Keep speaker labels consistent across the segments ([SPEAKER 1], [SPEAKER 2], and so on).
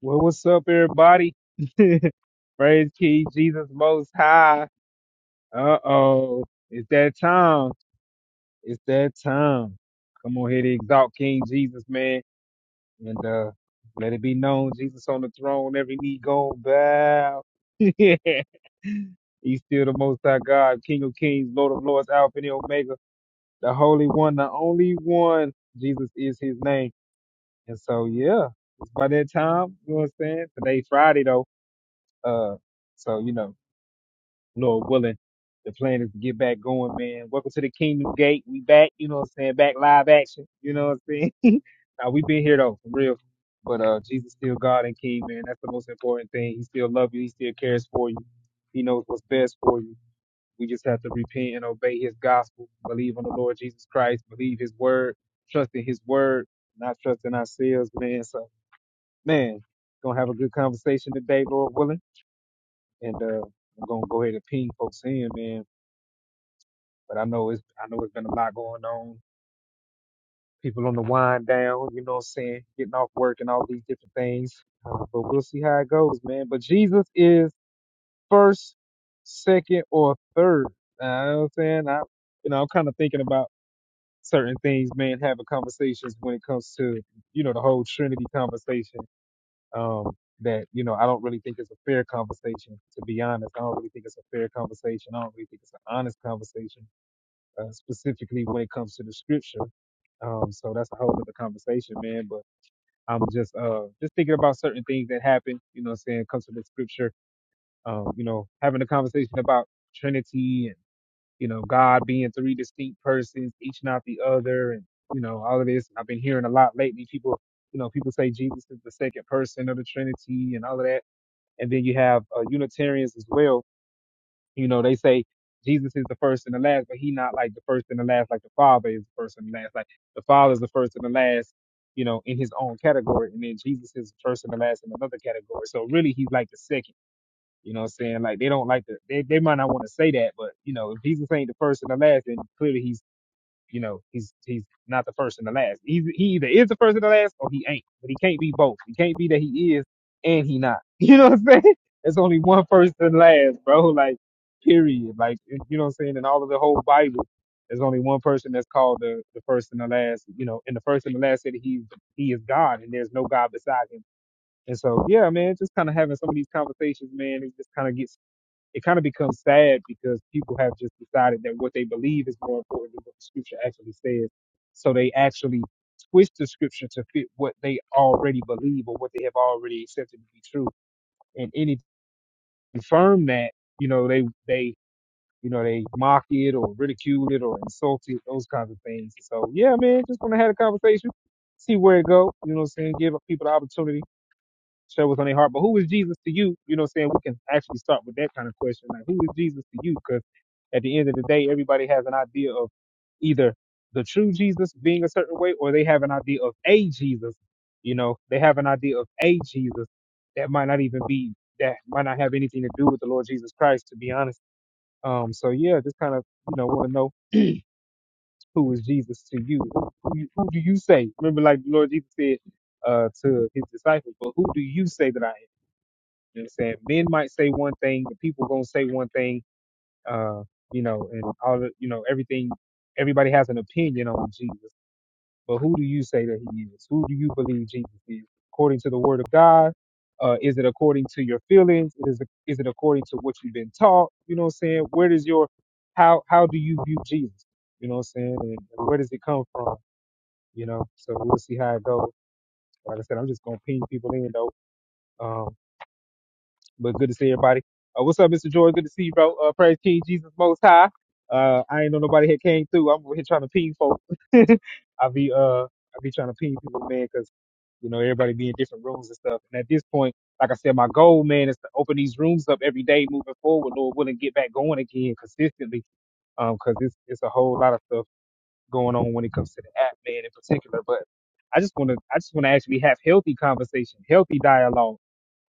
[SPEAKER 1] Well, what's up, everybody? Praise King Jesus Most High. Uh oh, it's that time. It's that time. Come on here to exalt King Jesus, man, and uh let it be known, Jesus on the throne, every knee gonna bow. He's still the Most High God, King of Kings, Lord of Lords, Alpha and Omega, the Holy One, the only one. Jesus is His name, and so yeah, it's by that time. You know what I'm saying? Today, Friday though. Uh, so you know. Lord willing, the plan is to get back going, man. Welcome to the Kingdom Gate. We back, you know what I'm saying? Back live action. You know what I'm saying? now we been here though, for real. But uh Jesus still God and King, man. That's the most important thing. He still loves you, he still cares for you. He knows what's best for you. We just have to repent and obey his gospel, believe on the Lord Jesus Christ, believe his word, trust in his word, not trust in ourselves, man. So man, gonna have a good conversation today, Lord willing. And uh I'm gonna go ahead and ping folks in, man. But I know it's I know it's been a lot going on. People on the wind down, you know what I'm saying, getting off work and all these different things. Uh, but we'll see how it goes, man. But Jesus is first, second, or third. Uh, you know what I'm saying? I you know, I'm kinda thinking about certain things, man, having conversations when it comes to, you know, the whole Trinity conversation. Um that you know I don't really think it's a fair conversation. To be honest, I don't really think it's a fair conversation. I don't really think it's an honest conversation uh, specifically when it comes to the scripture. Um, so that's a whole other conversation, man. But I'm just uh just thinking about certain things that happen, you know what I'm saying, comes from the scripture. Um, you know, having a conversation about Trinity and, you know, God being three distinct persons, each not the other, and you know, all of this. I've been hearing a lot lately. People, you know, people say Jesus is the second person of the Trinity and all of that. And then you have uh, Unitarians as well you know, they say Jesus is the first and the last, but he not like the first and the last, like the Father is the first and the last. Like the Father is the first and the last, you know, in his own category, and then Jesus is the first and the last in another category. So really, he's like the second. You know what I'm saying? Like they don't like to, they, they might not want to say that, but you know, if Jesus ain't the first and the last, then clearly he's you know, he's he's not the first and the last. He's, he either is the first and the last, or he ain't. But he can't be both. He can't be that he is and he not. You know what I'm saying? There's only one first and last, bro. Like, period. Like, you know what I'm saying? In all of the whole Bible, there's only one person that's called the, the first and the last. You know, and the first and the last said he he is God, and there's no God beside him. And so, yeah, man, just kind of having some of these conversations, man, it just kind of gets it kind of becomes sad because people have just decided that what they believe is more important than what the scripture actually says. So they actually twist the scripture to fit what they already believe or what they have already accepted to be true. And any confirm that, you know, they they you know they mock it or ridicule it or insult it, those kinds of things. So yeah, man, just want to have a conversation, see where it go. You know, what I'm saying give people the opportunity share what's on their heart. But who is Jesus to you? You know what I'm saying? We can actually start with that kind of question. Like, who is Jesus to you? Because at the end of the day, everybody has an idea of either the true Jesus being a certain way or they have an idea of a Jesus. You know, they have an idea of a Jesus that might not even be, that might not have anything to do with the Lord Jesus Christ, to be honest. Um, so yeah, just kind of, you know, want to know who is Jesus to you? Who, you- who do you say? Remember, like the Lord Jesus said, uh, to his disciples, but who do you say that I am? You know what I'm saying? Men might say one thing, the people gonna say one thing, uh, you know, and all the, you know, everything, everybody has an opinion on Jesus. But who do you say that he is? Who do you believe Jesus is? According to the word of God? Uh, is it according to your feelings? Is it, is it according to what you've been taught? You know what I'm saying? Where does your, how, how do you view Jesus? You know what I'm saying? And, and where does it come from? You know, so we'll see how it goes. Like I said, I'm just gonna ping people in though. Um, But good to see everybody. Uh, what's up, Mr. Joy? Good to see you, bro. Uh, praise King Jesus Most High. Uh, I ain't know nobody had came through. I'm over here trying to ping folks. I be uh, I be trying to ping people, man, because you know everybody be in different rooms and stuff. And at this point, like I said, my goal, man, is to open these rooms up every day moving forward. Lord willing, get back going again consistently. Um, because it's it's a whole lot of stuff going on when it comes to the app, man, in particular. But I just want to I just want to actually have healthy conversation, healthy dialogue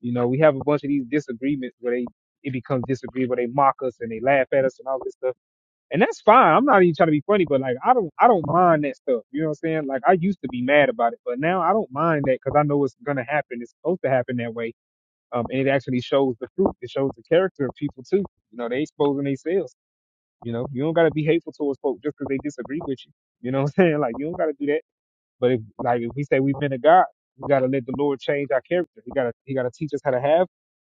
[SPEAKER 1] you know, we have a bunch of these disagreements where they it becomes disagreeable. They mock us and they laugh at us and all this stuff, and that's fine. I'm not even trying to be funny, but like I don't I don't mind that stuff. You know what I'm saying? Like I used to be mad about it, but now I don't mind that because I know it's gonna happen. It's supposed to happen that way, um, and it actually shows the fruit. It shows the character of people too. You know, they exposing themselves. You know, you don't gotta be hateful towards folks just because they disagree with you. You know what I'm saying? Like you don't gotta do that. But if, like if we say we've been to God, we got to let the Lord change our character. He got to he got to teach us how to have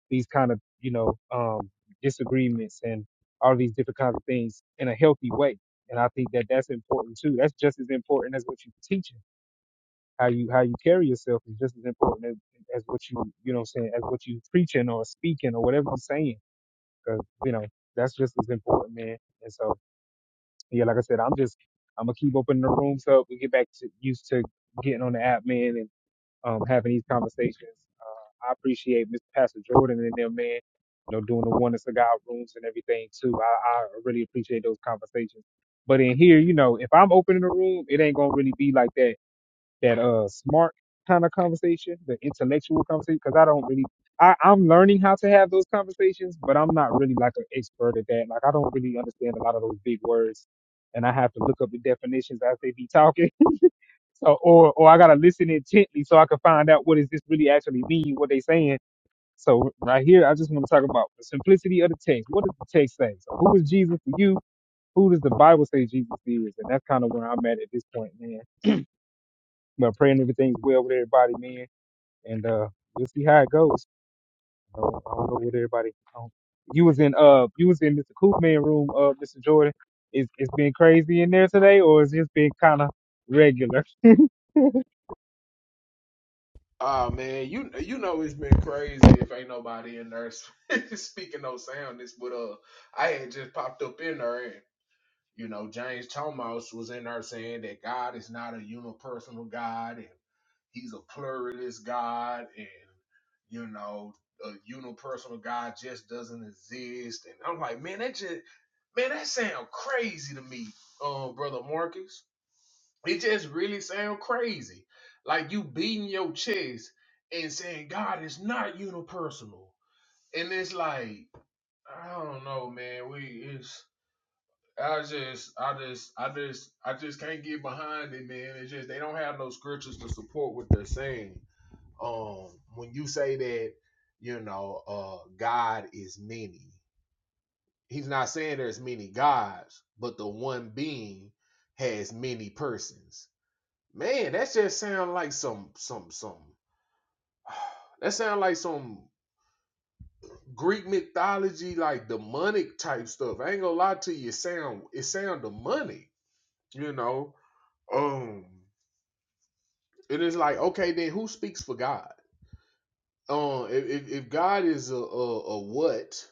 [SPEAKER 1] these kind of you know um, disagreements and all these different kinds of things in a healthy way. And I think that that's important too. That's just as important as what you're teaching. How you how you carry yourself is just as important as, as what you you know what I'm saying as what you preaching or speaking or whatever you're saying. saying, because you know that's just as important, man. And so yeah, like I said, I'm just I'm gonna keep opening the rooms up. We get back to used to getting on the app, man, and um, having these conversations. Uh, I appreciate Mr. Pastor Jordan and them, man, you know, doing the one and cigar rooms and everything too. I, I really appreciate those conversations. But in here, you know, if I'm opening a room, it ain't gonna really be like that that uh smart kind of conversation, the intellectual conversation, because I don't really. I, I'm learning how to have those conversations, but I'm not really like an expert at that. Like I don't really understand a lot of those big words, and I have to look up the definitions as they be talking. So, or or I gotta listen intently so I can find out what does this really actually mean, what they saying. So right here, I just want to talk about the simplicity of the text. What does the text say? So who is Jesus to you? Who does the Bible say Jesus is? And that's kind of where I'm at at this point, man. But praying everything's well with everybody, man. And uh, we'll see how it goes. I don't, I don't know what everybody. I don't- you was in uh, you was in Mr. Koopman room, uh, Mr. Jordan. Is it's been crazy in there today, or is it been kind of regular?
[SPEAKER 2] Ah man, you you know it's been crazy if ain't nobody in there speaking no soundness, but uh I had just popped up in there and you know James Thomas was in there saying that God is not a unipersonal God and he's a pluralist God and you know a unipersonal God just doesn't exist and I'm like man that just man that sound crazy to me, uh brother Marcus. It just really sound crazy. Like you beating your chest and saying God is not unipersonal. And it's like, I don't know, man. We it's I just I just I just I just can't get behind it, man. It's just they don't have no scriptures to support what they're saying. Um when you say that, you know, uh God is many. He's not saying there's many gods, but the one being has many persons Man, that just sound like some some some that sound like some Greek mythology, like demonic type stuff. I ain't gonna lie to you, it sound it sound demonic, you know. Um it is like, okay, then who speaks for God? Um if if, if God is a, a a what,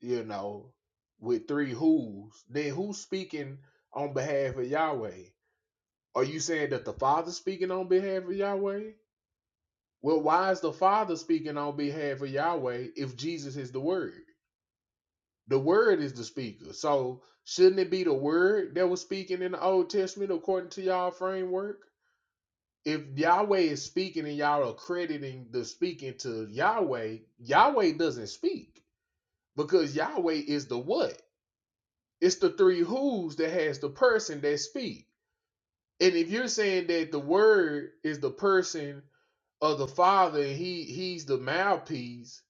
[SPEAKER 2] you know, with three who's, then who's speaking on behalf of Yahweh? Are you saying that the Father's speaking on behalf of Yahweh? Well, why is the Father speaking on behalf of Yahweh if Jesus is the Word? The Word is the speaker. So shouldn't it be the Word that was speaking in the Old Testament according to y'all framework? If Yahweh is speaking and y'all are crediting the speaking to Yahweh, Yahweh doesn't speak because Yahweh is the what? It's the three who's that has the person that speak. And if you're saying that the Word is the person of the Father and he he's the mouthpiece,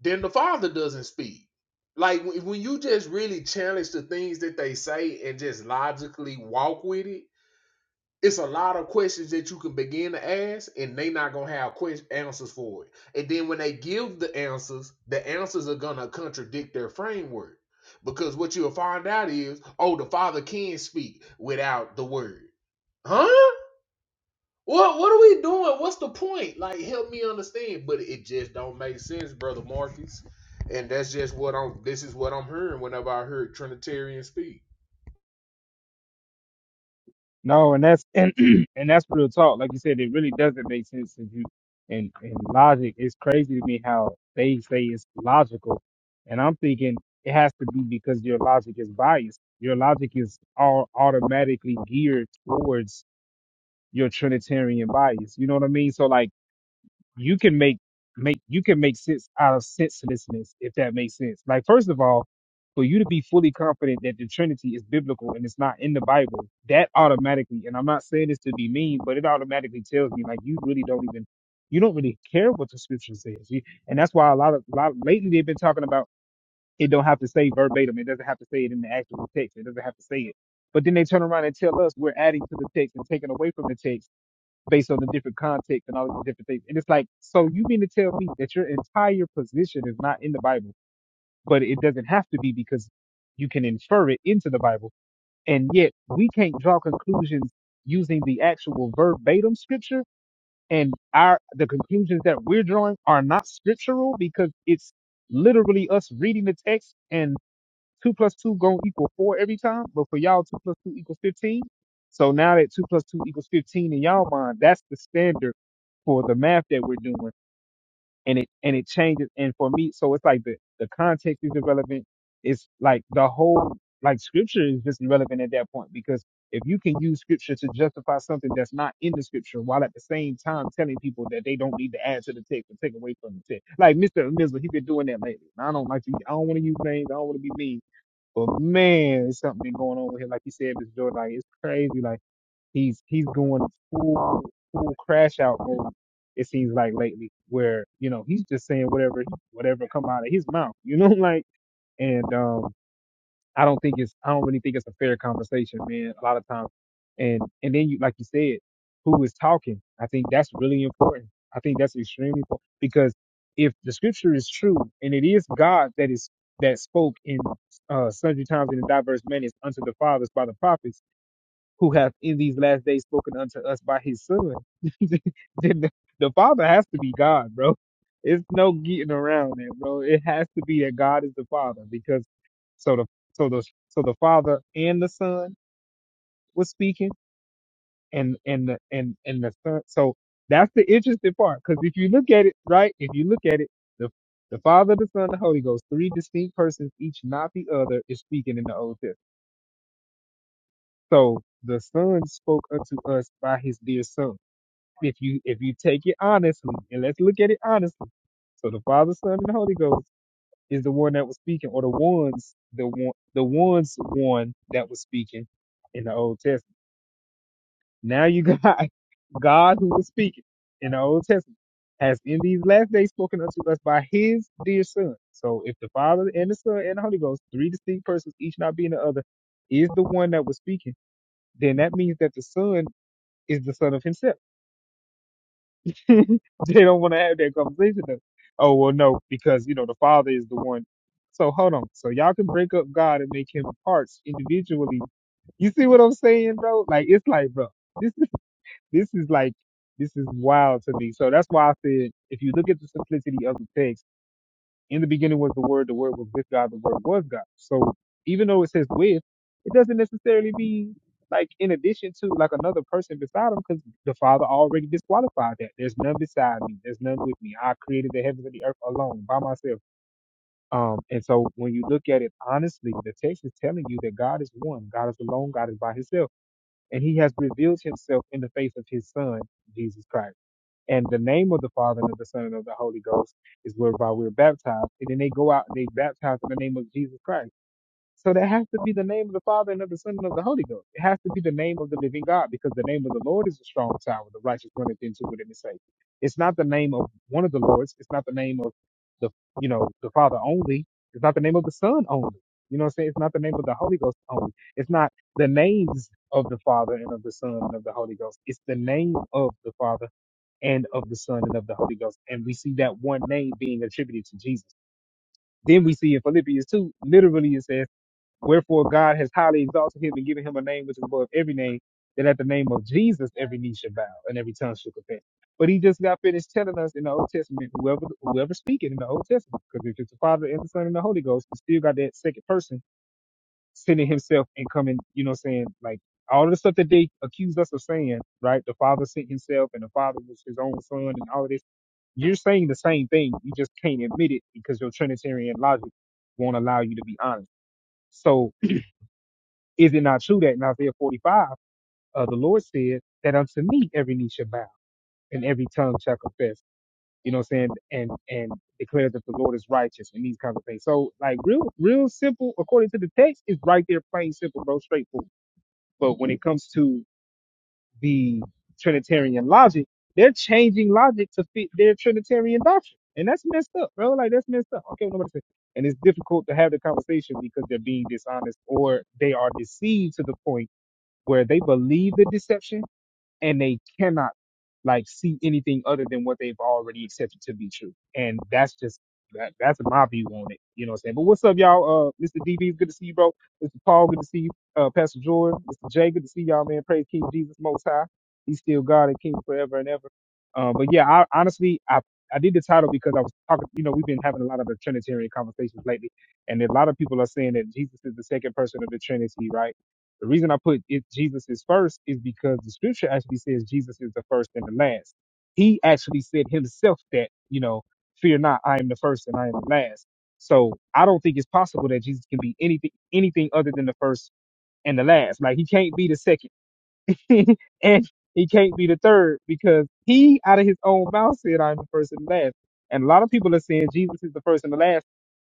[SPEAKER 2] then the father doesn't speak. Like when you just really challenge the things that they say and just logically walk with it, it's a lot of questions that you can begin to ask, and they not gonna have questions answers for it. And then when they give the answers, the answers are gonna contradict their framework because what you'll find out is, oh, the father can speak without the word, huh? What what are we doing? What's the point? Like, help me understand. But it just don't make sense, brother Marcus. And that's just what I'm. This is what I'm hearing whenever I hear Trinitarian speak.
[SPEAKER 1] No, and that's and and that's real talk. Like you said, it really doesn't make sense to you. And and logic, it's crazy to me how they say it's logical, and I'm thinking it has to be because your logic is biased. Your logic is all automatically geared towards your Trinitarian bias. You know what I mean? So like you can make make you can make sense out of senselessness if that makes sense like first of all for you to be fully confident that the trinity is biblical and it's not in the bible that automatically and i'm not saying this to be mean but it automatically tells me like you really don't even you don't really care what the scripture says you, and that's why a lot of lot lately they've been talking about it don't have to say verbatim it doesn't have to say it in the actual text it doesn't have to say it but then they turn around and tell us we're adding to the text and taking away from the text based on the different context and all these different things. And it's like, so you mean to tell me that your entire position is not in the Bible, but it doesn't have to be because you can infer it into the Bible. And yet we can't draw conclusions using the actual verbatim scripture and our the conclusions that we're drawing are not scriptural because it's literally us reading the text and two plus two going to equal four every time, but for y'all, two plus two equals 15. So now that two plus two equals 15 in y'all mind, that's the standard for the math that we're doing. And it, and it changes. And for me, so it's like the, the context is irrelevant. It's like the whole, like scripture is just irrelevant at that point because if you can use scripture to justify something that's not in the scripture while at the same time telling people that they don't need to add to the text or take away from the text. Like Mr. Mizzle, he been doing that lately. And I don't like to, I don't want to use names. I don't want to be mean but man, there's something going on with him. Like you said, Mr. Jordan, like it's crazy. Like he's he's going full full crash out mode. It seems like lately, where you know he's just saying whatever whatever come out of his mouth. You know, like and um I don't think it's I don't really think it's a fair conversation, man. A lot of times, and and then you like you said, who is talking? I think that's really important. I think that's extremely important because if the scripture is true and it is God that is that spoke in uh, sundry times in a diverse manners unto the fathers by the prophets who hath in these last days spoken unto us by his son. then the, the Father has to be God, bro. It's no getting around it, bro. It has to be that God is the Father because so the so the so the Father and the Son was speaking and and the and and the Son. So that's the interesting part because if you look at it right, if you look at it, the the Father, the Son, the Holy Ghost, three distinct persons, each not the other, is speaking in the Old Testament. So the Son spoke unto us by his dear Son. If you if you take it honestly, and let's look at it honestly. So the Father, Son, and the Holy Ghost is the one that was speaking, or the ones the one the ones one that was speaking in the Old Testament. Now you got God who was speaking in the Old Testament has in these last days spoken unto us by His dear Son. So if the Father and the Son and the Holy Ghost, three distinct persons, each not being the other, is the one that was speaking, then that means that the Son is the Son of Himself they don't want to have that conversation though. Oh well, no, because you know the father is the one. So hold on. So y'all can break up God and make him parts individually. You see what I'm saying, bro? Like it's like, bro, this is this is like this is wild to me. So that's why I said if you look at the simplicity of the text in the beginning was the Word, the Word was with God, the Word was God. So even though it says with, it doesn't necessarily be like in addition to like another person beside him because the Father already disqualified that. There's none beside me, there's none with me. I created the heavens and the earth alone by myself. Um, and so when you look at it honestly, the text is telling you that God is one, God is alone, God is by himself, and he has revealed himself in the face of his son, Jesus Christ. And the name of the Father and of the Son and of the Holy Ghost is whereby we're baptized. And then they go out and they baptize in the name of Jesus Christ. So that has to be the name of the Father and of the Son and of the Holy Ghost. It has to be the name of the living God because the name of the Lord is a strong tower. The righteous runneth into it and is safe. It's not the name of one of the Lords. It's not the name of the, you know, the Father only. It's not the name of the Son only. You know what I'm saying? It's not the name of the Holy Ghost only. It's not the names of the Father and of the Son and of the Holy Ghost. It's the name of the Father and of the Son and of the Holy Ghost. And we see that one name being attributed to Jesus. Then we see in Philippians 2, literally it says, Wherefore God has highly exalted him and given him a name which is above every name, that at the name of Jesus every knee should bow and every tongue should confess. But he just got finished telling us in the Old Testament, whoever whoever speaking in the Old Testament, because if it's the Father and the Son and the Holy Ghost, we still got that second person sending himself and coming, you know, saying like all the stuff that they accused us of saying, right? The Father sent himself and the Father was his own son and all of this you're saying the same thing. You just can't admit it because your Trinitarian logic won't allow you to be honest. So is it not true that in Isaiah 45, uh, the Lord said that unto me every knee shall bow and every tongue shall confess. You know what I'm saying? And and declare that the Lord is righteous and these kinds of things. So like real real simple according to the text is right there, plain simple, bro, straightforward. But when it comes to the Trinitarian logic, they're changing logic to fit their Trinitarian doctrine. And that's messed up, bro. Like that's messed up. Okay, nobody say. And it's difficult to have the conversation because they're being dishonest or they are deceived to the point where they believe the deception and they cannot like see anything other than what they've already accepted to be true. And that's just that, that's my view on it. You know what I'm saying? But what's up, y'all? Uh Mr. DB, good to see you, bro. Mr. Paul, good to see you. Uh Pastor Jordan, Mr. J, good to see y'all, man. Praise King Jesus most high. He's still God and King forever and ever. Uh, but yeah, I honestly I I did the title because I was talking, you know, we've been having a lot of the Trinitarian conversations lately, and a lot of people are saying that Jesus is the second person of the Trinity, right? The reason I put it Jesus is first is because the scripture actually says Jesus is the first and the last. He actually said himself that, you know, fear not, I am the first and I am the last. So I don't think it's possible that Jesus can be anything anything other than the first and the last. Like he can't be the second and he can't be the third because he out of his own mouth said I'm the first and the last. And a lot of people are saying Jesus is the first and the last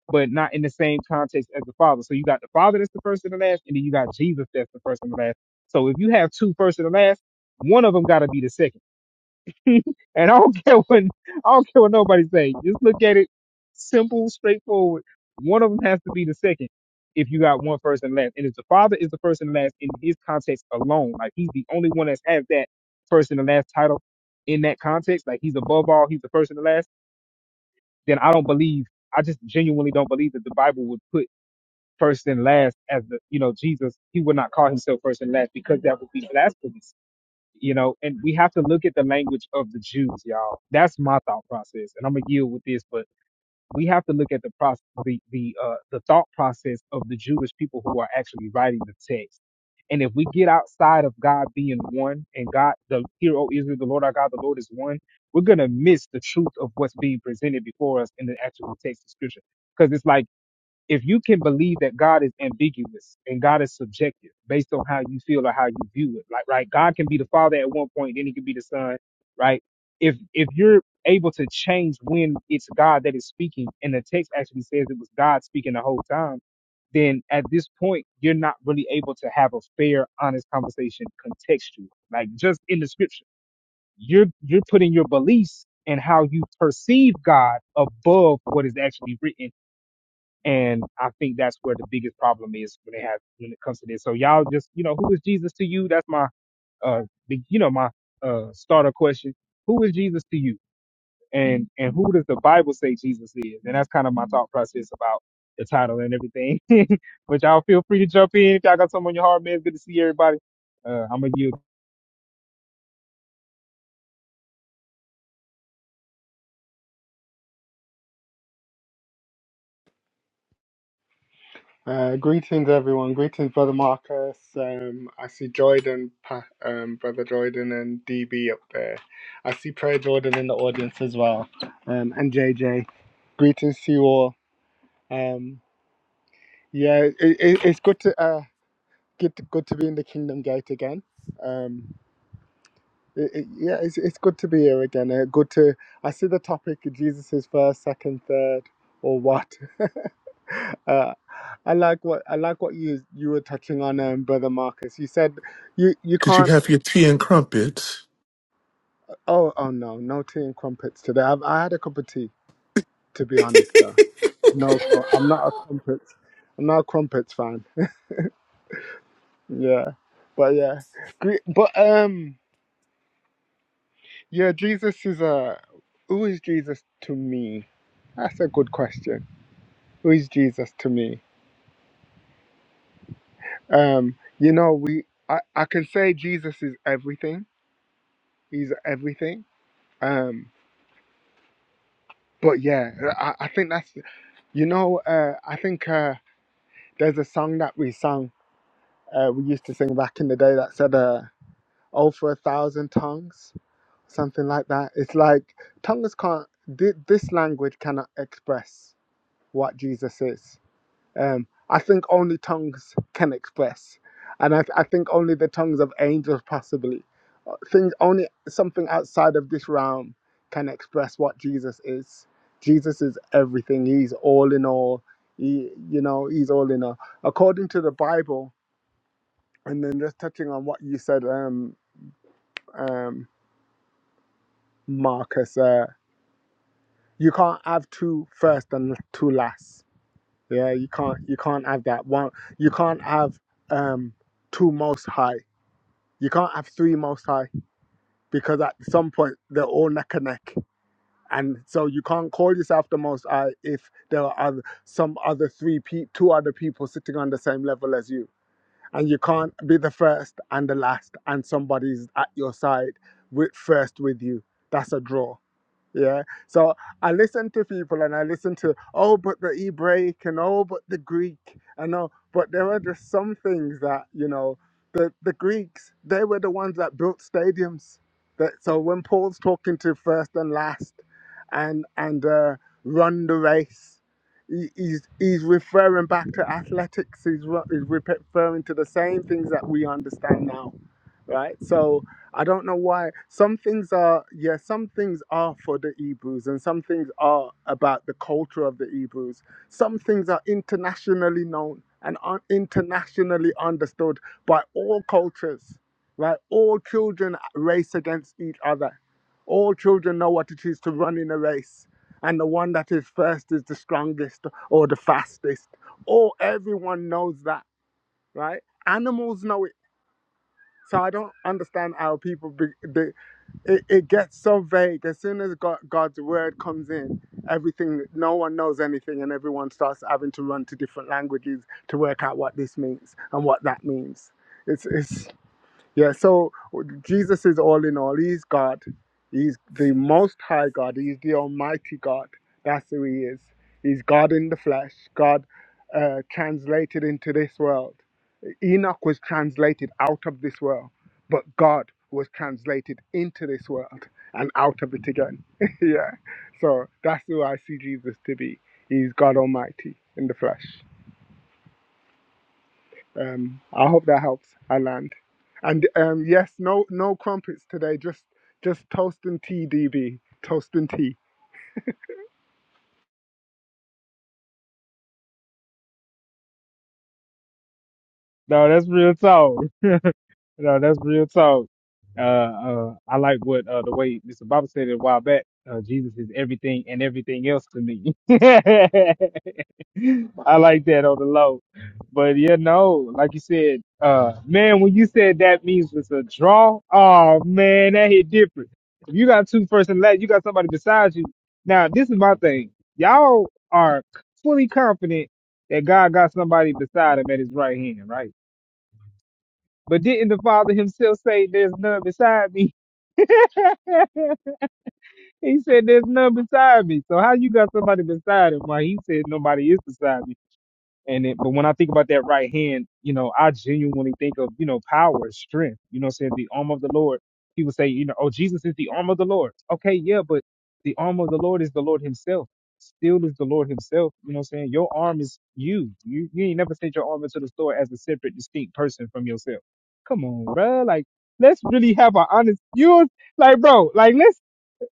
[SPEAKER 1] but not in the same context as the Father. So you got the Father that's the first and the last, and then you got Jesus that's the first and the last. So if you have two first and the last, one of them got to be the second. and I don't care what I don't care what nobody say. Just look at it, simple, straightforward. One of them has to be the second. If you got one first and last, and if the Father is the first and last in His context alone, like He's the only one that has that first and the last title in that context, like He's above all, He's the first and the last. Then I don't believe. I just genuinely don't believe that the Bible would put first and last as the you know jesus he would not call himself first and last because that would be blasphemous you know and we have to look at the language of the jews y'all that's my thought process and i'm gonna yield with this but we have to look at the process the the uh the thought process of the jewish people who are actually writing the text and if we get outside of god being one and god the hero israel the lord our god the lord is one we're gonna miss the truth of what's being presented before us in the actual text of scripture because it's like if you can believe that God is ambiguous and God is subjective based on how you feel or how you view it, like right, God can be the Father at one point, then He can be the Son, right? If if you're able to change when it's God that is speaking, and the text actually says it was God speaking the whole time, then at this point you're not really able to have a fair, honest conversation contextual, like just in the Scripture. You're you're putting your beliefs and how you perceive God above what is actually written and I think that's where the biggest problem is when it has when it comes to this. So y'all just, you know, who is Jesus to you? That's my uh big- you know, my uh starter question. Who is Jesus to you? And and who does the Bible say Jesus is? And that's kind of my thought process about the title and everything. but y'all feel free to jump in if y'all got something on your heart, man. It's good to see everybody. Uh I'm gonna give
[SPEAKER 3] Uh, greetings, everyone. Greetings, Brother Marcus. Um, I see Jordan, Pa- um, Brother Jordan, and DB up there. I see Prayer Jordan in the audience as well, um, and JJ. Greetings to you all. Um, yeah, it, it, it's good to uh, good to, good to be in the Kingdom Gate again. Um, it, it, yeah, it's it's good to be here again. Uh, good to I see the topic: Jesus is first, second, third, or what? Uh, I like what I like what you you were touching on, um, brother Marcus. You said you you
[SPEAKER 4] Did you
[SPEAKER 3] can't.
[SPEAKER 4] have your tea and crumpets?
[SPEAKER 3] Oh oh no, no tea and crumpets today. I've, I had a cup of tea, to be honest. Though no, cr- I'm not a crumpets. I'm not a crumpets fan. Yeah, but yeah, Gre- but um, yeah. Jesus is a who is Jesus to me? That's a good question. Who is Jesus to me? Um, you know, we I, I can say Jesus is everything. He's everything. Um, But yeah, I, I think that's you know uh, I think uh, there's a song that we sang uh, we used to sing back in the day that said uh, "Oh for a thousand tongues" something like that. It's like tongues can't thi- this language cannot express what Jesus is um, I think only tongues can express, and I, I think only the tongues of angels possibly, Uh, things only something outside of this realm can express what Jesus is. Jesus is everything. He's all in all. He, you know, he's all in all. According to the Bible, and then just touching on what you said, um, um, Marcus, uh, you can't have two first and two last Yeah, you can't you can't have that one. You can't have um two most high. You can't have three most high because at some point they're all neck and neck, and so you can't call yourself the most high if there are other, some other three pe- two other people sitting on the same level as you, and you can't be the first and the last, and somebody's at your side with first with you. That's a draw. Yeah. So I listen to people and I listen to, oh, but the Hebraic and oh, but the Greek. and oh, but there are just some things that, you know, the, the Greeks, they were the ones that built stadiums. That, so when Paul's talking to first and last and, and uh, run the race, he, he's, he's referring back to athletics. He's, re- he's referring to the same things that we understand now right? So I don't know why some things are yeah, some things are for the Hebrews and some things are about the culture of the Hebrews. Some things are internationally known and are internationally understood by all cultures, right? All children race against each other. All children know what it is to run in a race. And the one that is first is the strongest or the fastest. Or everyone knows that, right? Animals know it so I don't understand how people be, they, it, it gets so vague. As soon as God, God's word comes in, everything no one knows anything, and everyone starts having to run to different languages to work out what this means and what that means. It's it's yeah. So Jesus is all in all. He's God. He's the Most High God. He's the Almighty God. That's who He is. He's God in the flesh. God uh, translated into this world Enoch was translated out of this world, but God was translated into this world and out of it again. yeah. So that's who I see Jesus to be. He's God Almighty in the flesh. Um, I hope that helps. I land. And um, yes, no no crumpets today. Just just toast and tea, DB. Toast and tea.
[SPEAKER 1] no, that's real talk. No, that's real talk. Uh, uh, I like what uh, the way Mr. Baba said it a while back. Uh, Jesus is everything and everything else to me. I like that on the low. But yeah, no, like you said, uh, man, when you said that means it's a draw, oh man, that hit different. If you got two first and last, you got somebody beside you. Now, this is my thing. Y'all are fully confident that God got somebody beside him at his right hand, right? But didn't the Father himself say, There's none beside me? he said, There's none beside me. So how you got somebody beside him? Why he said nobody is beside me. And it, but when I think about that right hand, you know, I genuinely think of, you know, power, strength, you know what I'm saying? The arm of the Lord. People say, you know, oh, Jesus is the arm of the Lord. Okay, yeah, but the arm of the Lord is the Lord himself. Still is the Lord himself. You know what I'm saying? Your arm is you. You you ain't never sent your arm into the store as a separate, distinct person from yourself. Come on, bro. Like, let's really have an honest, you like, bro, like, let's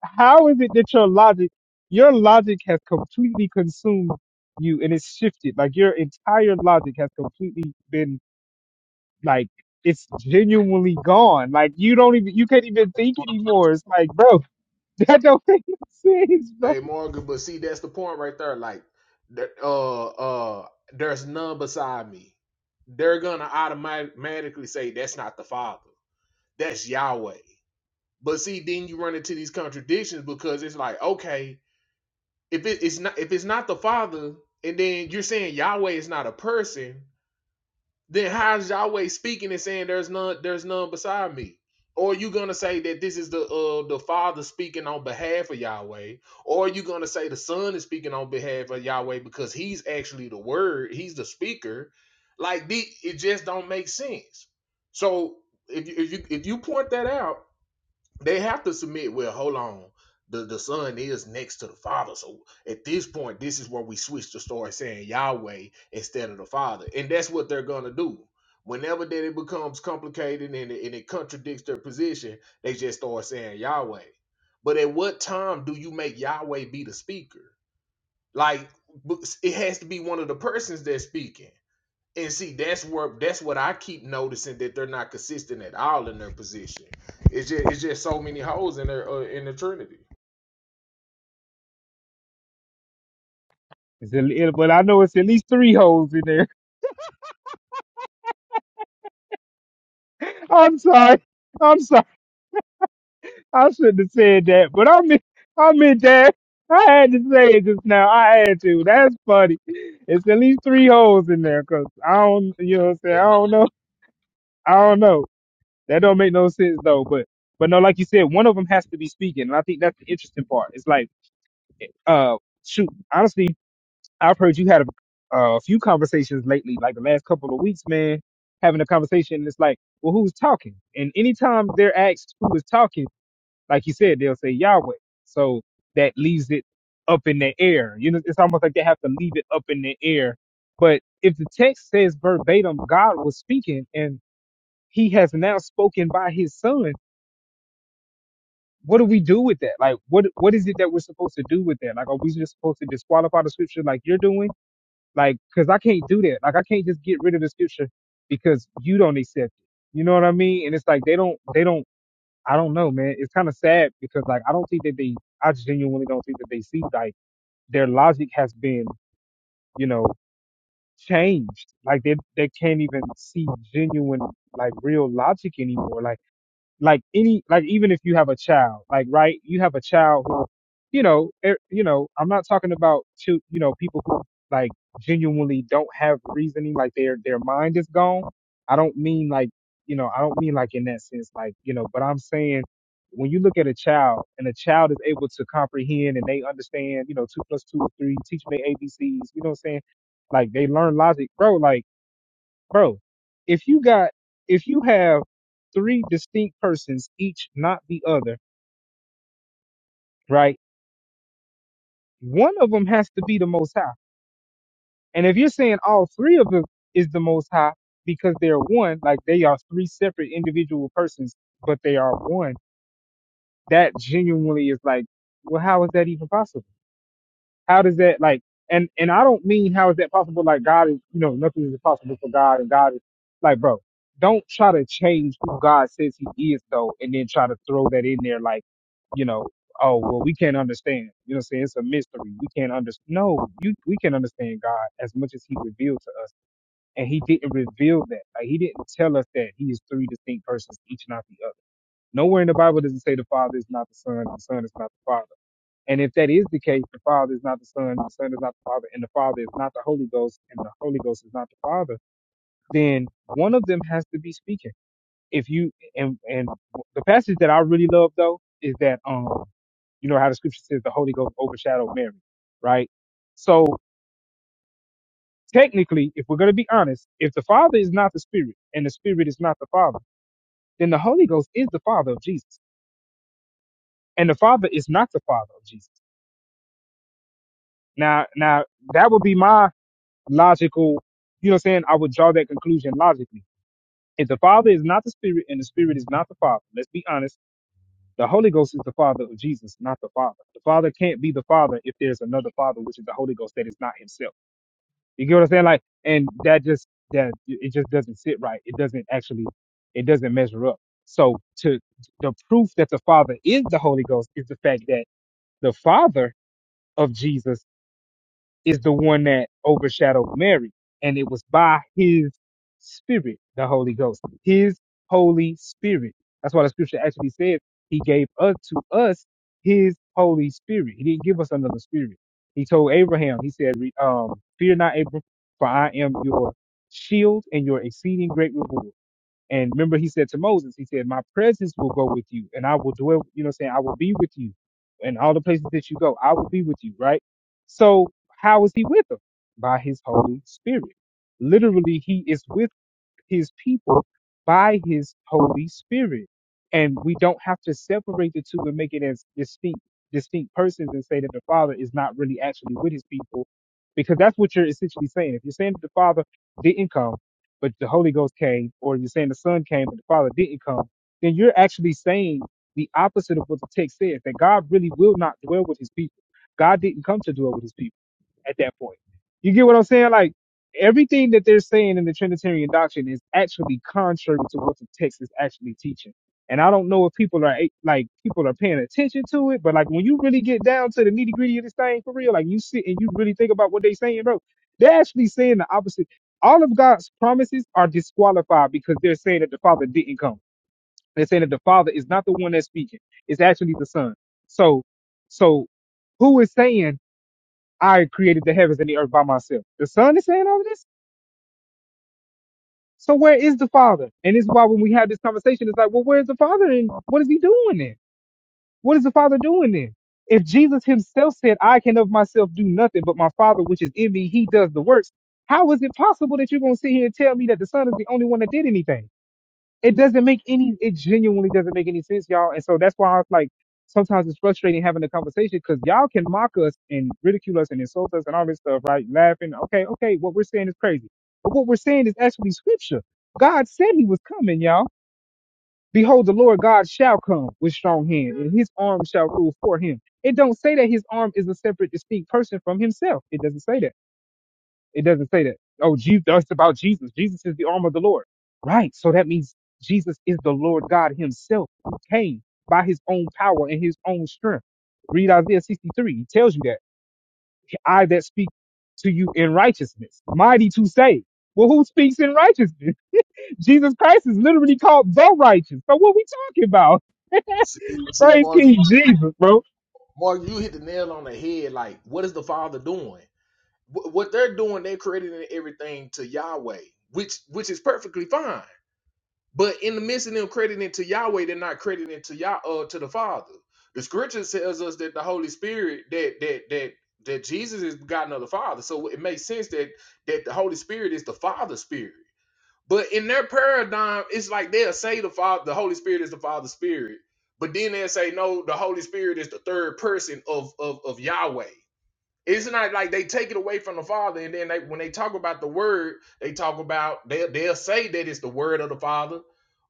[SPEAKER 1] how is it that your logic, your logic has completely consumed you and it's shifted? Like your entire logic has completely been like it's genuinely gone. Like you don't even you can't even think anymore. It's like, bro, that don't make no sense, bro.
[SPEAKER 2] Hey, Morgan, but see, that's the point right there. Like, there- uh, uh, there's none beside me. They're gonna automatically say that's not the Father. That's Yahweh. But see, then you run into these contradictions because it's like, okay, if it, it's not if it's not the Father, and then you're saying Yahweh is not a person, then how's Yahweh speaking and saying there's none there's none beside me? Or are you gonna say that this is the uh the Father speaking on behalf of Yahweh? Or are you gonna say the Son is speaking on behalf of Yahweh because he's actually the word, he's the speaker? Like the, it just don't make sense. So if you if you if you point that out, they have to submit. Well, hold on. The the son is next to the father. So at this point, this is where we switch to start saying Yahweh instead of the father. And that's what they're gonna do. Whenever that it becomes complicated and it, and it contradicts their position, they just start saying Yahweh. But at what time do you make Yahweh be the speaker? Like it has to be one of the persons that's speaking. And see, that's where that's what I keep noticing that they're not consistent at all in their position. It's just it's just so many holes in their uh, in the Trinity.
[SPEAKER 1] It's a it- but I know it's at least three holes in there. I'm sorry. I'm sorry. I shouldn't have said that, but I mean, I meant that. I had to say it just now. I had to. That's funny. It's at least three holes in there, 'cause I don't, you know what I'm saying? I don't know. I don't know. That don't make no sense though. But, but no, like you said, one of them has to be speaking. And I think that's the interesting part. It's like, uh, shoot, honestly, I've heard you had a, uh, a few conversations lately, like the last couple of weeks, man, having a conversation. It's like, well, who's talking? And anytime they're asked who is talking, like he said, they'll say Yahweh. So that leaves it up in the air. You know, it's almost like they have to leave it up in the air. But if the text says verbatim, God was speaking and he has now spoken by his son, what do we do with that? Like, what what is it that we're supposed to do with that? Like, are we just supposed to disqualify the scripture like you're doing? Like, because I can't do that. Like, I can't just get rid of the scripture because you don't accept it. You know what I mean? And it's like they don't they don't I don't know, man. It's kind of sad because like I don't think that they, I genuinely don't think that they see like their logic has been, you know, changed. Like they they can't even see genuine like real logic anymore. Like like any like even if you have a child like right you have a child who you know er, you know i'm not talking about chil- you know people who like genuinely don't have reasoning like their their mind is gone i don't mean like you know i don't mean like in that sense like you know but i'm saying when you look at a child and a child is able to comprehend and they understand you know two plus two is three teach them their abcs you know what i'm saying like they learn logic bro like bro if you got if you have three distinct persons each not the other right one of them has to be the most high and if you're saying all three of them is the most high because they're one like they are three separate individual persons but they are one that genuinely is like well how is that even possible How does that like? And and I don't mean how is that possible? Like God is, you know, nothing is impossible for God, and God is like, bro, don't try to change who God says He is, though, and then try to throw that in there, like, you know, oh well, we can't understand. You know, what I'm saying it's a mystery. We can't understand. No, you we can understand God as much as He revealed to us, and He didn't reveal that. Like He didn't tell us that He is three distinct persons, each not the other. Nowhere in the Bible does it say the Father is not the Son, and the Son is not the Father. And if that is the case, the Father is not the Son, the Son is not the Father, and the Father is not the Holy Ghost, and the Holy Ghost is not the Father, then one of them has to be speaking. If you and and the passage that I really love though is that um you know how the scripture says the Holy Ghost overshadowed Mary, right? So technically, if we're going to be honest, if the Father is not the Spirit and the Spirit is not the Father, then the Holy Ghost is the Father of Jesus, and the Father is not the Father of Jesus. Now, now that would be my logical, you know what I'm saying? I would draw that conclusion logically. If the Father is not the Spirit and the Spirit is not the Father, let's be honest, the Holy Ghost is the Father of Jesus, not the Father. The Father can't be the Father if there's another Father, which is the Holy Ghost that is not Himself. You get what I'm saying? Like, and that just, that it just doesn't sit right. It doesn't actually, it doesn't measure up. So to the proof that the Father is the Holy Ghost is the fact that the Father of Jesus is the one that overshadowed Mary. And it was by his spirit, the Holy Ghost, his Holy Spirit. That's why the scripture actually says he gave us to us his Holy Spirit. He didn't give us another spirit. He told Abraham, he said, re- um, fear not Abram, for I am your shield and your exceeding great reward. And remember, he said to Moses, he said, My presence will go with you, and I will dwell, you know, what I'm saying I will be with you. And all the places that you go, I will be with you, right? So how is he with them? By his Holy Spirit. Literally, he is with his people by his Holy Spirit. And we don't have to separate the two and make it as distinct distinct persons and say that the Father is not really actually with his people. Because that's what you're essentially saying. If you're saying that the Father didn't come, but the Holy Ghost came, or you're saying the Son came, but the Father didn't come, then you're actually saying the opposite of what the text says, that God really will not dwell with his people. God didn't come to dwell with his people at that point. You get what I'm saying? Like everything that they're saying in the Trinitarian doctrine is actually contrary to what the text is actually teaching. And I don't know if people are eh, like people are paying attention to it, but like when you really get down to the nitty gritty of this thing for real, like you sit and you really think about what they're saying, bro, they're actually saying the opposite. All of God's promises are disqualified because they're saying that the Father didn't come. They're saying that the Father is not the one that's speaking; it's actually the Son. So, so who is saying? I created the heavens and the earth by myself. The Son is saying all this? So where is the Father? And this is why when we have this conversation, it's like, well, where's the Father and what is he doing then? What is the Father doing then? If Jesus himself said, I can of myself do nothing, but my Father which is in me, he does the works, how is it possible that you're gonna sit here and tell me that the Son is the only one that did anything? it doesn't make any it genuinely doesn't make any sense y'all and so that's why i was like sometimes it's frustrating having the conversation because y'all can mock us and ridicule us and insult us and all this stuff right laughing okay okay what we're saying is crazy but what we're saying is actually scripture god said he was coming y'all behold the lord god shall come with strong hand and his arm shall rule for him it don't say that his arm is a separate distinct person from himself it doesn't say that it doesn't say that. Oh, Jesus, that's about Jesus. Jesus is the arm of the Lord. Right. So that means Jesus is the Lord God himself who came by his own power and his own strength. Read Isaiah 63. He tells you that I that speak to you in righteousness, mighty to save. Well, who speaks in righteousness? Jesus Christ is literally called the righteous. So what we talking about?
[SPEAKER 2] See, see,
[SPEAKER 1] Praise
[SPEAKER 2] Mark,
[SPEAKER 1] King Jesus, bro.
[SPEAKER 2] Mark, you hit the nail on the head. Like, what is the Father doing? Wh- What they're doing, they're crediting everything to Yahweh, which which is perfectly fine. But in the midst of them crediting to Yahweh, they're not crediting to Yah uh, to the Father. The scripture tells us that the Holy Spirit that that that that Jesus is begotten of the Father. So it makes sense that that the Holy Spirit is the Father's spirit. But in their paradigm, it's like they'll say the Father, the Holy Spirit is the Father's spirit, but then they'll say, no, the Holy Spirit is the third person of of, of Yahweh. It's not like they take it away from the Father, and then they when they talk about the Word, they talk about they they'll say that it's the Word of the Father,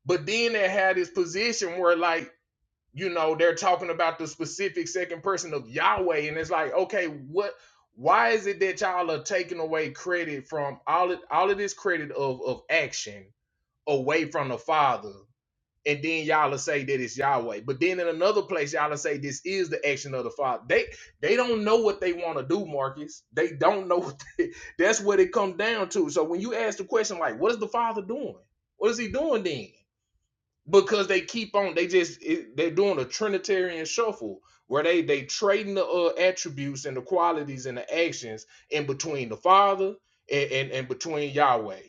[SPEAKER 2] but then they had this position where like you know they're talking about the specific second person of Yahweh, and it's like okay, what? Why is it that y'all are taking away credit from all of, all of this credit of of action away from the Father? and then y'all will say that it's Yahweh. But then in another place, y'all will say this is the action of the Father. They they don't know what they want to do, Marcus. They don't know. What they, that's what it comes down to. So when you ask the question like, what is the Father doing? What is he doing then? because they keep on they just it, they're doing a trinitarian shuffle where they they trading the uh, attributes and the qualities and the actions in between the father and, and and between yahweh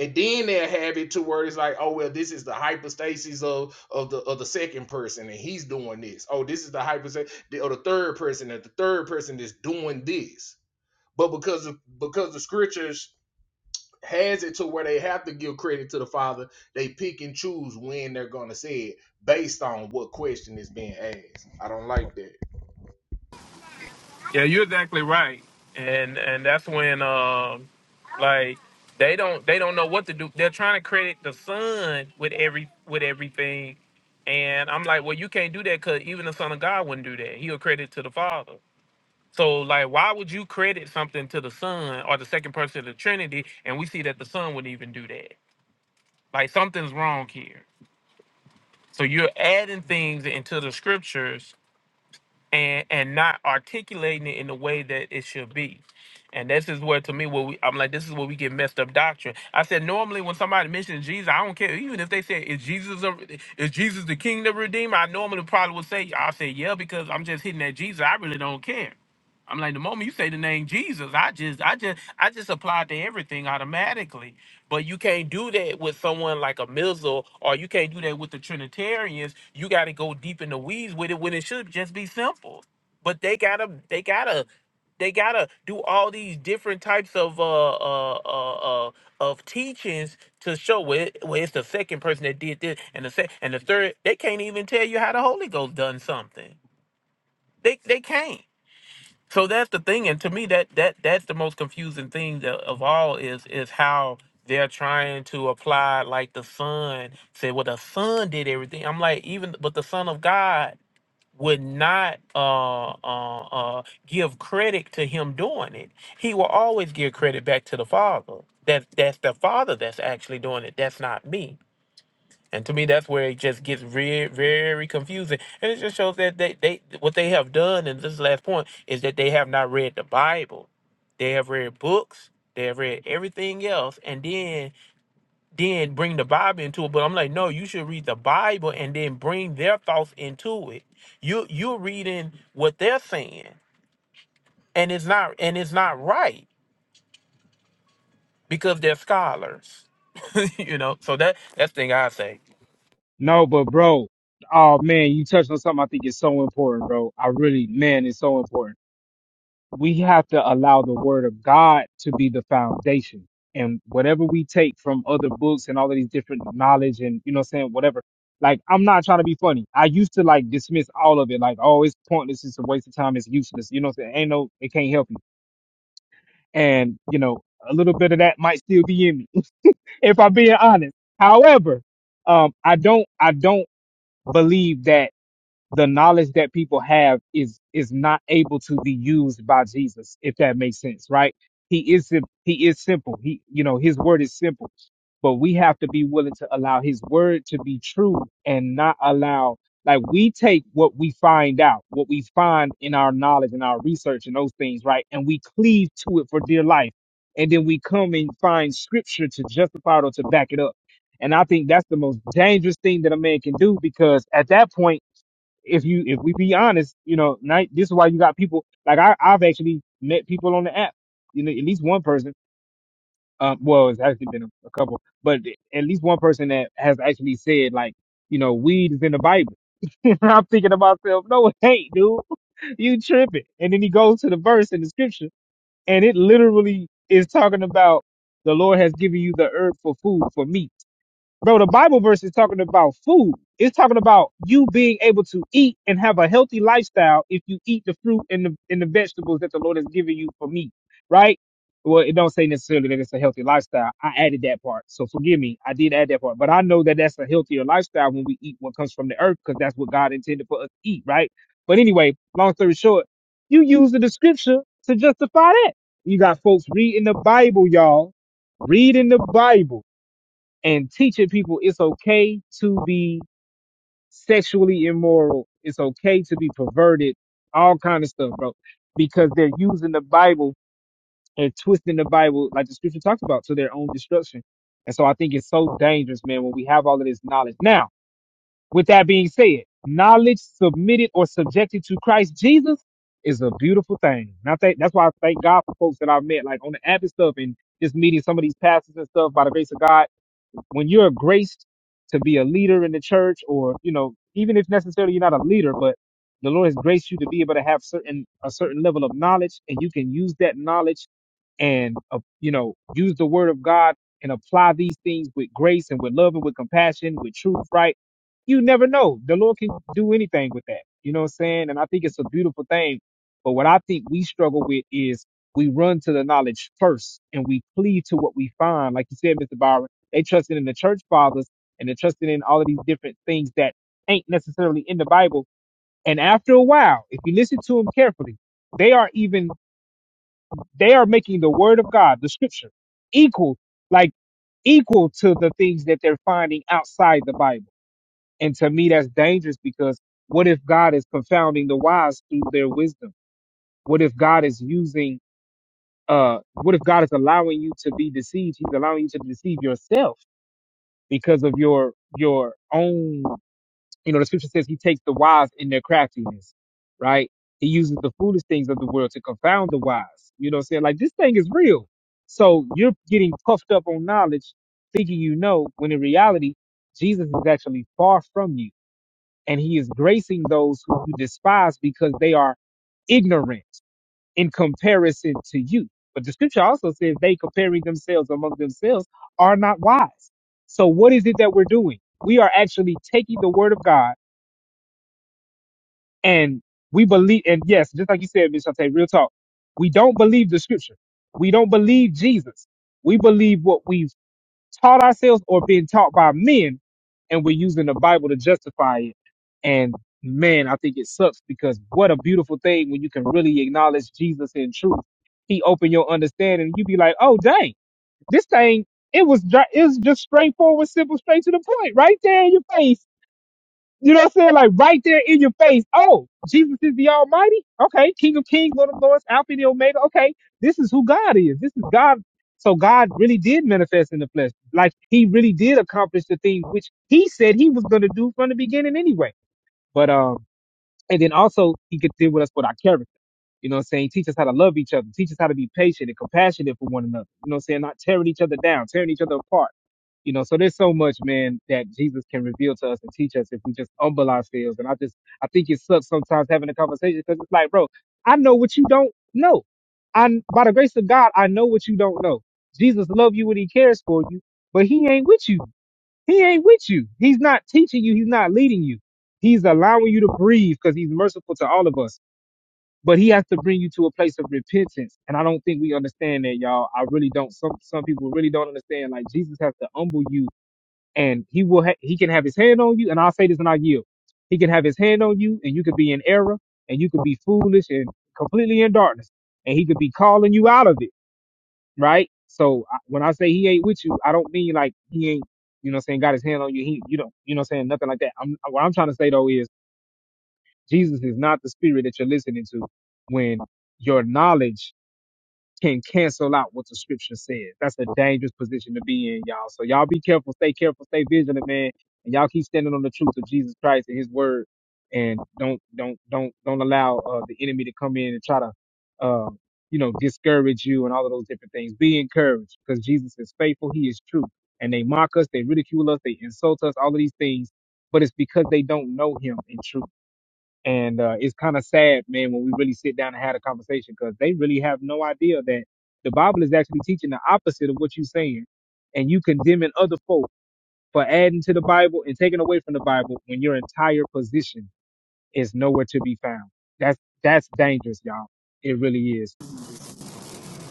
[SPEAKER 2] and then they'll have it to where it's like oh well this is the hypostasis of of the of the second person and he's doing this oh this is the hypostasis or the third person that the third person is doing this but because of because the scriptures has it to where they have to give credit to the father. They pick and choose when they're gonna say it based on what question is being asked. I don't like that.
[SPEAKER 5] Yeah, you're exactly right, and and that's when um, like they don't they don't know what to do. They're trying to credit the son with every with everything, and I'm like, well, you can't do that because even the son of God wouldn't do that. He'll credit to the father. So like, why would you credit something to the son or the second person of the Trinity? And we see that the son wouldn't even do that. Like something's wrong here. So you're adding things into the scriptures and and not articulating it in the way that it should be. And this is where to me where we, I'm like, this is where we get messed up doctrine. I said normally when somebody mentions Jesus, I don't care. Even if they say is Jesus a, is Jesus the King the Redeemer, I normally probably would say i say yeah because I'm just hitting at Jesus. I really don't care. I'm like the moment you say the name Jesus, I just I just I just apply it to everything automatically. But you can't do that with someone like a Mizzle, or you can't do that with the Trinitarians. You got to go deep in the weeds with it when it should just be simple. But they gotta, they gotta, they gotta do all these different types of uh uh uh, uh of teachings to show where well, it, well it's the second person that did this, and the se- and the third. They can't even tell you how the Holy Ghost done something. They they can't. So that's the thing, and to me, that that that's the most confusing thing tha- of all is is how they're trying to apply like the son say, well, the son did everything. I'm like, even but the son of God would not uh, uh, uh, give credit to him doing it. He will always give credit back to the father. That that's the father that's actually doing it. That's not me. And to me, that's where it just gets very, very confusing. And it just shows that they, they what they have done, and this is the last point, is that they have not read the Bible. They have read books, they have read everything else, and then then bring the Bible into it. But I'm like, no, you should read the Bible and then bring their thoughts into it. You you're reading what they're saying, and it's not and it's not right because they're scholars. you know, so that that's the thing I say.
[SPEAKER 1] No, but bro, oh man, you touched on something I think is so important, bro. I really, man, it's so important we have to allow the word of God to be the foundation. And whatever we take from other books and all of these different knowledge and, you know, what I'm saying whatever, like, I'm not trying to be funny. I used to like dismiss all of it. Like, oh, it's pointless. It's a waste of time. It's useless. You know what I'm saying? Ain't no, it can't help me. And, you know, a little bit of that might still be in me if I'm being honest. However, um, I don't, I don't believe that the knowledge that people have is is not able to be used by Jesus, if that makes sense, right? He is sim- he is simple. He you know his word is simple, but we have to be willing to allow his word to be true and not allow like we take what we find out, what we find in our knowledge and our research and those things, right? And we cleave to it for dear life, and then we come and find scripture to justify it or to back it up. And I think that's the most dangerous thing that a man can do because at that point if you if we be honest, you know, night this is why you got people like I, I've actually met people on the app. You know, at least one person. Um, well, it's actually been a, a couple, but at least one person that has actually said like, you know, weed is in the Bible. And I'm thinking to myself, no, it ain't, dude. You tripping. And then he goes to the verse in the scripture, and it literally is talking about the Lord has given you the herb for food for meat. Bro, the Bible verse is talking about food. It's talking about you being able to eat and have a healthy lifestyle if you eat the fruit and the and the vegetables that the Lord has given you for meat, right? Well, it don't say necessarily that it's a healthy lifestyle. I added that part, so forgive me. I did add that part, but I know that that's a healthier lifestyle when we eat what comes from the earth because that's what God intended for us to eat, right? But anyway, long story short, you use the scripture to justify that. You got folks reading the Bible, y'all, reading the Bible and teaching people it's okay to be sexually immoral. It's okay to be perverted, all kind of stuff, bro, because they're using the Bible and twisting the Bible like the scripture talks about to their own destruction. And so I think it's so dangerous, man, when we have all of this knowledge. Now, with that being said, knowledge submitted or subjected to Christ Jesus is a beautiful thing. And I think that's why I thank God for folks that I've met, like on the app and stuff, and just meeting some of these pastors and stuff by the grace of God when you're graced to be a leader in the church or you know even if necessarily you're not a leader but the lord has graced you to be able to have certain a certain level of knowledge and you can use that knowledge and uh, you know use the word of god and apply these things with grace and with love and with compassion with truth right you never know the lord can do anything with that you know what i'm saying and i think it's a beautiful thing but what i think we struggle with is we run to the knowledge first and we cleave to what we find like you said mr byron they trusted in the church fathers and they're trusting in all of these different things that ain't necessarily in the bible and after a while if you listen to them carefully they are even they are making the word of God, the scripture, equal, like equal to the things that they're finding outside the Bible. And to me, that's dangerous because what if God is confounding the wise through their wisdom? What if God is using, uh, what if God is allowing you to be deceived? He's allowing you to deceive yourself because of your, your own you know, the scripture says he takes the wise in their craftiness, right? He uses the foolish things of the world to confound the wise. You know what I'm saying? Like this thing is real. So you're getting puffed up on knowledge, thinking you know, when in reality, Jesus is actually far from you. And he is gracing those who you despise because they are ignorant in comparison to you. But the scripture also says they comparing themselves among themselves are not wise. So what is it that we're doing? We are actually taking the word of God and we believe, and yes, just like you said, Ms. Shante, real talk, we don't believe the scripture. We don't believe Jesus. We believe what we've taught ourselves or been taught by men, and we're using the Bible to justify it. And man, I think it sucks because what a beautiful thing when you can really acknowledge Jesus in truth. He opened your understanding. and You be like, oh dang, this thing, it was dri- it was just straightforward, simple, straight to the point, right there in your face you know what I'm saying? Like right there in your face. Oh, Jesus is the Almighty. Okay, King of Kings, Lord of Lords, Alpha and the Omega. Okay, this is who God is. This is God. So God really did manifest in the flesh. Like He really did accomplish the thing which He said He was going to do from the beginning anyway. But um, and then also He could deal with us with our character. You know what I'm saying? Teach us how to love each other. Teach us how to be patient and compassionate for one another. You know what I'm saying? Not tearing each other down, tearing each other apart you know, so there's so much, man, that Jesus can reveal to us and teach us if we just humble ourselves. And I just, I think it sucks sometimes having a conversation because it's like, bro, I know what you don't know. I, by the grace of God, I know what you don't know. Jesus loves you and he cares for you, but he ain't with you. He ain't with you. He's not teaching you. He's not leading you. He's allowing you to breathe because he's merciful to all of us. But he has to bring you to a place of repentance. And I don't think we understand that, y'all. I really don't. Some some people really don't understand. Like Jesus has to humble you and he will ha- he can have his hand on you and i'll say this and i yield he can have his hand on you and you could be in error and you could be foolish and completely in darkness and he could be calling you out of it right so I- when i say he ain't with you i don't mean like he ain't you know what I'm saying got his hand on you he you don't you know what I'm saying nothing like that i'm what i'm trying to say though is jesus is not the spirit that you're listening to when your knowledge can cancel out what the scripture says. That's a dangerous position to be in, y'all. So y'all be careful, stay careful, stay vigilant, man. And y'all keep standing on the truth of Jesus Christ and his word. And don't, don't, don't, don't allow uh, the enemy to come in and try to, uh, you know, discourage you and all of those different things. Be encouraged because Jesus is faithful. He is true. And they mock us, they ridicule us, they insult us, all of these things. But it's because they don't know him in truth. And uh, it's kind of sad, man, when we really sit down and have a conversation because they really have no idea that the Bible is actually teaching the opposite of what you're saying. And you condemning other folk for adding to the Bible and taking away from the Bible when your entire position is nowhere to be found. That's that's dangerous, y'all. It really is.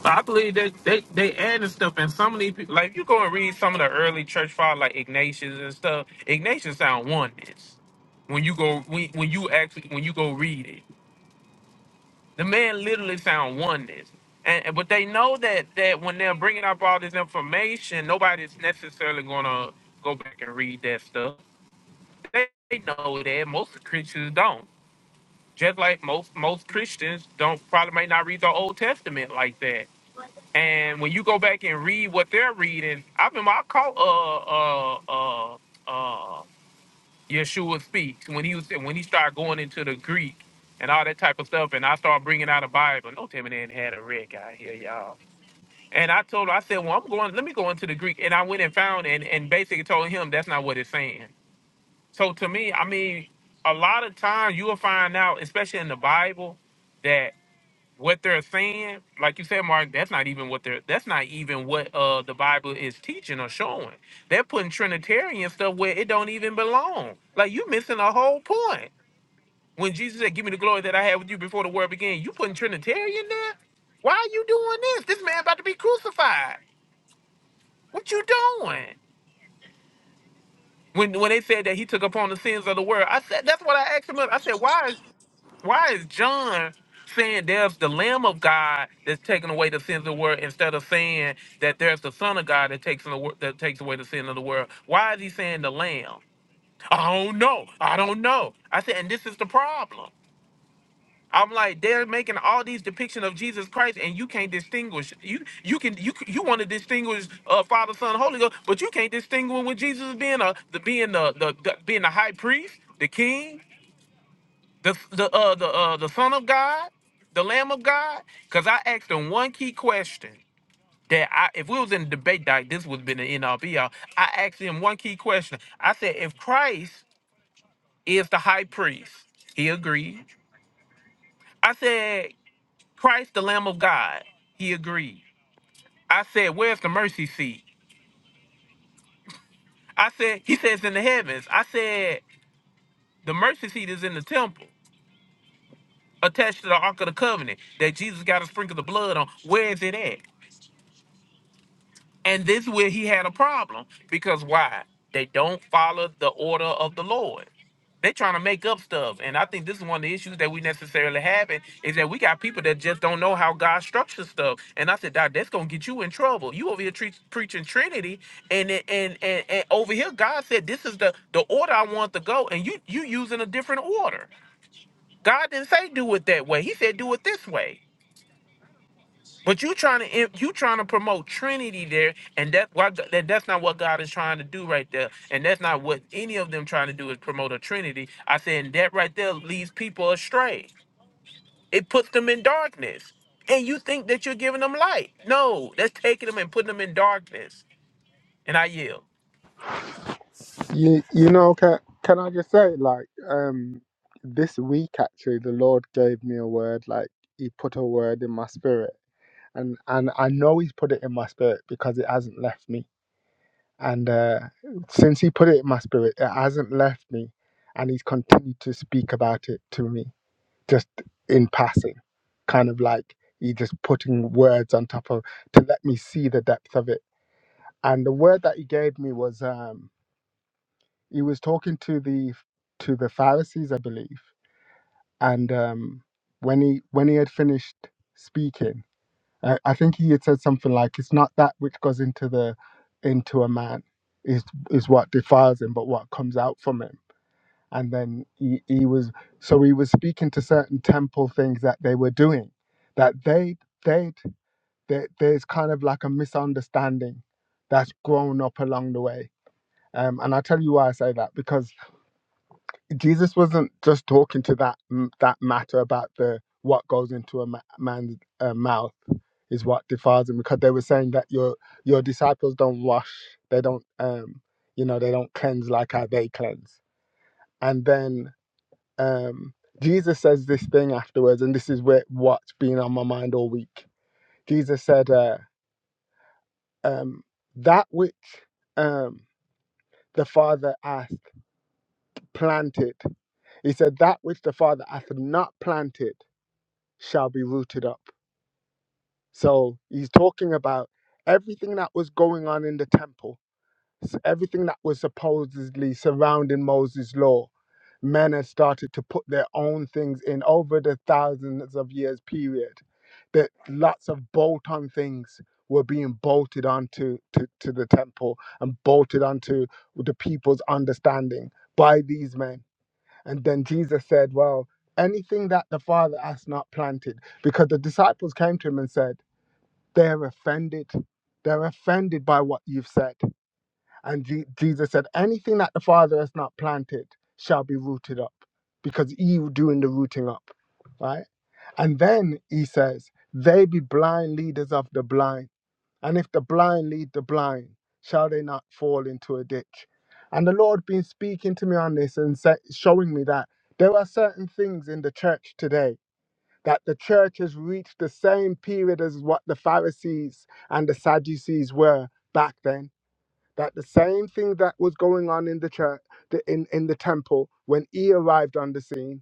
[SPEAKER 5] I believe that they they adding stuff, and some of these people, like if you go and read some of the early church fathers, like Ignatius and stuff. Ignatius sound oneness. When you go when, when you actually when you go read it, the man literally sound oneness. And and- but they know that that when they're bringing up all this information, nobody's necessarily gonna go back and read that stuff. They, they know that most Christians don't. Just like most most Christians don't probably may not read the Old Testament like that And when you go back and read what they're reading, I remember I caught uh uh uh uh Yeshua speaks when he was when he started going into the Greek and all that type of stuff, and I started bringing out a Bible. No, Timmy didn't had a red guy here, y'all. And I told him. I said, well, I'm going. Let me go into the Greek, and I went and found and and basically told him that's not what it's saying. So to me, I mean, a lot of times you will find out, especially in the Bible, that what they're saying, like you said, Mark, that's not even what they're that's not even what uh the Bible is teaching or showing. They're putting Trinitarian stuff where it don't even belong. Like you missing a whole point. When Jesus said, Give me the glory that I had with you before the world began, you putting Trinitarian there? Why are you doing this? This man about to be crucified. What you doing? When when they said that he took upon the sins of the world, I said that's what I asked him. I said, why? Why is John saying there's the Lamb of God that's taking away the sins of the world instead of saying that there's the Son of God that takes in the wor- that takes away the sin of the world? Why is he saying the Lamb? I don't know. I don't know. I said, and this is the problem. I'm like they're making all these depiction of Jesus Christ, and you can't distinguish. You you can you c- you want to distinguish uh, Father, Son, Holy Ghost, but you can't distinguish with Jesus being a the being the, the the being the high priest, the king, the the uh the uh the Son of God, the Lamb of God? Because I asked him one key question that I if we was in a debate like this would have been the end all be all. I asked him one key question. I said, if Christ is the high priest, he agreed. I said, Christ the Lamb of God, he agreed. I said, where's the mercy seat? I said, he says in the heavens. I said, the mercy seat is in the temple, attached to the Ark of the Covenant that Jesus got to sprinkle the blood on. Where is it at? And this where he had a problem because why? They don't follow the order of the Lord. They trying to make up stuff, and I think this is one of the issues that we necessarily have it, is that we got people that just don't know how God structures stuff. And I said, Doc, that's gonna get you in trouble. You over here tre- preaching Trinity, and, it- and and and over here God said this is the the order I want to go, and you you using a different order. God didn't say do it that way. He said do it this way. But you trying to you trying to promote Trinity there, and that's why Go- that, that's not what God is trying to do right there, and that's not what any of them trying to do is promote a Trinity. I said and that right there leads people astray. It puts them in darkness, and you think that you're giving them light. No, that's taking them and putting them in darkness. And I yield.
[SPEAKER 3] You you know can can I just say like um this week actually the Lord gave me a word like He put a word in my spirit and and I know He's put it in my spirit because it hasn't left me. And uh, since He put it in my spirit, it hasn't left me, and He's continued to speak about it to me, just in passing, kind of like He just putting words on top of to let me see the depth of it. And the word that He gave me was um, He was talking to the to the Pharisees, I believe, and um, when he when he had finished speaking I, I think he had said something like, "It's not that which goes into the into a man is is what defiles him, but what comes out from him." And then he, he was so he was speaking to certain temple things that they were doing, that they they they there's kind of like a misunderstanding that's grown up along the way. Um, and I tell you why I say that because Jesus wasn't just talking to that that matter about the what goes into a ma- man's uh, mouth is what defiles him because they were saying that your your disciples don't wash they don't um you know they don't cleanse like how they cleanse and then um Jesus says this thing afterwards and this is where what's been on my mind all week Jesus said uh, um that which um the father asked planted he said that which the father hath not planted shall be rooted up. So he's talking about everything that was going on in the temple, s- everything that was supposedly surrounding Moses' law. Men had started to put their own things in over the thousands of years period. That lots of bolt on things were being bolted onto to, to the temple and bolted onto the people's understanding by these men and then Jesus said, Well, anything that the Father has not planted, because the disciples came to him and said, They're offended. They're offended by what you've said. And Je- Jesus said, Anything that the Father has not planted shall be rooted up, because you doing the rooting up, right? And then he says, They be blind leaders of the blind and if the blind lead the blind, shall they not fall into a ditch? And the Lord been speaking to me on this and sa- showing me that there are certain things in the church today that the church has reached the same period as what the Pharisees and the Sadducees were back then. That the same thing that was going on in the church, the- in, in the temple, when he arrived on the scene,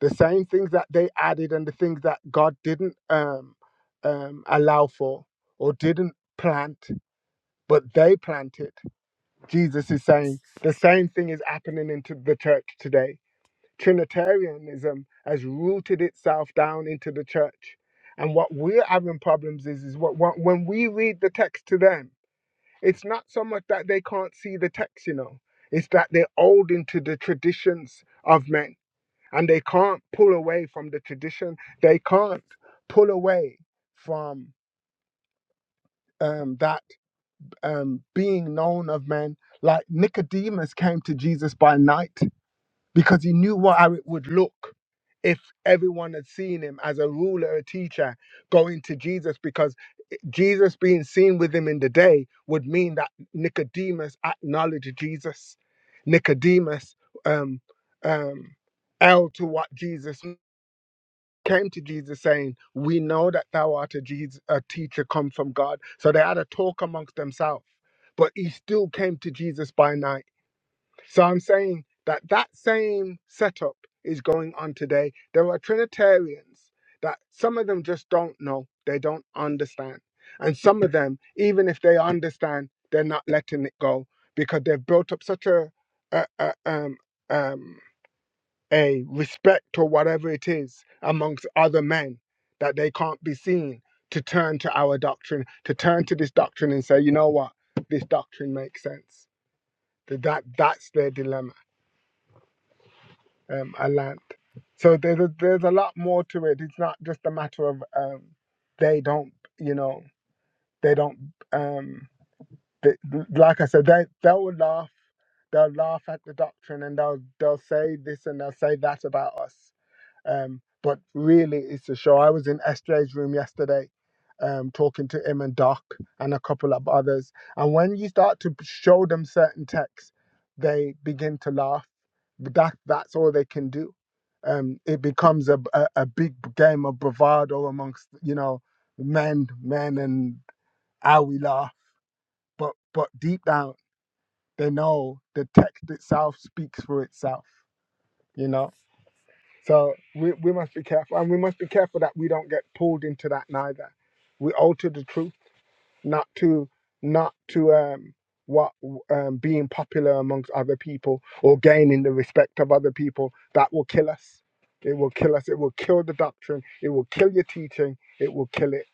[SPEAKER 3] the same things that they added and the things that God didn't um, um, allow for or didn't plant but they planted. Jesus is saying the same thing is happening into the church today. Trinitarianism has rooted itself down into the church. And what we're having problems is, is what, what when we read the text to them, it's not so much that they can't see the text, you know, it's that they're holding to the traditions of men and they can't pull away from the tradition. They can't pull away from um, that um, being known of men. Like Nicodemus came to Jesus by night because he knew what how it would look if everyone had seen him as a ruler, a teacher, going to Jesus. Because Jesus being seen with him in the day would mean that Nicodemus acknowledged Jesus. Nicodemus um, um, held to what Jesus came to Jesus saying, We know that thou art a, Jesus, a teacher come from God. So they had a talk amongst themselves, but he still came to Jesus by night. So I'm saying that that same setup is going on today. There are Trinitarians that some of them just don't know, they don't understand. And some of them, even if they understand, they're not letting it go because they've built up such a, a, a um, um, a respect or whatever it is amongst other men that they can't be seen to turn to our doctrine, to turn to this doctrine and say, you know what, this doctrine makes sense. That that- that's their dilemma. Um, I learned. So there's a, there's a lot more to it. It's not just a matter of um, they don't, you know, they don't. Um, they, like I said, they they'll laugh, they'll laugh at the doctrine, and they'll they'll say this and they'll say that about us Um, but really, it's a show. I was in SJ's room yesterday um, talking to him and Doc and a couple of others. And when you start to show them certain texts, they begin to laugh. That That's all they can do. Um, it becomes a, a, a big game of bravado amongst, you know, men, men and how we laugh. But, but deep down, they know the text itself speaks for itself, you know? So we, we must be careful, and we must be careful that we don't get pulled into that neither. We alter the truth, not to not to um what um being popular amongst other people or gaining the respect of other people. That will kill us. It will kill us. It will kill the doctrine. It will kill your teaching. It will kill it.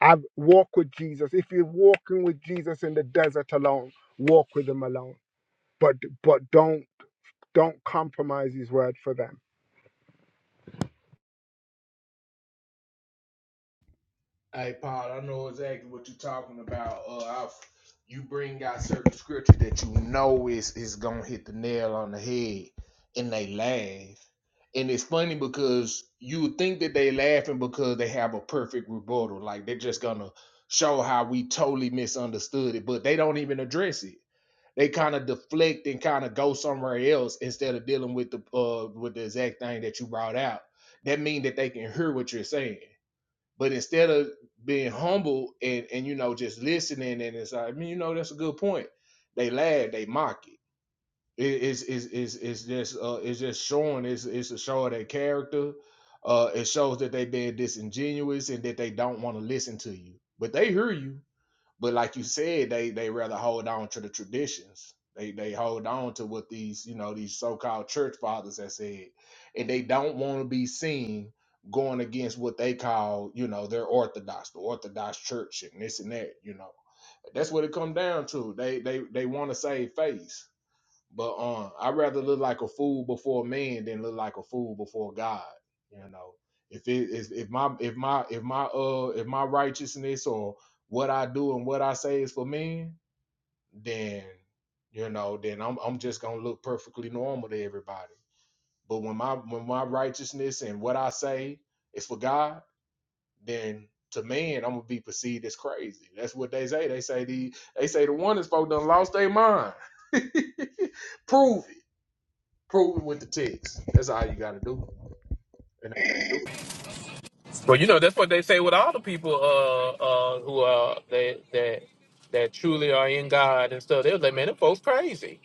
[SPEAKER 3] I walk with Jesus. If you're walking with Jesus in the desert alone, walk with him alone. But but don't don't compromise his word for them
[SPEAKER 2] Hey Paul, I know exactly what you're talking about. Uh, i you bring out certain scripture that you know is is gonna hit the nail on the head, and they laugh. And it's funny because you think that they laughing because they have a perfect rebuttal, like they're just gonna show how we totally misunderstood it, but they don't even address it they kind of deflect and kind of go somewhere else instead of dealing with the uh with the exact thing that you brought out. That means that they can hear what you're saying. But instead of being humble and and you know just listening and it's like, I mean, you know, that's a good point. They laugh, they mock it. It- It's it's is is just uh it's just showing it's it's a show of their character. Uh it shows that they have been disingenuous and that they don't want to listen to you. But they hear you but like you said, they they rather hold on to the traditions. They they hold on to what these you know these so called church fathers have said, and they don't want to be seen going against what they call you know their orthodox, the orthodox church, and this and that. You know that's what it come down to. They they they want to save face. But um, I'd rather look like a fool before man than look like a fool before God. You know, if it is if my if my if my uh if my righteousness or what I do and what I say is for men, then you know, then I'm I'm just gonna look perfectly normal to everybody. But when my when my righteousness and what I say is for God, then to man I'm gonna be perceived as crazy. That's what they say. They say the they say the one is folk done lost their mind. Prove it. Prove it with the text. That's all you gotta do. And
[SPEAKER 5] Well, you know that's what they say with all the people uh, uh, who are that that that truly are in God and stuff. They're like, man, them folks crazy,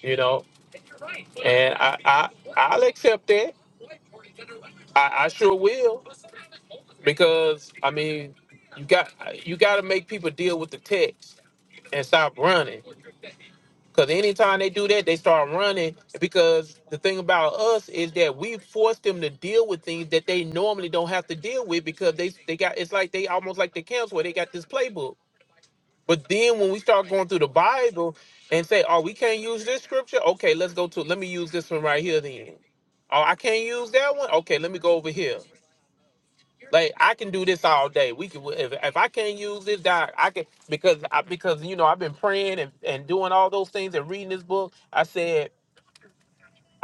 [SPEAKER 5] you know. And I I I'll accept that. I, I sure will because I mean, you got you got to make people deal with the text and stop running. Because anytime they do that, they start running. Because the thing about us is that we force them to deal with things that they normally don't have to deal with because they they got it's like they almost like the camps where they got this playbook. But then when we start going through the Bible and say, "Oh, we can't use this scripture," okay, let's go to let me use this one right here. Then, oh, I can't use that one. Okay, let me go over here. Like I can do this all day. We can if, if I can't use this doc, I can because I because you know I've been praying and, and doing all those things and reading this book. I said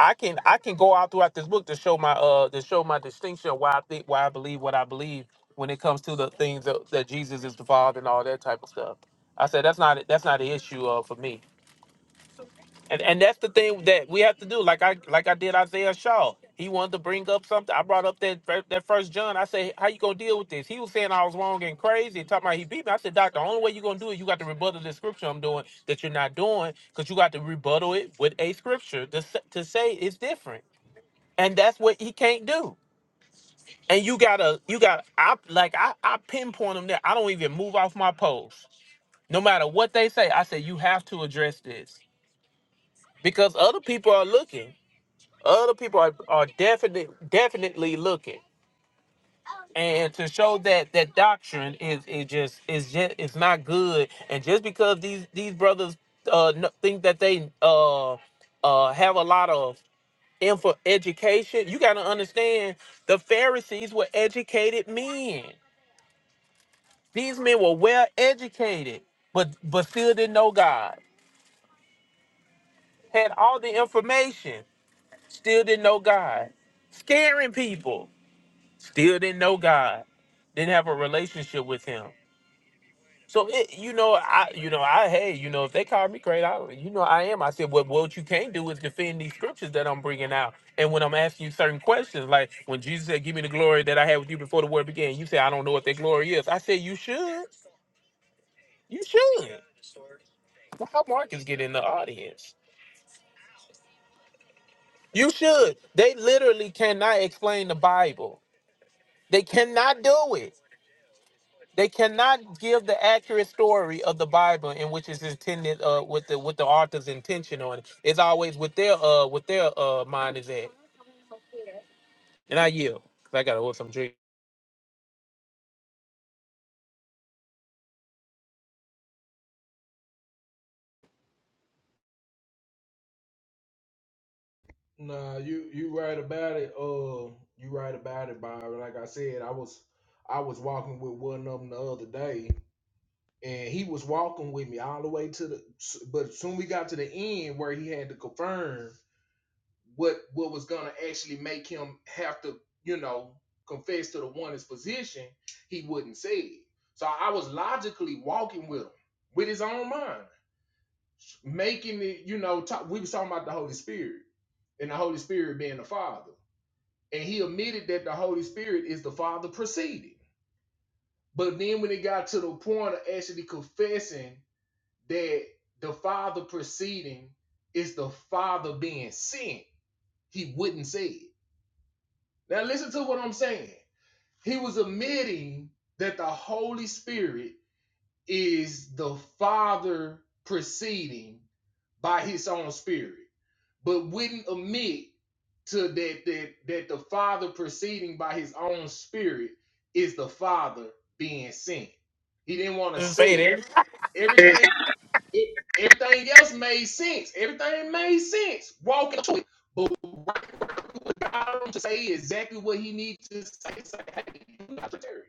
[SPEAKER 5] I can I can go out throughout this book to show my uh to show my distinction of why I think why I believe what I believe when it comes to the things that, that Jesus is the Father and all that type of stuff. I said that's not that's not an issue uh, for me. And and that's the thing that we have to do. Like I like I did Isaiah Shaw. He wanted to bring up something. I brought up that fir- that first John. I said, "How you gonna deal with this?" He was saying I was wrong and crazy, and talking about he beat me. I said, "Doc, the only way you are gonna do it, you got to rebuttal the scripture I'm doing that you're not doing, because you got to rebuttal it with a scripture to s- to say it's different." And that's what he can't do. And you gotta you got to I like I I pinpoint him there. I don't even move off my post, no matter what they say. I say you have to address this because other people are looking. Other people are, are definitely definitely looking. And to show that that doctrine is is just is just is not good. And just because these these brothers uh kn- think that they uh uh have a lot of info education, you gotta understand the Pharisees were educated men. These men were well educated, but but still didn't know God. Had all the information, still didn't know God. Scaring people. still didn't know God, didn't have a relationship with Him. So it, you know, I, you know, I, hey, you know, if they call me crazy, I, you know, I am. I said, what, what you can't do is defend these scriptures that I'm bringing out, and when I'm asking you certain questions, like when Jesus said, "Give me the glory that I had with you before the world began," you say, "I don't know what that glory is." I said, "You should, you should." Well, How Marcus get in the audience? You should. They literally cannot explain the Bible. They cannot do it. They cannot give the accurate story of the Bible in which it's intended uh with the with the author's intention on it. It's always with their uh with their uh mind is at. And I yield. 'cause I gotta order some drink.
[SPEAKER 2] Nah, you you right about it. Uh, you right about it, Byron. Like I said, I was I was walking with one of them the other day, and he was walking with me all the way to the. But soon we got to the end where he had to confirm what what was gonna actually make him have to, you know, confess to the one his position. He wouldn't say it. So I was logically walking with him with his own mind. making it, you know, talk, we was talking about the Holy Spirit and the Holy Spirit being the Father. And he admitted that the Holy Spirit is the Father proceeding. But then when it got to the point of actually confessing that the Father proceeding is the Father being sent, he wouldn't say it. Now listen to what I'm saying. He was admitting that the Holy Spirit is the Father proceeding by his own spirit. but wouldn't admit to that that that the Father proceeding by His own Spirit is the Father being sent. He didn't want to say
[SPEAKER 5] Say
[SPEAKER 2] it.
[SPEAKER 5] that.
[SPEAKER 2] Everything it, everything else made sense. Everything made sense. Walking to it, but right, right, what God told him to say exactly what He needs to say. Say, hey, you not Trinitarian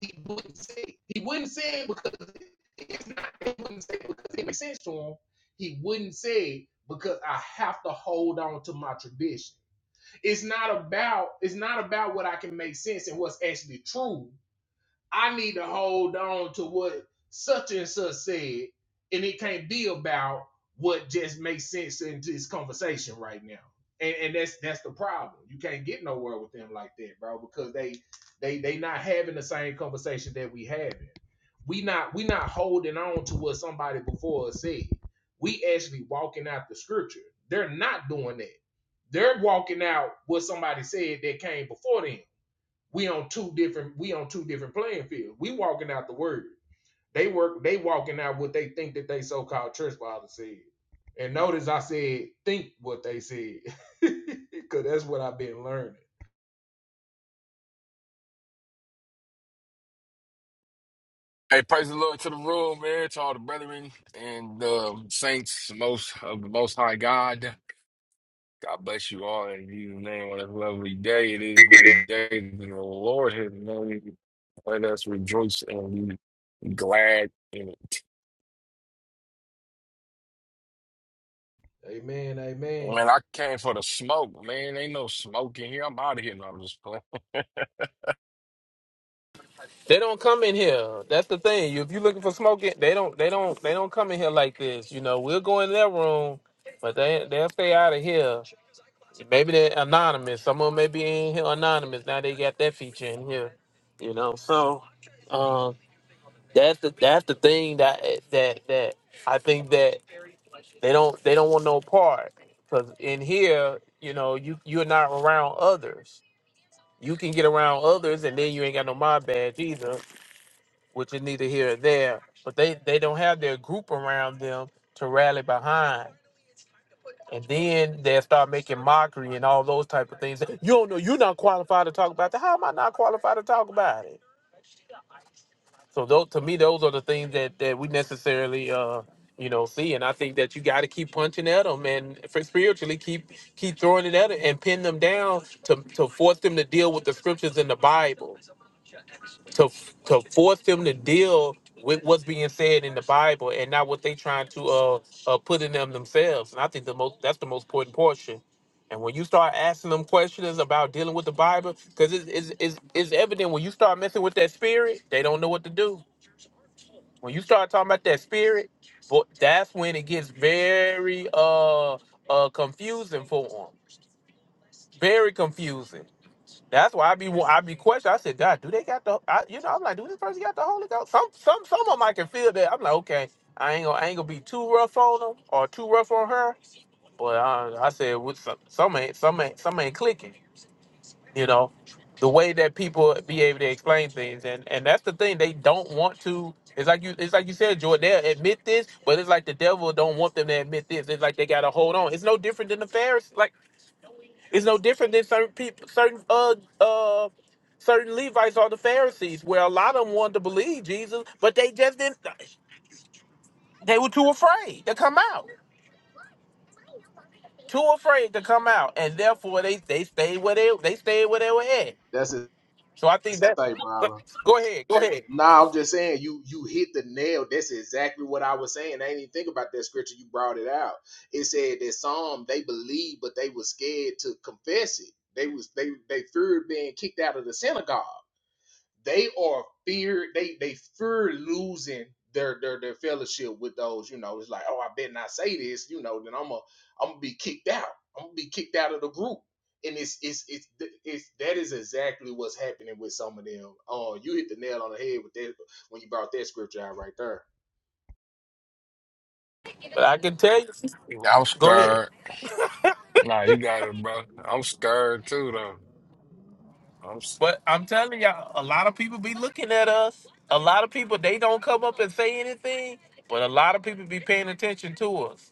[SPEAKER 2] he wouldn't say it. he wouldn't say it because it's not he wouldn't say it because it makes sense to him. He wouldn't say it because I have to hold on to my tradition. It's not about it's not about what I can make sense and what's actually true. I need to hold on to what such and such said, and it can't be about what just makes sense in this conversation right now. And, and that's that's the problem. You can't get nowhere with them like that, bro, because they they they not having the same conversation that we having. We not we not holding on to what somebody before us said. We actually walking out the scripture. They're not doing that. They're walking out what somebody said that came before them we on two different we on two different playing fields. We walking out the word. They work they walking out what they think that they so called church father said. And notice I said think what they said. Cause that's what I've been learning.
[SPEAKER 6] Hey, praise the Lord to the room, man, to all the brethren and um, saints most of the Most High God. God bless you all in Jesus' name on this lovely day. It is the day that the Lord has made. Let us rejoice and be glad in it.
[SPEAKER 2] Amen. Amen.
[SPEAKER 6] Man, I came for the smoke, man. Ain't no smoke in here. I'm out of here. No, I'm just playing.
[SPEAKER 5] They don't come in here. That's the thing. If you're looking for smoking, they don't they don't they don't come in here like this. You know, we'll go in their room, but they they'll stay out of here. Maybe they're anonymous. Some of them may be in here anonymous. Now they got that feature in here. You know, so um, That's the that's the thing that that that I think that they don't they don't want no part because in here you know you you're not around others. You can get around others and then you ain't got no mob badge either, which is neither here or there. But they they don't have their group around them to rally behind, and then they will start making mockery and all those type of things. You don't know you're not qualified to talk about that. How am I not qualified to talk about it? So those to me, those are the things that that we necessarily uh you know see, and I think that you got to keep punching at them and for spiritually keep keep throwing it at them and pin them down to to force them to deal with the scriptures in the Bible to to force them to deal with what's being said in the Bible and not what they trying to uh, uh put in them themselves. And I think the most that's the most important portion. And when you start asking them questions about dealing with the Bible, because it's, it's, it's, it's evident when you start messing with that spirit, they don't know what to do when you start talking about that spirit, but that's when it gets very uh uh confusing for them. Very confusing. That's why I be I be questioning. I said, God, do they got the? I, you know, I'm like, do this person got the Holy Ghost? Some some some of them I can feel that. I'm like, okay, I ain't gonna I ain't gonna be too rough on them or too rough on her. But uh, I said, with some some ain't some ain't some ain't clicking you know the way that people be able to explain things and and that's the thing they don't want to it's like you it's like you said Jordan they admit this but it's like the devil don't want them to admit this it's like they gotta hold on it's no different than the Pharisees like it's no different than certain people certain uh uh certain Levites or the Pharisees where a lot of them wanted to believe Jesus but they just didn't they were too afraid to come out too afraid to come out and therefore they they stayed where they they stayed where they were at
[SPEAKER 2] That's it,
[SPEAKER 5] so I think that
[SPEAKER 2] say, brother.
[SPEAKER 5] go ahead go ahead
[SPEAKER 2] Nah, I'm just saying you you hit the nail. That's exactly what I was saying. I didn't even think about that scripture. You brought it out. It said that some they believed, but they were scared to confess it. They was they they feared being kicked out of the synagogue they are fear they they fear losing their their their fellowship with those you know it's like oh i better not say this you know then i'm a i'm gonna be kicked out i'm gonna be kicked out of the group and it's it's it's it's that is exactly what's happening with some of them oh you hit the nail on the head with that when you brought that scripture out right there
[SPEAKER 5] But I can tell you,
[SPEAKER 6] I'm
[SPEAKER 5] go ahead.
[SPEAKER 6] scared. Nah, you got it, bro. I'm scared too, though. I'm. s-
[SPEAKER 5] But I'm telling y'all, a lot of people be looking at us. A lot of people they don't come up and say anything, but a lot of people be paying attention to us.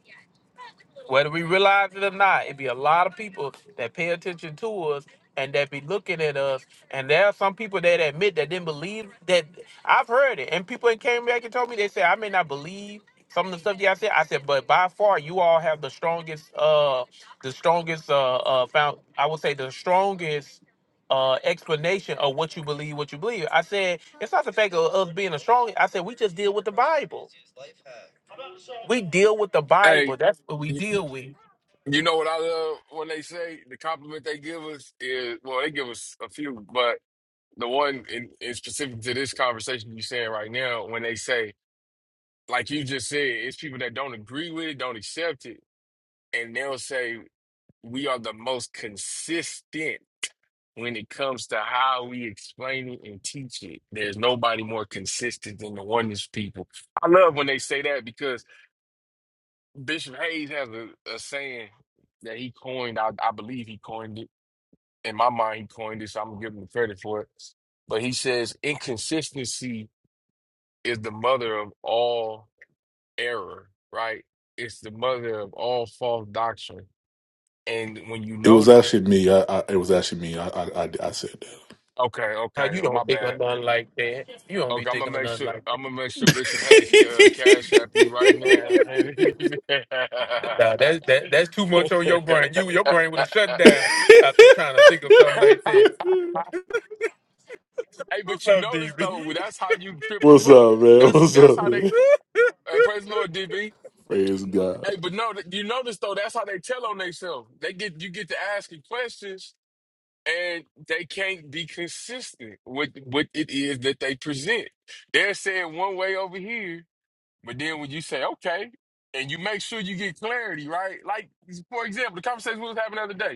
[SPEAKER 5] whether we realize it or not, it be a lot of people that pay attention to us and that be looking at us. And there are some people that admit that didn't believe that I've heard it. And people that came back and told me they said I may not believe some of the stuff y'all said. I said, but by far you all have the strongest uh the strongest uh uh found I would say the strongest uh explanation of what you believe, what you believe. I said, it's not the fact of us being a strong I said we just deal with the Bible. We deal with the
[SPEAKER 6] Hey.
[SPEAKER 5] Bible. That's what we deal with.
[SPEAKER 6] You know what I love when they say the compliment they give us is well, they give us a few, but the one in, in specific to this conversation you're saying right now, when they say, like you just said, it's people that don't agree with it, don't accept it, and they'll say we are the most consistent when it comes to how we explain it and teach it. There's nobody more consistent than the oneness people. I love when they say that because Bishop Hayes has a, a saying that he coined. I, I believe he coined it in my mind, he coined this. I'm gonna give him the credit for it. But he says inconsistency is the mother of all error, right? It's the mother of all false doctrine. And when you
[SPEAKER 4] It was
[SPEAKER 6] notice,
[SPEAKER 4] actually me. I, I it was actually me. I, I I I said
[SPEAKER 6] okay,
[SPEAKER 5] Nah,
[SPEAKER 6] okay,
[SPEAKER 5] you don't
[SPEAKER 6] my
[SPEAKER 5] think of
[SPEAKER 6] bad.
[SPEAKER 5] nothing like that. You don't be
[SPEAKER 6] Okay, I'm gonna
[SPEAKER 5] thinking of
[SPEAKER 6] make
[SPEAKER 5] nothing
[SPEAKER 6] sure.
[SPEAKER 5] like
[SPEAKER 6] I'm
[SPEAKER 5] that.
[SPEAKER 6] gonna make sure Bishop Hayes ca- uh, cash app you right now. hey,
[SPEAKER 5] Nah, that, that that's too much on your brain. You your brain would have shut down after trying to think of something like that.
[SPEAKER 4] that.
[SPEAKER 6] but
[SPEAKER 5] What's
[SPEAKER 6] you
[SPEAKER 5] up,
[SPEAKER 6] notice though,
[SPEAKER 5] DB?
[SPEAKER 6] that's how you trip them
[SPEAKER 4] What's
[SPEAKER 6] up.
[SPEAKER 4] up, man?
[SPEAKER 6] That's
[SPEAKER 4] What's
[SPEAKER 6] that's
[SPEAKER 4] up,
[SPEAKER 6] how they.
[SPEAKER 4] man?
[SPEAKER 6] Uh, praise the Lord, DB.
[SPEAKER 4] Praise God.
[SPEAKER 6] Hey, but no, th- you notice though, that's how they tell on themselves. They get you get to asking questions and they can't be consistent with what it is that they present. They're saying one way over here, but then when you say, okay, and you make sure you get clarity, right? Like for example, the conversation we was having the other day.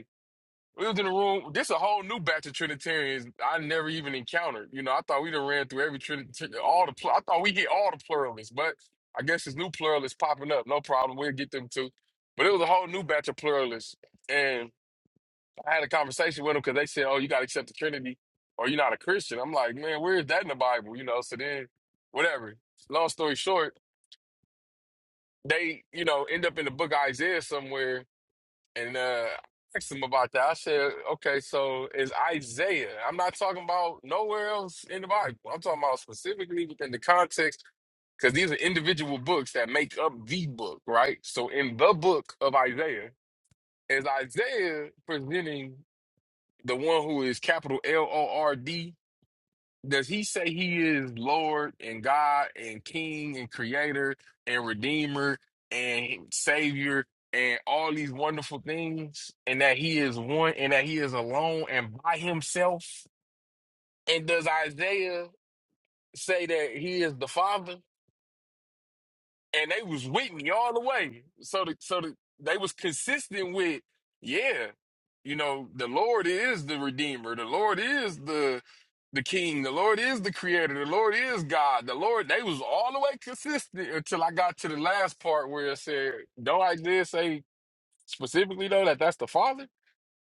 [SPEAKER 6] We was in the room. This a whole new batch of Trinitarians I never even encountered. You know, I thought we done ran through every Trinitarian, all the. Pl- I thought we hit all the pluralists, but I guess this new pluralist popping up. No problem, we'll get them too. But it was a whole new batch of pluralists, and I had a conversation with them because they said, "Oh, you got to accept the Trinity, or you're not a Christian." I'm like, "Man, where is that in the Bible?" You know. So then, whatever. Long story short, they you know end up in the book of Isaiah somewhere and uh, I asked him about that. I said, okay, so is Isaiah, I'm not talking about nowhere else in the Bible. I'm talking about specifically within the context, because these are individual books that make up the book, right? So in the book of Isaiah, is Isaiah presenting the one who is capital L O R D? Does he say he is Lord and God and King and Creator and Redeemer and Savior and all these wonderful things and that he is one and that he is alone and by himself? And does Isaiah say that he is the Father? and they was with me all the way. So the, so the, they was consistent with, yeah, you know, the Lord is the Redeemer, the Lord is the the King, the Lord is the Creator, the Lord is God, the Lord. They was all the way consistent until I got to the last part where it said, "Though I did say specifically though that that's the Father."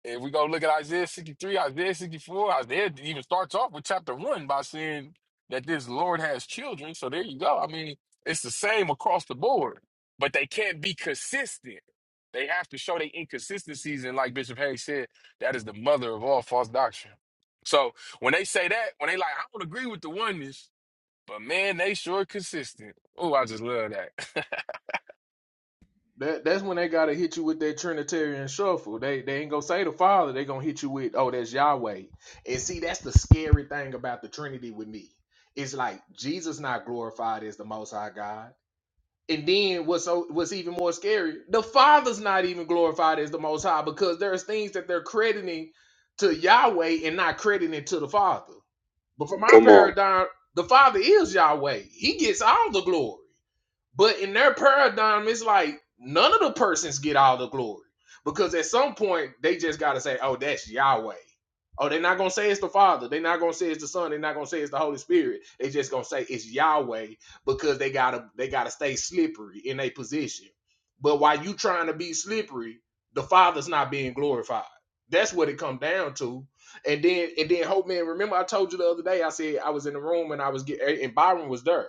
[SPEAKER 6] If we go look at Isaiah 63, Isaiah 64, Isaiah even starts off with chapter one by saying that this Lord has children. So there you go. I mean, it's the same across the board, but they can't be consistent. They have to show their inconsistencies. And like Bishop Hayes said, that is the mother of all false doctrine. So when they say that, when they like, I don't agree with the oneness, but man, they sure consistent. Oh, I just love that.
[SPEAKER 2] That that's when they gotta hit you with that Trinitarian shuffle. They they ain't gonna say the Father. They gonna hit you with oh that's Yahweh. And see that's the scary thing about the Trinity with me. It's like Jesus not glorified as the Most High God. And then what's so what's even more scary, the Father's not even glorified as the Most High because there's things that they're crediting to Yahweh and not crediting to the Father. But for my Come on. paradigm, the Father is Yahweh. He gets all the glory. But in their paradigm, it's like none of the persons get all the glory because at some point they just got to say, "Oh, that's Yahweh." Oh, they're not gonna say it's the Father. They're not gonna say it's the Son. They're not gonna say it's the Holy Spirit. They just gonna say it's Yahweh because they gotta they gotta stay slippery in their position. But while you trying to be slippery, the Father's not being glorified. That's what it come down to. And then and then Hope Man, remember I told you the other day I said I was in the room and I was get and Byron was there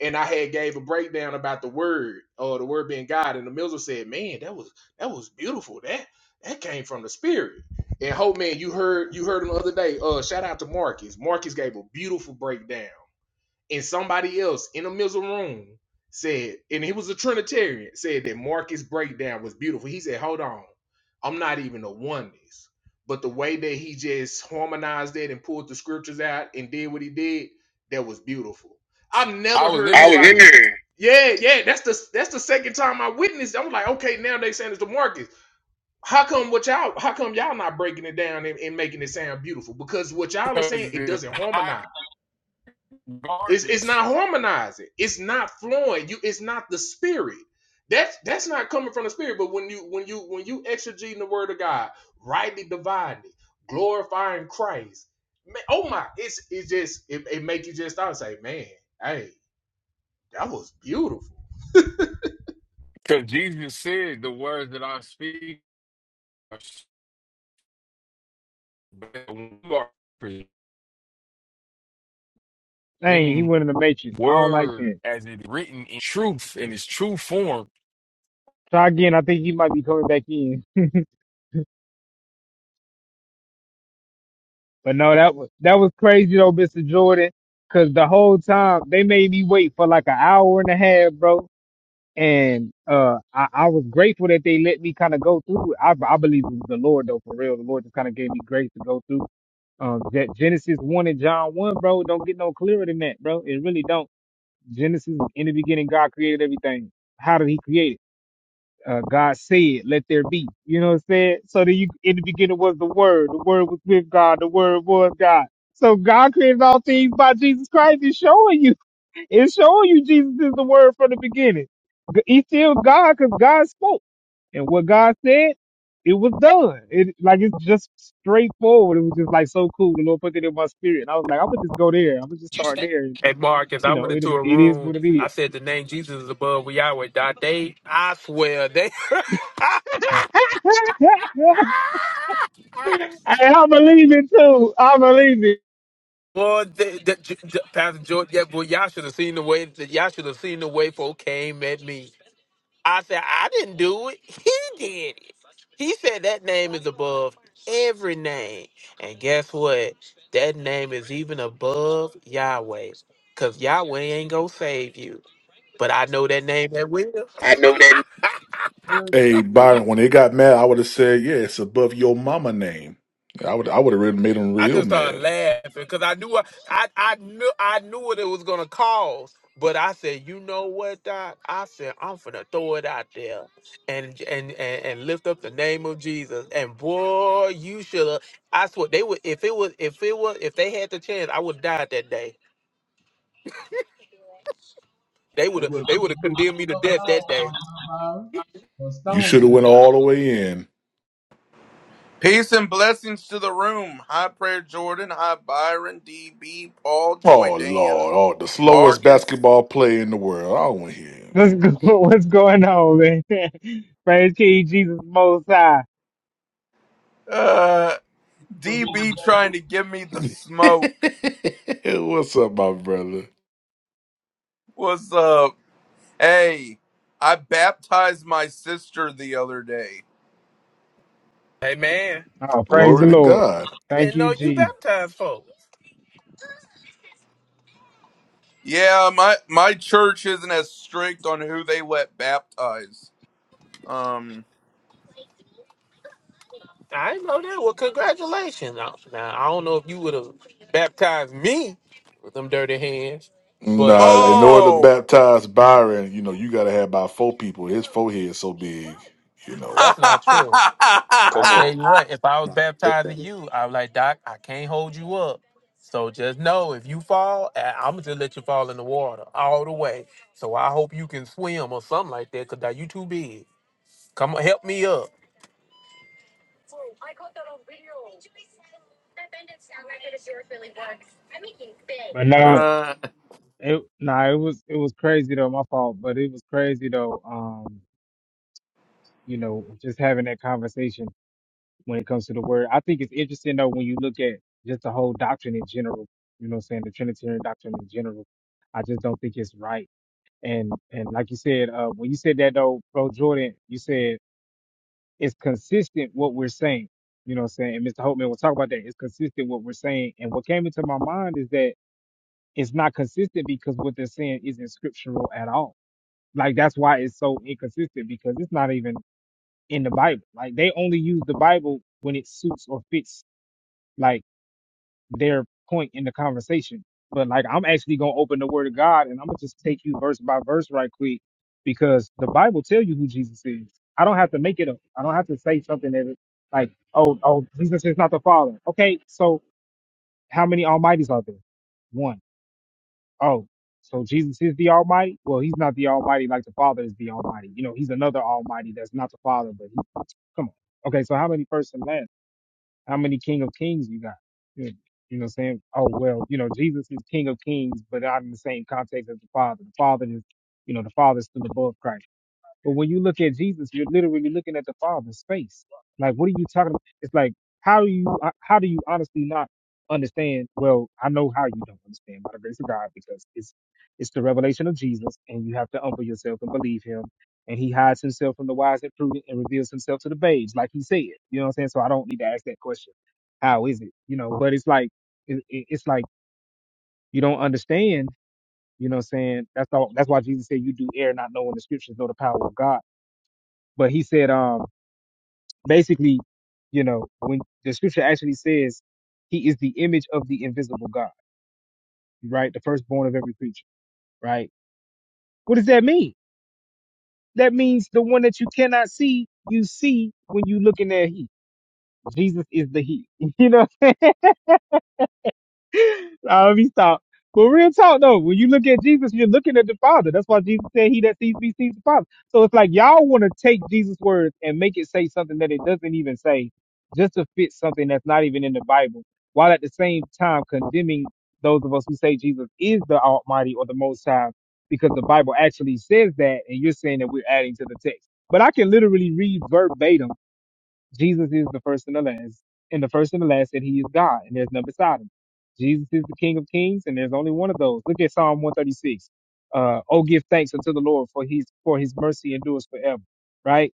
[SPEAKER 2] and I had gave a breakdown about the word or the word being God, and the Miller said, "Man, that was that was beautiful. That that came from the Spirit." And Hope Man, you heard you heard him the other day. Uh, shout out to Marcus. Marcus gave a beautiful breakdown and somebody else in the middle room said, and he was a Trinitarian, said that Marcus' breakdown was beautiful. He said, Hold on, I'm not even a oneness. But the way that he just harmonized it and pulled the scriptures out and did what he did, that was beautiful. I've
[SPEAKER 6] I
[SPEAKER 2] never
[SPEAKER 6] was
[SPEAKER 2] heard
[SPEAKER 6] in
[SPEAKER 2] I was nobody in
[SPEAKER 6] there
[SPEAKER 2] nobody. there. yeah, yeah, that's the that's the second time I witnessed. it. I'm like, okay, now they saying it's the Marcus. How come what y'all? How come y'all not breaking it down and, and making it sound beautiful? Because what y'all are
[SPEAKER 6] because
[SPEAKER 2] saying, it
[SPEAKER 6] it's
[SPEAKER 2] doesn't
[SPEAKER 6] hot
[SPEAKER 2] harmonize. It's it's
[SPEAKER 6] garbage.
[SPEAKER 2] not harmonizing. It's not flowing. You it's not the spirit. That's that's not coming from the spirit. But when you when you when you exegeting the word of God, rightly dividing, glorifying Christ, man, oh my, it's it's just it, it make you just start say, man, hey, that was beautiful.
[SPEAKER 6] Because Jesus said, The words that I speak are s- but when you are
[SPEAKER 1] Dang, he
[SPEAKER 6] presenting
[SPEAKER 1] went in the matrix. I don't like
[SPEAKER 6] word
[SPEAKER 1] that.
[SPEAKER 6] as it written in truth in its true form.
[SPEAKER 1] Try again. I think he might be coming back in. But no, that was that was crazy though, Mr. Jordan. Cause the whole time they made me wait for like an hour and a half, bro And uh, I, I was grateful that they let me kind of go through. it. I, I believe it was the Lord though, for real. The Lord just kind of gave me grace to go through. Um, that Genesis one and John one, bro, don't get no clearer than that, bro. It really don't. Genesis in the beginning, God created everything. How did He create it? Uh, God said, "Let there be." You know what I'm saying? So then you, in the beginning was the Word. The Word was with God. The Word was God. So God created all things by Jesus Christ. Is showing you it's showing you Jesus is the word from the beginning. G- He's still God because God spoke. And what God said, it was done. It like it's just straightforward. It was just like so cool. The Lord put it in my spirit. And I was like, I'm gonna just go there. I'm gonna just start there. And,
[SPEAKER 5] Hey, Marcus,
[SPEAKER 1] you
[SPEAKER 5] I
[SPEAKER 1] know,
[SPEAKER 5] went
[SPEAKER 1] it
[SPEAKER 5] into a
[SPEAKER 1] it is
[SPEAKER 5] room.
[SPEAKER 1] what it is.
[SPEAKER 5] I said the name Jesus is above we are with God. They, I swear, they.
[SPEAKER 1] and I believe it too. I believe it.
[SPEAKER 5] Boy, the, the, the, Pastor George, yeah, boy, y'all should have seen the way. Y'all should have seen the way folk came at me. I said, I didn't do it. He did it. He said that name is above every name. And guess what? That name is even above Yahweh. Because Yahweh ain't going to save you. But I know that name that will.
[SPEAKER 2] I know that.
[SPEAKER 4] Hey Byron, when they got mad, I would have said, "Yeah, it's above your mama name." I would I would have really made them
[SPEAKER 5] I
[SPEAKER 4] real
[SPEAKER 5] just started
[SPEAKER 4] mad.
[SPEAKER 5] laughing because I knew I, I I knew I knew what it was gonna cause. But I said, you know what, Doc? I said I'm finna throw it out there and and and, and lift up the name of Jesus. And boy, you should have. I swear they would if it was if it was if they had the chance, I would have died that day. They would
[SPEAKER 2] They
[SPEAKER 5] have
[SPEAKER 2] would
[SPEAKER 5] they would have
[SPEAKER 2] have
[SPEAKER 5] condemned me to death that day.
[SPEAKER 4] You should
[SPEAKER 2] stoned you
[SPEAKER 4] have went
[SPEAKER 2] to
[SPEAKER 4] all the way in.
[SPEAKER 7] Peace and blessings to the room. Hi, Prayer Jordan. Hi, Byron, DB, Paul, Joy
[SPEAKER 4] Oh
[SPEAKER 7] Dan,
[SPEAKER 4] Lord, oh the slowest
[SPEAKER 7] Marcus.
[SPEAKER 4] basketball player in the world. I don't want
[SPEAKER 1] Let's go. What's going on, man? praise King Jesus Most High.
[SPEAKER 7] Uh, DB trying to give me the
[SPEAKER 4] to hear
[SPEAKER 7] smoke.
[SPEAKER 4] him. What's up, my brother?
[SPEAKER 7] What's up? Hey, I baptized my sister the other day.
[SPEAKER 5] Hey man,
[SPEAKER 1] Oh, praise the
[SPEAKER 4] Glory to
[SPEAKER 2] Man,
[SPEAKER 1] Lord.
[SPEAKER 4] God.
[SPEAKER 5] I
[SPEAKER 1] Thank
[SPEAKER 5] didn't
[SPEAKER 1] you,
[SPEAKER 5] know you
[SPEAKER 1] Jesus.
[SPEAKER 5] baptized folk.
[SPEAKER 7] Yeah, my my church isn't as strict on who they let baptize. Um.
[SPEAKER 5] I didn't know that. Well, congratulations. Now, now, I don't know if you would have baptized me with them dirty hands, but
[SPEAKER 4] Nah,
[SPEAKER 5] uh,
[SPEAKER 4] in order to
[SPEAKER 7] Oh.
[SPEAKER 4] baptize Byron, you know, you gotta have about four people. His forehead so big, you know.
[SPEAKER 5] that's not true. I
[SPEAKER 8] Come
[SPEAKER 5] tell
[SPEAKER 8] on.
[SPEAKER 5] you what, if I was baptizing you, I was like, Doc, I can't hold you up. So just know if you fall, I'm going to just let you fall in the water all the way. So I hope you can swim or something like that because you too big. Come on, help me up.
[SPEAKER 1] But no.
[SPEAKER 7] uh,
[SPEAKER 1] It nah, it was it was crazy though, my fault, but it was crazy though. Um, you know, just having that conversation when it comes to the word. I think it's interesting though when you look at just the whole doctrine in general, you know what I'm saying, the Trinitarian doctrine in general. I just don't think it's right. And and like you said, uh when you said that though, bro Jordan, you said it's consistent what we're saying. You know what I'm saying? And Mr. Holtman will talk about that. It's consistent what we're saying. And what came into my mind is that it's not consistent because what they're saying isn't scriptural at all Like that's why it's so inconsistent because it's not even in the Bible. Like they only use the Bible when it suits or fits like their point in the conversation. But like I'm actually gonna open the Word of God and I'm gonna just take you verse by verse right quick because the Bible tell you who Jesus is. I don't have to make it up. I don't have to say something that is like, oh, oh, Jesus is not the Father. Okay, so how many Almighties are there? One. Oh, so Jesus is the Almighty? Well, he's not the Almighty like the Father is the Almighty. You know, he's another Almighty that's not the Father, but he, come on. Okay, so how many first and last? How many King of Kings you got? You know, you know, what I'm saying, oh well, you know, Jesus is King of Kings, but not in the same context as the Father. The Father is, you know, the Father is still above Christ. But when you look at Jesus, you're literally looking at the Father's face. Like, what are you talking about? It's like, how do you, uh, how do you honestly not understand? Well, I know how you don't understand by the grace of God because it's, it's the revelation of Jesus and you have to humble yourself and believe him. And he hides himself from the wise and prudent and reveals himself to the babes, like he said. You know what I'm saying? So I don't need to ask that question. How is it? You know, but it's like, it, it, it's like you don't understand. You know what I'm saying? That's all. That's why Jesus said you do err not knowing the scriptures, know the power of God but he said, um, basically, you know, when the scripture actually says he is the image of the invisible God, right? The firstborn of every creature, right? What does that mean? That means the one that you cannot see, you see when you looking at he. Jesus is the he. You know I'll be stopped. But real talk though, when you look at Jesus, you're looking at the Father. That's why Jesus said, "He that sees me sees the Father." So it's like y'all want to take Jesus' words and make it say something that it doesn't even say, just to fit something that's not even in the Bible, while at the same time condemning those of us who say Jesus is the Almighty or the Most High, because the Bible actually says that, and you're saying that we're adding to the text. But I can literally read verbatim Jesus is the first and the last, and the first and the last, and he is God, and there's none beside him. Jesus is the King of Kings, and there's only one of those. Look at Psalm 136. Uh, oh, give thanks unto the Lord for his for his mercy endures forever. Right?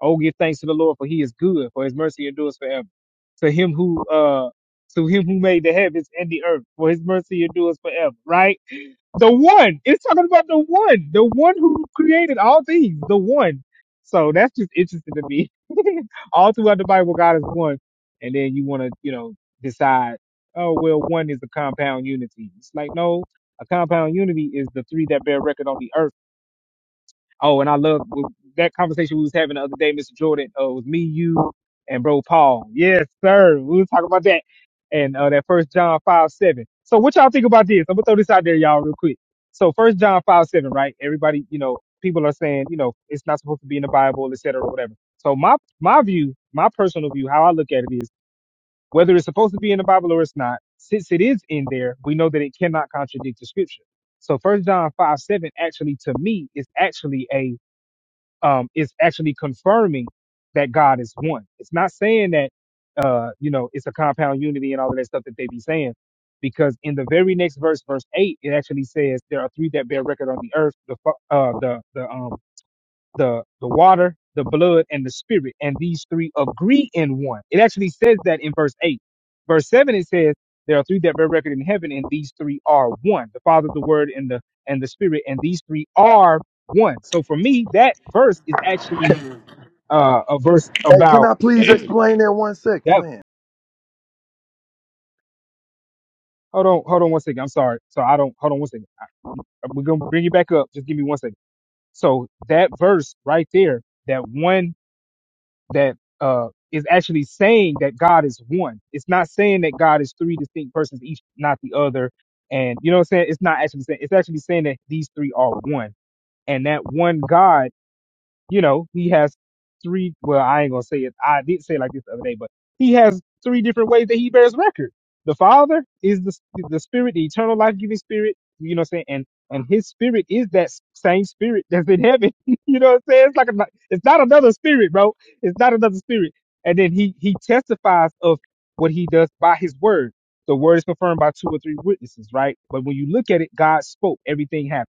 [SPEAKER 1] Oh, give thanks to the Lord for he is good, for his mercy endures forever. To him who uh to him who made the heavens and the earth, for his mercy endures forever. Right? The one. It's talking about the one. The one who created all things. The one. So that's just interesting to me. all throughout the Bible, God is one. And then you want to, you know, decide, oh, well, one is a compound unity. It's like, no, a compound unity is the three that bear record on the earth Oh, and I love that conversation we was having the other day, Mr. Jordan. Uh, was me, you, and bro Paul. Yes, sir. We was talking about that, and uh, that First John five seven. So what y'all think about this? I'm gonna throw this out there, y'all, real quick. So First John five seven, right? Everybody, you know, people are saying, you know, it's not supposed to be in the Bible, et cetera, or whatever. So my my view, my personal view, how I look at it is whether it's supposed to be in the Bible or it's not. Since it is in there, we know that it cannot contradict the Scripture. So First John five seven actually to me is actually a um, is actually confirming that God is one. It's not saying that, uh, you know, it's a compound unity and all of that stuff that they be saying, because in the very next verse, verse eight, it actually says there are three that bear record on the earth, the fa- uh, the the um, the the water, the blood, and the spirit, and these three agree in one. It actually says that in verse eight. Verse seven it says there are three that bear record in heaven, and these three are one: the Father, the Word, and the and the Spirit. And these three are one. So for me, that verse is actually uh, a verse
[SPEAKER 9] Hey, can
[SPEAKER 1] about
[SPEAKER 9] I please
[SPEAKER 1] that.
[SPEAKER 9] explain that one second, man?
[SPEAKER 1] Hold on, hold on one second. I'm sorry. So I don't hold on one second. I- We're gonna bring you back up. Just give me one second. So that verse right there, that one. that uh, is actually saying that God is one. It's not saying that God is three distinct persons, each not the other. And you know what I'm saying? It's not actually saying. It's actually saying that these three are one, and that one God you know, he has three. Well, I ain't gonna say it. I did say it like this the other day, but he has three different ways that he bears record. The Father is the the Spirit, the eternal life giving Spirit. You know what I'm saying? And and His Spirit is that same Spirit that's in heaven. you know what I'm saying? It's like a, it's not another Spirit, bro. It's not another Spirit. And then he he testifies of what he does by His word. The word is confirmed by two or three witnesses, right? But when you look at it, God spoke. Everything happened.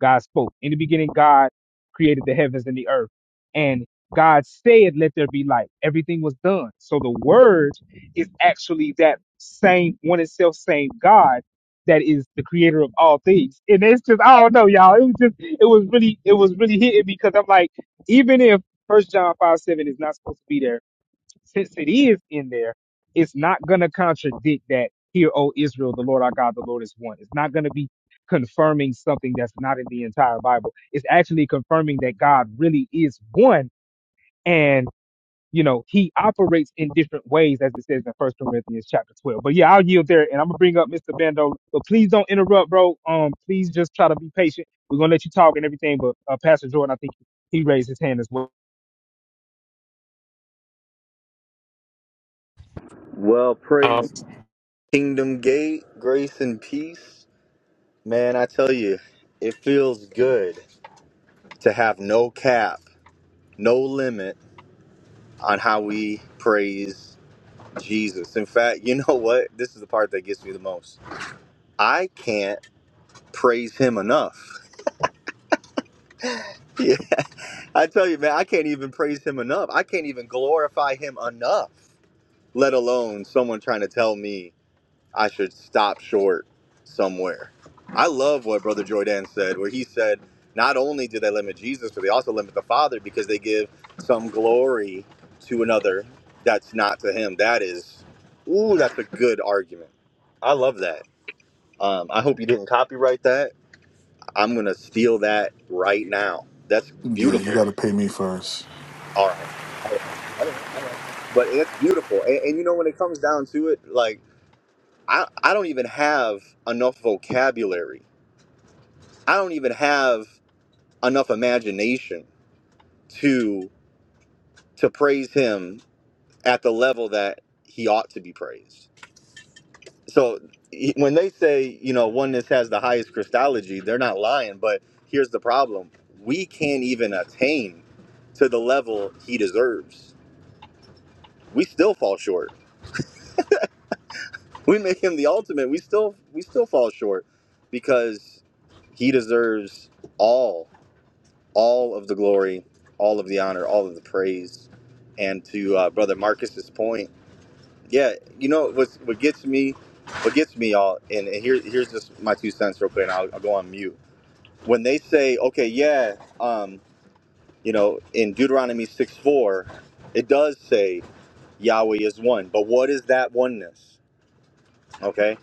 [SPEAKER 1] God spoke. In the beginning, God created the heavens and the earth. And God said, Let there be light. Everything was done. So the word is actually that same one and self same God that is the creator of all things. And it's just I don't know, y'all. It was just it was really it was really hitting me because I'm like, even if first John five seven is not supposed to be there, since it is in there, it's not going to contradict that, Hear, O Israel, the Lord our God, the Lord is one. It's not going to be confirming something that's not in the entire Bible. It's actually confirming that God really is one and, you know, he operates in different ways, as it says in First Corinthians chapter 12. But yeah, I'll yield there and I'm going to bring up Mr. Bando. But please don't interrupt, bro. Um, Please just try to be patient. We're going to let you talk and everything. But uh, Pastor Jordan, I think he raised his hand as well.
[SPEAKER 8] Well, praise Kingdom Gate, grace and peace. Man, I tell you, it feels good to have no cap, no limit on how we praise Jesus. In fact, you know what? This is the part that gets me the most. I can't praise him enough. Yeah, I tell you, man, I can't even praise him enough. I can't even glorify him enough, let alone someone trying to tell me I should stop short somewhere. I love what Brother Jordan said, where he said, not only do they limit Jesus, but they also limit the Father because they give some glory to another that's not to him. That is, ooh, that's a good argument. I love that. Um, I hope you didn't copyright that. I'm going to steal that right now. That's
[SPEAKER 4] Yeah, you
[SPEAKER 8] beautiful.
[SPEAKER 4] gotta pay me first.
[SPEAKER 8] All right. All right. All right. All right. But it's beautiful. And, and you know, when it comes down to it, like, I, I don't even have enough vocabulary. I don't even have enough imagination to to praise him at the level that he ought to be praised. So he- when they say, you know, oneness has the highest Christology, they're not lying, but here's the problem. We can't even attain to the level he deserves. We still fall short. We make him the ultimate. We still we still fall short because he deserves all. all of the glory, all of the honor, all of the praise. And to uh, brother Marcus's point, yeah, you know what what gets me, what gets me y'all, and, and here here's just my two cents real quick, and I'll, I'll go on mute. When they say, okay, yeah, um, you know, in Deuteronomy six four, it does say Yahweh is one, but what is that oneness? Okay,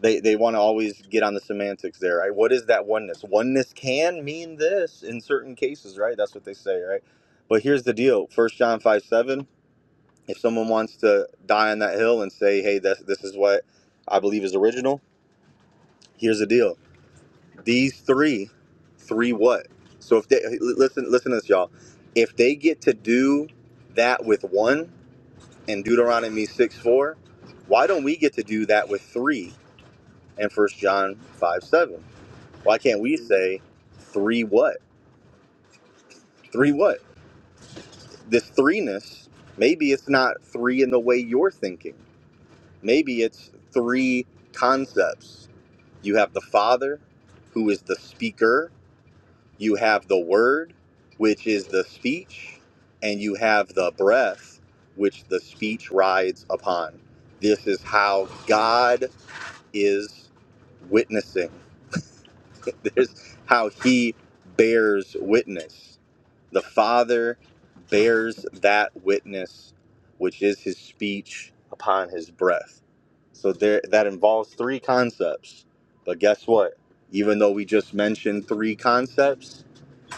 [SPEAKER 8] they they want to always get on the semantics there right what is that oneness oneness can mean this in certain cases right that's what they say right but here's the deal first john 5 7 if someone wants to die on that hill and say hey this, this is what i believe is original here's the deal these three three what so if they listen listen to this y'all if they get to do that with one in deuteronomy 6 4 why don't we get to do that with three in first john 5 7 Why can't we say three what? Three what? This threeness, maybe it's not three in the way you're thinking. Maybe it's three concepts. You have the Father, who is the speaker, you have the Word, which is the speech, and you have the breath, which the speech rides upon. This is how God is witnessing. There's how he bears witness. The Father bears that witness, which is his speech upon his breath. So there that involves three concepts. But guess what? Even though we just mentioned three concepts,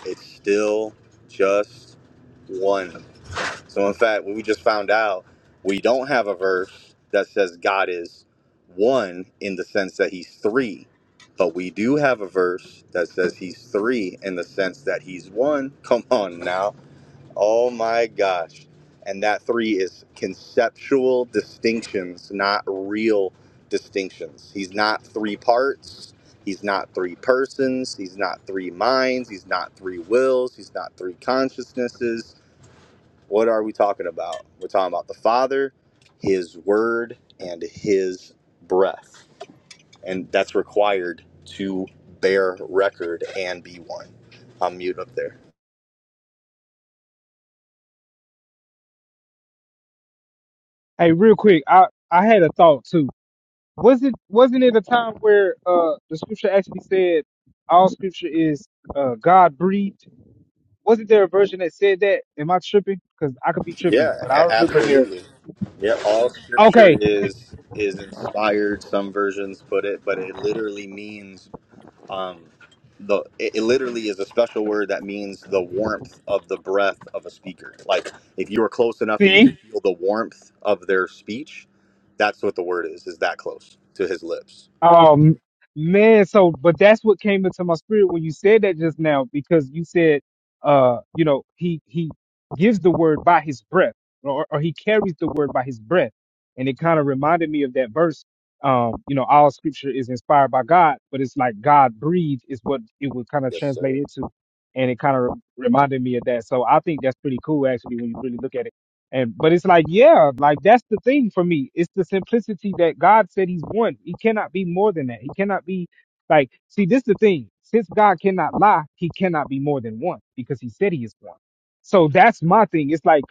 [SPEAKER 8] it's still just one. So in fact, what we just found out, we don't have a verse that says God is one in the sense that he's three. But we do have a verse that says he's three in the sense that he's one. Come on now Oh my gosh. And that three is conceptual distinctions, not real distinctions. He's not three parts. He's not three persons. He's not three minds. He's not three wills. He's not three consciousnesses. What are we talking about? We're talking about the Father, His Word, and His breath. And that's required to bear record and be one. I'm mute up there.
[SPEAKER 1] Hey, real quick, I, I had a thought too Was it wasn't it a time where uh the scripture actually said all scripture is uh God breathed? Wasn't there a version that said that? Am I tripping? Because I could be tripping,
[SPEAKER 8] Yeah,
[SPEAKER 1] but I
[SPEAKER 8] a-
[SPEAKER 1] remember there.
[SPEAKER 8] absolutely. Yeah, all scripture
[SPEAKER 1] Okay,
[SPEAKER 8] is is inspired. Some versions put it, but it literally means um, the. It, it literally is a special word that means the warmth of the breath of a speaker. Like if you were close enough and you
[SPEAKER 1] see?
[SPEAKER 8] could feel the warmth of their speech, that's what the word is. Is that close to his lips?
[SPEAKER 1] Um, man, so but that's what came into my spirit when you said that just now because you said, uh, you know, he he gives the word by his breath, or or he carries the word by his breath, and it kind of reminded me of that verse. Um, you know, all scripture is inspired by God, but it's like God breathed is what it would kind of
[SPEAKER 8] Yes,
[SPEAKER 1] translate
[SPEAKER 8] sir.
[SPEAKER 1] into, and it kind of reminded me of that. So I think that's pretty cool actually when you really look at it. And but it's like, yeah, like that's the thing for me. It's the simplicity that God said He's one. He cannot be more than that. He cannot be like, see, this is the thing. Since God cannot lie, He cannot be more than one because He said He is one. So that's my thing. It's like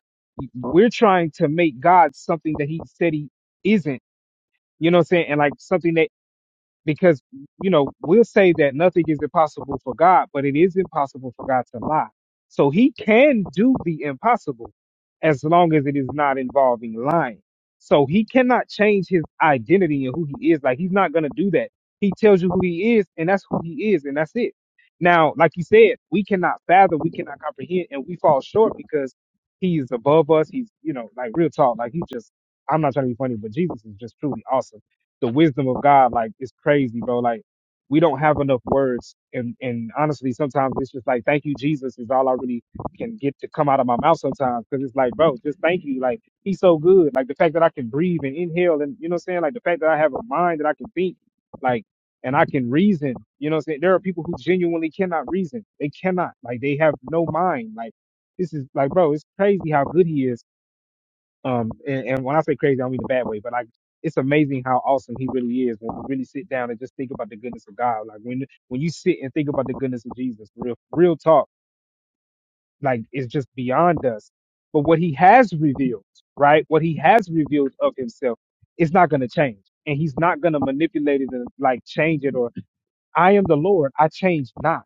[SPEAKER 1] we're trying to make God something that He said He isn't. You know what I'm saying? And like something that because you know we'll say that nothing is impossible for God, but it is impossible for God to lie. So He can do the impossible as long as it is not involving lying. So He cannot change His identity and who He is. Like He's not going to do that. He tells you who He is, and that's who He is, and that's it. Now, like you said, we cannot fathom, we cannot comprehend, and we fall short because He is above us. He's you know like real talk, like He just. I'm not trying to be funny, but Jesus is just truly awesome the wisdom of God, like it's crazy, bro. Like we don't have enough words, and and honestly, sometimes it's just like thank you, Jesus, is all I really can get to come out of my mouth sometimes, because it's like, bro, just thank you. Like He's so good. Like the fact that I can breathe and inhale, and you know what I'm saying. Like the fact that I have a mind that I can think, like and I can reason. You know what I'm saying. There are people who genuinely cannot reason. They cannot. Like they have no mind. Like this is like, bro, it's crazy how good He is um, and, and when I say crazy, I don't mean the bad way, but like it's amazing how awesome he really is when we really sit down and just think about the goodness of God. Like when when you sit and think about the goodness of Jesus, real real talk, like it's just beyond us. But what he has revealed, right? What he has revealed of himself is not going to change, and he's not going to manipulate it and like change it I am the Lord, I change not,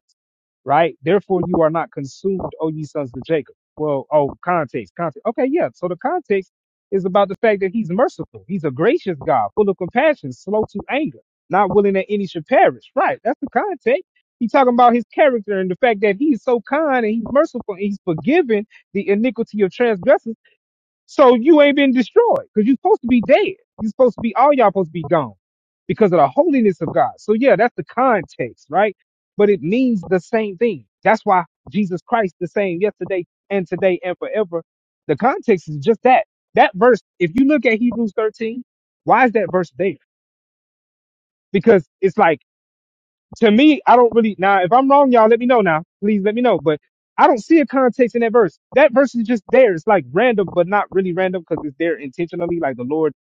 [SPEAKER 1] right? Therefore you are not consumed, O ye sons of Jacob. Well, oh, context, context. Okay, yeah. So the context is about the fact that he's merciful. He's a gracious God, full of compassion, slow to anger, not willing that any should perish. Right. That's the context. He's talking about his character and the fact that he's so kind and he's merciful and he's forgiven the iniquity of transgressors so you ain't been destroyed because you're supposed to be dead. You're supposed to be all y'all supposed to be gone because of the holiness of God. So yeah, that's the context, right? But it means the same thing. That's why Jesus Christ the same yesterday and today and forever. The context is just that. That verse, if you look at Hebrews 13, why is that verse there? Because it's like to me, I don't really now. If I'm wrong, y'all let me know now. Please let me know. But I don't see a context in that verse. That verse is just there. It's like random, but not really random because it's there intentionally. Like the Lord,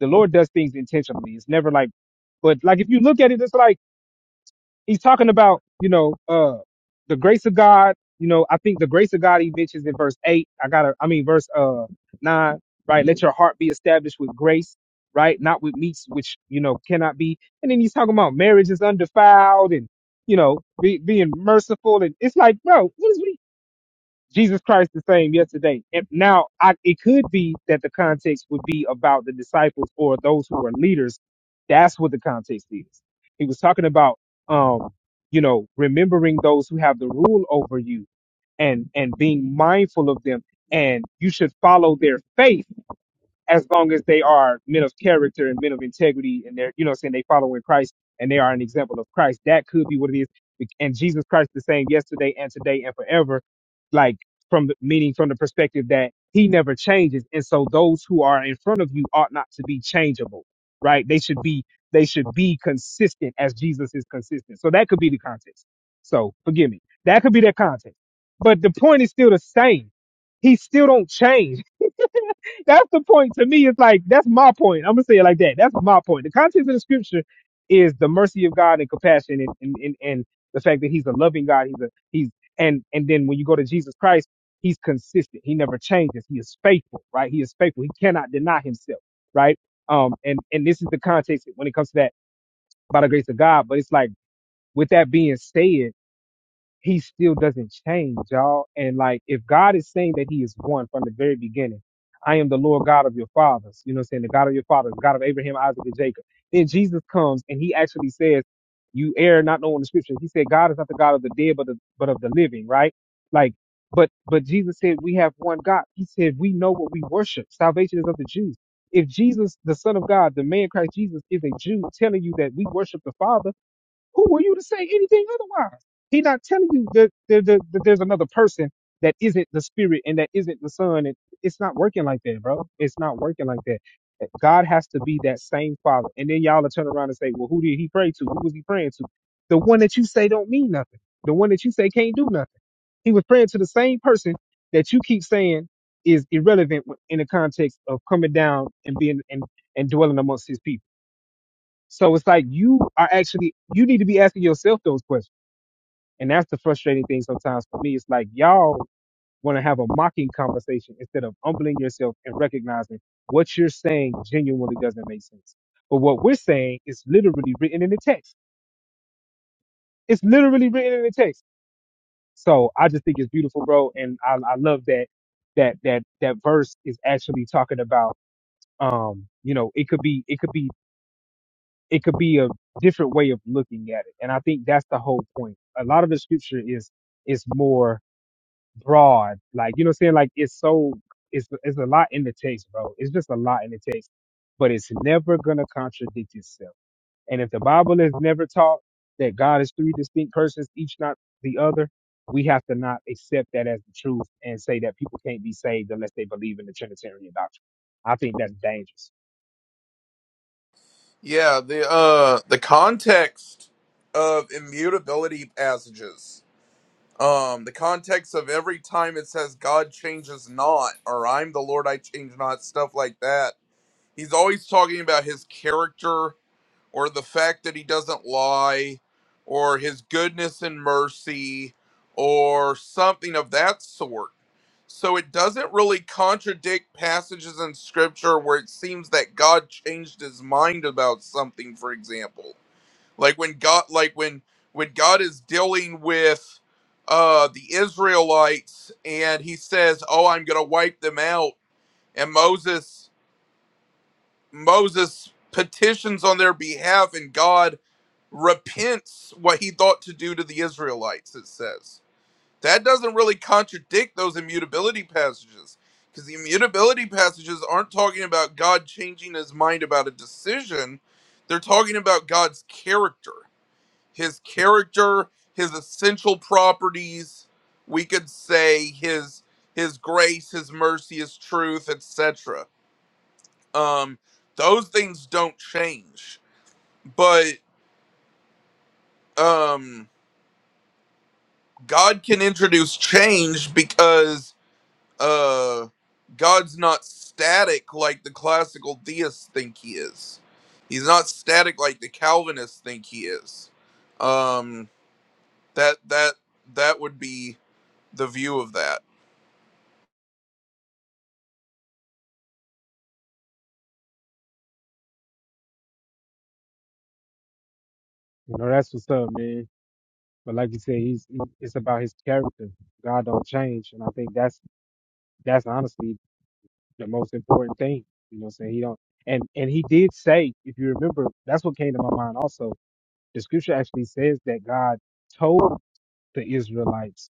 [SPEAKER 1] the Lord does things intentionally. It's never like, but like if you look at it, it's like he's talking about you know uh the grace of God. You know, I think the grace of God he mentions in verse eight. I gotta, I mean verse uh nine, right? Let your heart be established with grace, right? Not with meats, which you know cannot be. And then he's talking about marriage is undefiled and you know be, being merciful. And it's like, bro, what is we? Jesus Christ the same yesterday. And now I, it could be that the context would be about the disciples or those who are leaders. That's what the context is. He was talking about, um, you know, remembering those who have the rule over you and, and being mindful of them. And you should follow their faith as long as they are men of character and men of integrity and they're, you know, what I'm saying they follow in Christ and they are an example of Christ. That could be what it is. And Jesus Christ the same yesterday and today and forever, like from the, meaning from the perspective that he never changes. And so those who are in front of you ought not to be changeable, right? They should be, they should be consistent as Jesus is consistent. So that could be the context. So forgive me. That could be their context. But the point is still the same. He still don't change that's the point to me. It's like that's my point. I'm gonna say it like that. That's my point. The context of the scripture is the mercy of God and compassion, and and and, and the fact that He's a loving God. He's a He's and and then when you go to Jesus Christ, He's consistent. He never changes. He is faithful, right? He is faithful. He cannot deny Himself, right? Um, and and this is the context when it comes to that by the grace of God. But it's like with that being said he still doesn't change, y'all. And like, if God is saying that he is one from the very beginning, I am the Lord God of your fathers, you know what I'm saying? The God of your fathers, the God of Abraham, Isaac, and Jacob. Then Jesus comes and he actually says, you err not knowing the scriptures. He said, God is not the God of the dead, but, the, but of the living, right? Like, but, but Jesus said, we have one God. He said, we know what we worship. Salvation is of the Jews. If Jesus, the son of God, the man Christ Jesus is a Jew telling you that we worship the father, who are you to say anything otherwise? He's not telling you that, that, that, that there's another person that isn't the spirit and that isn't the son. And it's not working like that, bro. It's not working like that. Eh, God has to be that same father. And then y'all will turn around and say, well, who did he pray to? Who was he praying to? The one that you say don't mean nothing. The one that you say can't do nothing. He was praying to the same person that you keep saying is irrelevant in the context of coming down and being and, and dwelling amongst his people. So it's like you are actually you need to be asking yourself those questions. And that's the frustrating thing sometimes for me. It's like y'all want to have a mocking conversation instead of humbling yourself and recognizing what you're saying genuinely doesn't make sense. But what we're saying is literally written in the text. It's literally written in the text. So I just think it's beautiful, bro. And I, I love that that that that verse is actually talking about um, you know, it could be it could be it could be a different way of looking at it. And I think that's the whole point. A lot of the scripture is is more broad. Like, you know what I'm saying? Like it's so it's it's a lot in the text, bro. It's just a lot in the text. But it's never gonna contradict itself. And if the Bible is never taught that God is three distinct persons, each not the other, we have to not accept that as the truth and say that people can't be saved unless they believe in the Trinitarian doctrine. I think that's dangerous.
[SPEAKER 7] Yeah, the uh the context of immutability passages. Um the context of every time it says God changes not or I'm the Lord I change not stuff like that. He's always talking about his character or the fact that he doesn't lie or his goodness and mercy or something of that sort. So it doesn't really contradict passages in scripture where it seems that God changed his mind about something, for example. Like when God like when when God is dealing with uh the Israelites and he says, "Oh, I'm going to wipe them out." And Moses Moses petitions on their behalf, and God repents what he thought to do to the Israelites, it says. That doesn't really contradict those immutability passages, because the immutability passages aren't talking about God changing his mind about a decision. They're talking about God's character, his character, his essential properties, we could say his his grace, his mercy, his truth, etc um those things don't change but um god can introduce change because uh god's not static like the classical deists think he is he's not static like the calvinists think he is um that that that would be the view of that
[SPEAKER 1] You know, that's what's up, man. But like you said, he's he- it's about his character. God don't change, and I think that's that's honestly the most important thing. You know, what I'm saying he don't, and and he did say, if you remember, that's what came to my mind. Also, the scripture actually says that God told the Israelites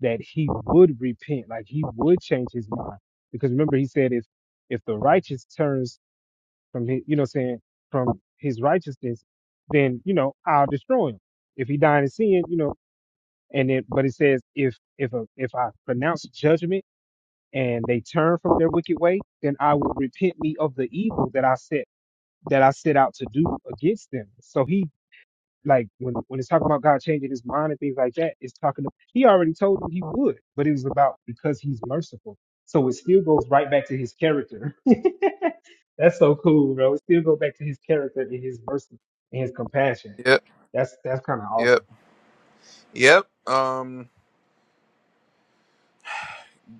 [SPEAKER 1] that He would repent, like He would change His mind, because remember He said, if if the righteous turns from his, you know, what I'm saying from his righteousness, then you know I'll destroy him. If he died in sin, you know, and it, but it says, if if a, if I pronounce judgment and they turn from their wicked way, then I will repent me of the evil that I set that I set out to do against them. So he like when when it's talking about God changing his mind and things like that, it's talking. He already told him he would, but it was about because he's merciful. So it still goes right back to his character. That's so cool, bro. It still goes back to his character and his mercy and his compassion.
[SPEAKER 7] yep
[SPEAKER 1] That's that's kind of
[SPEAKER 7] yep
[SPEAKER 1] awesome.
[SPEAKER 7] yep um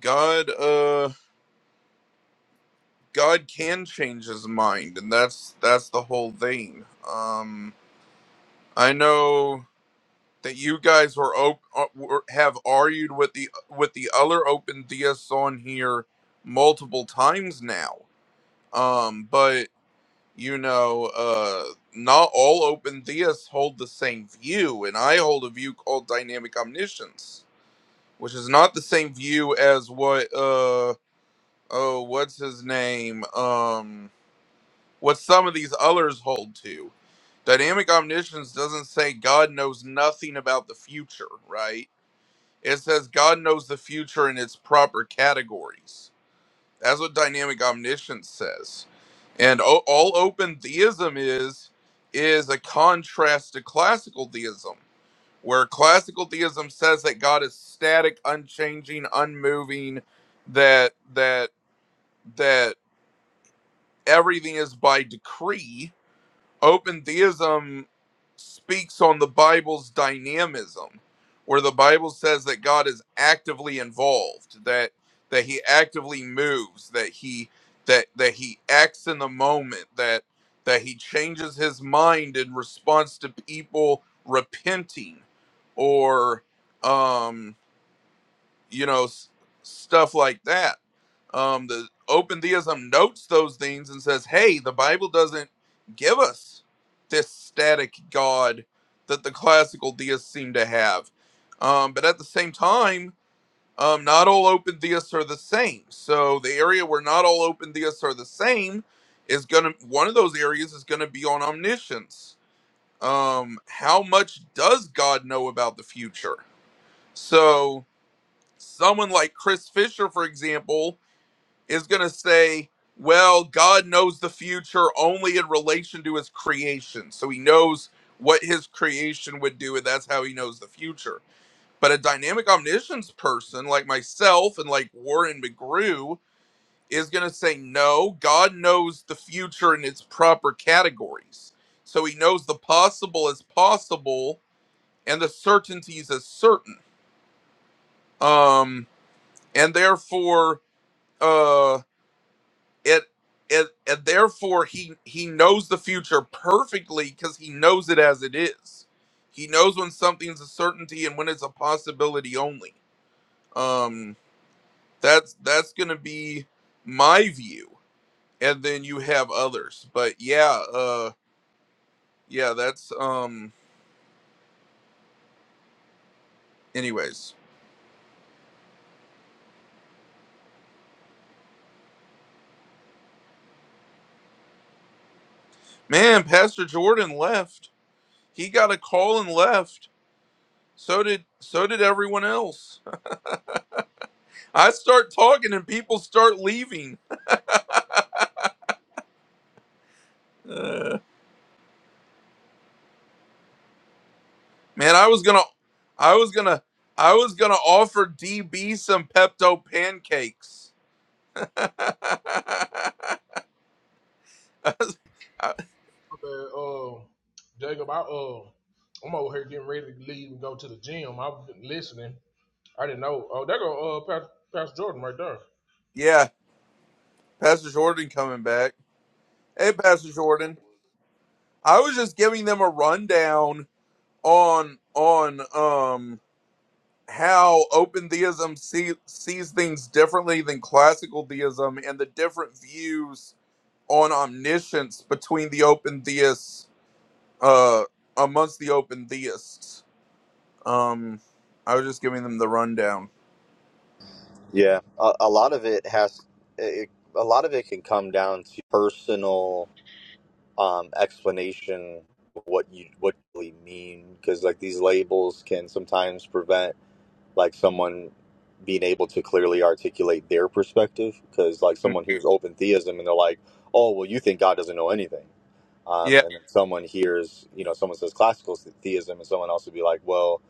[SPEAKER 7] god uh god can change his mind and that's that's the whole thing um I know that you guys were, op- uh, were have argued with the with the other open DS on here multiple times now. Um, but you know, uh, not all open theists hold the same view, and I hold a view called dynamic omniscience, which is not the same view as what uh oh what's his name um what some of these others hold to. Dynamic omniscience doesn't say God knows nothing about the future, right? It says God knows the future in its proper categories. That's what dynamic omniscience says. And o- all open theism is is a contrast to classical theism, where classical theism says that God is static, unchanging, unmoving, that that that everything is by decree, open theism speaks on the Bible's dynamism, where the Bible says that God is actively involved, that that He actively moves, that He that that He acts in the moment, that that He changes His mind in response to people repenting, or um you know s- stuff like that um the open theism notes those things and says hey the bible doesn't give us this static god that the classical deists seem to have um but at the same time um not all open theists are the same so the area where not all open theists are the same is gonna one of those areas is gonna be on omniscience um how much does god know about the future so someone like Chris Fisher, for example, is going to say, well, God knows the future only in relation to his creation. So he knows what his creation would do, and that's how he knows the future. But a dynamic omniscience person like myself and like Warren McGrew is going to say, no, God knows the future in its proper categories. So he knows the possible as possible and the certainties as certain. Um, and therefore, uh." it it and therefore he he knows the future perfectly because he knows it as it is he knows when something's a certainty and when it's a possibility only um that's that's gonna be my view and then you have others but yeah uh yeah that's um anyways man pastor jordan left he got a call and left so did so did everyone else i start talking and people start leaving Uh, Man, I was gonna, I was gonna, I was gonna offer DB some Pepto pancakes. I-
[SPEAKER 2] uh, uh, Jacob, I uh, I'm over here getting ready to leave and go to the gym. I've been listening. I didn't know. Oh, there go uh, Pastor, Jordan right there.
[SPEAKER 7] yeah, Pastor Jordan coming back. Hey, Pastor Jordan. I was just giving them a rundown on on um how open theism see, sees things differently than classical theism and the different views on omniscience between the open theists uh amongst the open theists. Um, I was just giving them the rundown.
[SPEAKER 8] Yeah, a, a lot of it has. It, a lot of it can come down to personal um, explanation of what you what you really mean because like these labels can sometimes prevent like someone being able to clearly articulate their perspective because like
[SPEAKER 7] Mm.
[SPEAKER 8] someone hears open theism and they're like oh well you think god doesn't know anything um,
[SPEAKER 7] Yeah,
[SPEAKER 8] and then someone hears you know someone says classical theism and someone else would be like well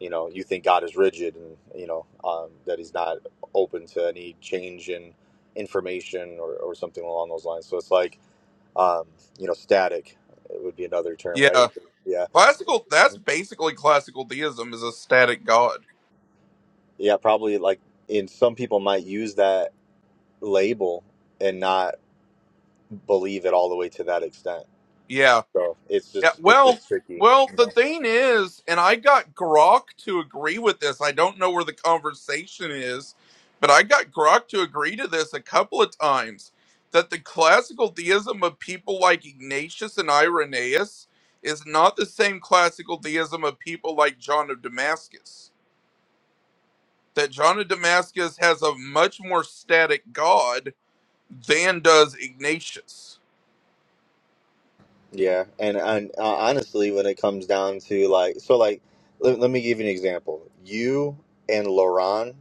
[SPEAKER 8] you know you think god is rigid and you know um, that he's not open to any change in information or, or something along those lines so it's like um, you know, static would be another term,
[SPEAKER 7] yeah.
[SPEAKER 8] right? Yeah,
[SPEAKER 7] Classical. That's basically classical deism is a static god.
[SPEAKER 8] yeah, probably like in some people might use that label and not believe it all the way to that extent.
[SPEAKER 7] Yeah,
[SPEAKER 8] So it's
[SPEAKER 7] yeah.
[SPEAKER 8] just it's
[SPEAKER 7] Well,
[SPEAKER 8] just tricky,
[SPEAKER 7] well.
[SPEAKER 8] you
[SPEAKER 7] The
[SPEAKER 8] know.
[SPEAKER 7] thing is, and I got Grok to agree with this. I don't know where the conversation is, but I got Grok to agree to this a couple of times. That the classical deism of people like Ignatius and Irenaeus is not the same classical deism of people like John of Damascus. that John of Damascus has a much more static God than does Ignatius.
[SPEAKER 8] Yeah, and and uh, honestly, when it comes down to like, so like, let, let me give you an example. You and Laurent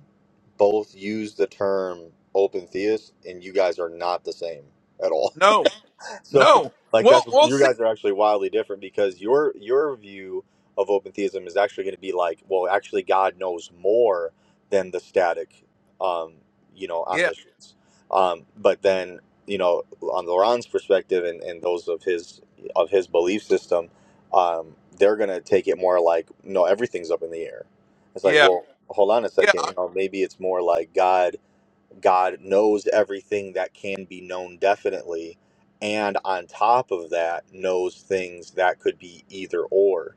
[SPEAKER 8] both use the term open theist, and you guys are not the same at all.
[SPEAKER 7] No,
[SPEAKER 8] so
[SPEAKER 7] no.
[SPEAKER 8] like that's
[SPEAKER 7] Well, we'll
[SPEAKER 8] you
[SPEAKER 7] see.
[SPEAKER 8] guys are actually wildly different because your your view of open theism is actually going to be like well actually god knows more than the static um you know
[SPEAKER 7] Yeah,
[SPEAKER 8] omniscience um but then you know on laurent's perspective and, and those of his of his belief system um they're going to take it more like no everything's up in the air it's like
[SPEAKER 7] yeah,
[SPEAKER 8] well hold on a
[SPEAKER 7] yeah,
[SPEAKER 8] second you know maybe it's more like god God knows everything that can be known definitely, and on top of that, knows things that could be either or.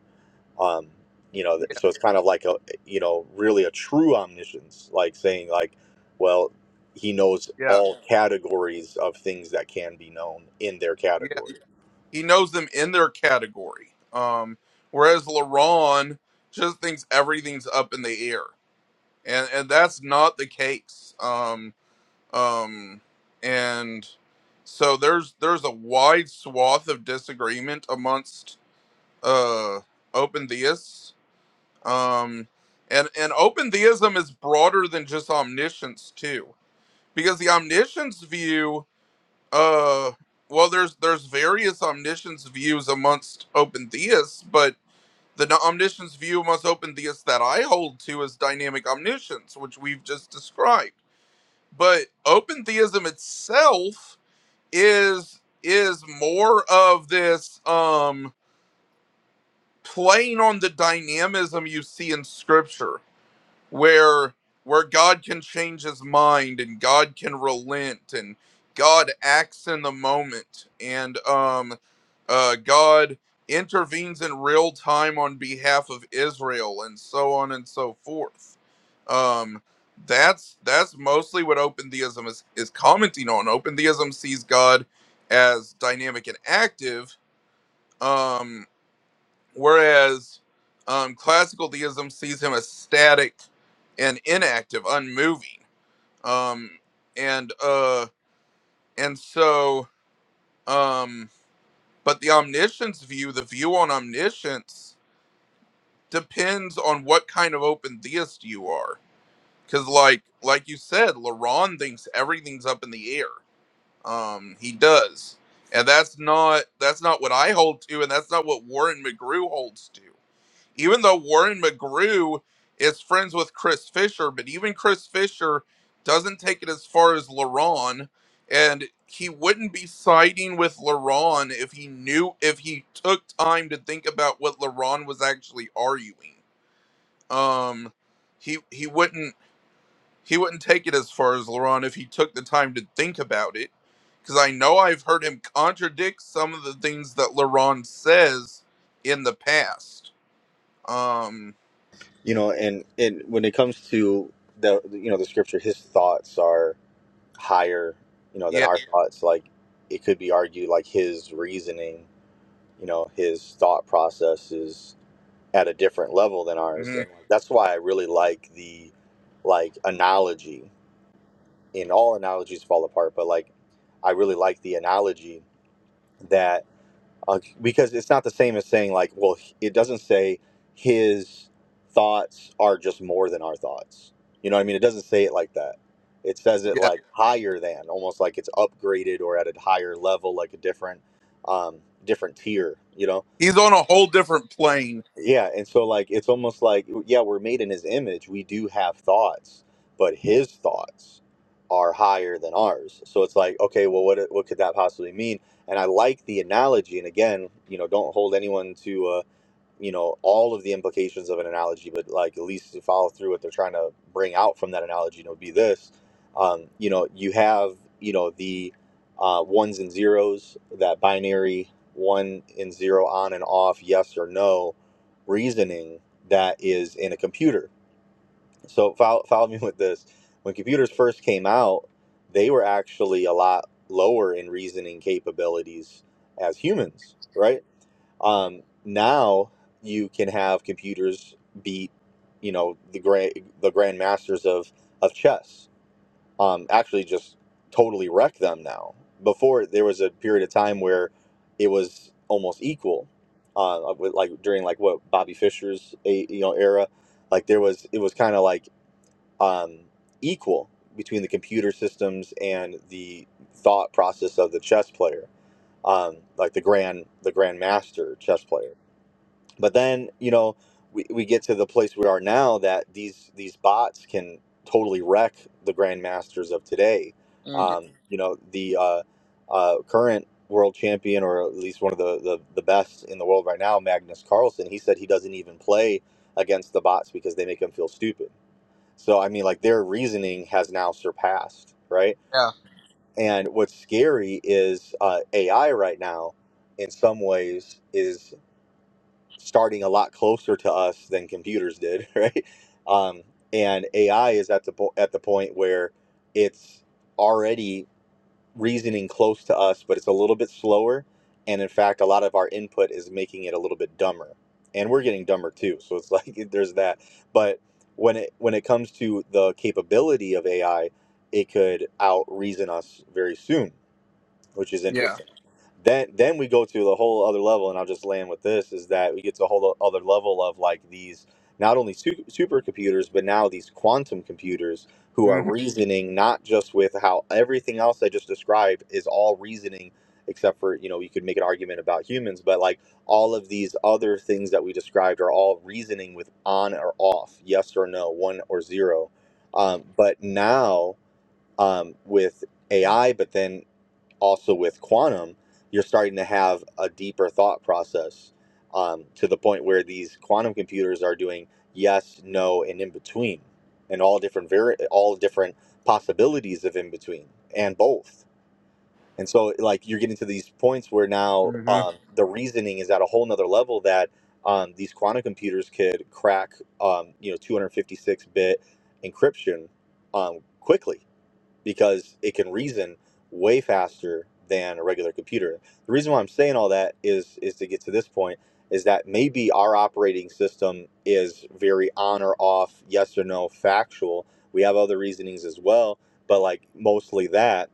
[SPEAKER 8] Um, you know, th-
[SPEAKER 7] yeah,
[SPEAKER 8] so it's kind of like a, you know, really a true omniscience, like saying like, well, he knows
[SPEAKER 7] yeah,
[SPEAKER 8] all categories of things that can be known in their
[SPEAKER 7] yeah.
[SPEAKER 8] category.
[SPEAKER 7] He knows them in their category. Um, whereas LaRon just thinks everything's up in the air, and and that's not the case. Um, um, and so there's there's a wide swath of disagreement amongst uh open theists um and and open theism is broader than just omniscience too because the omniscience view uh well there's there's various omniscience views amongst open theists but the no- omniscience view amongst open theists that i hold to is dynamic omniscience which we've just described but open theism itself is is more of this um playing on the dynamism you see in scripture where where God can change his mind and God can relent and God acts in the moment and um uh God intervenes in real time on behalf of Israel and so on and so forth. Um that's that's mostly what open theism is, is commenting on. Open theism sees God as dynamic and active. Um whereas um, classical deism sees him as static and inactive, unmoving. Um, and uh, and so, um, but the omniscience view, the view on omniscience, depends on what kind of open theist you are. Because, like like you said, Laron thinks everything's up in the air. Um, he does, and that's not that's not what I hold to, and that's not what Warren McGrew holds to. even though Warren McGrew is friends with Chris Fisher, but even Chris Fisher doesn't take it as far as LaRon, and he wouldn't be siding with LaRon if he knew if he took time to think about what LaRon was actually arguing. Um, he he wouldn't he wouldn't take it as far as LaRon if he took the time to think about it, because I know I've heard him contradict some of the things that LaRon says in the past. Um,
[SPEAKER 8] You know, and and when it comes to the, you know, the scripture, his thoughts are higher, you know,
[SPEAKER 7] yeah,
[SPEAKER 8] than our thoughts. Like it could be argued like his reasoning you know his thought process is at a different level than ours
[SPEAKER 7] hmm
[SPEAKER 8] and that's why i really like the like analogy and all analogies fall apart but like i really like the analogy that uh, because it's not the same as saying like well it doesn't say his thoughts are just more than our thoughts you know what i mean it doesn't say it like that it says it
[SPEAKER 7] Yeah,
[SPEAKER 8] like higher than almost like it's upgraded or at a higher level like a different um different tier you know
[SPEAKER 7] he's on a whole different plane.
[SPEAKER 8] Yeah, and so like it's almost like yeah, we're made in his image. We do have thoughts, but his thoughts are higher than ours. So it's like, okay, well what what could that possibly mean? And I like the analogy and again, you know, don't hold anyone to you know all of the implications of an analogy but like at least to follow through what they're trying to bring out from that analogy you know, would be this um, you know you have you know the uh, ones and zeros that binary one and zero on and off yes or no reasoning that is in a computer so follow, follow me with this when computers first came out they were actually a lot lower in reasoning capabilities as humans right um, now you can have computers beat, you know, the grand the grand masters of of chess. Um, actually, just totally wreck them now. Before there was a period of time where it was almost equal. Uh, with like during like what Bobby Fischer's a- you know era, like there was it was kind of like um, equal between the computer systems and the thought process of the chess player, um, like the grand the grand master chess player but then you know we, we get to the place we are now that these these bots can totally wreck the grandmasters of today
[SPEAKER 7] hmm
[SPEAKER 8] um, you know the uh, uh, current world champion or at least one of the, the the best in the world right now magnus carlsen he said he doesn't even play against the bots because they make him feel stupid so i mean like their reasoning has now surpassed right
[SPEAKER 7] Yeah,
[SPEAKER 8] and what's scary is uh, ai right now in some ways is starting a lot closer to us than computers did, right? Um, and AI is at the po- at the point where it's already reasoning close to us, but it's a little bit slower. And in fact, a lot of our input is making it a little bit dumber, and we're getting dumber too. So it's like there's that. But when it when it comes to the capability of AI, it could out reason us very soon which is
[SPEAKER 7] yeah,
[SPEAKER 8] interesting. Then then we go to the whole other level, and I'll just land with this: is that we get to a whole other level of like these not only su- supercomputers, but now these quantum computers who are
[SPEAKER 7] hmm
[SPEAKER 8] reasoning not just with how everything else I just described is all reasoning, except for you know you could make an argument about humans, but like all of these other things that we described are all reasoning with on or off, yes or no, one or zero. Um, but now um, with AI, but then also with quantum, you're starting to have a deeper thought process um, to the point where these quantum computers are doing yes, no, and in between, and all different vari- all different possibilities of in between and both. And so, like, you're getting to these points where now
[SPEAKER 7] hmm
[SPEAKER 8] um, the reasoning is at a whole nother level that um, these quantum computers could crack, um, you know, 256 bit encryption um, quickly because it can reason way faster than a regular computer. The reason why I'm saying all that is is to get to this point is that maybe our operating system is very on or off, yes or no, factual. We have other reasonings as well, but like mostly that.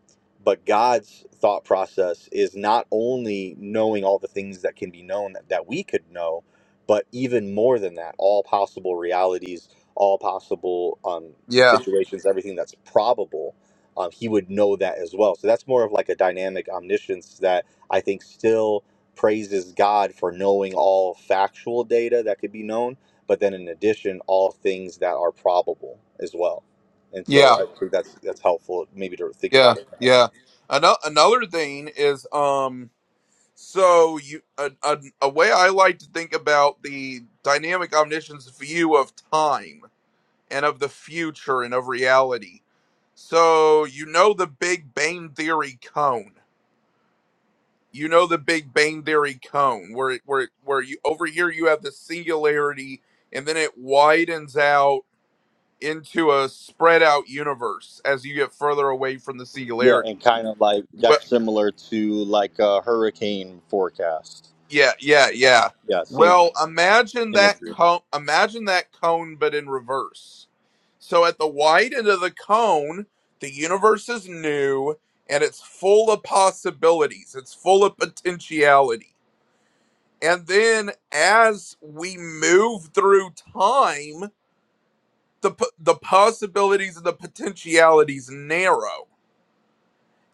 [SPEAKER 8] But God's thought process is not only knowing all the things that can be known that, that we could know, but even more than that, all possible realities, all possible um,
[SPEAKER 7] yeah,
[SPEAKER 8] situations, everything that's probable um, he would know that as well. So that's more of like a dynamic omniscience that I think still praises God for knowing all factual data that could be known, but then in addition, all things that are probable as well. And so
[SPEAKER 7] yeah,
[SPEAKER 8] I think that's that's helpful, maybe to think
[SPEAKER 7] yeah,
[SPEAKER 8] about it that way.
[SPEAKER 7] yeah. Ano- another thing is, um, so you a, a, a way I like to think about the dynamic omniscience view of time and of the future and of reality. So you know the Big Bang theory cone. you know the Big Bang Theory cone where it, where it, where you over here you have the singularity and then it widens out into a spread out universe as you get further away from the
[SPEAKER 8] Yeah, and
[SPEAKER 7] singularity.
[SPEAKER 8] kind of like
[SPEAKER 7] Well,
[SPEAKER 8] that's similar to like a hurricane forecast.
[SPEAKER 7] yeah, yeah, yeah.
[SPEAKER 8] Yeah, same kind
[SPEAKER 7] Well,
[SPEAKER 8] of
[SPEAKER 7] imagine that
[SPEAKER 8] imagery.
[SPEAKER 7] cone. Imagine that cone, but in reverse. So at the wide end of the cone, the universe is new and it's full of possibilities. It's full of potentiality and then as we move through time the p- the possibilities and the potentialities narrow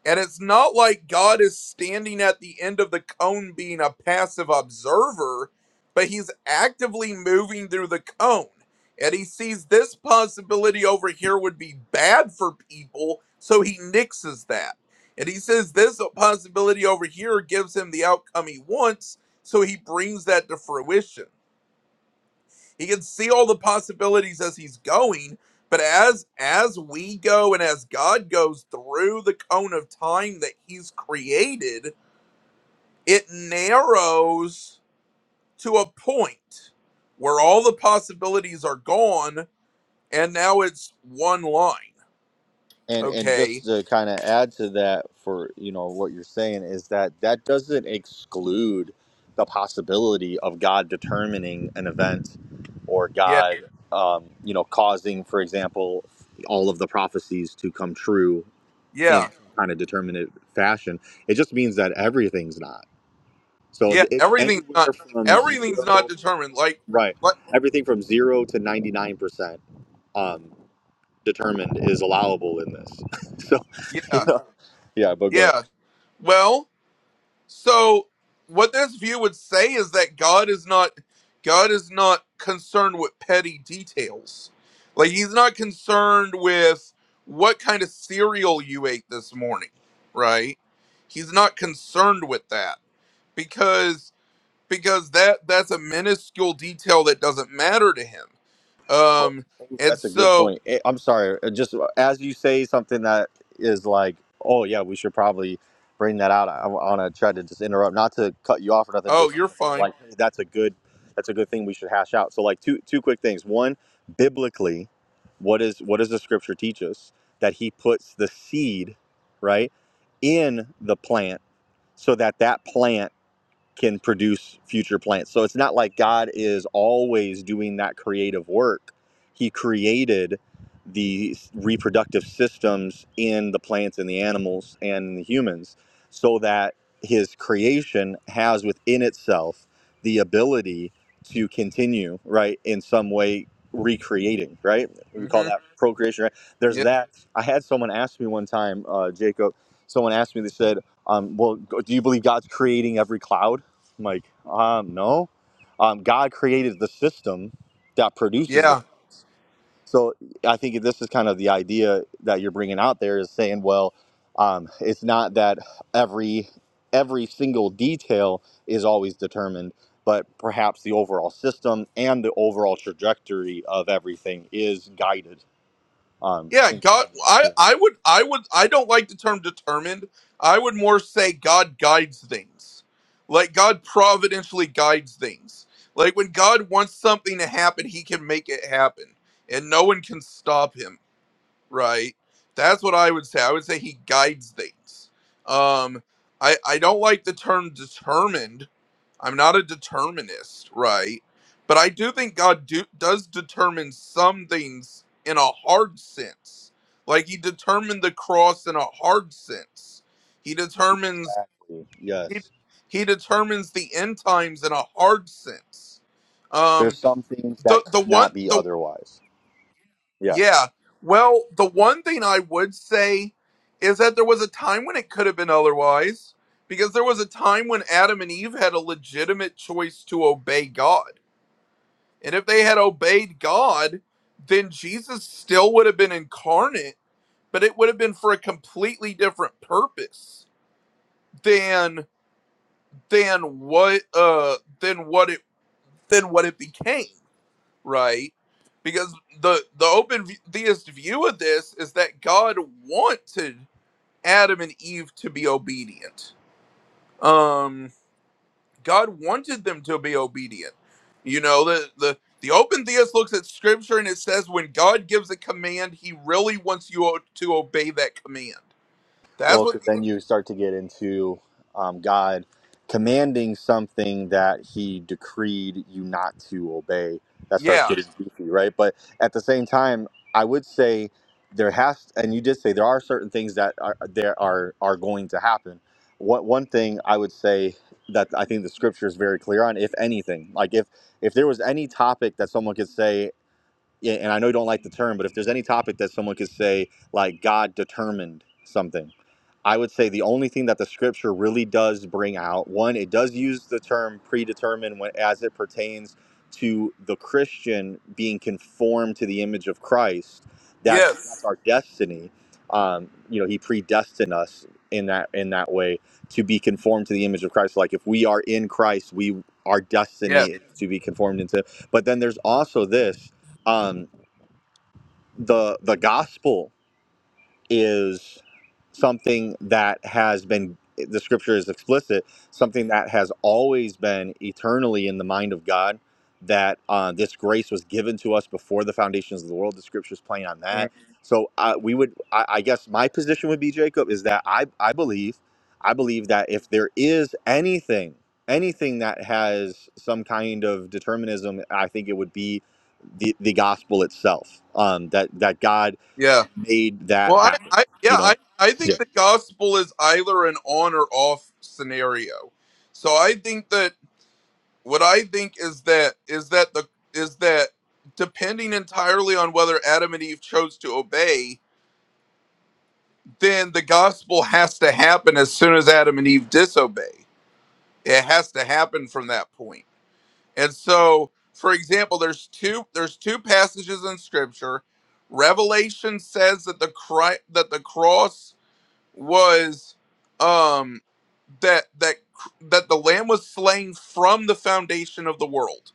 [SPEAKER 7] and it's not like god is standing at the end of the cone being a passive observer but he's actively moving through the cone and he sees this possibility over here would be bad for people so he nixes that and he says this possibility over here gives him the outcome he wants so he brings that to fruition He can see all the possibilities as he's going, but as as we go and as God goes through the cone of time that he's created, it narrows to a point where all the possibilities are gone and now it's one line.
[SPEAKER 8] and and just
[SPEAKER 7] Okay.
[SPEAKER 8] to kind of add to that for you know what you're saying is that that doesn't exclude the possibility of god determining an event or
[SPEAKER 7] Yeah.
[SPEAKER 8] god um, you know causing for example all of the prophecies to come true in
[SPEAKER 7] Yeah.
[SPEAKER 8] kind of determinate fashion it just means that everything's not so
[SPEAKER 7] Yeah,
[SPEAKER 8] it,
[SPEAKER 7] everything's
[SPEAKER 8] anywhere
[SPEAKER 7] not
[SPEAKER 8] from
[SPEAKER 7] everything's not
[SPEAKER 8] zero
[SPEAKER 7] determined like
[SPEAKER 8] right
[SPEAKER 7] like
[SPEAKER 8] everything from zero to 99% determined is allowable in this. so, you
[SPEAKER 7] yeah.
[SPEAKER 8] know, yeah, but go ahead.
[SPEAKER 7] Yeah. Well, So what this view would say is that God is not God is not concerned with petty details. Like he's not concerned with what kind of cereal you ate this morning, right? He's not concerned with that because because that that's a minuscule detail that doesn't matter to him.
[SPEAKER 8] Well,
[SPEAKER 7] Um and
[SPEAKER 8] that's a good
[SPEAKER 7] so
[SPEAKER 8] point. Eh, I'm sorry. uh, Just uh, as you say something that is like, oh, yeah, we should probably bring that out. I want to try to just interrupt, not to cut you off or nothing,
[SPEAKER 7] oh,
[SPEAKER 8] just
[SPEAKER 7] you're
[SPEAKER 8] kind of saying
[SPEAKER 7] fine.
[SPEAKER 8] like, hey, that's a good. That's a good thing we should hash out. So, like two two quick things. One, biblically, what is what does the scripture teach us? That he puts the seed, right, in the plant, so that that plant can produce future plants. So it's not like God is always doing that creative work. He created the reproductive systems in the plants and the animals and in the humans so that his creation has within itself the ability to continue, right, in some way recreating, right? We call
[SPEAKER 7] Mhm.
[SPEAKER 8] that procreation, right? There's
[SPEAKER 7] Yeah.
[SPEAKER 8] that. I had someone ask me one time, uh, Jacob, someone asked me, they said, um, well, do you believe God's creating every cloud? I'm like, um, no. Um, God created the system that produces
[SPEAKER 7] Yeah.
[SPEAKER 8] the clouds. So I think this is kind of the idea that you're bringing out there is saying, well, um, it's not that every every single detail is always determined, but perhaps the overall system and the overall trajectory of everything is guided. Um,
[SPEAKER 7] Yeah,
[SPEAKER 8] in some
[SPEAKER 7] God,
[SPEAKER 8] way.
[SPEAKER 7] I,
[SPEAKER 8] Yeah.
[SPEAKER 7] I would, I would, I don't like the term determined. I would more say God guides things. Like God providentially guides things. Like when God wants something to happen, he can make it happen and no one can stop him, right? That's what I would say. I would say he guides things. Um, I, I don't like the term determined I'm not a determinist, right? But I do think God do, does determine some things in a hard sense. Like he determined the cross in a hard sense. He determines
[SPEAKER 8] Exactly.
[SPEAKER 7] he,
[SPEAKER 8] Yes.
[SPEAKER 7] he determines the end times in a hard sense.
[SPEAKER 8] There's
[SPEAKER 7] Um
[SPEAKER 8] some things that
[SPEAKER 7] the the
[SPEAKER 8] could
[SPEAKER 7] one
[SPEAKER 8] not be
[SPEAKER 7] the
[SPEAKER 8] otherwise. Yeah.
[SPEAKER 7] yeah, well, the one thing I would say is that there was a time when it could have been otherwise because there was a time when Adam and Eve had a legitimate choice to obey God And if they had obeyed God, then Jesus still would have been incarnate, but it would have been for a completely different purpose than than what uh than what it than what it became, right? Because the the open theist view of this is that God wanted Adam and Eve to be obedient. Um God wanted them to be obedient. You know, the the the open theist looks at scripture and it says when God gives a command, he really wants you o- to obey that command. That's
[SPEAKER 8] Well, because
[SPEAKER 7] what the,
[SPEAKER 8] then you start to get into um, God commanding something that He decreed you not to obey. That starts
[SPEAKER 7] yeah.
[SPEAKER 8] getting goofy, right? But at the same time, I would say there has, and you did say there are certain things that are there are are going to happen. What one thing I would say that I think the Scripture is very clear on, if anything, like if if there was any topic that someone could say yeah, and I know you don't like the term, but if there's any topic that someone could say, like God determined something, I would say the only thing that the scripture really does bring out one, it does use the term predetermined when, as it pertains to the Christian being conformed to the image of Christ. That's that's
[SPEAKER 7] Yes.
[SPEAKER 8] our destiny. Um, you know, He predestined us in that in that way to be conformed to the image of Christ. Like if we are in Christ, we our destiny
[SPEAKER 7] Yes.
[SPEAKER 8] is to be conformed into. But then there's also this um, the the gospel is something that has been the scripture is explicit something that has always been eternally in the mind of god that uh, this grace was given to us before the foundations of the world the scripture is plain on
[SPEAKER 7] Mhm.
[SPEAKER 8] that so uh, we would I, I guess my position would be jacob is that i i believe i believe that if there is anything anything that has some kind of determinism i think it would be the, the gospel itself um, that that God
[SPEAKER 7] Yeah.
[SPEAKER 8] made that
[SPEAKER 7] Well, I,
[SPEAKER 8] happen.
[SPEAKER 7] I
[SPEAKER 8] You
[SPEAKER 7] yeah,
[SPEAKER 8] know.
[SPEAKER 7] I I think the gospel is either an on or off scenario. So I think that what I think is that is that the is that depending entirely on whether Adam and Eve chose to obey, then the gospel has to happen as soon as Adam and Eve disobey. It has to happen from that point. And so, for example, there's two there's two passages in scripture. Revelation says that the cri- that the cross was um that that that the lamb was slain from the foundation of the world.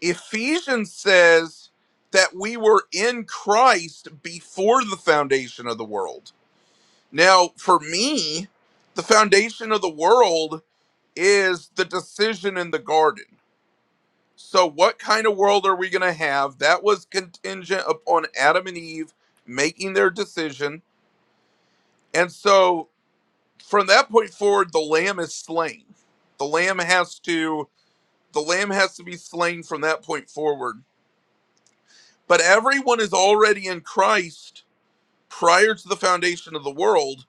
[SPEAKER 7] Ephesians says that we were in Christ before the foundation of the world Now, for me, the foundation of the world is the decision in the garden. So, what kind of world are we going to have? That was contingent upon Adam and Eve making their decision. And so, from that point forward, the lamb is slain. The lamb has to the lamb has to be slain from that point forward. But everyone is already in Christ prior to the foundation of the world.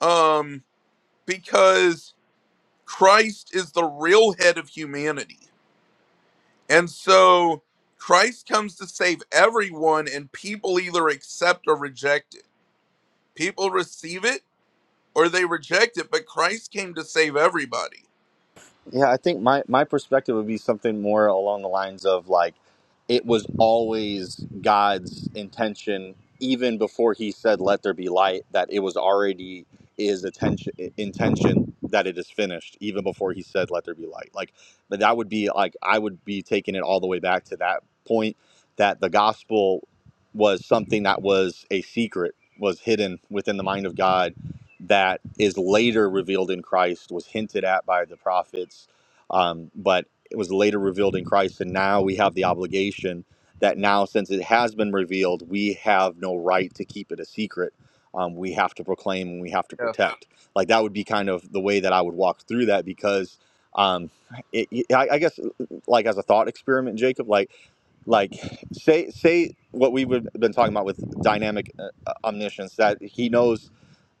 [SPEAKER 7] Um because Christ is the real head of humanity. And so Christ comes to save everyone, and people either accept or reject it. People receive it or they reject it, but Christ came to save everybody.
[SPEAKER 8] Yeah, I think my my perspective would be something more along the lines of like it was always God's intention even before he said let there be light that it was already his attention intention that it is finished even before he said let there be light. Like but that would be like I would be taking it all the way back to that point that the gospel was something that was a secret was hidden within the mind of God that is later revealed in Christ, was hinted at by the prophets, um, but it was later revealed in Christ. And now we have the obligation that now, since it has been revealed, we have no right to keep it a secret. Um, we have to proclaim and we have to
[SPEAKER 7] Yeah.
[SPEAKER 8] protect. Like that would be kind of the way that I would walk through that because. Um, it, it- I, I guess, like as a thought experiment, Jacob, like, like, say, say what we've been talking about with dynamic uh, omniscience, that he knows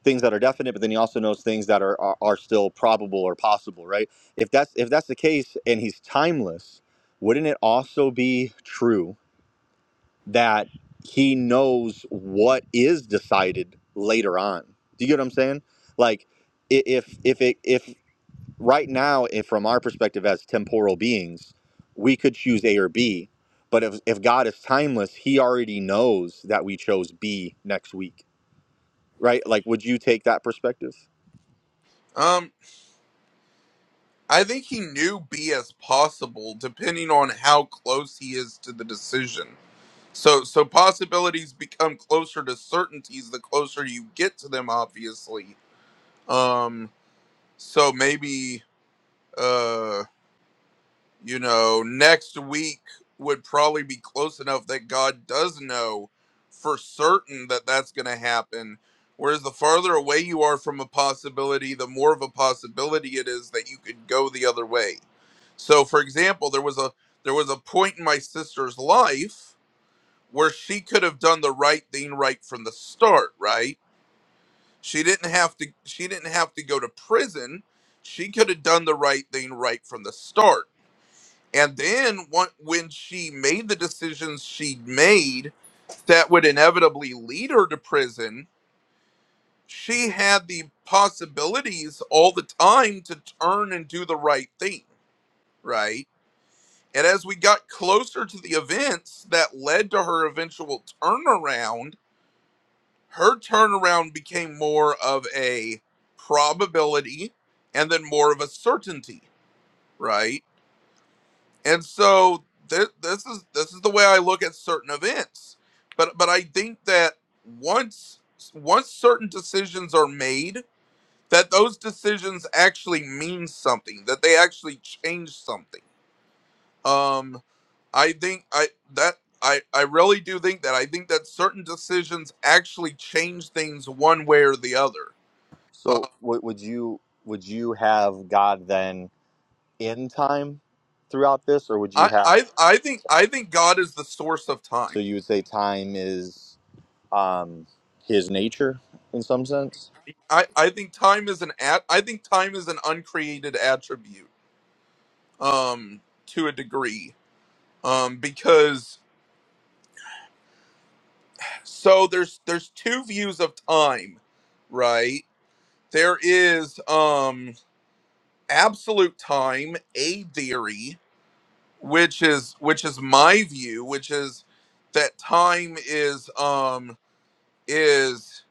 [SPEAKER 8] things that are definite, but then he also knows things that are, are are still probable or possible, right? If that's if that's the case, and he's timeless, wouldn't it also be true that he knows what is decided later on? Do you get what I'm saying? Like, i- if if it if right now, if from our perspective as temporal beings, we could choose A or B, but if if God is timeless, He already knows that we chose B next week, right? Like, would you take that perspective?
[SPEAKER 7] Um, I think he knew B as possible, depending on how close he is to the decision. So, so possibilities become closer to certainties the closer you get to them, obviously. Um, so maybe, uh, You know, next week would probably be close enough that God does know for certain that that's going to happen. Whereas the farther away you are from a possibility, the more of a possibility it is that you could go the other way. So, for example, there was a there was a point in my sister's life where she could have done the right thing right from the start, right? She didn't have to she didn't have to go to prison. She could have done the right thing right from the start and then one- when she made the decisions she made that would inevitably lead her to prison, she had the possibilities all the time to turn and do the right thing, right? And as we got closer to the events that led to her eventual turnaround, her turnaround became more of a probability and then more of a certainty, right? and so th- this is this is the way I look at certain events. But but I think that once once certain decisions are made, that those decisions actually mean something, that they actually change something. Um, I think I that I I really do think that I think that certain decisions actually change things one way or the other. Uh,
[SPEAKER 8] So would would you would you have God then in time throughout this, or would you
[SPEAKER 7] I
[SPEAKER 8] have
[SPEAKER 7] I I think I think God is the source of
[SPEAKER 8] so
[SPEAKER 7] time.
[SPEAKER 8] you would say time is um, His nature in some sense?
[SPEAKER 7] I, I think time is an at I think time is an uncreated attribute um to a degree um because so there's there's two views of time right there is um absolute time a theory which is which is my view which is that time is um is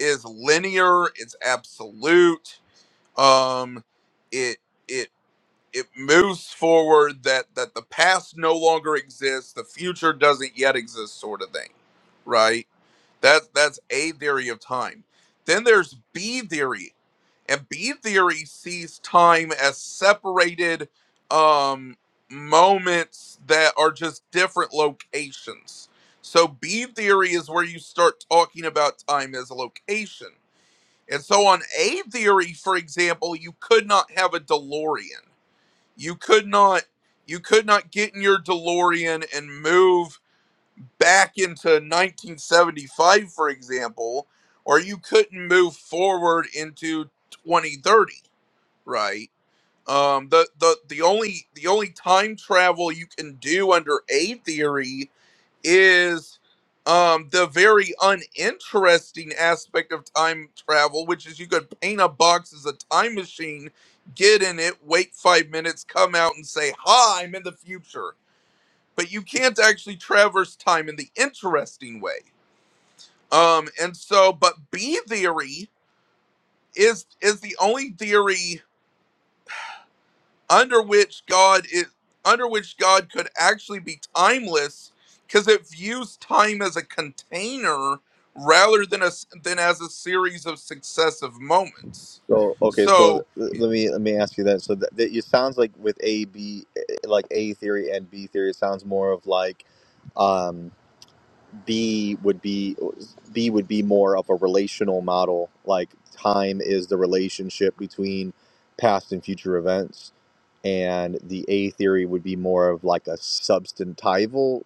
[SPEAKER 7] is linear it's absolute um it it it moves forward that that the past no longer exists the future doesn't yet exist sort of thing right That that's a theory of time then there's b theory and b theory sees time as separated um moments that are just different locations so b theory is where you start talking about time as a location and so on a theory for example you could not have a delorean you could not you could not get in your DeLorean and move back into 1975 for example or you couldn't move forward into 2030 right um the the the only the only time travel you can do under a theory is um, the very uninteresting aspect of time travel, which is you could paint a box as a time machine, get in it, wait five minutes, come out and say, Hi, I'm in the future. But you can't actually traverse time in the interesting way. Um, and so, but B theory is is the only theory under which God is under which God could actually be timeless because it views time as a container rather than a s- than as a series of successive moments.
[SPEAKER 8] So okay, so
[SPEAKER 7] So
[SPEAKER 8] th- let me let me ask you that. So that, that it sounds like with A B eh, like A theory and B theory, it sounds more of like um, B would be B would be more of a relational model. Like time is the relationship between past and future events, and the A theory would be more of like a substantival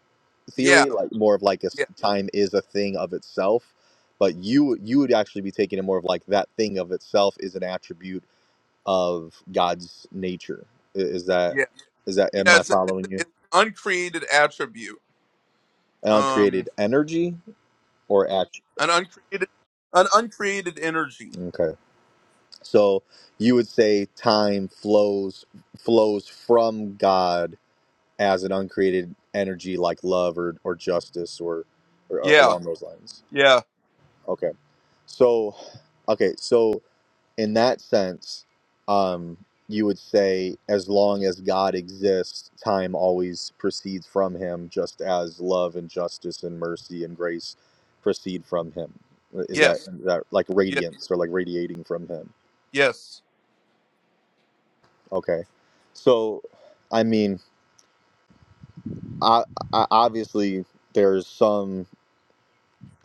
[SPEAKER 7] yeah,
[SPEAKER 8] theory, like more of like a s-
[SPEAKER 7] yeah,
[SPEAKER 8] time is a thing of itself. But you you would actually be taking it more of like that thing of itself is an attribute of God's nature. I- Is that
[SPEAKER 7] yeah,
[SPEAKER 8] is that am
[SPEAKER 7] yeah.
[SPEAKER 8] I
[SPEAKER 7] It's, it's,
[SPEAKER 8] following you?
[SPEAKER 7] it's an uncreated attribute,
[SPEAKER 8] And uncreated
[SPEAKER 7] um,
[SPEAKER 8] energy or action?
[SPEAKER 7] an uncreated, an uncreated energy.
[SPEAKER 8] Okay. So you would say time flows flows from God as an uncreated energy like love or, or justice or, or uh,
[SPEAKER 7] Yeah,
[SPEAKER 8] along those lines.
[SPEAKER 7] yeah,
[SPEAKER 8] Okay. So okay, so in that sense, um, you would say as long as God exists, time always proceeds from him just as love and justice and mercy and grace proceed from him. Is that
[SPEAKER 7] yes,
[SPEAKER 8] is that like
[SPEAKER 7] yeah,
[SPEAKER 8] radiance or like radiating from him?
[SPEAKER 7] yes.
[SPEAKER 8] Okay. So, I mean, I, I obviously there's some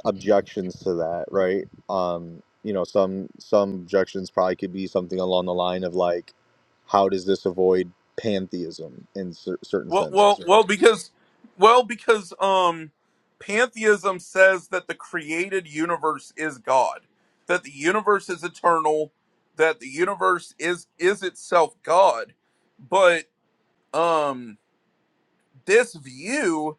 [SPEAKER 8] objections to that, right? Um, you know, some some objections probably could be something along the line of like, how does this avoid pantheism in cer- certain
[SPEAKER 7] Well,
[SPEAKER 8] senses,
[SPEAKER 7] well, well,
[SPEAKER 8] right?
[SPEAKER 7] because, well, because, um, pantheism says that the created universe is God, that the universe is eternal, that the universe is is itself God, but um, this view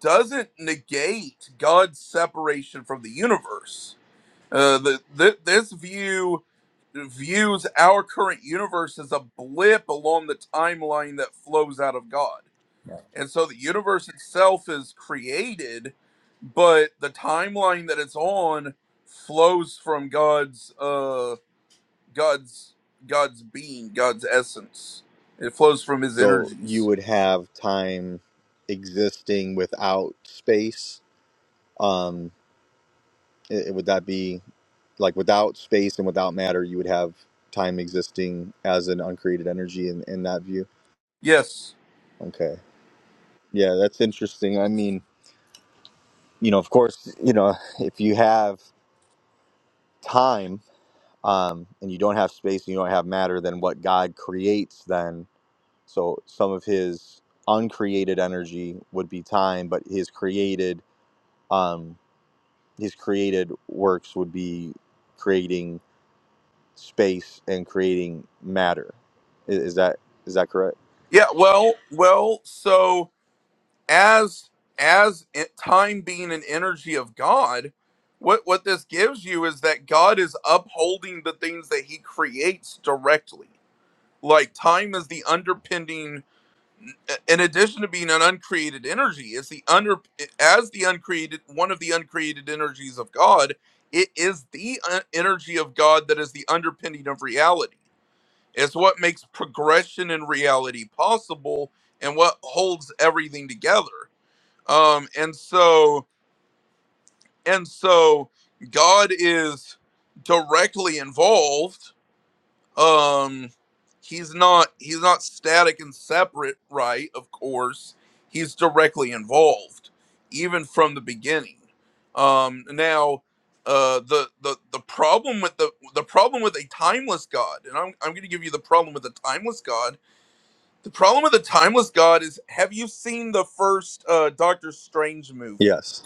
[SPEAKER 7] doesn't negate God's separation from the universe. Uh, the, the, this view views our current universe as a blip along the timeline that flows out of God and so the universe itself is created, but the timeline that it's on flows from God's uh God's God's being, God's essence. It flows from his
[SPEAKER 8] So you
[SPEAKER 7] energies.
[SPEAKER 8] would have time existing without space. Um, i would that be like without space and without matter, you would have time existing as an uncreated energy in, in that view?
[SPEAKER 7] Yes.
[SPEAKER 8] Okay. Yeah, that's interesting. I mean, you know, of course, you know, if you have time um, and you don't have space and you don't have matter, then what God creates, then so some of His uncreated energy would be time, but His created, um, His created works would be creating space and creating matter. I- Is that is that correct?
[SPEAKER 7] Yeah, well, well, so as as it, time being an energy of God, what what this gives you is that God is upholding the things that he creates directly. Like time is the underpinning in addition to being an uncreated energy it's the under as the uncreated one of the uncreated energies of god it is the uh, energy of god that is the underpinning of reality it's what makes progression in reality possible and what holds everything together um and so and so god is directly involved um he's not he's not static and separate right of course he's directly involved even from the beginning um now uh the the the problem with the the problem with a timeless god and i'm i'm going to give you the problem with a timeless god the problem with the timeless god is have you seen the first uh doctor strange movie
[SPEAKER 8] Yes.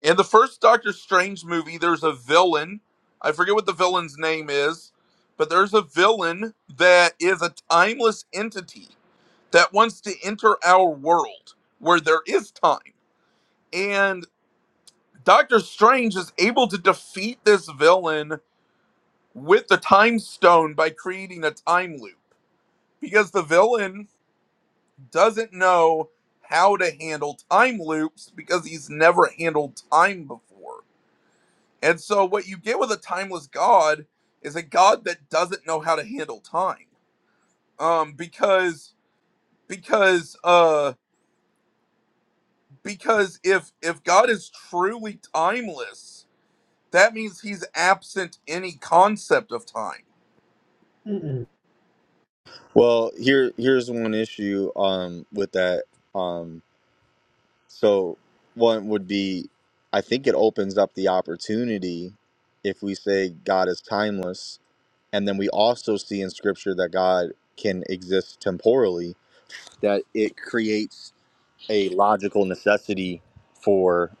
[SPEAKER 7] in the first Doctor Strange movie, there's a villain. I forget what the villain's name is, but there's a villain that is a timeless entity that wants to enter our world where there is time. And Doctor Strange is able to defeat this villain with the time stone by creating a time loop because the villain doesn't know how to handle time loops because he's never handled time before. And so what you get with a timeless God is a God that doesn't know how to handle time. Um because because uh because if if God is truly timeless, that means he's absent any concept of time.
[SPEAKER 1] Mm-mm.
[SPEAKER 8] Well, here here's one issue um, with that. Um, So one would be, I think it opens up the opportunity if we say God is timeless, and then we also see in Scripture that God can exist temporally, that it creates a logical necessity for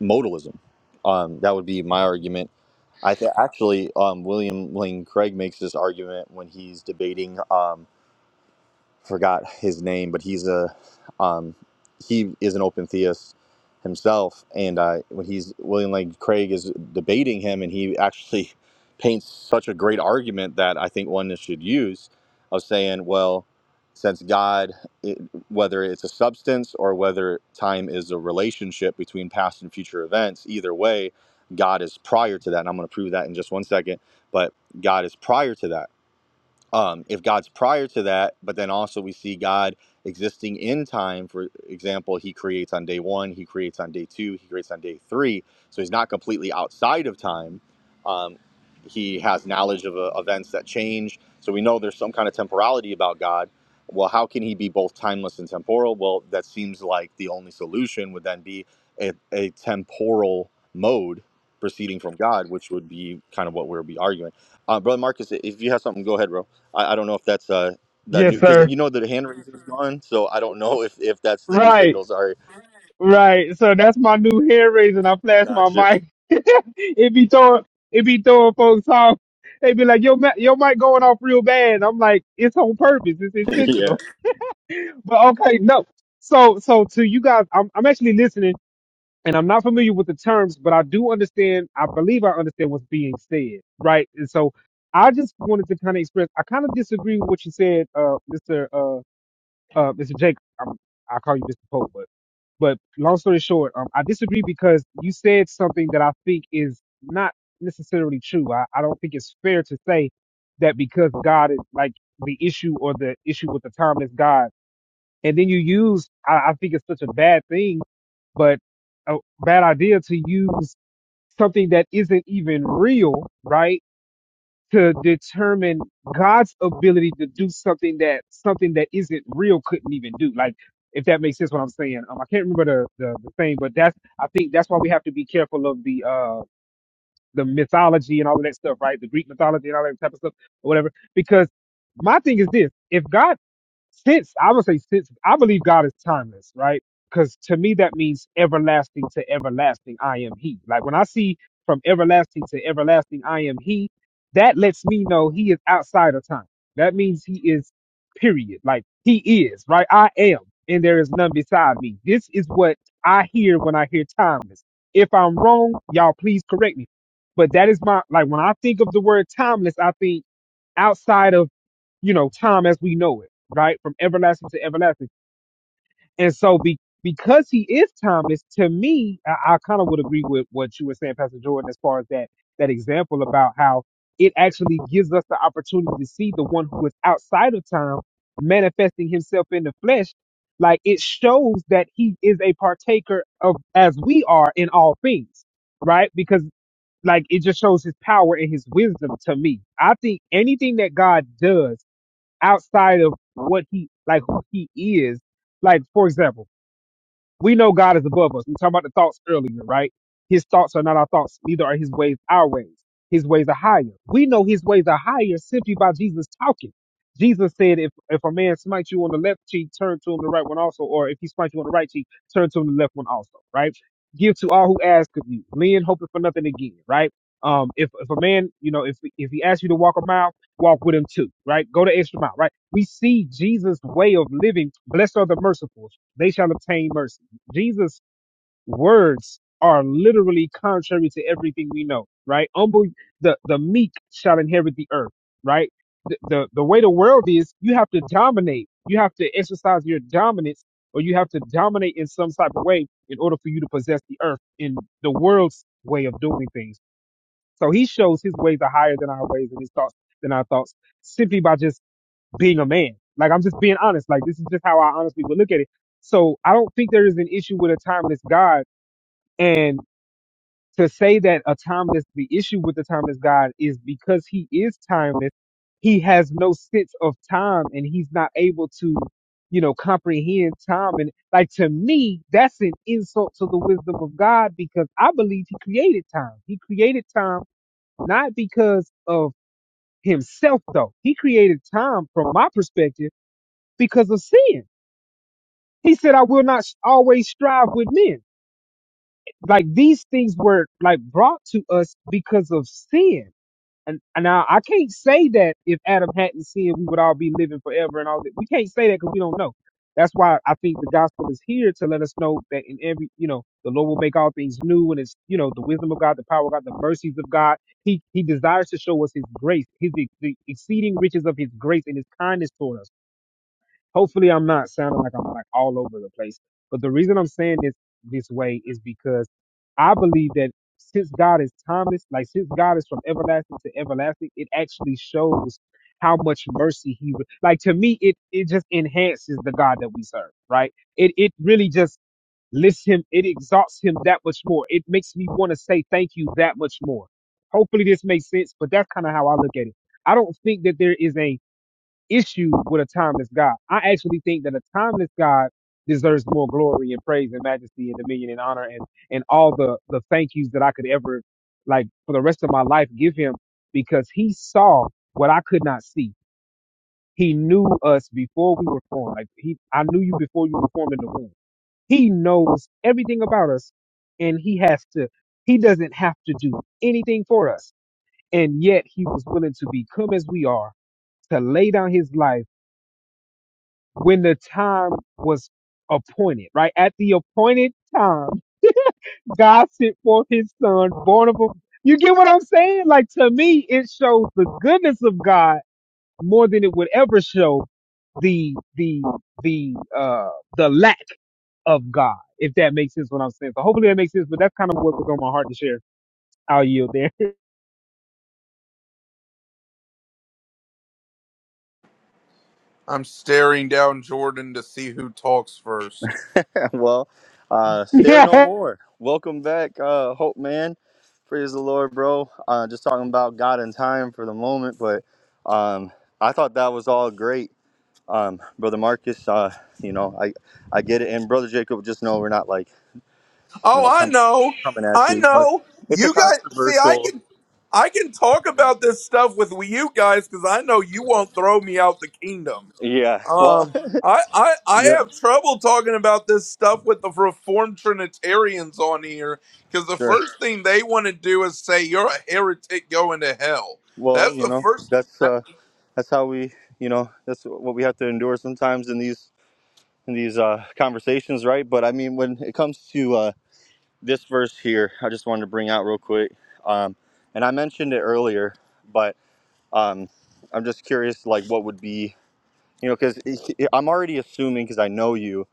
[SPEAKER 8] modalism. Um, that would be my argument. I th- actually, um, William Lane Craig makes this argument when he's debating. Um, forgot his name, but he's a um, he is an open theist himself, and uh, when he's William Lane Craig is debating him, and he actually paints such a great argument that I think one should use of saying, well, since God, it, whether it's a substance or whether time is a relationship between past and future events, either way, God is prior to that, and I'm going to prove that in just one second, but God is prior to that um, if God's prior to that, but then also we see God existing in time. For example, He creates on day one, He creates on day two, He creates on day three. So He's not completely outside of time. Um, he has knowledge of uh, events that change. So we know there's some kind of temporality about God. Well, how can He be both timeless and temporal? Well, that seems like the only solution would then be a, a temporal mode proceeding from God, which would be kind of what we'll be arguing. Uh, Brother Marcus, if you have something, go ahead, bro. I, I don't know if that's uh the new
[SPEAKER 1] Yes,
[SPEAKER 8] because
[SPEAKER 1] sir.
[SPEAKER 8] you know the hand raising is gone, so I don't know if if that's the new
[SPEAKER 1] Right.
[SPEAKER 8] signal. Sorry.
[SPEAKER 1] Right. So that's my new hair raise, and I flash my
[SPEAKER 8] Gotcha.
[SPEAKER 1] mic. it be throwing it be throwing folks off. They be like, "Yo, ma- your mic going off real bad. I'm like, it's on purpose. It's
[SPEAKER 8] yeah.
[SPEAKER 1] intentional. But okay, no. So so to you guys, I'm I'm actually listening and I'm not familiar with the terms, but I do understand, I believe I understand what's being said. Right. And so I just wanted to kind of express I kind of disagree with what you said, uh, Mr uh, Mr. Jake, I'm, i call you Mr. Pope, but but long story short, um, I disagree because you said something that I think is not necessarily true. I, I don't think it's fair to say that because God is like the issue or the issue with the timeless God, and then you use I, I think it's such a bad thing, but a bad idea to use something that isn't even real, right? to determine God's ability to do something that something that isn't real couldn't even do. Like if that makes sense, what I'm saying. Um, I can't remember the, the the thing, but that's I think that's why we have to be careful of the uh the mythology and all of that stuff, right? The Greek mythology and all that type of stuff or whatever. Because my thing is this: if God since I would say since I believe God is timeless, right? Because to me that means everlasting to everlasting. I am He. Like when I see from everlasting to everlasting, I am He. That lets me know He is outside of time. That means He is period. Like He is right. I am, and there is none beside me. This is what I hear when I hear timeless. If I'm wrong, y'all please correct me. But that is my like when I think of the word timeless, I think outside of you know, time as we know it, right? From everlasting to everlasting. And so be, because he is timeless, to me, I, I kind of would agree with what you were saying, Pastor Jordan, as far as that, that example about how it actually gives us the opportunity to see the one who is outside of time manifesting himself in the flesh. Like it shows that he is a partaker of as we are in all things, right? Because like it just shows his power and his wisdom to me. I think anything that God does outside of what he like who he is. Like for example. We know God is above us. We talked about the thoughts earlier, right? His thoughts are not our thoughts, neither are his ways our ways. His ways are higher. We know his ways are higher simply by Jesus talking. Jesus said, if, if a man smites you on the left cheek, turn to him the right one also, or if he smites you on the right cheek, turn to him the left one also, right? Give to all who ask of you. Lean hoping for nothing again, right? Um, if, if a man, you know, if, if he asks you to walk a mile, walk with him too, right? Go the extra mile, right? We see Jesus' way of living. Blessed are the merciful, they shall obtain mercy Jesus' words are literally contrary to everything we know, right? Humble the, the meek shall inherit the earth, right? The, the the way the world is, you have to dominate. You have to exercise your dominance, or you have to dominate in some type of way in order for you to possess the earth in the world's way of doing things. So he shows his ways are higher than our ways and his thoughts than our thoughts, simply by just being a man. Like I'm just being honest. Like this is just how I honestly would look at it. So I don't think there is an issue with a timeless God. And to say that a timeless the issue with the timeless God is because he is timeless, he has no sense of time and he's not able to, you know, comprehend time. And like to me, that's an insult to the wisdom of God because I believe he created time. He created time not because of himself though. He created time from my perspective because of sin. He said, I will not always strive with men. Like these things were like brought to us because of sin. And, and now I can't say that if Adam hadn't sinned, we would all be living forever and all that. We can't say that because we don't know. That's why I think the gospel is here to let us know that in every, you know, the Lord will make all things new and it's, you know, the wisdom of God, the power of God, the mercies of God. He, he desires to show us his grace, his, the exceeding riches of his grace and his kindness toward us. hopefully I'm not sounding like I'm like all over the place. But the reason I'm saying this this way is because I believe that since God is timeless, like since God is from everlasting to everlasting, it actually shows how much mercy he re- like to me it it just enhances the God that we serve, right? It it really just lifts him, it exalts him that much more. It makes me want to say thank you that much more. Hopefully this makes sense, but that's kind of how I look at it. I don't think that there is a issue with a timeless God. I actually think that a timeless God deserves more glory and praise and majesty and dominion and honor and, and all the, the thank yous that I could ever, like, for the rest of my life give him because he saw what I could not see. He knew us before we were formed. Like, he, I knew you before you were formed in the womb. He knows everything about us and he has to, he doesn't have to do anything for us. And yet he was willing to become as we are, to lay down his life when the time was appointed, right? At the appointed time, God sent forth his son, born of a you get what I'm saying? Like to me, it shows the goodness of God more than it would ever show the the the uh the lack of God, if that makes sense what I'm saying. So hopefully that makes sense, but that's kind of what was on my heart to share. I'll yield there.
[SPEAKER 7] I'm staring down Jordan to see who talks first.
[SPEAKER 8] Well, uh, stare no
[SPEAKER 1] Yeah.
[SPEAKER 8] more. Welcome back, uh, Hope Man. Praise the Lord, bro. Uh, just talking about God and time for the moment, but um, I thought that was all great, um, brother Marcus. Uh, you know, I I get it, and brother Jacob, just know we're not like you
[SPEAKER 7] Oh,
[SPEAKER 8] know
[SPEAKER 7] I
[SPEAKER 8] coming
[SPEAKER 7] know.
[SPEAKER 8] coming at
[SPEAKER 7] I
[SPEAKER 8] you. But
[SPEAKER 7] know.
[SPEAKER 8] it's a
[SPEAKER 7] You guys see I
[SPEAKER 8] controversial.
[SPEAKER 7] can I can talk
[SPEAKER 8] Yeah.
[SPEAKER 7] about this stuff with you guys cuz I know you won't throw me out the kingdom.
[SPEAKER 8] Yeah. Well.
[SPEAKER 7] Um, I, I I
[SPEAKER 8] yeah.
[SPEAKER 7] have trouble talking about this stuff with the Reformed Trinitarians on here because the
[SPEAKER 8] Sure.
[SPEAKER 7] first thing they want to do is say you're a heretic going to hell.
[SPEAKER 8] Well,
[SPEAKER 7] That's
[SPEAKER 8] you
[SPEAKER 7] the
[SPEAKER 8] know,
[SPEAKER 7] first.
[SPEAKER 8] that's
[SPEAKER 7] That,
[SPEAKER 8] uh, that's how we, you know, that's what we have to endure sometimes in these in these uh, conversations, right? But I mean, when it comes to uh, this verse here, I just wanted to bring out real quick, um, and I mentioned it earlier, but um, I'm just curious, like, what would be, you know, because I'm already assuming because I know you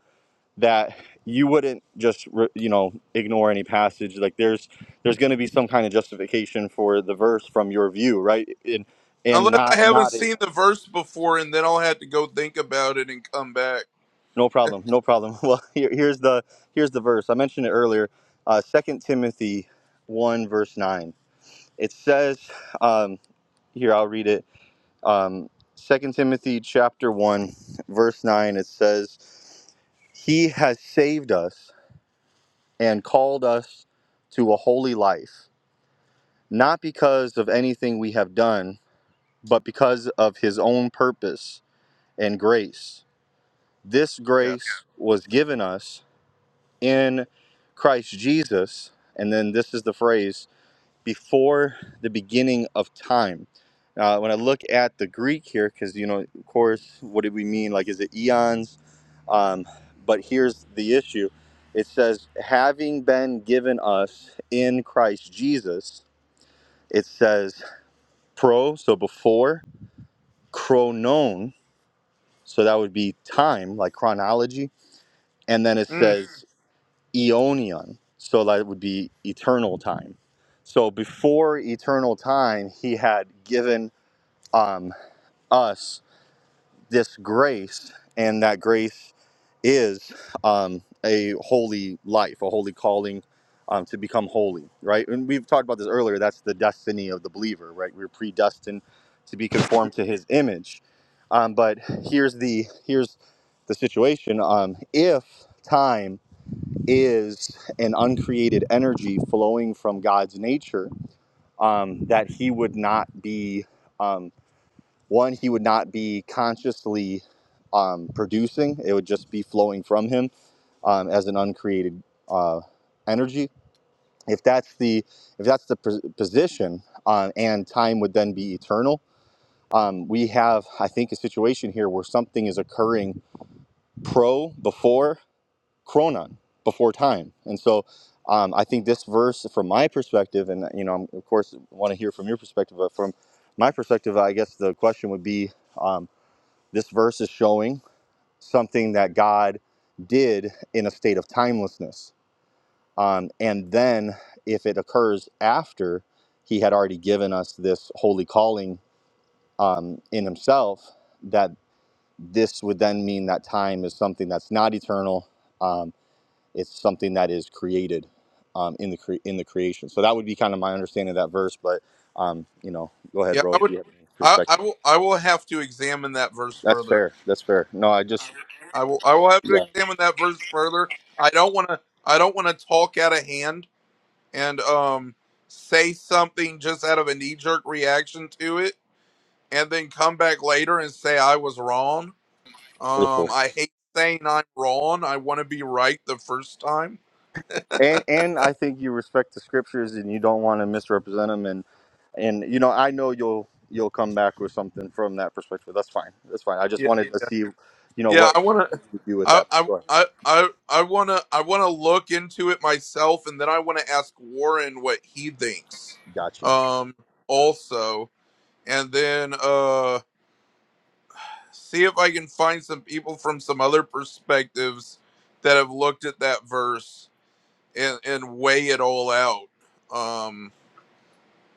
[SPEAKER 8] that you wouldn't just re- you know ignore any passage like there's there's going to be some kind of justification for the verse from your view right and and
[SPEAKER 7] unless I
[SPEAKER 8] not
[SPEAKER 7] haven't
[SPEAKER 8] not
[SPEAKER 7] seen the verse before, and then I'll have to go think about it and come back.
[SPEAKER 8] No problem. No problem. Well, here, here's the here's the verse. I mentioned it earlier. Uh, Second Timothy one verse nine. It says um, here. I'll read it. Um, 2 Timothy chapter one verse nine. It says, "He has saved us and called us to a holy life, not because of anything we have done, but because of His own purpose and grace. This
[SPEAKER 7] Yeah.
[SPEAKER 8] grace was given us." in Christ Jesus. And then this is the phrase before the beginning of time. Uh, when I look at the Greek here, because, you know, of course, what do we mean? Like, is it eons? Um, but here's the issue it says, having been given us in Christ Jesus, it says pro, so before, chronon, so that would be time, like chronology. And then it
[SPEAKER 7] Mm.
[SPEAKER 8] says Eonian. So that would be eternal time. So before eternal time, he had given um, us this grace, and that grace is um, a holy life, a holy calling um, to become holy, right? And we've talked about this earlier. That's the destiny of the believer, right? We're predestined to be conformed to his image. Um, but here's the here's the situation. Um, if time is an uncreated energy flowing from God's nature, um, that he would not be, um, one, he would not be consciously um, producing, it would just be flowing from him um, as an uncreated uh, energy. If that's the if that's the position, um, and time would then be eternal. Um, we have, I think, a situation here where something is occurring pro before chronon before time and so um, i think this verse from my perspective and you know i of course want to hear from your perspective but from my perspective i guess the question would be um, this verse is showing something that god did in a state of timelessness um, and then if it occurs after he had already given us this holy calling um, in himself that this would then mean that time is something that's not eternal Um, it's something that is created um, in the cre- in the creation. So that would be kind of my understanding of that verse. But um, you know, go ahead,
[SPEAKER 7] Yeah.
[SPEAKER 8] bro,
[SPEAKER 7] I
[SPEAKER 8] if
[SPEAKER 7] would.
[SPEAKER 8] you have any
[SPEAKER 7] I, I
[SPEAKER 8] perspective.
[SPEAKER 7] will. I will have to examine that verse
[SPEAKER 8] That's
[SPEAKER 7] further.
[SPEAKER 8] fair. That's fair. No, I just
[SPEAKER 7] I will. I will have to
[SPEAKER 8] yeah,
[SPEAKER 7] examine that verse further. I don't want to. I don't want to talk out of hand and um say something just out of a knee jerk reaction to it and then come back later and say I was wrong. Um
[SPEAKER 8] beautiful.
[SPEAKER 7] I hate saying I'm wrong. I want to be right the first time.
[SPEAKER 8] And and I think you respect the scriptures and you don't want to misrepresent them. And and you know, I know you'll you'll come back with something from that perspective. That's fine. That's fine. I just
[SPEAKER 7] Yeah.
[SPEAKER 8] wanted to
[SPEAKER 7] Yeah,
[SPEAKER 8] see, you know,
[SPEAKER 7] yeah
[SPEAKER 8] what
[SPEAKER 7] I want to
[SPEAKER 8] what you would do with
[SPEAKER 7] I
[SPEAKER 8] that.
[SPEAKER 7] I
[SPEAKER 8] Go ahead.
[SPEAKER 7] I I I want to I want to look into it myself and then I want to ask Warren what he thinks.
[SPEAKER 8] Gotcha.
[SPEAKER 7] Um also and then uh see if I can find some people from some other perspectives that have looked at that verse and, and weigh it all out. Um,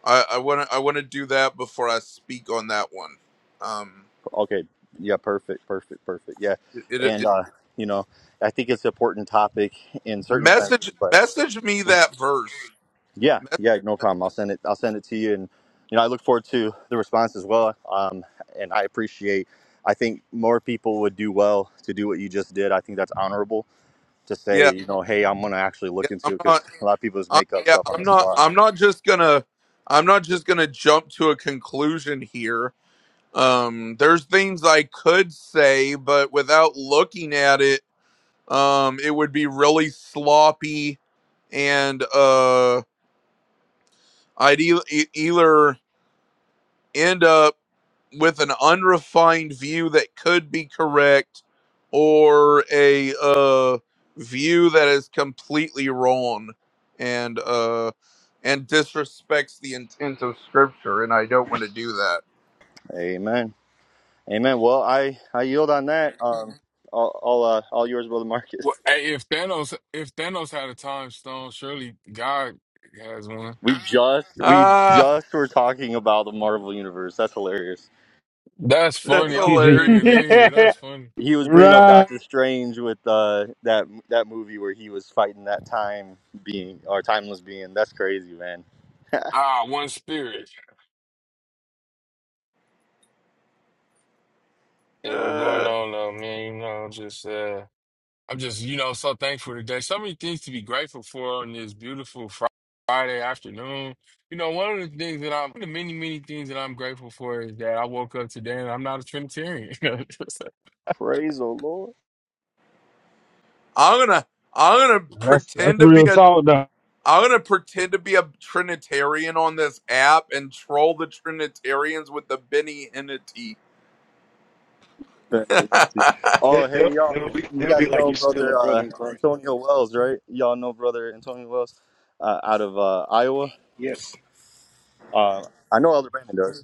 [SPEAKER 7] I, I want to I want to do that before I speak on that one. Um,
[SPEAKER 8] Okay. Yeah. Perfect. Perfect. Perfect. Yeah.
[SPEAKER 7] it, it,
[SPEAKER 8] And,
[SPEAKER 7] it
[SPEAKER 8] uh, you know, I think it's an important topic in certain senses,
[SPEAKER 7] message
[SPEAKER 8] but
[SPEAKER 7] message me that verse.
[SPEAKER 8] yeah,
[SPEAKER 7] Mes-
[SPEAKER 8] yeah, no problem. I'll send it, I'll send it to you. And, you know, I look forward to the response as well. Um, and I appreciate, I think more people would do well to do what you just did. I think that's honorable to say,
[SPEAKER 7] yeah,
[SPEAKER 8] you know, hey, I'm going to actually
[SPEAKER 7] yeah.
[SPEAKER 8] look
[SPEAKER 7] I'm
[SPEAKER 8] into it because
[SPEAKER 7] not.
[SPEAKER 8] a lot of people just
[SPEAKER 7] I,
[SPEAKER 8] make up
[SPEAKER 7] yeah,
[SPEAKER 8] stuff on
[SPEAKER 7] I'm
[SPEAKER 8] the
[SPEAKER 7] not.
[SPEAKER 8] spot.
[SPEAKER 7] I'm not just gonna. I'm not just gonna jump to a conclusion here. Um, there's things I could say, but without looking at it. Um, it would be really sloppy, and uh, I'd e- e- either end up with an unrefined view that could be correct, or a uh, view that is completely wrong, and uh, and disrespects the intent of Scripture, and I don't want to do that.
[SPEAKER 8] Amen. Amen. Well, I, I yield on that. Um, all, all, uh, all yours, brother Marcus.
[SPEAKER 6] Well, hey, if Thanos if Thanos had a time stone, surely God has one.
[SPEAKER 8] We just we
[SPEAKER 7] Ah,
[SPEAKER 8] just were talking about the Marvel universe. That's hilarious.
[SPEAKER 6] That's
[SPEAKER 7] that's
[SPEAKER 6] funny. I
[SPEAKER 1] Eugene.
[SPEAKER 6] wasn't
[SPEAKER 7] hilarious.
[SPEAKER 6] even in here.
[SPEAKER 1] right.
[SPEAKER 6] That's funny.
[SPEAKER 8] He was bringing up Doctor Strange with uh, that that movie where he was fighting that time being or timeless being. That's crazy, man.
[SPEAKER 6] Ah, one spirit. Yeah, what's going
[SPEAKER 7] Uh,
[SPEAKER 6] on though, man? You know, just uh I'm just, you know, so thankful today. So many things to be grateful for on this beautiful Fri- Friday afternoon. You know, one of the things that I'm, one of the many, many things that I'm grateful for is that I woke up today and I'm not a Trinitarian.
[SPEAKER 8] Praise the Lord.
[SPEAKER 7] I'm gonna I'm gonna
[SPEAKER 1] That's that's
[SPEAKER 7] pretend to be
[SPEAKER 1] real
[SPEAKER 7] a
[SPEAKER 1] talk though.
[SPEAKER 7] I'm gonna pretend to be a Trinitarian on this app and troll the Trinitarians with the Benny Hennity.
[SPEAKER 8] Crazy. Oh,
[SPEAKER 10] It,
[SPEAKER 8] hey
[SPEAKER 10] will
[SPEAKER 8] y'all,
[SPEAKER 10] it'll, be,
[SPEAKER 8] you
[SPEAKER 10] it'll be
[SPEAKER 8] guys
[SPEAKER 10] like
[SPEAKER 8] know
[SPEAKER 10] you're still a
[SPEAKER 8] brother
[SPEAKER 10] brother
[SPEAKER 8] uh,
[SPEAKER 10] in Christ.
[SPEAKER 8] Antonio Wells, right? Y'all know brother Antonio Wells uh, out of uh, Iowa.
[SPEAKER 10] Yes.
[SPEAKER 8] Uh, I know Elder Brandon does.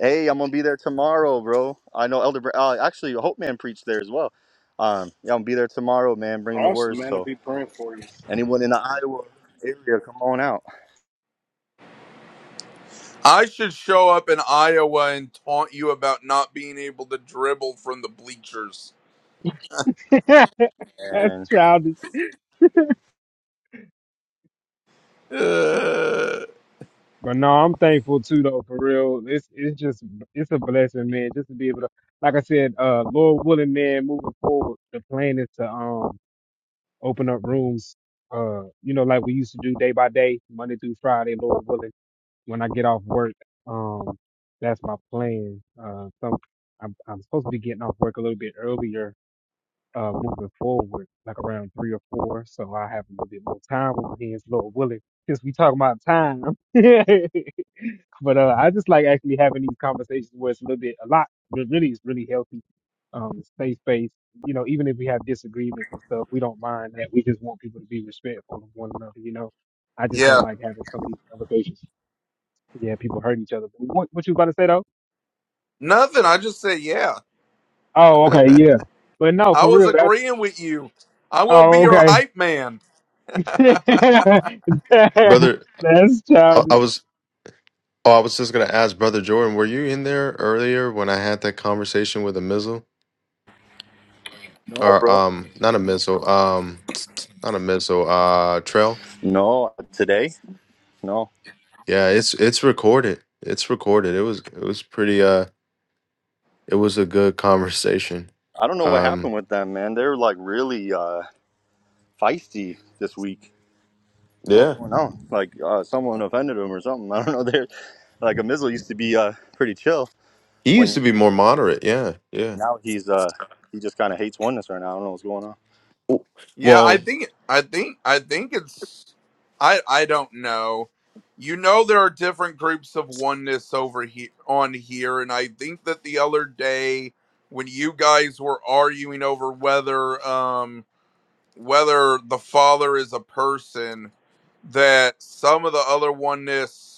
[SPEAKER 8] Hey, I'm gonna be there tomorrow, bro. I know Elder. Bra- uh, actually, Hope Man preached there as well. Um, yeah, I'm gonna be there tomorrow, man. Bringing the
[SPEAKER 10] Awesome,
[SPEAKER 8] words.
[SPEAKER 10] man. I'll
[SPEAKER 8] So
[SPEAKER 10] be praying for you.
[SPEAKER 8] anyone in the Iowa area, come on out.
[SPEAKER 7] I should show up in Iowa and taunt you about not being able to dribble from the bleachers.
[SPEAKER 1] that's
[SPEAKER 8] And
[SPEAKER 1] childish.
[SPEAKER 7] Uh,
[SPEAKER 1] But no, I'm thankful too though, for real. It's it's just it's a blessing, man, just to be able to like I said, uh Lord willing, man, moving forward, the plan is to um open up rooms, uh, you know, like we used to do day by day, Monday through Friday, Lord willing, when I get off work. Um, that's my plan. Uh some I'm I'm supposed to be getting off work a little bit earlier uh, moving forward, like around three or four. So I have a little bit more time on my hands, Lord willing, since we talk about time. but uh, I just like actually having these conversations where it's a little bit, a lot, but really it's really healthy. Um, stay space. You know, even if we have disagreements and stuff, we don't mind that. We just want people to be respectful of one another. You know, I just don't
[SPEAKER 7] yeah,
[SPEAKER 1] like having some of these conversations. Yeah, people hurt each other. What, what you about to say though?
[SPEAKER 7] nothing. I just said yeah.
[SPEAKER 1] Oh, okay, yeah. But no,
[SPEAKER 7] I
[SPEAKER 1] for
[SPEAKER 7] was
[SPEAKER 1] real, that's
[SPEAKER 7] agreeing with you. I'm gonna be
[SPEAKER 1] oh,
[SPEAKER 7] your
[SPEAKER 1] okay.
[SPEAKER 7] hype man.
[SPEAKER 1] That's
[SPEAKER 11] Brother, I,
[SPEAKER 1] childish.
[SPEAKER 11] I was oh, I was just gonna ask Brother Jordan, were you in there earlier when I had that conversation with a missile?
[SPEAKER 8] no,
[SPEAKER 11] Or
[SPEAKER 8] bro.
[SPEAKER 11] um not a missile, um not a missile, uh trail.
[SPEAKER 8] No, today. No,
[SPEAKER 11] Yeah, it's it's recorded. It's recorded. It was it was pretty uh it was a good conversation.
[SPEAKER 8] I don't know what
[SPEAKER 11] Um
[SPEAKER 8] happened with them, man. They're like really uh, feisty this week. I don't know
[SPEAKER 11] yeah.
[SPEAKER 8] What's going on? Like uh, someone offended them or something. I don't know. They're like a Mizzle used to be uh, pretty chill.
[SPEAKER 11] He used
[SPEAKER 8] When
[SPEAKER 11] to be more moderate, yeah, yeah.
[SPEAKER 8] now he's uh, he just kind of hates oneness right now. I don't know what's going on.
[SPEAKER 11] W-
[SPEAKER 7] Yeah, I
[SPEAKER 11] Well,
[SPEAKER 7] think I think I think it's I I don't know. You know there are different groups of oneness over here on here and I think that the other day when you guys were arguing over whether um whether the father is a person that some of the other oneness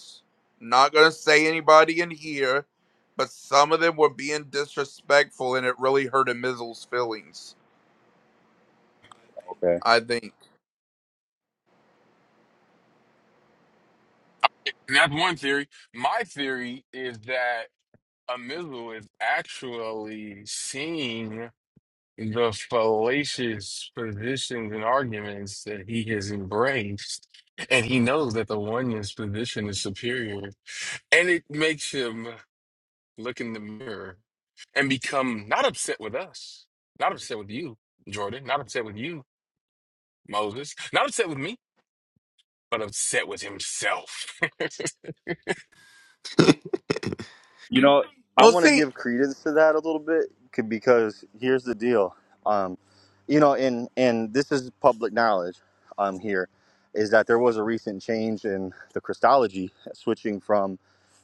[SPEAKER 7] not going to say anybody in here but some of them were being disrespectful and it really hurt Amizel's feelings,
[SPEAKER 8] Okay.
[SPEAKER 7] I think.
[SPEAKER 6] And That's one theory. My theory is that a missile is actually seeing the fallacious positions and arguments that he has embraced. And he knows that the oneness position is superior. And it makes him look in the mirror and become not upset with us, not upset with you, Jordan, not upset with you, Moses, not upset with me, but upset with himself. Praise
[SPEAKER 8] You know, I
[SPEAKER 7] Well,
[SPEAKER 8] want to
[SPEAKER 7] see,
[SPEAKER 8] give credence to that a little bit c- because here's the deal. Um, you know, and and this is public knowledge. Um, here is that there was a recent change in the Christology, switching from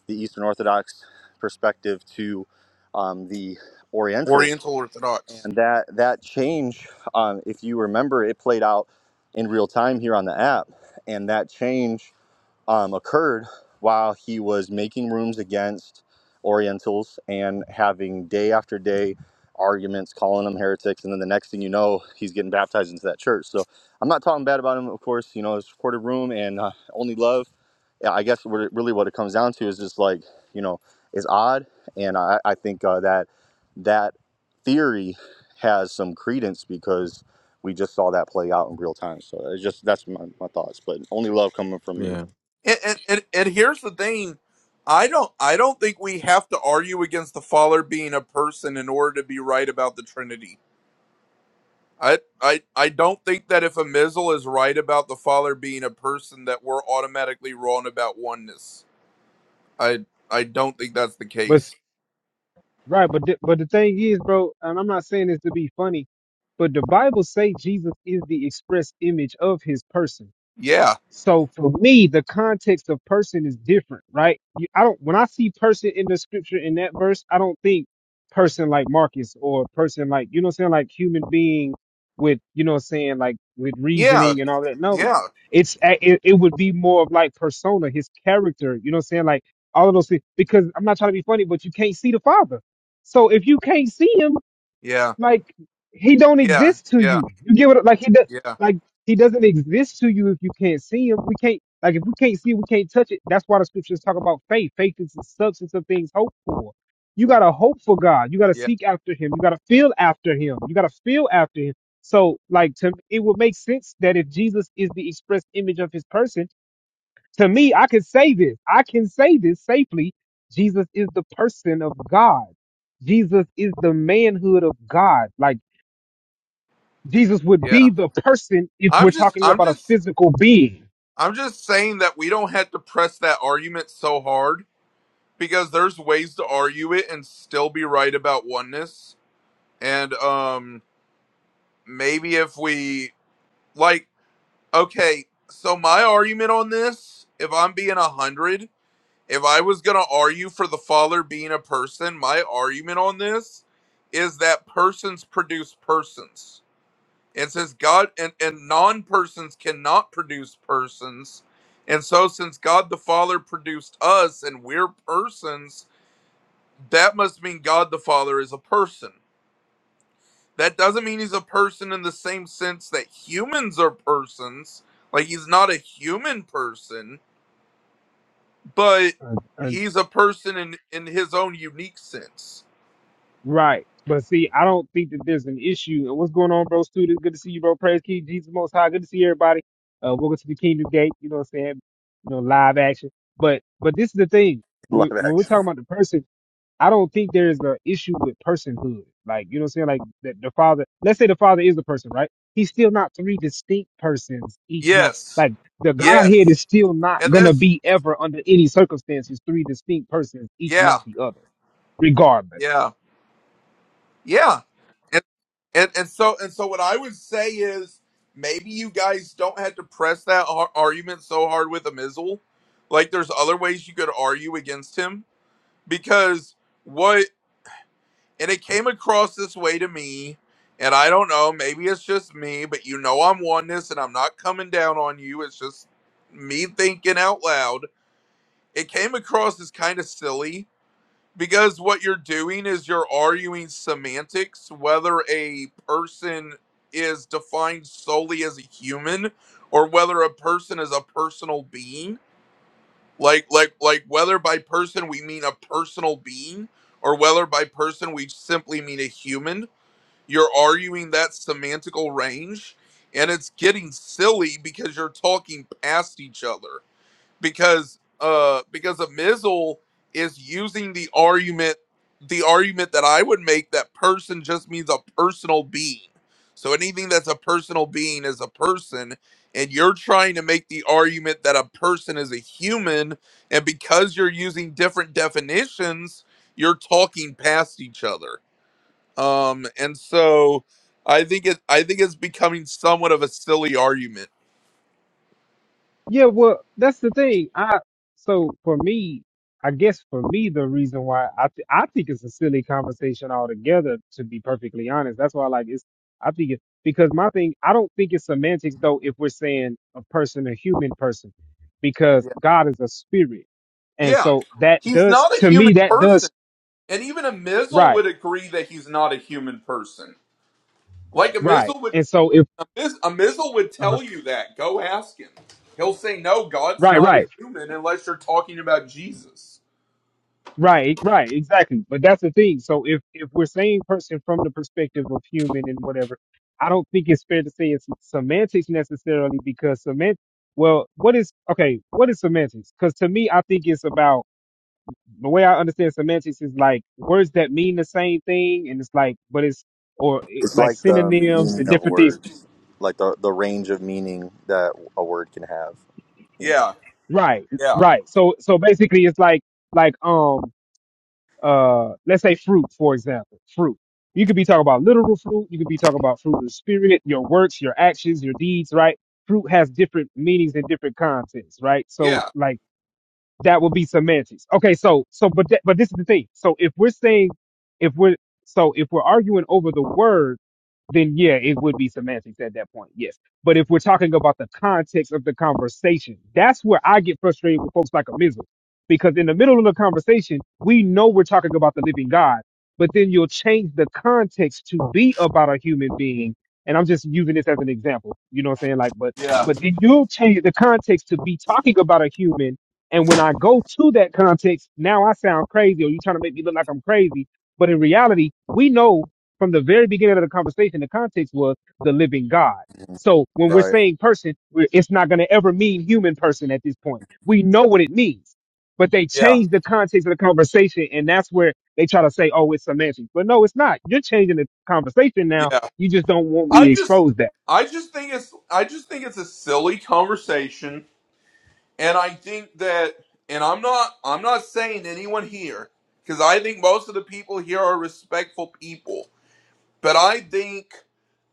[SPEAKER 8] the Eastern Orthodox perspective to um, the Oriental,
[SPEAKER 7] Oriental Orthodox.
[SPEAKER 8] and that that change, um, if you remember, it played out in real time here on the app, and that change um, occurred while he was making rooms against Orientals and having day after day arguments, calling them heretics, and then the next thing you know, he's getting baptized into that church. So I'm not talking bad about him, of course. You know, it's recorded room and uh, only love. Yeah, I guess what it, really what it comes down to is just like you know, is odd, and I, I think uh, that that theory has some credence because we just saw that play out in real time. So it's just that's my, my thoughts, but only love coming from me.
[SPEAKER 11] yeah.
[SPEAKER 7] And, and, and, and here's the thing. I don't I don't think we have to argue against the Father being a person in order to be right about the Trinity. I I, I don't think that if a Mizzle is right about the Father being a person that we're automatically wrong about oneness. I I don't think that's the
[SPEAKER 1] But s-
[SPEAKER 7] case.
[SPEAKER 1] right, but the, but the thing is, bro, and I'm not saying this to be funny, but the Bible say Jesus is the express image of His person.
[SPEAKER 7] Yeah.
[SPEAKER 1] So for me, the context of person is different, right? You- I don't when I see person in the scripture in that verse, I don't think person like Marcus or person like you know what I'm saying, like human being with you know what I'm saying, like with
[SPEAKER 7] Yeah.
[SPEAKER 1] reasoning and all that.
[SPEAKER 7] Yeah.
[SPEAKER 1] No, it's a- it, it would be more of like persona, his character. You know what I'm saying, like all of those things. Because I'm not trying to be funny, but you can't see the father. So if you can't see him,
[SPEAKER 7] Yeah.
[SPEAKER 1] like he don't
[SPEAKER 7] Yeah.
[SPEAKER 1] exist to
[SPEAKER 7] Yeah.
[SPEAKER 1] you. You get what like he does
[SPEAKER 7] Yeah.
[SPEAKER 1] like he doesn't exist to you if you can't see him. We can't like if we can't see, we can't touch it. That's why the scriptures talk about faith. Faith is the substance of things hoped for. You gotta hope for God. You gotta
[SPEAKER 7] Yeah.
[SPEAKER 1] seek after Him. You gotta feel after Him. You gotta feel after Him. So like to it would make sense that if Jesus is the express image of His person, to me I can say this. I can say this safely. Jesus is the person of God. Jesus is the manhood of God. Like Jesus would
[SPEAKER 7] Yeah.
[SPEAKER 1] be the person if
[SPEAKER 7] I'm
[SPEAKER 1] we're
[SPEAKER 7] just
[SPEAKER 1] talking
[SPEAKER 7] I'm
[SPEAKER 1] about a
[SPEAKER 7] just
[SPEAKER 1] physical being.
[SPEAKER 7] I'm just saying that we don't have to press that argument so hard because there's ways to argue it and still be right about oneness and um maybe if we like okay so my argument on this if i'm being a hundred if i was gonna argue for the father being a person my argument on this is that persons produce persons It says god and, and non-persons cannot produce persons and so since god the father produced us and we're persons that must mean God the Father is a person. That doesn't mean he's a person in the same sense that humans are persons. Like he's not a human person, but
[SPEAKER 1] Uh, uh,
[SPEAKER 7] he's a person in in his own unique sense.
[SPEAKER 1] right. But see, I don't think that there's an issue. And What's going on, bro? Student, good to see you, bro. Praise King Jesus Most High. Good to see everybody. Uh, welcome to the Kingdom Gate. You know what I'm saying? You know, live action. But but this is the thing.
[SPEAKER 8] live
[SPEAKER 1] When, when we're
[SPEAKER 8] action.
[SPEAKER 1] talking about the person. I don't think there's an issue with personhood. Like, you know what I'm saying? Like, the, the father, let's say the father is the person, right? He's still not three distinct persons, each not,
[SPEAKER 7] Yes.
[SPEAKER 1] like, the Godhead
[SPEAKER 7] Yes.
[SPEAKER 1] is still not
[SPEAKER 7] And
[SPEAKER 1] gonna
[SPEAKER 7] that's
[SPEAKER 1] be ever under any circumstances three distinct persons, each not
[SPEAKER 7] yeah.
[SPEAKER 1] the other, regardless.
[SPEAKER 7] Yeah. Yeah. And and, and so and so what I would say is maybe you guys don't have to press that ar- argument so hard with Amizel. Like there's other ways you could argue against him because what and it came across this way to me and i don't know maybe it's just me but you know i'm oneness and i'm not coming down on you it's just me thinking out loud it came across as kind of silly because what you're doing is you're arguing semantics whether a person is defined solely as a human or whether a person is a personal being like like like whether by person we mean a personal being or whether by person we simply mean a human you're arguing that semantical range and it's getting silly because you're talking past each other because uh because a mizzle is using the argument the argument that I would make that person just means a personal being. So anything that's a personal being is a person and you're trying to make the argument that a person is a human and because you're using different definitions you're talking past each other um and so i think it i think it's becoming somewhat of a silly argument
[SPEAKER 1] Yeah, well, that's the thing. I so for me, I guess for me, the reason why I th- I think it's a silly conversation altogether. To be perfectly honest, that's why like it's. I think it because my thing. I don't think it's semantics though. If we're saying a person, a human person, because
[SPEAKER 7] yeah
[SPEAKER 1] God is a spirit, and
[SPEAKER 7] yeah
[SPEAKER 1] so that
[SPEAKER 7] he's
[SPEAKER 1] does
[SPEAKER 7] not a
[SPEAKER 1] to
[SPEAKER 7] human
[SPEAKER 1] me that
[SPEAKER 7] person
[SPEAKER 1] does
[SPEAKER 7] and even a mizzle
[SPEAKER 1] right,
[SPEAKER 7] would agree that he's not a human person like a
[SPEAKER 1] right.
[SPEAKER 7] mizzle would
[SPEAKER 1] And so if
[SPEAKER 7] a missile would
[SPEAKER 1] uh,
[SPEAKER 7] tell you that. Go ask him. He'll say no. God's
[SPEAKER 1] right,
[SPEAKER 7] not a
[SPEAKER 1] right.
[SPEAKER 7] human unless you're talking about Jesus.
[SPEAKER 1] Right, right, exactly. But that's the thing. So if if we're saying person from the perspective of human and whatever, I don't think it's fair to say it's semantics necessarily because semant. Well, what is okay? What is semantics? Because to me, I think it's about the way I understand semantics is like words that mean the same thing, and it's like, but it's or eh,
[SPEAKER 8] It's
[SPEAKER 1] like
[SPEAKER 8] like the
[SPEAKER 1] synonyms
[SPEAKER 8] meaning
[SPEAKER 1] and
[SPEAKER 8] of
[SPEAKER 1] different things.
[SPEAKER 8] words, like the the range of meaning that a word can have. You know.
[SPEAKER 7] Yeah,
[SPEAKER 1] Right,
[SPEAKER 7] yeah,
[SPEAKER 1] right. So so basically, it's like like um uh, let's say fruit, for example, fruit. You could be talking about literal fruit. You could be talking about fruit of the spirit, your works, your actions, your deeds, right? Fruit has different meanings and different contexts, right? So
[SPEAKER 7] yeah,
[SPEAKER 1] like that would be semantics. Okay. So, so, but, that, but this is the thing. So if we're saying, if we're, so if we're arguing over the word, then yeah, it would be semantics at that point. Yes. But if we're talking about the context of the conversation, that's where I get frustrated with folks like a miser. Because in the middle of the conversation, we know we're talking about the living God, but then you'll change the context to be about a human being. And I'm just using this as an example. You know what I'm saying? Like, but
[SPEAKER 7] yeah,
[SPEAKER 1] but then you'll change the context to be talking about a human. And when I go to that context, now I sound crazy or you're trying to make me look like I'm crazy. But in reality, we know from the very beginning of the conversation, the context was the living God.
[SPEAKER 8] Mhm.
[SPEAKER 1] So when we're
[SPEAKER 7] yes,
[SPEAKER 8] Right.
[SPEAKER 1] saying person, we're, it's not going to ever mean human person at this point. We know what it means, but they
[SPEAKER 7] yeah,
[SPEAKER 1] change the context of the conversation, and that's where they try to say, "Oh, it's semantics," but no, it's not. You're changing the conversation now.
[SPEAKER 7] yeah.
[SPEAKER 1] You just don't want me
[SPEAKER 7] I
[SPEAKER 1] to
[SPEAKER 7] just,
[SPEAKER 1] expose that.
[SPEAKER 7] I just think it's, I just think it's a silly conversation, and I think that, and I'm not, I'm not saying anyone here because I think most of the people here are respectful people. but I think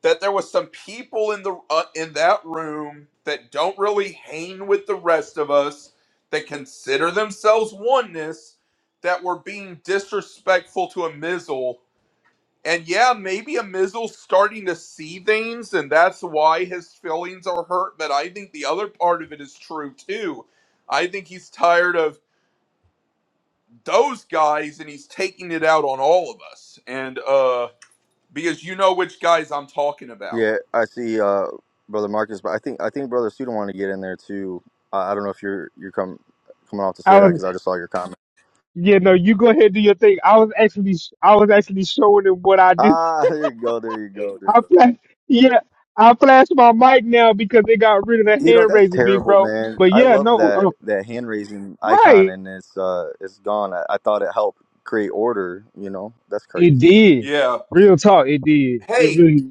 [SPEAKER 7] that there was some people in the uh, in that room that don't really hang with the rest of us that consider themselves oneness that were being disrespectful to a Mizzle. And yeah, maybe a Mizzle's starting to see things, and that's why his feelings are hurt. But I think the other part of it is true too. I think he's tired of those guys, and he's taking it out on all of us. And uh, because you know which guys I'm talking about.
[SPEAKER 8] Yeah, I see, uh, brother Marcus, but I think I think brother Suda wanted to get in there too. I, I don't know if you're you're come coming off to say
[SPEAKER 1] I
[SPEAKER 8] that
[SPEAKER 1] was,
[SPEAKER 8] because I just saw your comment.
[SPEAKER 1] yeah, no, you go ahead and do your thing. I was actually, I was actually showing them what I do.
[SPEAKER 8] Ah, there you go, there you go, there you
[SPEAKER 1] I
[SPEAKER 8] go.
[SPEAKER 1] flash, yeah, I flashed my mic now because they got rid of the
[SPEAKER 8] You know
[SPEAKER 1] hand
[SPEAKER 8] that's
[SPEAKER 1] raising, big
[SPEAKER 8] terrible,
[SPEAKER 1] bro.
[SPEAKER 8] man.
[SPEAKER 1] But
[SPEAKER 8] I
[SPEAKER 1] yeah,
[SPEAKER 8] love
[SPEAKER 1] no. um.
[SPEAKER 8] that that hand raising icon
[SPEAKER 1] Right.
[SPEAKER 8] and it's uh it's gone. I, I thought it helped create order. You know that's
[SPEAKER 1] It
[SPEAKER 8] crazy.
[SPEAKER 1] did.
[SPEAKER 7] Yeah.
[SPEAKER 1] Real talk. It did. It
[SPEAKER 7] Hey,
[SPEAKER 1] really.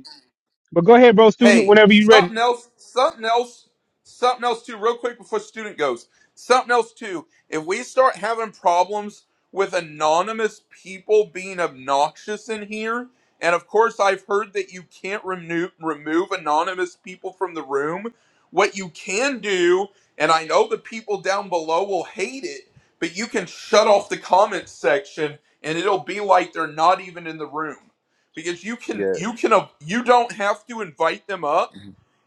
[SPEAKER 1] But go ahead, bro, student,
[SPEAKER 7] hey,
[SPEAKER 1] whenever you ready.
[SPEAKER 7] something else, something else, something else too, real quick before student goes. Something else too. If we start having problems with anonymous people being obnoxious in here, and of course I've heard that you can't remove remove anonymous people from the room, what you can do, and I know the people down below will hate it, but you can shut off the comments section and it'll be like they're not even in the room because you can
[SPEAKER 8] Yeah.
[SPEAKER 7] you can you don't have to invite them up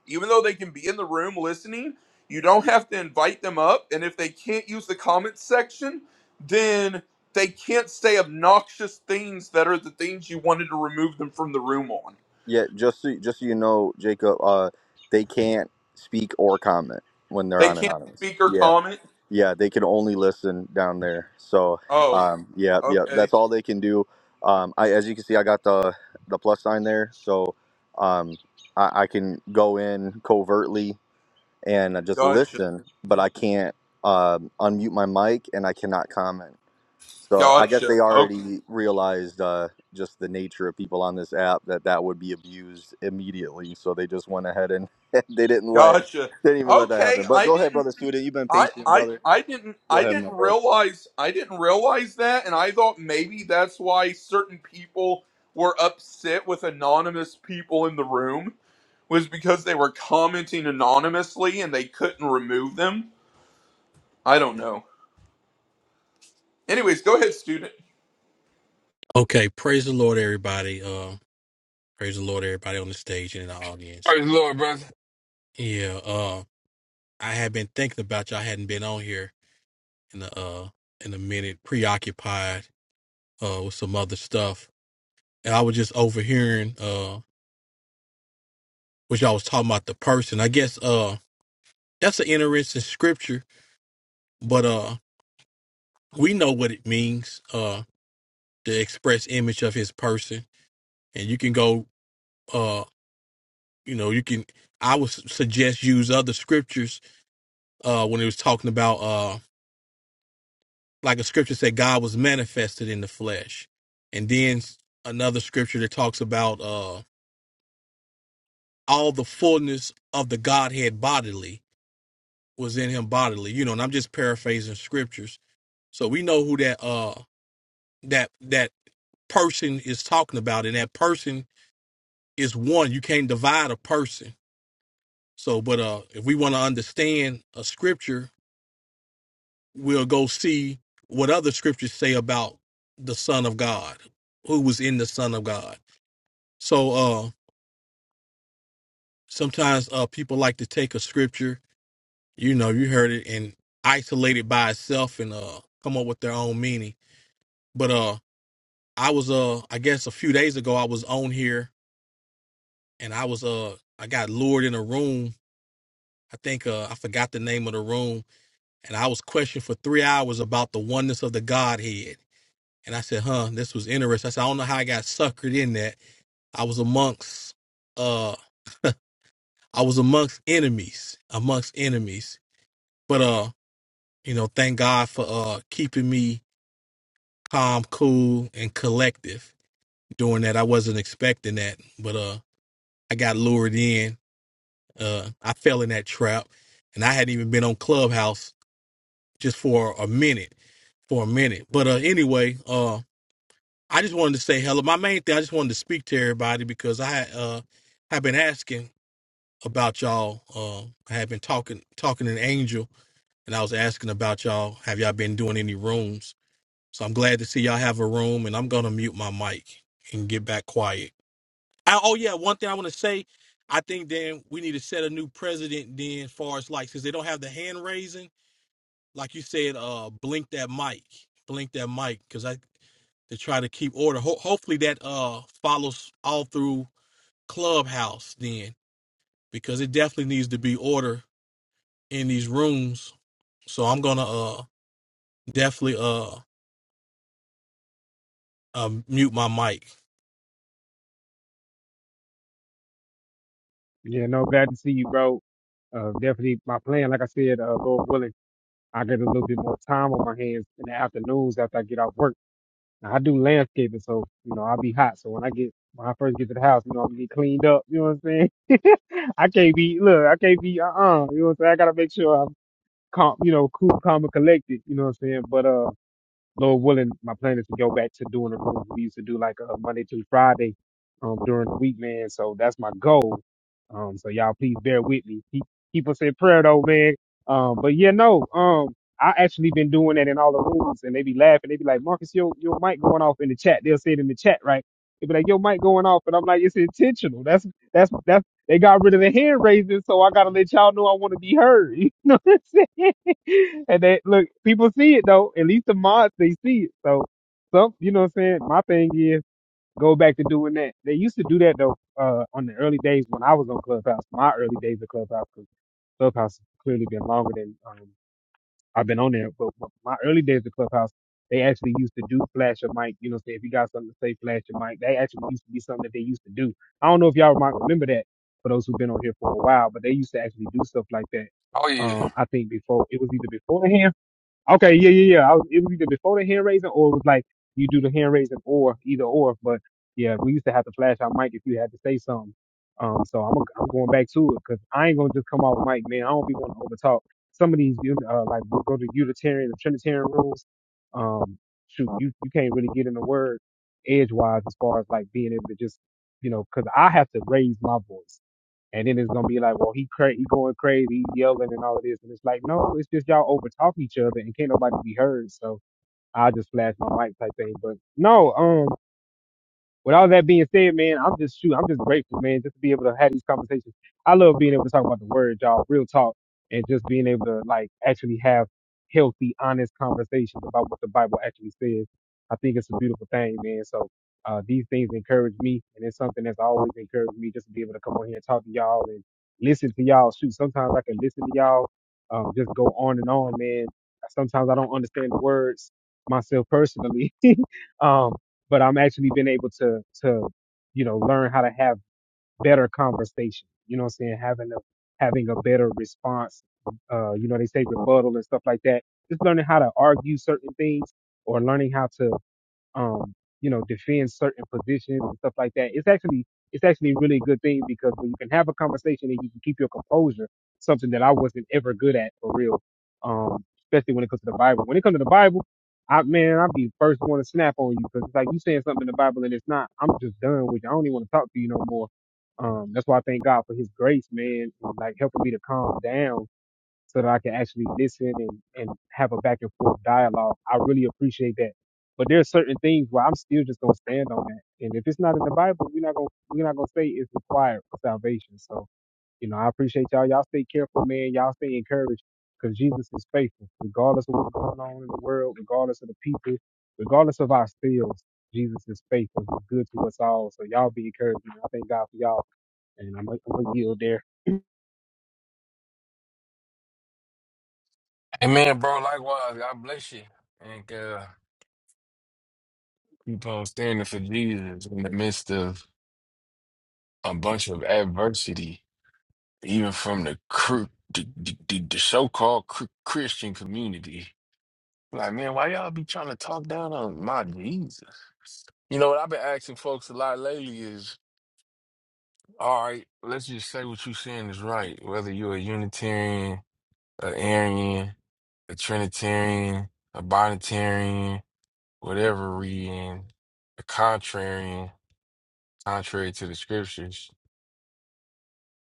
[SPEAKER 7] even though they can be in the room listening you don't have to invite them up and if they can't use the comments section then they can't say obnoxious things that are the things you wanted to remove them from the room on
[SPEAKER 8] Yeah, just so, just so you know, Jacob, uh, they can't speak or comment when they're
[SPEAKER 7] they
[SPEAKER 8] on
[SPEAKER 7] can't
[SPEAKER 8] anonymous.
[SPEAKER 7] speak or
[SPEAKER 8] Yeah,
[SPEAKER 7] comment
[SPEAKER 8] yeah, they can only listen down there. So,
[SPEAKER 7] oh
[SPEAKER 8] um, yeah, yeah,
[SPEAKER 7] okay
[SPEAKER 8] that's all they can do. Um, I, as you can see, I got the the plus sign there, so um, I, I can go in covertly and just
[SPEAKER 7] gotcha
[SPEAKER 8] listen, but I can't um, unmute my mic and I cannot comment. So I guess
[SPEAKER 7] gotcha
[SPEAKER 8] they
[SPEAKER 7] okay
[SPEAKER 8] already realized uh, just the nature of people on this app that that would be abused immediately. So they just went ahead and they didn't let
[SPEAKER 7] gotcha
[SPEAKER 8] they didn't even let that happen.
[SPEAKER 7] okay
[SPEAKER 8] But
[SPEAKER 7] i
[SPEAKER 8] go ahead,
[SPEAKER 7] didn't
[SPEAKER 8] brother student. You've been
[SPEAKER 7] I,
[SPEAKER 8] patient,
[SPEAKER 7] I
[SPEAKER 8] brother.
[SPEAKER 7] I didn't
[SPEAKER 8] Go
[SPEAKER 7] I
[SPEAKER 8] ahead, my
[SPEAKER 7] didn't
[SPEAKER 8] bro.
[SPEAKER 7] realize I didn't realize that and I thought maybe that's why certain people were upset with anonymous people in the room was because they were commenting anonymously and they couldn't remove them. I don't know. Anyways, go ahead, student.
[SPEAKER 6] the Lord, brother.
[SPEAKER 1] Yeah, no, glad to see you, bro. Uh, definitely my plan, like I said, uh, Lord willing, I get a little bit more time on my hands in the afternoons after I get off work. Now, I do landscaping, so, you know, I'll be hot. So when I get, when I first get to the house, you know, I'm gonna get cleaned up. You know what I'm saying? I can't be, look, I can't be, uh-uh. You know what I'm saying? I gotta make sure I'm calm, you know, cool, calm and collected. You know what I'm saying? But, uh, Lord willing, my plan is to go back to doing the rooms we used to do like uh, Monday through Friday um, during the week, man. So that's my goal. Um, so y'all please bear with me. Keep, keep us in prayer though, man. Um, but yeah, no, um, I actually been doing that in all the rooms and they be laughing. They be like, Marcus, your, your mic going off in the chat. They'll say it in the chat, right? They be like, your mic going off. And I'm like, it's intentional. That's, that's, that's, they got rid of the hand raising. So I got to let y'all know I want to be heard. You know what I'm saying? and they look, people see it though. At least the mods they see it. So some you know what I'm saying? My thing is go back to doing that. They used to do that though, uh, on the early days when I was on Clubhouse, my early days of Clubhouse, 'cause Clubhouse has clearly been longer than um, I've been on there. But but my early days of Clubhouse, they actually used to do flash your mic. You know, say if you got something to say, flash your mic. That actually used to be something that they used to do. I don't know if y'all might remember that for those who've been on here for a while, but they used to actually do stuff like that.
[SPEAKER 6] Oh, yeah.
[SPEAKER 1] Um, I think before it was either beforehand Okay, yeah, yeah, yeah. I was, it was either before the hand raising or it was like you do the hand raising or either or. But yeah, we used to have to flash our mic if you had to say something. Um, so I'm, i I'm going back to it because I ain't gonna just come off mic, man. I don't be want to overtalk. Some of these, you- uh, like we'll go to Unitarian and Trinitarian rules. Um, shoot, you, you can't really get in the word edgewise as far as like being able to just, you know, because I have to raise my voice. And then it's gonna be like, well, he cra- he going crazy, he yelling and all of this, and it's like, no, it's just y'all over talking each other, and can't nobody be heard. So I'll just flash my mic type thing. But no, um. With all that being said, man, I'm just shoot, I'm just grateful, man, just to be able to have these conversations. I love being able to talk about the word, y'all, real talk, and just being able to like actually have healthy, honest conversations about what the Bible actually says. I think it's a beautiful thing, man. So uh, these things encourage me, and it's something that's always encouraged me just to be able to come on here and talk to y'all and listen to y'all. Shoot, sometimes I can listen to y'all, um, just go on and on, man. Sometimes I don't understand the words myself personally. um, but I'm actually been able to to you know learn how to have better conversation. You know what I'm saying? Having a having a better response. Uh, you know they say rebuttal and stuff like that. Just learning how to argue certain things or learning how to um, you know, defend certain positions and stuff like that. It's actually it's actually a really good thing because when you can have a conversation and you can keep your composure, something that I wasn't ever good at for real. Um, especially when it comes to the Bible. When it comes to the Bible, I man, I'll be the first one to snap on you because it's like you saying something in the Bible and it's not. I'm just done with you. I don't even want to talk to you no more. Um, that's why I thank God for His grace, man, and, like helping me to calm down so that I can actually listen and, and have a back and forth dialogue. I really appreciate that. But there are certain things where I'm still just gonna stand on that. And if it's not in the Bible, we're not gonna we're not gonna say it's required for salvation. So, you know, I appreciate y'all. Y'all stay careful, man. Y'all stay encouraged because Jesus is faithful. Regardless of what's going on in the world, regardless of the people, regardless of our skills, Jesus is faithful. He's good to us all. So y'all be encouraged. Man. I thank God for y'all. And I'm, gonna- I'm gonna yield there.
[SPEAKER 6] Amen, bro. Likewise, God bless you. And uh, keep on standing for Jesus in the midst of a bunch of adversity, even from the, cr- the, the, the so called cr- Christian community. Like, man, why y'all be trying to talk down on my Jesus? You know what I've been asking folks a lot lately is, all right, let's just say what you're saying is right. Whether you're a Unitarian, a Arian, a Trinitarian, a Bonitarian, whatever reading, a contrarian, contrary to the scriptures,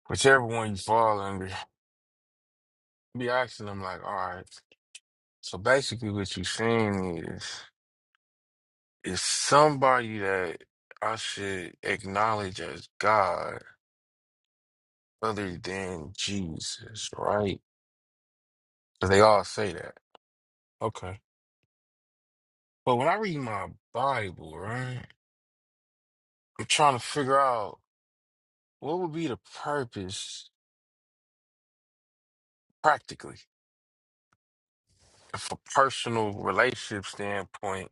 [SPEAKER 6] whichever one you fall under, be asking them like, all right. So basically, what you're saying is, is somebody that I should acknowledge as God other than Jesus, right? Cause they all say that. Okay. But when I read my Bible, right, I'm trying to figure out what would be the purpose practically from a personal relationship standpoint.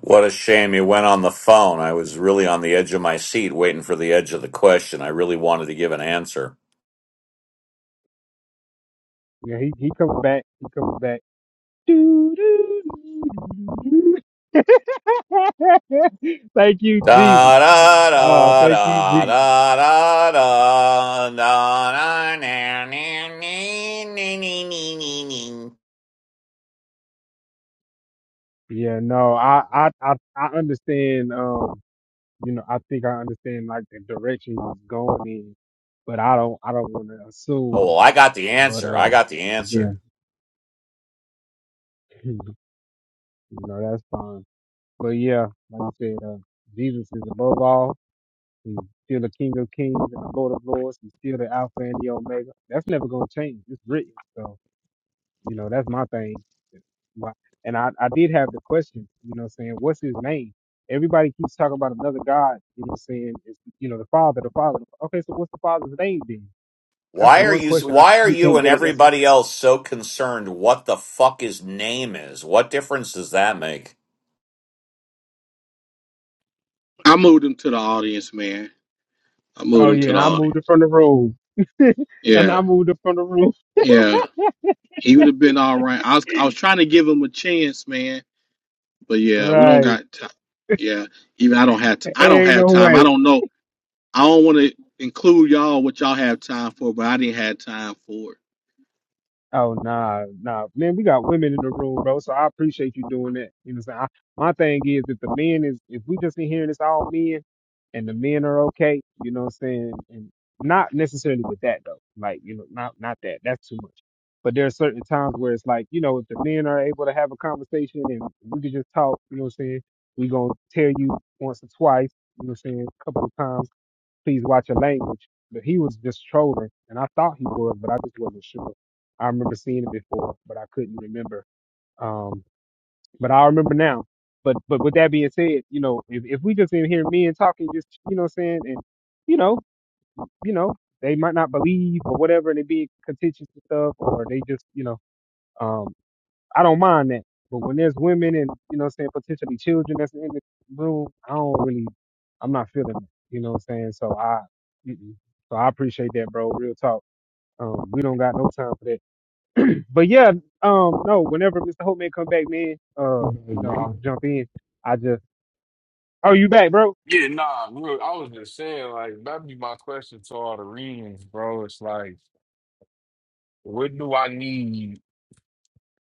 [SPEAKER 12] What a shame you went on the phone. I was really on the edge of my seat waiting for the edge of the question. I really wanted to give an answer.
[SPEAKER 1] Yeah, he, he comes back. He comes back. Do, do, do, do, do. thank you, Jesus.
[SPEAKER 12] Da da
[SPEAKER 1] Uh,
[SPEAKER 12] da
[SPEAKER 1] thank you,
[SPEAKER 12] da
[SPEAKER 1] Jesus.
[SPEAKER 12] da da da da da na, na, na, na, na, na, na, na.
[SPEAKER 1] Yeah, no, I, I, I, I understand. Um, you know, I think I understand like the direction he's going in, but I don't, I don't want to
[SPEAKER 12] Oh,
[SPEAKER 1] assume.
[SPEAKER 12] well, I got the
[SPEAKER 1] But
[SPEAKER 12] answer.
[SPEAKER 1] uh,
[SPEAKER 12] I got the
[SPEAKER 1] yeah,
[SPEAKER 12] answer.
[SPEAKER 1] you know, that's fine. But yeah, like I said, uh, Jesus is above all. He's still the King of Kings and the Lord of Lords. He's still the Alpha and the Omega. That's never gonna change. It's written. So. You know, that's my thing. Why- And I, I did have the question, you know, what I'm saying, what's his name? Everybody keeps talking about another God, you know, what I'm saying, it's, you know, the Father, the Father. Okay, so what's the Father's name then? That's the
[SPEAKER 12] Why are
[SPEAKER 1] one
[SPEAKER 12] you
[SPEAKER 1] question I
[SPEAKER 12] why are
[SPEAKER 1] still
[SPEAKER 12] you
[SPEAKER 1] can't
[SPEAKER 12] and
[SPEAKER 1] get an answer.
[SPEAKER 12] everybody else so concerned what the fuck his name is? What difference does that make?
[SPEAKER 13] I moved him to the audience, man. I moved
[SPEAKER 1] Oh
[SPEAKER 13] him
[SPEAKER 1] yeah,
[SPEAKER 13] to
[SPEAKER 1] and
[SPEAKER 13] the
[SPEAKER 1] I
[SPEAKER 13] audience.
[SPEAKER 1] moved it from the room, and
[SPEAKER 13] Yeah,
[SPEAKER 1] I moved it from the room.
[SPEAKER 13] yeah. He would have been all right. I was, I was trying to give him a chance, man. But yeah, we don't
[SPEAKER 1] Right,
[SPEAKER 13] got. T- yeah, even I don't have. T- I don't
[SPEAKER 1] ain't
[SPEAKER 13] have
[SPEAKER 1] no
[SPEAKER 13] time.
[SPEAKER 1] way.
[SPEAKER 13] I don't know. I don't want to include y'all what y'all have time for, but I didn't have time for it.
[SPEAKER 1] Oh nah, nah, man. We got women in the room, bro. So I appreciate you doing that. You know, what I'm saying I, my thing is if the men is if we just in here and it's all men and the men are okay, you know, what I'm saying, and not necessarily with that though. Like you know, not not that. That's too much. But there are certain times where it's like you know, if the men are able to have a conversation and we can just talk, you know, what I'm saying we gonna tell you once or twice, you know, what I'm saying a couple of times please watch your language. But he was just trolling, and I thought he was, but I just wasn't sure. I remember seeing it before, but I couldn't remember. Um, but I remember now. But but with that being said, you know, if, if we just in here men talking, just you know, what I'm saying, and you know, you know, they might not believe or whatever, and they be contentious and stuff, or they just you know. um, I don't mind that. But when there's women and, you know what I'm saying, potentially children that's in the room, I don't really, I'm not feeling it. You know what I'm saying? So I, mm-mm. so I appreciate that, bro. Real talk. Um, we don't got no time for that. But yeah, um, no, whenever Mr. Holtman come back, man, uh, you
[SPEAKER 6] Mhm,
[SPEAKER 1] know, we can
[SPEAKER 6] Bro.
[SPEAKER 1] jump in. I just, oh, you back, bro?
[SPEAKER 6] Yeah, nah, real, I was just saying, like, that'd be my question to all the readings, bro. It's like, what do I need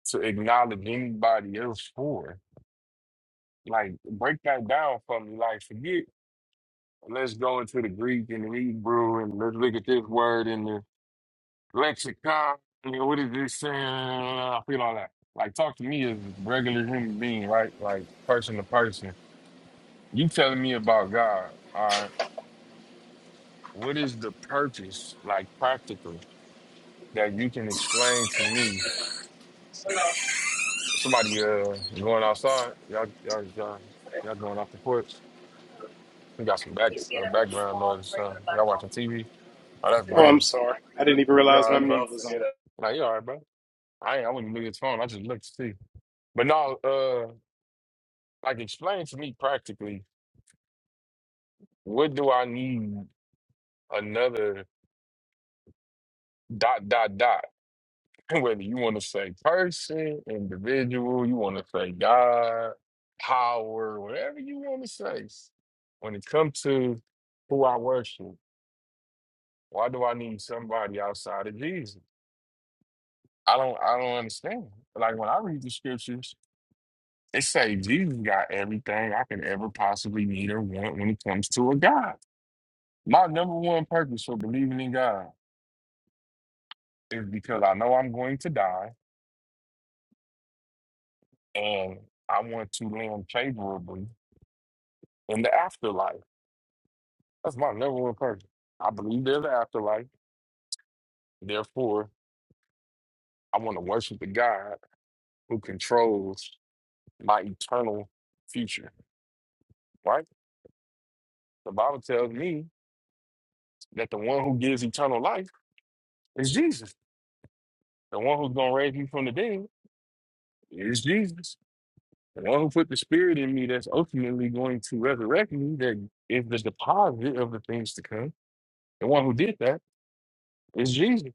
[SPEAKER 6] to acknowledge anybody else for? Like, break that down for me. Like, forget, let's go into the Greek and the Hebrew and let's look at this word in the lexicon. nigga, What is this saying? I feel all that. Like, talk to me as a regular human being, right? Like, person to person. You telling me about God, all right? What is the purpose, like, practical that you can explain to me? Somebody uh going outside, y'all, y'all, y'all, y'all going off the porch. We got some back uh, background noise. So y'all watching TV. Oh, that's
[SPEAKER 10] Oh, I'm
[SPEAKER 6] brand.
[SPEAKER 10] sorry. I didn't even
[SPEAKER 6] You
[SPEAKER 10] realize
[SPEAKER 6] all
[SPEAKER 10] my
[SPEAKER 6] right, bro?
[SPEAKER 10] mute was on.
[SPEAKER 6] Like, you all right, bro? I ain't, I wouldn't look at his phone. I just looked to see. But no, uh, Like, explain to me practically, what do I need another dot, dot, dot? Whether you want to say person, individual, you want to say God, power, whatever you want to say. When it comes to who I worship, why do I need somebody outside of Jesus? I don't, I don't understand. Like when I read the scriptures, it say Jesus got everything I could ever possibly need or want when it comes to a God. My number one purpose for believing in God. is because I know I'm going to die and I want to land favorably in the afterlife. That's my number one purpose. I believe there's an afterlife. Therefore, I want to worship the God who controls my eternal future, right? The Bible tells me that the one who gives eternal life is Jesus. The one who's going to raise me from the dead is Jesus. The one who put the spirit in me that's ultimately going to resurrect me, that is the deposit of the things to come. The one who did that It's Jesus,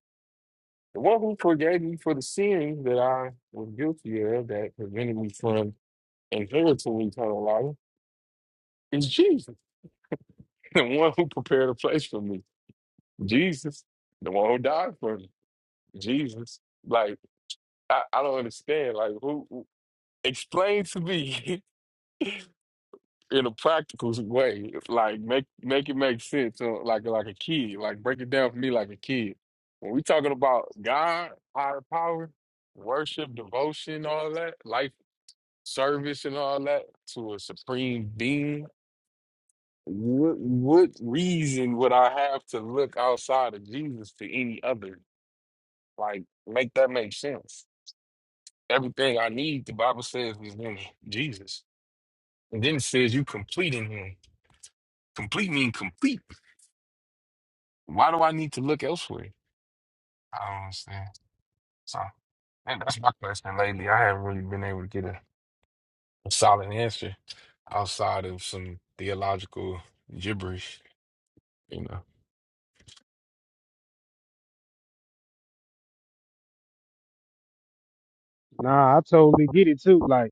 [SPEAKER 6] the one who forgave me for the sin that I was guilty of that prevented me from inheriting eternal life. It's Jesus, the one who prepared a place for me. Jesus, the one who died for me. Jesus, like I, I don't understand. Like who, who- explain to me in a practical way? Like make make it make sense. uh, Like like a kid. Like break it down for me like a kid. When we talking about God, higher power, worship, devotion, all that, life service and all that to a supreme being, what what reason would I have to look outside of Jesus to any other? Like, make that make sense. Everything I need, the Bible says, is in Jesus. And then it says you complete in him. Complete mean complete. Why do I need to look elsewhere? I don't understand. So and that's my question lately. I haven't really been able to get a, a solid answer outside of some theological gibberish. you know.
[SPEAKER 1] Nah, I totally get it too. Like,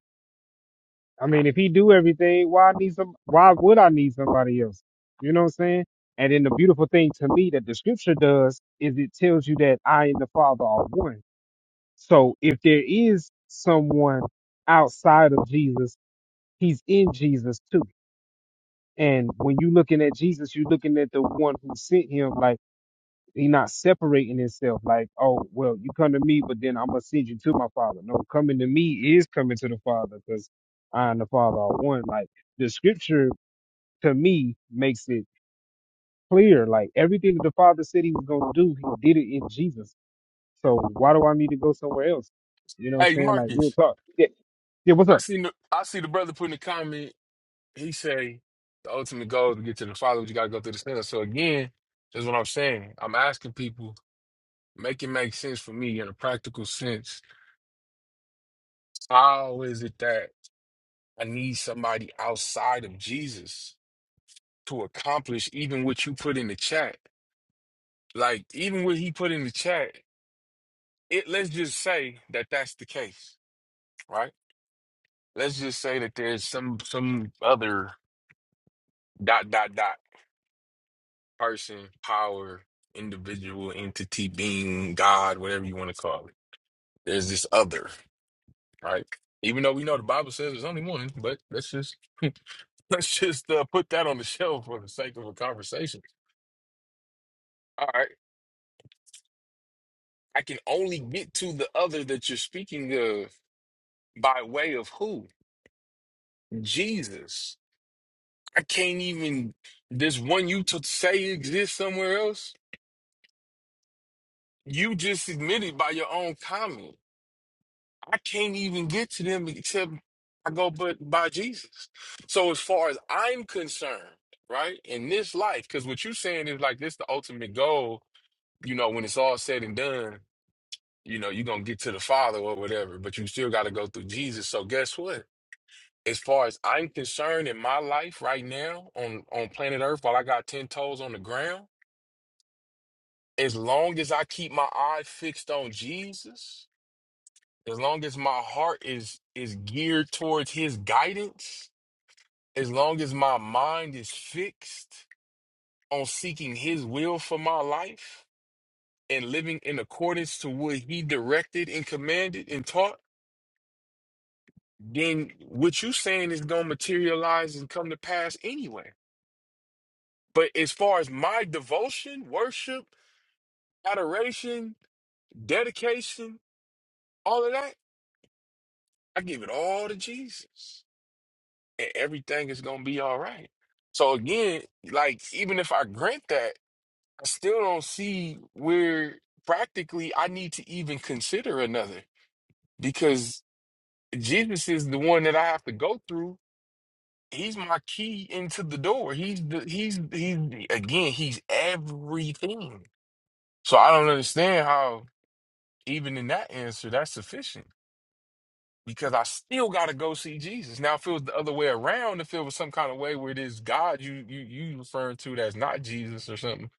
[SPEAKER 1] I mean, if he do everything, why I need some? Why would I need somebody else? You know what I'm saying? And then the beautiful thing to me that the scripture does is it tells you that I and the Father are one. So if there is someone outside of Jesus, he's in Jesus too. And when you're looking at Jesus, you're looking at the one who sent him. Like he not separating himself like, oh, well, you come to me, but then I'm gonna send you to my father. No, coming to me is coming to the father, because I and the father are one. Like the scripture to me makes it clear, like everything that the father said he was gonna do, he did it in Jesus. So why do I need to go somewhere else? You know what
[SPEAKER 6] Hey
[SPEAKER 1] I'm saying? Like real
[SPEAKER 6] Marcus,
[SPEAKER 1] talk. Yeah, yeah what's
[SPEAKER 6] I
[SPEAKER 1] up?
[SPEAKER 6] see the I see the brother putting a comment. He say the ultimate goal is to get to the Father, but you gotta go through the sinner. So again, that's what I'm saying. I'm asking people, make it make sense for me in a practical sense. How is it that I need somebody outside of Jesus to accomplish even what you put in the chat? Like even what he put in the chat. it let's just say that that's the case, right? Let's just say that there's some some other dot dot dot person, power, individual, entity, being, God, whatever you want to call it. There's this other, right? Even though we know the Bible says there's only one, but let's just let's just uh, put that on the shelf for the sake of a conversation. All right, I can only get to the other that you're speaking of by way of who? Jesus. I can't even this one you to say exists somewhere else. You just admitted by your own comment. I can't even get to them except I go but by Jesus. So as far as I'm concerned, right, in this life, because what you're saying is like this the ultimate goal, you know, when it's all said and done, you know, you're gonna get to the Father or whatever, but you still gotta go through Jesus. So guess what? As far as I'm concerned in my life right now on on planet Earth, while I got ten toes on the ground. as long as I keep my eye fixed on Jesus, as long as my heart is is geared towards his guidance, as long as my mind is fixed on seeking his will for my life and living in accordance to what he directed and commanded and taught, then what you saying is going to materialize and come to pass anyway. But as far as my devotion, worship, adoration, dedication, all of that, I give it all to Jesus. and everything is gonna be all right. So again, like even if I grant that, I still don't see where practically I need to even consider another because Jesus is the one that I have to go through. He's my key into the door. He's the he's he's again, he's everything. So I don't understand how even in that answer that's sufficient. because I still got to go see Jesus. Now, if it was the other way around, if it was some kind of way where it is God you you you referring to that's not Jesus or something,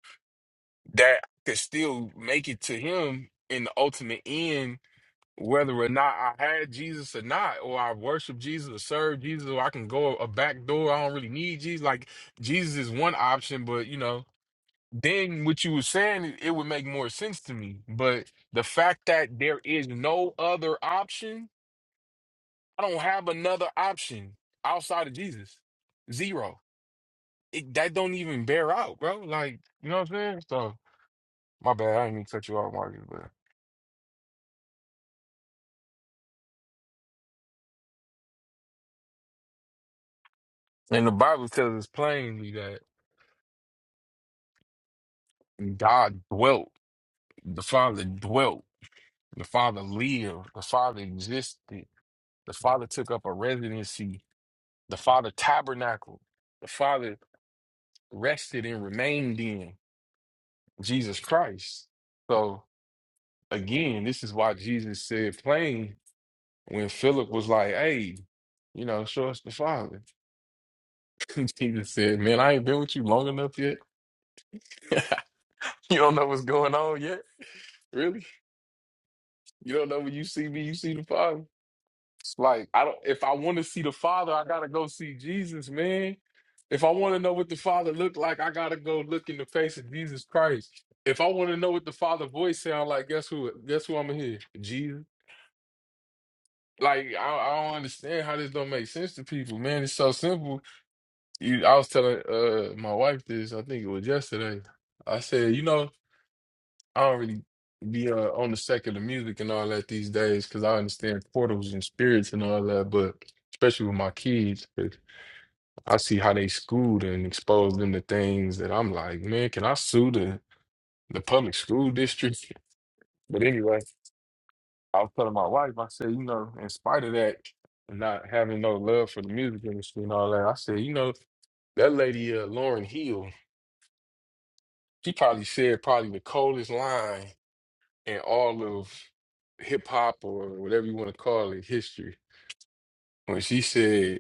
[SPEAKER 6] that I could still make it to Him in the ultimate end, whether or not I had Jesus or not, or I worship Jesus or serve Jesus, or I can go a back door. I don't really need Jesus. Like Jesus is one option, but you know. Then what you were saying, it it would make more sense to me. But the fact that there is no other option I don't have another option outside of Jesus. Zero. It, that don't even bear out, bro. Like, you know what I'm saying? So, my bad. I didn't mean to cut you off, Marcus. But and the Bible tells us plainly that God dwelt, the Father dwelt, the Father lived, the Father existed, the Father took up a residency, the Father tabernacled, the Father rested and remained in Jesus Christ. So again, this is why Jesus said plain. When Philip was like, hey, you know, show us the Father. Jesus said, man, I ain't been with you long enough yet. you don't know what's going on yet. Really? You don't know when you see me, you see the Father. It's like I don't. If I want to see the Father, I gotta go see Jesus, man. If I want to know what the Father looked like, I gotta go look in the face of Jesus Christ. If I want to know what the Father voice sound like, guess who? Guess who I'm gonna hear? Jesus. Like I, I don't understand how this don't make sense to people, man. It's so simple You, I was telling uh my wife this. I think it was yesterday. I said, you know, I don't really be uh, on the second of music and all that these days because I understand portals and spirits and all that, but especially with my kids, 'cause I see how they schooled and expose them to things that I'm like, man, can I sue the the public school district? But anyway, I was telling my wife, I said, you know, in spite of that, not having no love for the music industry and all that, I said, you know, that lady uh, Lauren Hill. She probably said probably the coldest line in all of hip hop or whatever you want to call it history when she said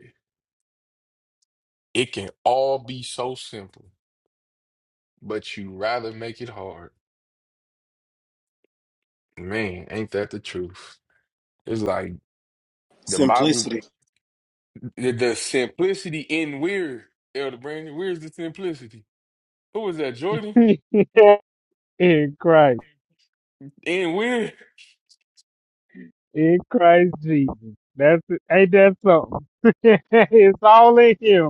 [SPEAKER 6] it can all be so simple, but you rather make it hard. Man, ain't that the truth? It's like the Bible,
[SPEAKER 10] Simplicity.
[SPEAKER 6] the, the simplicity in weird. Elder Brandon, where's the simplicity? Who was that, Jordan?
[SPEAKER 1] in Christ.
[SPEAKER 6] In weird.
[SPEAKER 1] In Christ Jesus. That's it. Ain't that something? it's all in him.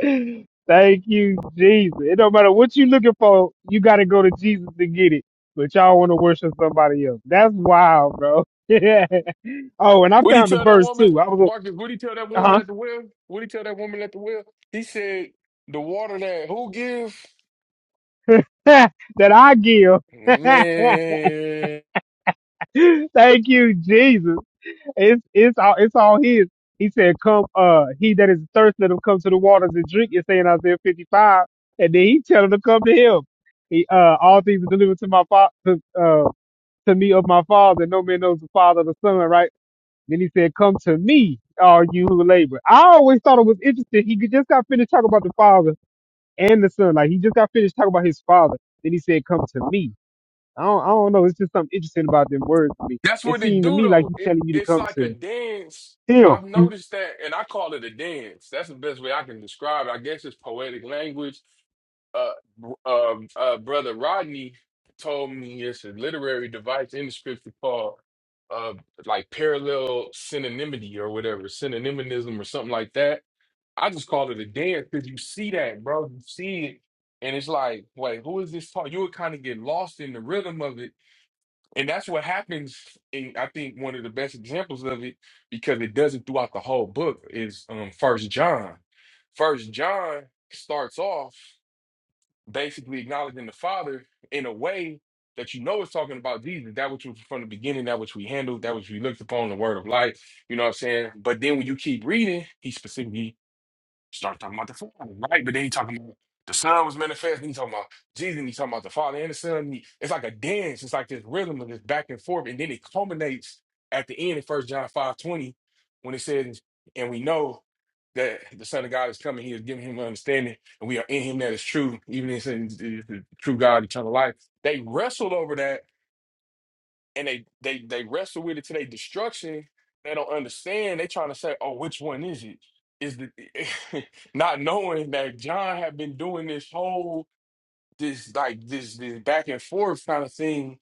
[SPEAKER 1] Thank you, Jesus. It don't matter what you looking for, you gotta go to Jesus to get it. But y'all wanna worship somebody else. That's wild, bro. oh, and I
[SPEAKER 6] What did he
[SPEAKER 1] found the
[SPEAKER 6] tell that
[SPEAKER 1] verse
[SPEAKER 6] woman,
[SPEAKER 1] too. I was
[SPEAKER 6] Marcus? What did he tell that woman
[SPEAKER 1] uh
[SPEAKER 6] at the well? What did he tell that woman at the well? He said, "The water that who give?
[SPEAKER 1] huh that I give.
[SPEAKER 6] Man,
[SPEAKER 1] Thank you, Jesus. It's it's all it's all his. He said, Come uh he that is thirsty, let him come to the waters and drink, it's saying Isaiah fifty five. And then he tell him to come to him. He uh all things are delivered to my father to me of my father. No man knows the father of the son, right? Then he said, Come to me, all you who labor. I always thought it was interesting. He just got finished talking about the father and the son. Like he just got finished talking about his father. Then he said, Come to me. I don't, I don't know. It's just something interesting about them words to me.
[SPEAKER 6] that's
[SPEAKER 1] It
[SPEAKER 6] what it
[SPEAKER 1] seemed to
[SPEAKER 6] do
[SPEAKER 1] me like
[SPEAKER 6] though.
[SPEAKER 1] he's
[SPEAKER 6] It
[SPEAKER 1] telling you to
[SPEAKER 6] it's
[SPEAKER 1] come
[SPEAKER 6] like a
[SPEAKER 1] to
[SPEAKER 6] dance. I've
[SPEAKER 1] him.
[SPEAKER 6] noticed that, and I call it a dance. That's the best way I can describe it. I guess it's poetic language. Uh, um, uh, brother Rodney told me it's a literary device in the scripture called uh, like parallel synonymity or whatever, synonymism or something like that. I just call it a dance because you see that, bro. You see it, and it's like, wait, who is this talk? You would kind of get lost in the rhythm of it And that's what happens. In, I think one of the best examples of it, because it does it throughout the whole book, is um First John. First John starts off basically acknowledging the Father in a way that you know is talking about Jesus, that which was from the beginning, that which we handled, that which we looked upon, the Word of Life. You know what I'm saying? But then when you keep reading, he specifically Start talking about the Father, right? But then he talking about the Son was manifest. And he talking about Jesus. And he talking about the Father and the Son. and he- it's like a dance. It's like this rhythm of this back and forth, and then it culminates at the end in First John five twenty when it says, "And we know that the Son of God is coming. He is giving him understanding, and we are in Him that is true, even in the true God, eternal life." They wrestled over that and they they they wrestle with it to their destruction. They don't understand. They trying to say, "Oh, which one is it?" Is the not knowing that John had been doing this whole this like this this back and forth kind of thing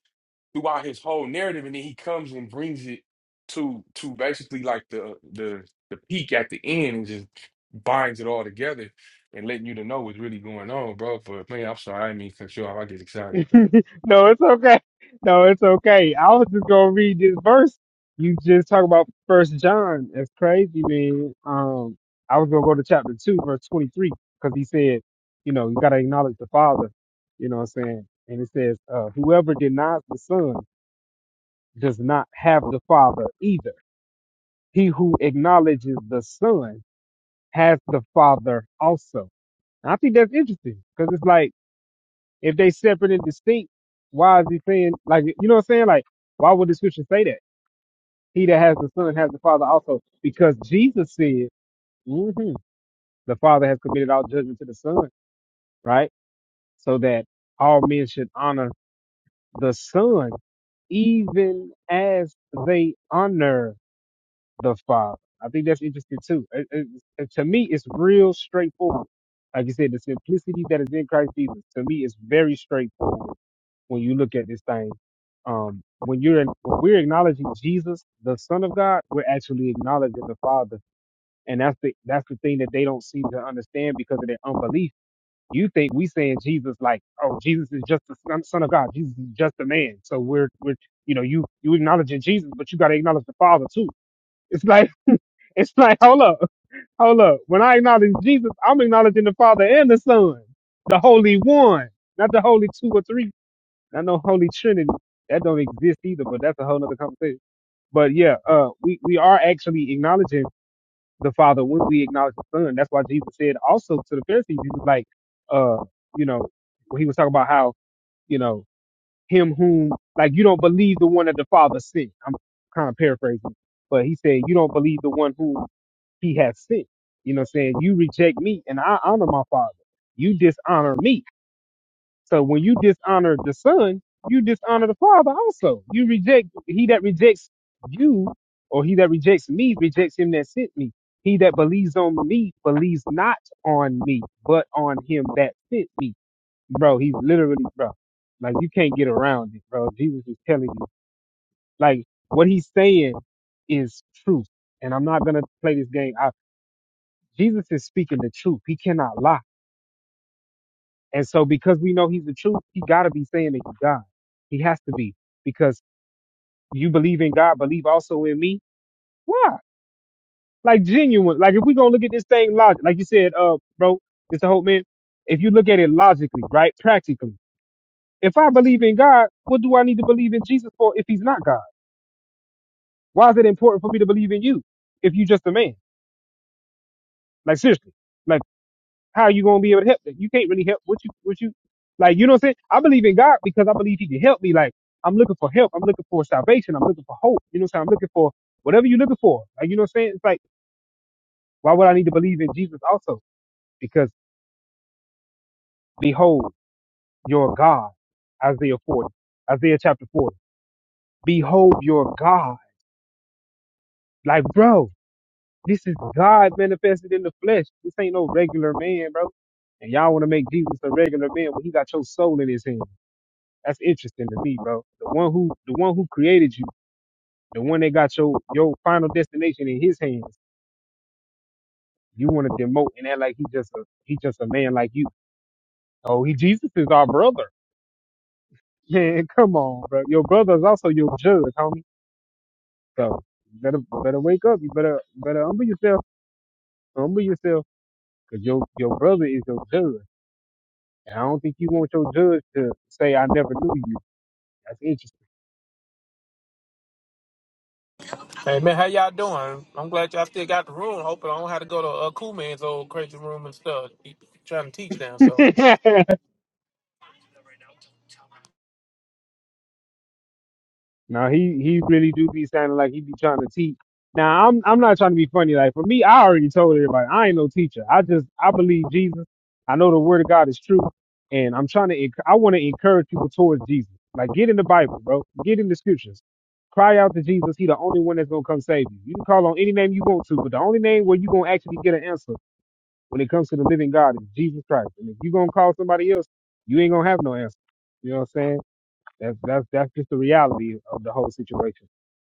[SPEAKER 6] throughout his whole narrative, and then he comes and brings it to to basically like the the the peak at the end and just binds it all together and letting you to know what's really going on, bro. But man, I'm sorry, I didn't mean to cut you off. I get excited.
[SPEAKER 1] no, it's okay. No, it's okay. I was just gonna read this verse. You just talk about First John. That's crazy, man. Um, I was gonna go to chapter two, verse twenty-three, because he said, you know, you gotta acknowledge the Father. You know what I'm saying? And it says, uh, whoever denies the Son does not have the Father either. He who acknowledges the Son has the Father also. And I think that's interesting because it's like. If they separate and distinct, why is he saying like you know what I'm saying? Like why would the scripture say that? He that has the son has the father also, because Jesus said, hmm the father has committed all judgment to the son, right? So that all men should honor the son even as they honor the Father. I think that's interesting too. It- it- it- to me, it's real straightforward. Like you said, the simplicity that is in Christ Jesus to me is very straightforward when you look at this thing. Um, when you're in, when we're acknowledging Jesus, the Son of God, we're actually acknowledging the Father, and that's the that's the thing that they don't seem to understand because of their unbelief. You think we saying Jesus like, oh, Jesus is just the Son Son of God. Jesus is just a man. So we're we're you know you you acknowledging Jesus, but you got to acknowledge the Father too. It's like it's like hold up, hold up. When I acknowledge Jesus, I'm acknowledging the Father and the Son, the Holy One, not the Holy Two or Three I know Holy Trinity that don't exist either, but that's a whole nother conversation. But yeah, uh, we we are actually acknowledging the Father when we acknowledge the Son. That's why Jesus said also to the Pharisees, he was like, uh, you know, when he was talking about how you know him whom like you don't believe the one that the Father sent. I'm kind of paraphrasing, but he said you don't believe the one whom he has sent. You know, what I'm saying you reject me and I honor my Father. You dishonor me so when you dishonor the son, you dishonor the father also. You reject he that rejects you, or he that rejects me rejects him that sent me. He that believes on me believes not on me, but on him that sent me. Bro, he's literally bro. Like you can't get around it, bro. Jesus is telling you. Like what he's saying is truth. And I'm not gonna play this game. I, Jesus is speaking the truth. He cannot lie. And so because we know he's the truth, he gotta be saying that he's God. He has to be. Because you believe in God, believe also in me. Why? Like genuine. Like if we gonna look at this thing logic, like you said, uh, bro, Mr. Hope man, if you look at it logically, right? Practically. If I believe in God, what do I need to believe in Jesus for if he's not God? Why is it important for me to believe in you if you just a man? Like seriously. like. how are you gonna be able to help them? You can't really help what you what you like you know what I'm saying? I believe in God because I believe he can help me. Like I'm looking for help, I'm looking for salvation, I'm looking for hope, you know what I'm saying? I'm looking for whatever you're looking for. Like you know what I'm saying? It's like why would I need to believe in Jesus also? Because behold your God, Isaiah 40, Isaiah chapter 40. Behold your God. Like, bro, this is God manifested in the flesh. This ain't no regular man, bro. And y'all want to make Jesus a regular man when he got your soul in his hand. That's interesting to me, bro. The one who the one who created you, the one that got your your final destination in his hands, you want to demote and act like he just a he just a man like you. Oh, he Jesus is our brother. Man, come on, bro. Your brother is also your judge, homie. So you better better wake up. You better better humble yourself. Humble yourself, cause your your brother is your judge. And I don't think you want your judge to say I never knew you.
[SPEAKER 5] Hey man, how y'all doing? I'm glad y'all still got the room. Hoping I don't have to go to uh, Cool Man's old crazy room and stuff. He trying to teach now,
[SPEAKER 1] That's
[SPEAKER 5] so
[SPEAKER 1] interesting. Now he he really do be sounding like he be trying to teach. Now I'm I'm not trying to be funny. Like for me, I already told everybody I ain't no teacher. I just I believe Jesus. I know the word of God is true, and I'm trying to enc- I want to encourage people towards Jesus. Like get in the Bible, bro. Get in the scriptures. Cry out to Jesus. He the only one that's gonna come save you. You can call on any name you want to, but the only name where you gonna actually get an answer when it comes to the living God is Jesus Christ. And if you gonna call somebody else, you ain't gonna have no answer. You know what I'm saying? That's that's that's just the reality of the whole situation.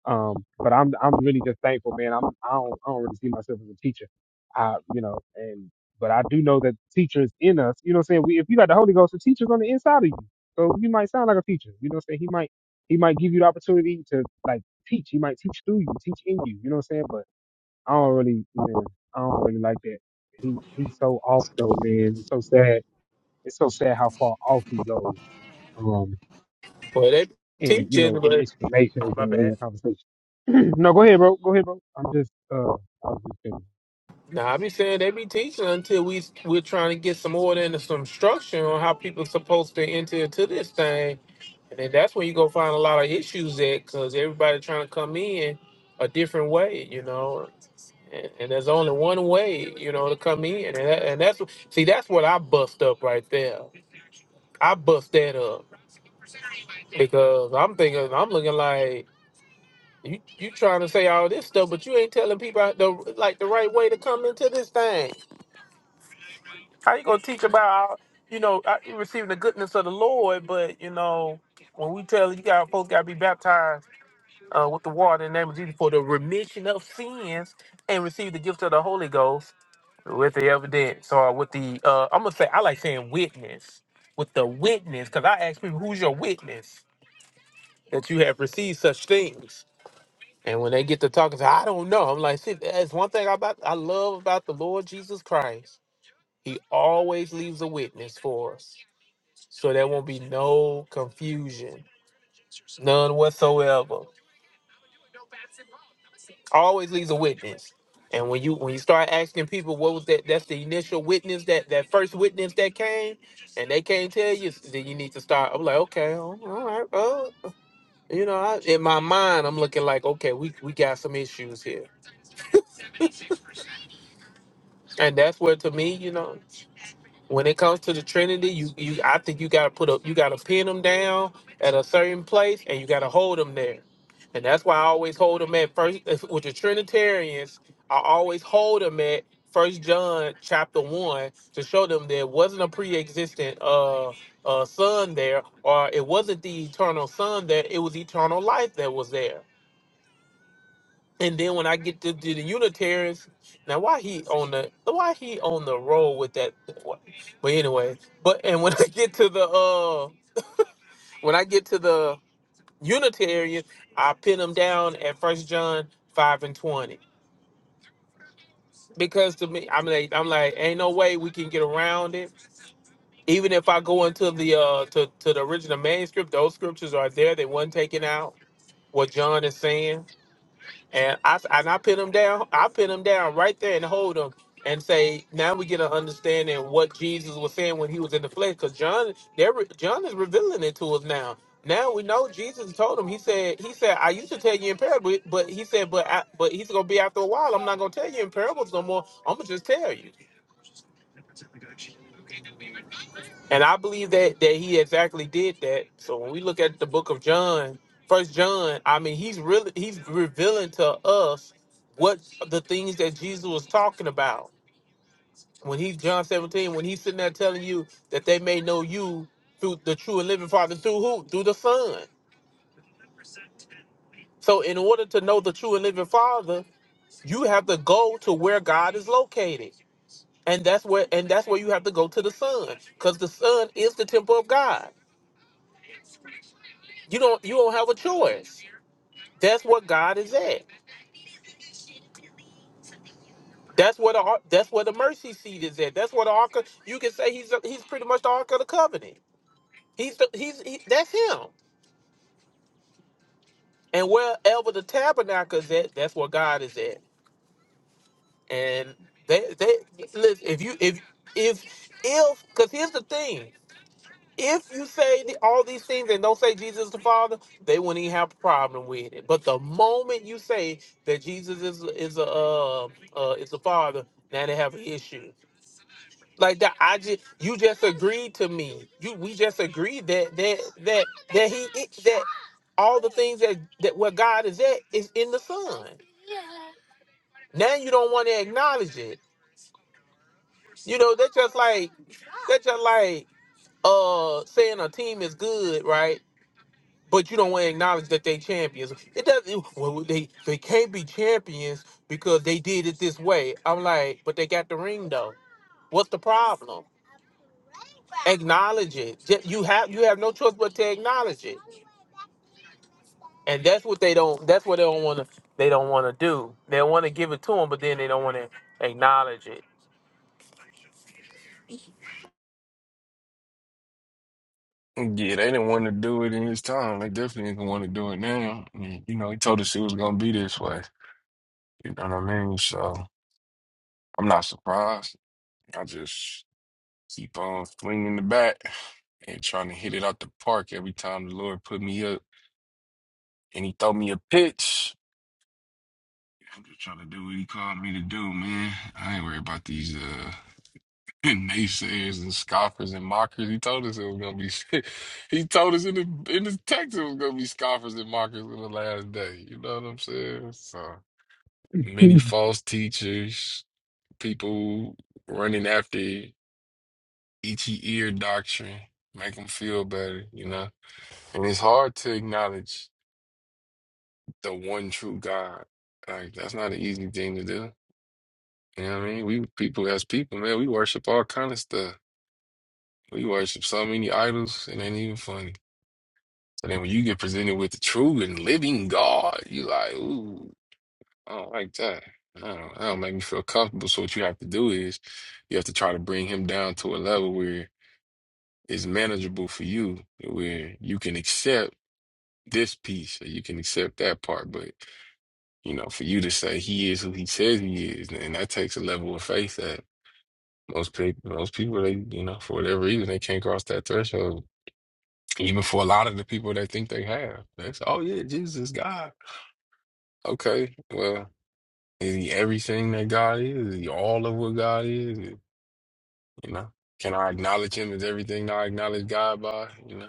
[SPEAKER 1] Um, but I'm I'm really just thankful, man. I'm I don't I don't really see myself as a teacher. I you know, and but I do know that teachers in us, you know what I'm saying? We if you got the Holy Ghost, the teacher's on the inside of you. So you might sound like a teacher. You know what I'm saying? He might he might give you the opportunity to like teach. He might teach through you, teach in you, you know what I'm saying? But I don't really man, I don't really like that. He he's so off though, man. It's so sad. It's so sad how far off he goes. Um
[SPEAKER 5] well they
[SPEAKER 1] in you know
[SPEAKER 5] teaching,
[SPEAKER 1] in
[SPEAKER 5] but
[SPEAKER 1] explanations
[SPEAKER 5] oh my
[SPEAKER 1] and in
[SPEAKER 5] bad.
[SPEAKER 1] the conversation. no, go ahead, bro. Go ahead, bro. I'm just uh, I was just kidding.
[SPEAKER 5] Nah, I be saying they be teaching until we we're trying to get some order and some structure on how people supposed to enter into this thing, and then that's when you go find a lot of issues at because everybody trying to come in a different way, you know. And, and there's only one way, you know, to come in, and, that, and that's see that's what I bust up right there I bust that up because I'm thinking I'm looking like you you trying to say all this stuff, but you ain't telling people out the like the right way to come into this thing. How you gonna teach about you know uh, you receiving the goodness of the Lord, but you know when we tell you got folks got to be baptized uh, with the water in the name of Jesus for the remission of sins and receive the gift of the Holy Ghost with the evidence or with the uh, I'm gonna say I like saying witness with the witness because I ask people who's your witness that you have received such things. And when they get to talking, say, I don't know. I'm like, see, that's one thing about I love about the Lord Jesus Christ. He always leaves a witness for us. So there won't be no confusion, none whatsoever. Always leaves a witness. And when you when you start asking people what was that, that's the initial witness that that first witness that came, and they can't tell you, then you need to start. I'm like, okay, all right, uh, you know, I, in my mind, I'm looking like, okay, we we got some issues here And that's where, to me, you know, when it comes to the Trinity, you, you, I think you gotta put a, you gotta pin them down at a certain place, and you gotta hold them there. And that's why I always hold them at first if- with the Trinitarians. I always hold them at First John chapter one to show them there wasn't a pre-existent uh, uh, son there, or it wasn't the eternal son there. It was eternal life that was there. And then when I get to, to the Unitarians, now why he on the why he on the roll with that? But anyway, but and when I get to the uh when I get to the Unitarian, I pin them down at First John five and twenty because to me I'm like I'm like ain't no way we can get around it. Even if I go into the uh to, to the original manuscript, those scriptures are there. They wasn't taken out. What John is saying. And I and I pin them down. I pin them down right there and hold them and say, now we get an understanding of what Jesus was saying when he was in the flesh. Because John, they're, re- John is revealing it to us now. Now we know Jesus told him. He said, he said, I used to tell you in parables, but he said, but I, but he's gonna be after a while. I'm not gonna tell you in parables no more. I'm gonna just tell you. And I believe that that he exactly did that. So when we look at the book of John, first John, I mean he's really he's revealing to us what the things that Jesus was talking about. When he's John 17, when he's sitting there telling you that they may know you through the true and living father through who? Through the Son. So in order to know the true and living father, you have to go to where God is located. And that's where and that's where you have to go to the Son. Because the Son is the temple of God. You don't you don't have a choice That's what God is at. That's what the ar- that's where the mercy seat is at. That's what the ark. Of, you can say he's he's pretty much the ark of the covenant. He's the, he's he, that's him. And wherever the tabernacle is at, that's where God is at. And they they listen. If you if if if because here's the thing. If you say the- all these things and don't say Jesus is the Father, they wouldn't even have a problem with it. But the moment you say that Jesus is is a uh, uh, is the Father, now they have an issue. Like that, I just you just agreed to me. You we just agreed that that that that he that all the things that that where God is at is in the Son. Now you don't want to acknowledge it. You know that's just like that's just like uh saying a team is good, right? But you don't want to acknowledge that they champions. It doesn't. Well, they they can't be champions because they did it this way. I'm like, but they got the ring though. What's the problem? acknowledge it. Ju- You have you have no choice but to acknowledge it, and that's what they don't. That's what they don't want to. They don't want to do. They want to give it to them, but then they don't want to acknowledge it.
[SPEAKER 6] Yeah, they didn't want to do it in his time. They definitely didn't want to do it now. And, you know, he told us it was gonna be this way. You know what I mean? So I'm not surprised. I just keep on swinging the bat and trying to hit it out the park every time the Lord put me up and he throw me a pitch. I'm just trying to do what he called me to do, man. I ain't worried about these. Uh, naysayers and scoffers and mockers. He told us it was gonna be. he told us in the in the text it was gonna be scoffers and mockers in the last day. You know what I'm saying? So many
[SPEAKER 1] you
[SPEAKER 6] false teachers, people running after itchy ear doctrine, make them feel better. You know, and it's hard to acknowledge the one true God. Like that's not an easy thing to do. You know what I mean? We people as people, man, we worship all kind of stuff. We worship so many idols, it ain't even funny. But then when you get presented with the true and living God, you like, ooh, I don't like that. I don't, that don't make me feel comfortable. So what you have to do is you have to try to bring him down to a level where it's manageable for you, where you can accept this piece or you can accept that part. But, you know, for you to say he is who he says he is, and that takes a level of faith that most people, most people, they, you know, for whatever reason, they can't cross that threshold. Even for a lot of the people that think they have, that's, oh yeah, Jesus is God. Okay, well, is he everything that God is? Is he all of what God is? You know, can I acknowledge him as everything I acknowledge God by? You know,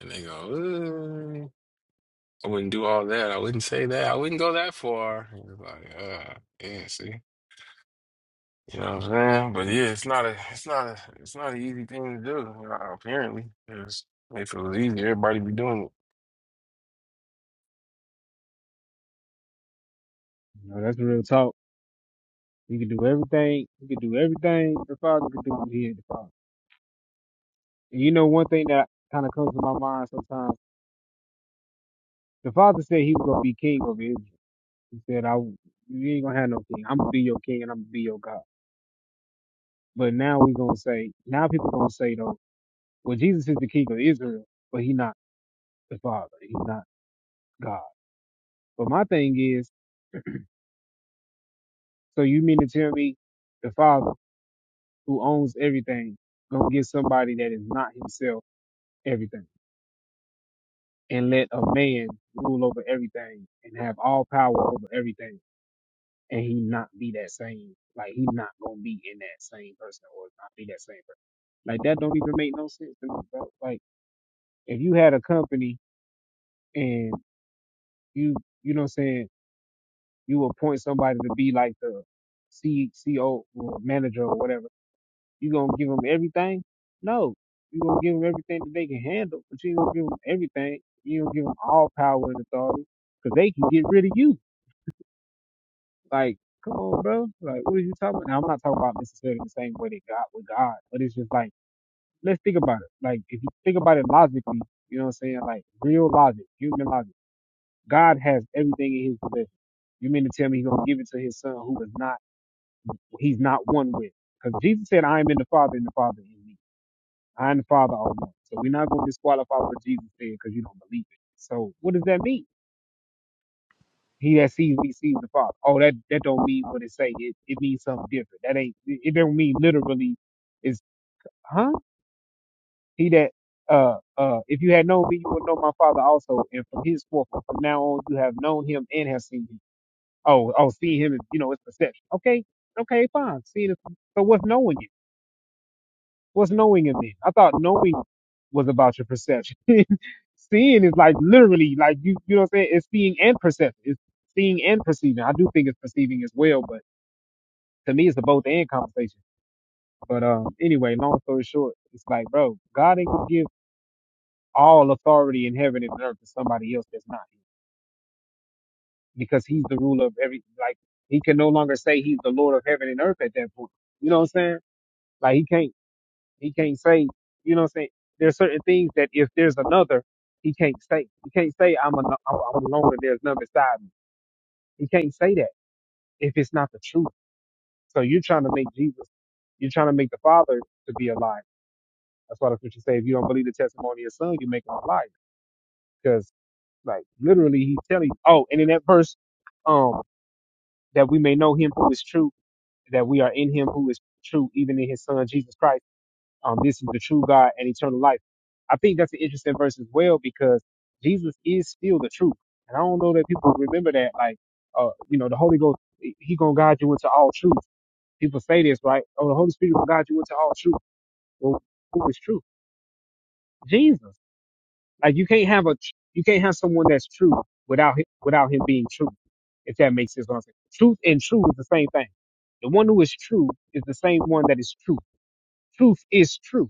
[SPEAKER 6] and they go, "Uh, I wouldn't do all that. I wouldn't say that. I wouldn't go that far. And it's like, uh, yeah, see, you know what I'm saying? But yeah, it's not a, it's not a, it's not an easy thing to do. uh, Apparently, 'cause if it was easy, everybody be doing
[SPEAKER 1] know, that's the real talk. He can do everything. He can do everything. The father can do what he had the father. And you know, one thing that kind of comes to my mind sometimes. The father said he was gonna be king over Israel. He said, "I you ain't gonna have no king. I'm gonna be your king and I'm gonna be your God." But now we gonna say now people gonna say though, well, Jesus is the king of Israel, but he not the father. He's not God. But my thing is. So you mean to tell me the Father who owns everything gonna give somebody that is not himself everything and let a man rule over everything and have all power over everything and he not be that same like he not gonna be in that same person or not be that same person. Like that don't even make no sense to me, bro. Like if you had a company and you you know what I'm saying, you appoint somebody to be like the C C O or manager or whatever You gonna give them everything? No. You gonna give them everything that they can handle, but you ain't gonna give them everything. You don't give them all power and authority, 'cause they can get rid of you. Like, come on, bro. Like, what are you talking? about? Now, I'm not talking about necessarily the same way that God with God, but it's just like, let's think about it. Like, if you think about it logically, you know what I'm saying? Like, real logic, human logic. God has everything in His possession. You mean to tell me He's gonna give it to His Son, who is not, He's not one with? Because Jesus said, "I am in the Father, and the Father in me." I and the Father are one. So we're not going to disqualify what Jesus said because you don't believe it. So what does that mean? He that sees me sees the Father. Oh, that that don't mean what it say. It it means something different. That ain't it it don't mean literally. It's huh? He that uh uh if you had known me, you would know my Father also. And from his forth from now on, you have known him and have seen him. Oh oh, seeing him is you know it's perception. Okay okay fine. Seeing is, so what's knowing it? What's knowing him then? I thought knowing. was about your perception. seeing is like literally like you you know what I'm saying. It's seeing and perception. It's seeing and perceiving. I do think it's perceiving as well, but to me it's a both and conversation. But um, anyway, long story short, it's like, bro, God ain't gonna give all authority in heaven and earth to somebody else that's not him, because He's the ruler of every. Like He can no longer say He's the Lord of heaven and earth at that point. You know what I'm saying? Like He can't. He can't say, you know what I'm saying? There's certain things that if there's another, he can't say. He can't say I'm a, I'm, I'm alone and there's none beside me. He can't say that if it's not the truth. So you're trying to make Jesus, you're trying to make the Father to be a liar. That's why the scripture say if you don't believe the testimony of the Son, you make him a liar. Because like literally he's telling you, oh, and in that verse, um, that we may know him who is true, that we are in him who is true, even in his son Jesus Christ Um, this is the true God and eternal life. I think that's an interesting verse as well because Jesus is still the truth, and I don't know that people remember that. Like, uh, you know, the Holy Ghost, he gonna guide you into all truth. People say this, right? Oh, the Holy Spirit will guide you into all truth. Well, who is truth? Jesus. Like, you can't have a, you can't have someone that's true without him, without him being true. If that makes sense, what I'm saying. Truth and true is the same thing. The one who is true is the same one that is true. Truth is true.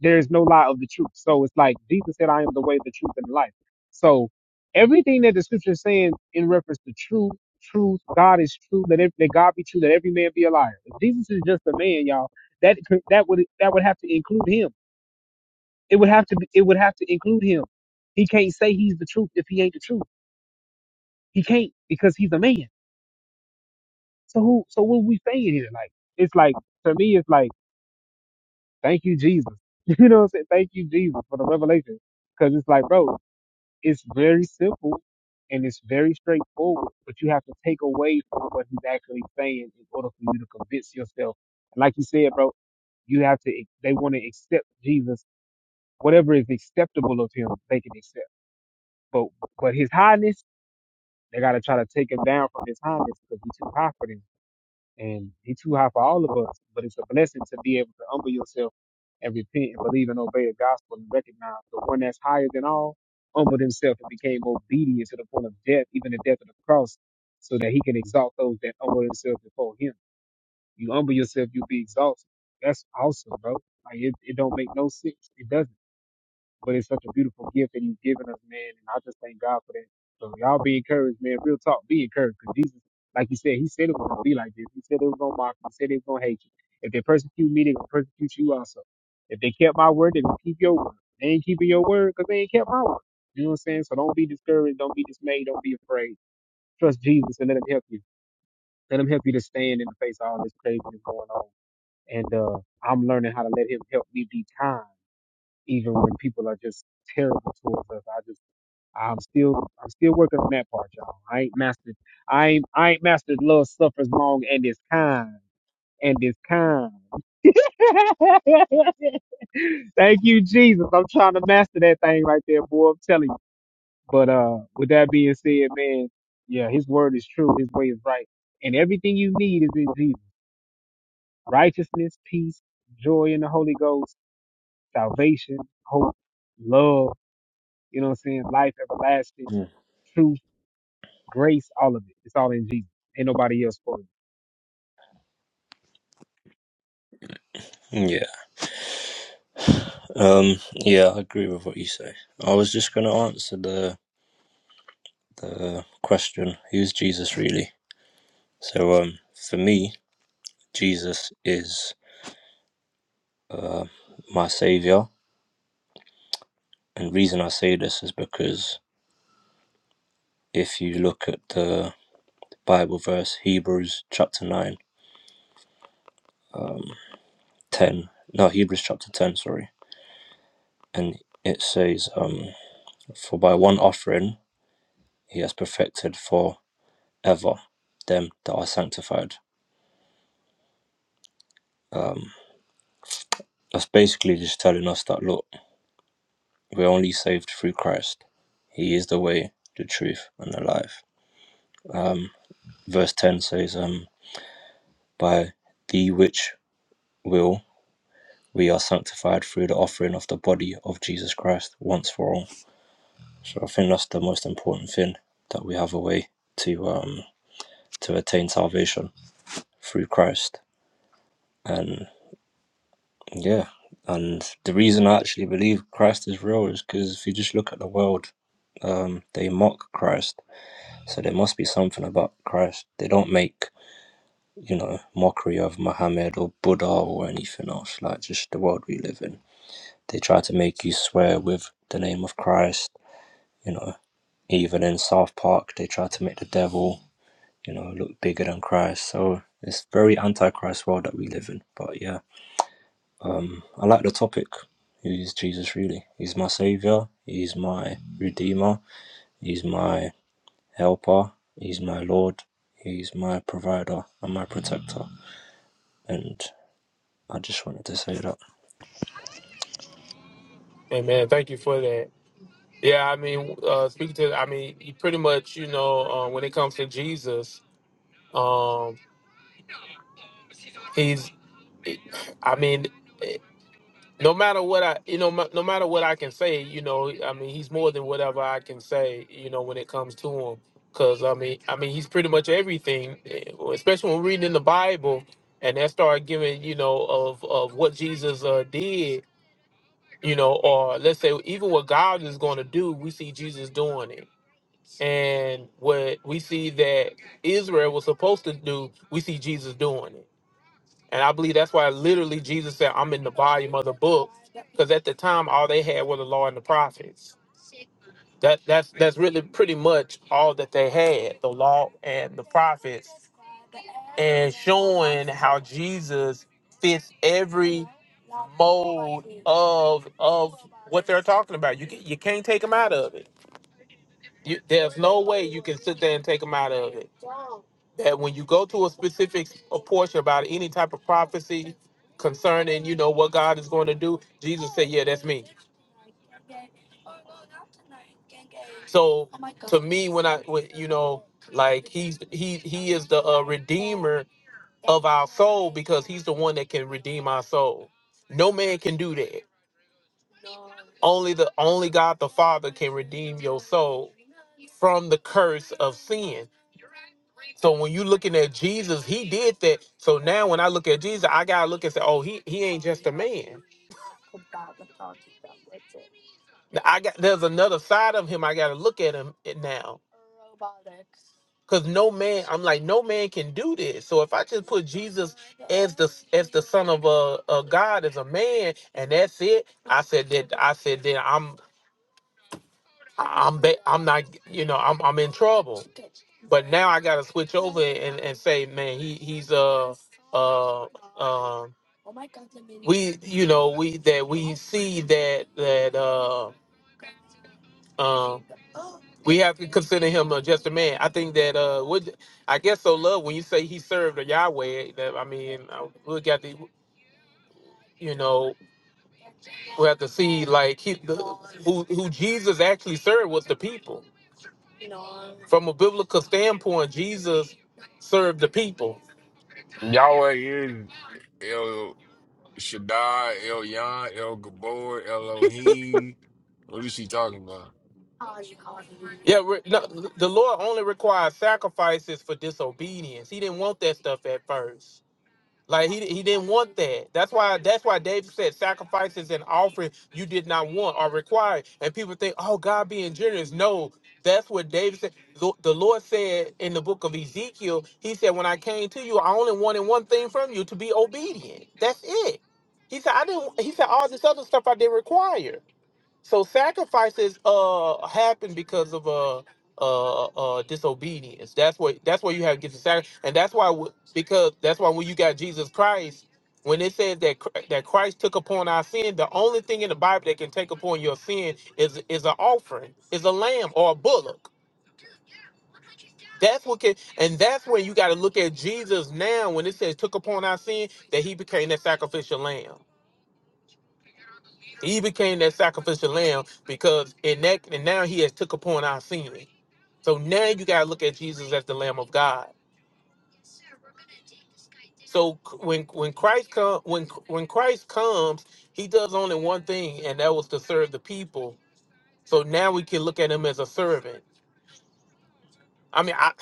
[SPEAKER 1] there is no lie of the truth. So it's like Jesus said, I am the way, the truth, and the life. So everything that the scripture is saying in reference to truth, truth, God is true, Let ev- that God be true, Let every man be a liar. If Jesus is just a man, y'all, that could- that would that would have to include him. It would have to be, it would have to include him. He can't say he's the truth if he ain't the truth. He can't because he's a man. So who so what we saying here? Like it's like to me it's like thank you Jesus. You know what I'm saying? Thank you Jesus for the revelation. Cause it's like bro, It's very simple and it's very straightforward, but you have to take away from what he's actually saying in order for you to convince yourself. And like you said, bro, you have to they want to accept Jesus whatever is acceptable of him they can accept but but his highness they got to try to take him down from his highness because he's too high for them and he too high for all of us. But it's a blessing to be able to humble yourself and repent and believe and obey the gospel and recognize the one that's higher than all humbled himself and became obedient to the point of death, even the death of the cross, so that he can exalt those that humble themselves before him. You humble yourself, you'll be exalted. That's awesome, bro. Like it, it don't make no sense. It doesn't. But it's such a beautiful gift that he's given us, man. And I just thank God for that. So y'all be encouraged, man. Real talk, be encouraged. Because Jesus, like you said, he said it was gonna be like this. He said it was gonna mock you. He said it was gonna hate you. If they persecute me, they're gonna persecute you also. If they kept my word, they're gonna keep your word. They ain't keeping your word because they ain't kept my word. You know what I'm saying? So don't be discouraged, don't be dismayed, don't be afraid. Trust Jesus and let him help you. Let him help you to stand in the face of all this craziness going on. And uh I'm learning how to let him help me be kind even when people are just terrible towards us. I just I'm still I'm still working on that part, y'all. I ain't mastered I ain't I ain't mastered love suffers long and is kind and is kind. Thank you, Jesus. I'm trying to master that thing right there, boy. I'm telling you. But uh with that being said, man, yeah, his word is true, his way is right. And everything you need is in Jesus. Righteousness, peace, joy in the Holy Ghost, salvation, hope, love You know what I'm saying? Life everlasting,
[SPEAKER 14] Mm.
[SPEAKER 1] truth, grace, all of it. It's all in Jesus. Ain't nobody else for it.
[SPEAKER 14] Yeah. Um. Yeah, I agree with what you say. I was just going to answer the the question: Who's Jesus really? So, um, for me, Jesus is uh, my savior, and reason I say this is because if you look at the Bible verse Hebrews chapter nine, um, ten. No, Hebrews chapter ten. Sorry, and it says, um, for by one offering he has perfected for ever them that are sanctified. Um, That's basically just telling us that look, we're only saved through Christ. He is the way, the truth, and the life. Um, verse ten says, um, by the which will we are sanctified through the offering of the body of Jesus Christ once for all. So I think that's the most important thing that we have a way to um to attain salvation through Christ. And yeah, and the reason I actually believe Christ is real is because if you just look at the world, um, they mock Christ So there must be something about Christ. They don't make, you know, mockery of Muhammad or Buddha or anything else, like just the world we live in. They try to make you swear with the name of Christ, you know. Even in South Park, they try to make the devil, you know, look bigger than Christ. So it's very anti-Christ world that we live in. But yeah, I like the topic. Who is Jesus really? He's my savior. He's my redeemer. He's my helper. He's my Lord. He's my provider and my protector. and I just wanted to say that.
[SPEAKER 5] Hey man, thank you for that. Yeah, I mean, uh, speaking to, I mean, you pretty much, you know, uh, when it comes to Jesus, um, he's, I mean, no matter what I, you know, ma- no matter what I can say, you know, I mean, he's more than whatever I can say, you know, when it comes to him, because I mean, I mean, he's pretty much everything, eh, especially when reading in the Bible, and that start giving, you know, of of what Jesus uh, did, you know, or let's say even what God is going to do, we see Jesus doing it, and what we see that Israel was supposed to do, we see Jesus doing it and I believe that's why literally Jesus said, I'm in the volume of the book. Because at the time all they had were the law and the prophets. That that's that's really pretty much all that they had, the law and the prophets. And showing how Jesus fits every mode of of what they're talking about. You can, you can't take them out of it. You, there's no way you can sit there and take them out of it that when you go to a specific a portion about any type of prophecy concerning you know what god is going to do jesus said yeah that's me so to me when i when, you know like he's he he is the uh, redeemer of our soul because he's the one that can redeem our soul no man can do that only the only god the father can redeem your soul from the curse of sin so when you looking at jesus he did that so now when i look at jesus i gotta look and say oh he he ain't just a man I got there's another side of him. I got to look at him now because no man. I'm like no man can do this. So if I just put Jesus as the as the son of a, a God as a man and that's it, I said that I said that I'm I'm ba- I'm not you know I'm I'm in trouble. But now I got to switch over and, and say man he he's uh uh um we you know we that we see that that uh um We have to consider him uh, just a man. I think that uh, would I guess so. Love when you say he served the Yahweh. That I mean, uh, we got the you know we have to see like he, the, who who Jesus actually served was the people. From a biblical standpoint, Jesus served the people.
[SPEAKER 6] it. Yahweh is. Shaddai, El El Gabor, Elohim. What is she talking about?
[SPEAKER 5] Yeah, re- no, the Lord only requires sacrifices for disobedience. He didn't want that stuff at first. Like he he didn't want that. That's why that's why David said sacrifices and offering you did not want are required. And people think, oh, God being generous. No, that's what David said. The, the Lord said in the book of Ezekiel, He said, When I came to you, I only wanted one thing from you to be obedient. That's it. He said, I didn't he said all this other stuff I didn't require. So sacrifices uh happen because of uh uh uh disobedience. That's what that's where you have to get the sacrifice, and that's why w- because that's why when you got Jesus Christ, when it says that Chr- that Christ took upon our sin, the only thing in the Bible that can take upon your sin is is an offering, is a lamb or a bullock. That's what can, and that's when you got to look at Jesus now. When it says took upon our sin, that He became that sacrificial lamb. He became that sacrificial lamb because in that and now he has took upon our sin. So now you gotta look at Jesus as the Lamb of God. So c- when when Christ come when when Christ comes, he does only one thing, and that was to serve the people. So now we can look at him as a servant. I mean, I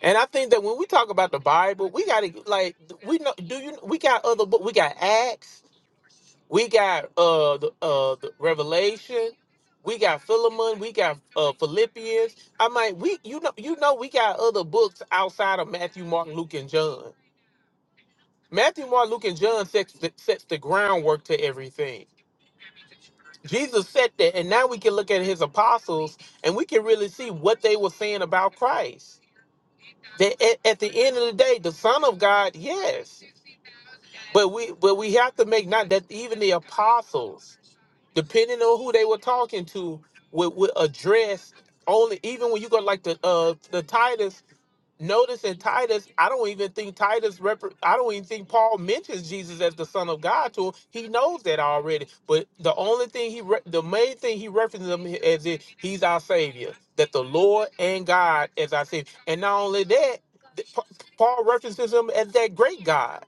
[SPEAKER 5] and I think that when we talk about the Bible, we gotta like we know do you we got other book we got Acts. We got uh the uh the Revelation, we got Philemon, we got uh Philippians. I mean, we you know you know we got other books outside of Matthew, Mark, Luke, and John. Matthew, Mark, Luke, and John sets the, sets the groundwork to everything. Jesus said that, and now we can look at his apostles and we can really see what they were saying about Christ. That at, at the end of the day, the Son of God, yes, but we but we have to make not that even the apostles. depending on who they were talking to, would, would address only even when you go like the uh the Titus. Notice in Titus, I don't even think Titus. Rep- I don't even think Paul mentions Jesus as the Son of God to him. He knows that already. But the only thing he, re- the main thing he references him as is he's our Savior, that the Lord and God as our Savior. And not only that, th- Pa- Paul references him as that great God,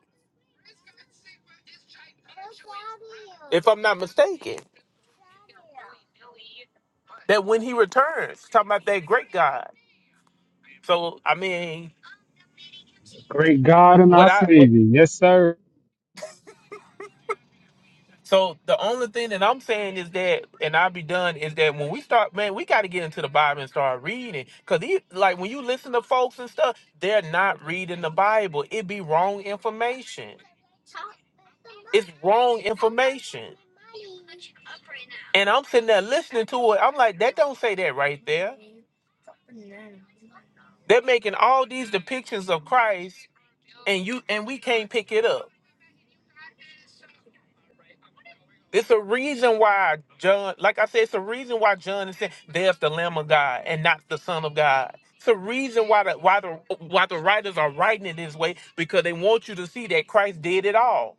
[SPEAKER 5] if I'm not mistaken. That when he returns, talking about that great God. So I mean,
[SPEAKER 1] Great God and
[SPEAKER 5] what
[SPEAKER 1] our
[SPEAKER 5] I what
[SPEAKER 1] Savior. Yes, sir.
[SPEAKER 5] so the only thing that I'm saying is that, and I'll be done, is that when we start, man, we got to get into the Bible and start reading. Cause these, like when you listen to folks and stuff, they're not reading the Bible. It be wrong information. It's wrong information. And I'm sitting there listening to it. I'm like, that don't say that right there. They're making all these depictions of Christ, and you and we can't pick it up. It's a reason why John, like I said, it's a reason why John is saying, "There's the Lamb of God and not the Son of God." It's a reason why the why the why the writers are writing it this way because they want you to see that Christ did it all.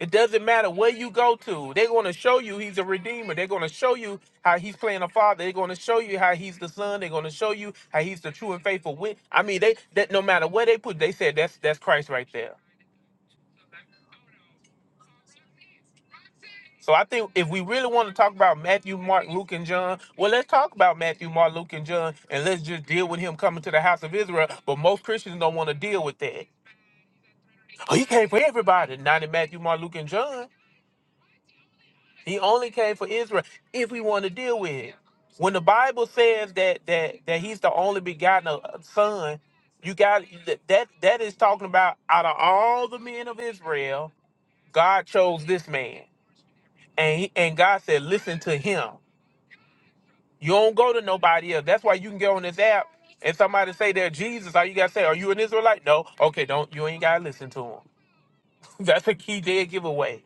[SPEAKER 5] It doesn't matter where you go to; they're going to show you He's a redeemer. They're going to show you how He's playing a father. They're going to show you how He's the Son. They're going to show you how He's the true and faithful witness. I mean, they that no matter where they put, they said that's that's Christ right there. So I think if we really want to talk about Matthew, Mark, Luke, and John, well, let's talk about Matthew, Mark, Luke, and John, and let's just deal with him coming to the house of Israel. But most Christians don't want to deal with that. Oh, he came for everybody, not in Matthew, Mark, Luke, and John. He only came for Israel if we want to deal with it. When the Bible says that that that he's the only begotten uh, son, you got that that is talking about out of all the men of Israel, God chose this man. And he, and God said, listen to him. You don't go to nobody else. That's why you can get on this app and somebody say they're Jesus. All you gotta say, are you an Israelite? No. Okay, don't you ain't gotta listen to them. That's a key dead giveaway.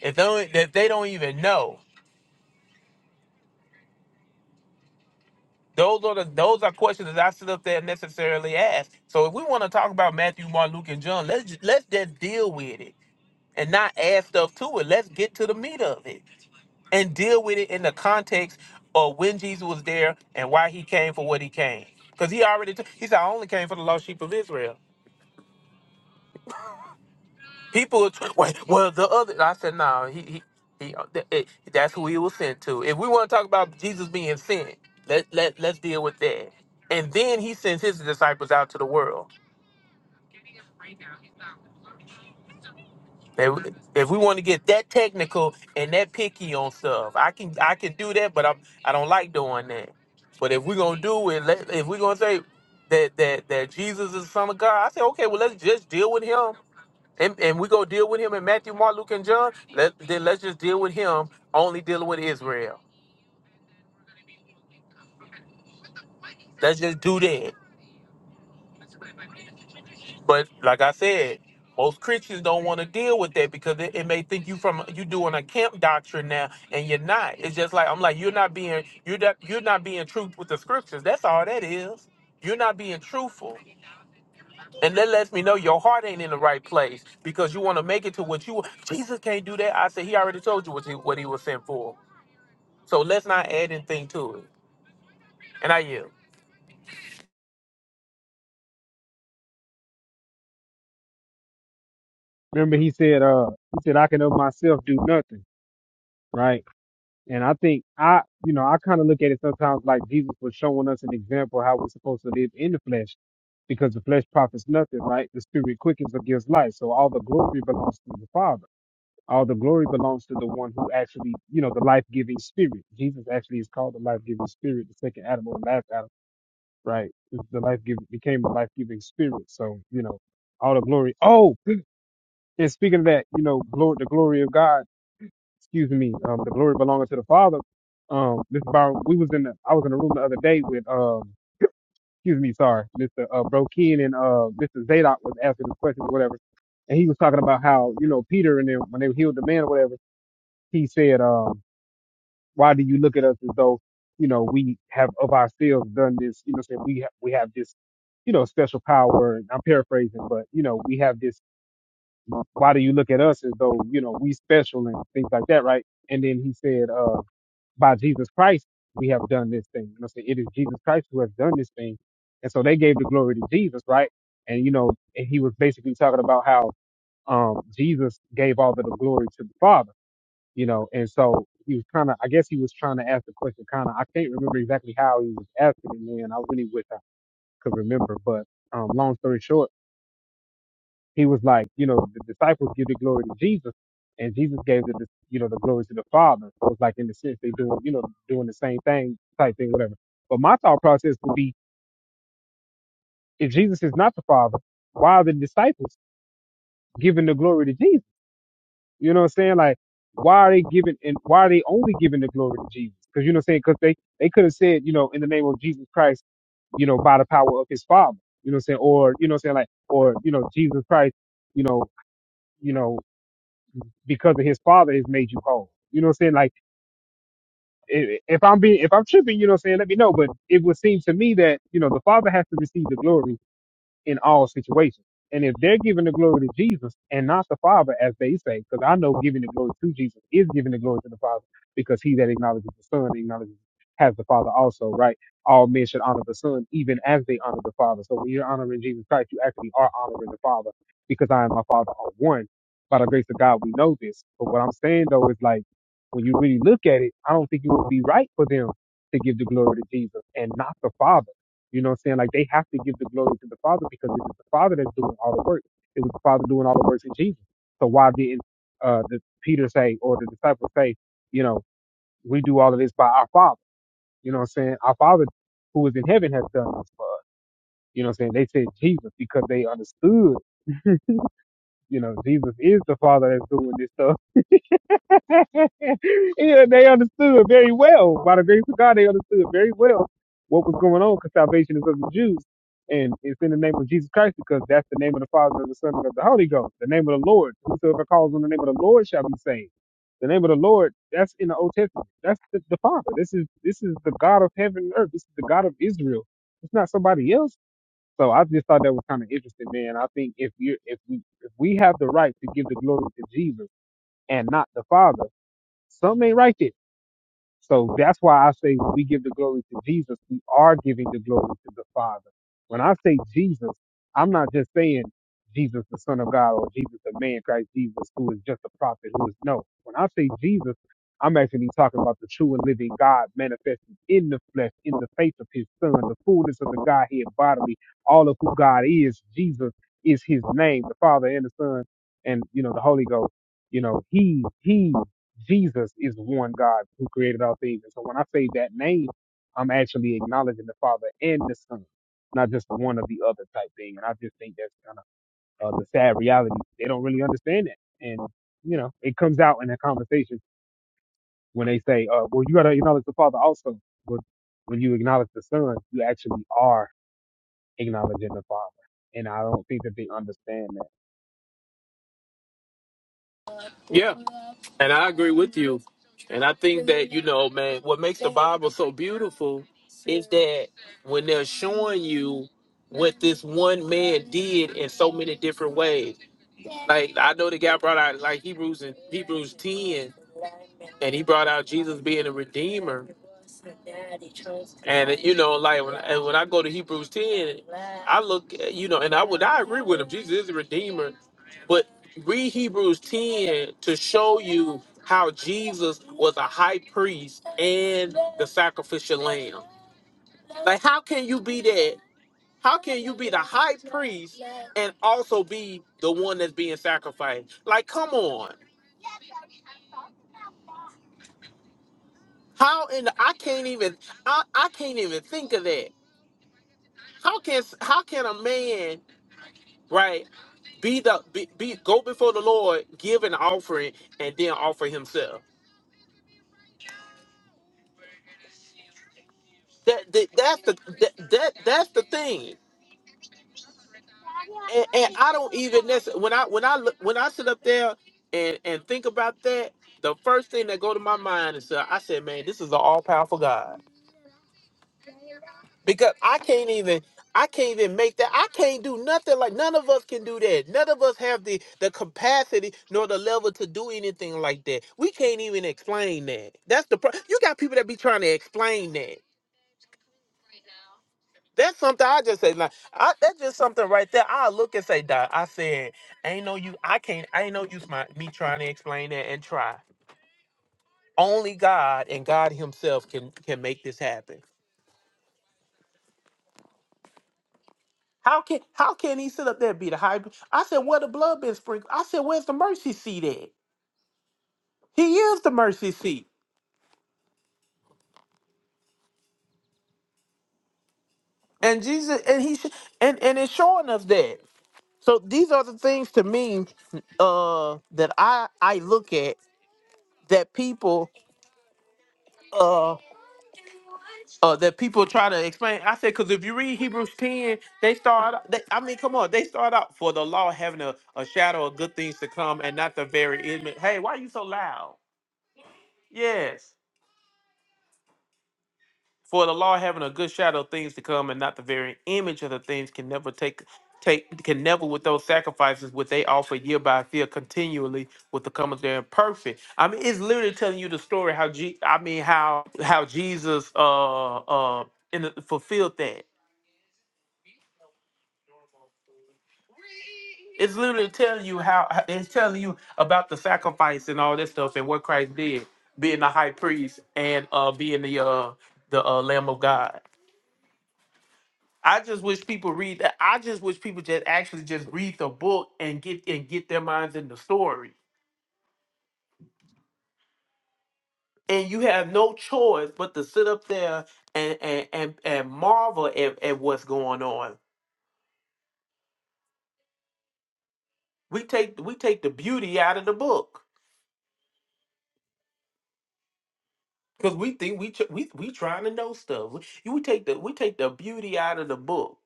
[SPEAKER 5] If they don't, if they don't even know, those are the those are questions that I sit up there and necessarily ask. So if we want to talk about Matthew, Mark, Luke, and John, let's ju- let's just deal with it and not add stuff to it. Let's get to the meat of it. and deal with it in the context of when Jesus was there and why he came for what he came. Because he already, t- he said, I only came for the lost sheep of Israel. People, were tw- well, well, the other, I said, no, he, he, he uh, th- it- that's who he was sent to. If we want to talk about Jesus being sent, let, let, let's deal with that. And then he sends his disciples out to the world. If, if we want to get that technical and that picky on stuff, I can I can do that, but I'm I don't like doing that. But if we're gonna do it, let, if we're gonna say that that that Jesus is the Son of God, I say okay, well let's just deal with him, and and we go deal with him in Matthew, Mark, Luke, and John. Let then let's just deal with him, only dealing with Israel. Let's just do that. But like I said, most Christians don't want to deal with that because it, it may think you from you doing a camp doctrine now, and you're not. It's just like I'm like you're not being you're not you're not being truth with the scriptures. That's all that is. You're not being truthful, and that lets me know your heart ain't in the right place because you want to make it to what you. Jesus can't do that. I said he already told you what he what he was sent for. So let's not add anything to it. And I yield.
[SPEAKER 1] Remember he said, uh, he said, I can of myself do nothing, right? And I think I, you know, I kind of look at it sometimes like Jesus was showing us an example how we're supposed to live in the flesh because the flesh profits nothing, right? The spirit quickens or gives life. So all the glory belongs to the Father. All the glory belongs to the one who actually, you know, the life giving spirit. Jesus actually is called the life giving spirit, the second Adam or the last Adam, right? The life giving became the life giving spirit. So, you know, all the glory. Oh, and speaking of that, you know, glory, the glory of God, excuse me, um, the glory belonging to the Father. Um, Mr. Byron, we was in the, I was in a room the other day with, um, excuse me, sorry, Mr. Uh, Brokin and, uh, Mr. Zadok was asking this question or whatever and he was talking about how you know Peter and then when they healed the man or whatever, he said, um, Why do you look at us as though, you know, we have of ourselves done this, you know, say we, ha- we have this, you know, special power. And I'm paraphrasing, but, you know, we have this, why do you look at us as though, you know, we special and things like that, right? And then he said, uh, by Jesus Christ, we have done this thing. You know, say it is Jesus Christ who has done this thing. And so they gave the glory to Jesus, right? And, you know, and he was basically talking about how, um, Jesus gave all of the glory to the Father you know, and so he was kind of, I guess he was trying to ask the question kind of, I can't remember exactly how he was asking it, man. I really wish I could remember, but, um, long story short, he was like, you know, the disciples give the glory to Jesus and Jesus gave the, dis- you know, the glory to the Father. So it's like in the sense they doing, you know, doing the same thing type thing, whatever. But my thought process would be, if Jesus is not the Father, why are the disciples giving the glory to Jesus? You know what I'm saying? Like, why are they giving and why are they only giving the glory to Jesus? Because you know what I'm saying? Because they they could have said, you know, in the name of Jesus Christ, you know, by the power of His Father. You know what I'm saying? Or you know what I'm saying? Like, or you know, Jesus Christ, you know, you know, because of His Father has made you whole. You know what I'm saying? Like, i- if I'm being if I'm tripping, you know what I'm saying? Let me know. But it would seem to me that you know the Father has to receive the glory in all situations. And if they're giving the glory to Jesus and not the Father, as they say, because I know giving the glory to Jesus is giving the glory to the Father, because he that acknowledges the Son acknowledges has the Father also, right? All men should honor the Son even as they honor the Father. So when you're honoring Jesus Christ, you actually are honoring the Father, because I and my Father are one. By the grace of God, we know this. But what I'm saying though is like, when you really look at it, I don't think it would be right for them to give the glory to Jesus and not the Father you know what I'm saying? Like they have to give the glory to the Father because it is the Father that's doing all the work. It was the Father doing all the works in Jesus. So why didn't uh the Peter say or the disciples say, you know, we do all of this by our Father. You know what I'm saying? Our Father who is in heaven has done this for us. You know what I'm saying? They said Jesus because they understood, you know, Jesus is the Father that's doing this stuff yeah, they understood very well. By the grace of God, they understood very well what was going on because salvation is of the Jews. And it's in the name of Jesus Christ because that's the name of the Father, and the Son, and of the Holy Ghost. The name of the Lord. Whosoever calls on the name of the Lord shall be saved. The name of the Lord, that's in the Old Testament. That's the, the Father. This is this is the God of heaven and earth. This is the God of Israel. It's not somebody else. So I just thought that was kind of interesting, man. I think if you if we if we have the right to give the glory to Jesus and not the Father some ain't right there. So that's why I say when we give the glory to Jesus, we are giving the glory to the Father. When I say Jesus, I'm not just saying Jesus, the Son of God, or Jesus, the man, Christ Jesus, who is just a prophet, who is no. When I say Jesus, I'm actually talking about the true and living God manifested in the flesh, in the face of his Son, the fullness of the Godhead bodily, all of who God is. Jesus is his name, the Father and the Son, and, you know, the Holy Ghost you know, he he Jesus is one God who created all things. And so when I say that name, I'm actually acknowledging the Father and the Son, not just one or the other type thing. And I just think that's kind of uh, the sad reality. They don't really understand it. And, you know, it comes out in a conversation when they say, uh, well, you got to acknowledge the Father also. But when you acknowledge the Son, you actually are acknowledging the Father. And I don't think that they understand that.
[SPEAKER 5] Yeah. And I agree with you. And I think that, you know, man, what makes the Bible so beautiful is that when they're showing you what this one man did in so many different ways. Like I know the guy brought out like Hebrews and Hebrews 10 and he brought out Jesus being a redeemer. And you know, like when, and when I go to Hebrews 10 I look, at- you know, and I would I agree with him. Jesus is the redeemer, but read Hebrews ten to show you how Jesus was a high priest and the sacrificial lamb. Like, how can you be that? How can you be the high priest and also be the one that's being sacrificed? Like, come on. How in the, I can't even I, I can't even think of that. How can how can a man right? Be the be, be go before the Lord, give an offering, and then offer Himself. That, that that's the that, that that's the thing. And, and I don't even necessarily when I when I look when I sit up there and and think about that, the first thing that go to my mind is uh, I said, man, this is an all powerful God. because I can't even I can't even make that. I can't do nothing like none of us can do that. None of us have the the capacity nor the level to do anything like that. We can't even explain that. That's the pro- you got people that be trying to explain that. That's something I just say like I, that's just something right there. I look and say, "Doc, I said, ain't no you. I can't. Ain't no use my me trying to explain that and try. Only God and God Himself can can make this happen." How can how can he sit up there and be the high? priest? I said, where the blood been sprinkled? I said, where's the mercy seat at? He is the mercy seat, and Jesus and he sh- and and it's showing us that. So these are the things to me uh, that I I look at that people uh, uh that people try to explain. I said because if you read Hebrews ten, they start. They, I mean, come on, they start out for the law having a, a shadow of good things to come, and not the very image. Hey, why are you so loud? Yes. For the law having a good shadow of things to come and not the very image of the things can never take take can never with those sacrifices which they offer year by year continually with the comers there imperfect. I mean it's literally telling you the story how G I mean how how Jesus uh uh in the, fulfilled that. It's literally telling you how how- it's telling you about the sacrifice and all that stuff and what Christ did, being the high priest and uh being the uh the uh, Lamb of God. I just wish people read that. I just wish people just actually just read the book and get and get their minds in the story. And you have no choice but to sit up there and and and, and marvel at, at what's going on. We take we take the beauty out of the book because we think we tr- we we trying to know stuff. We, you take the we take the beauty out of the book.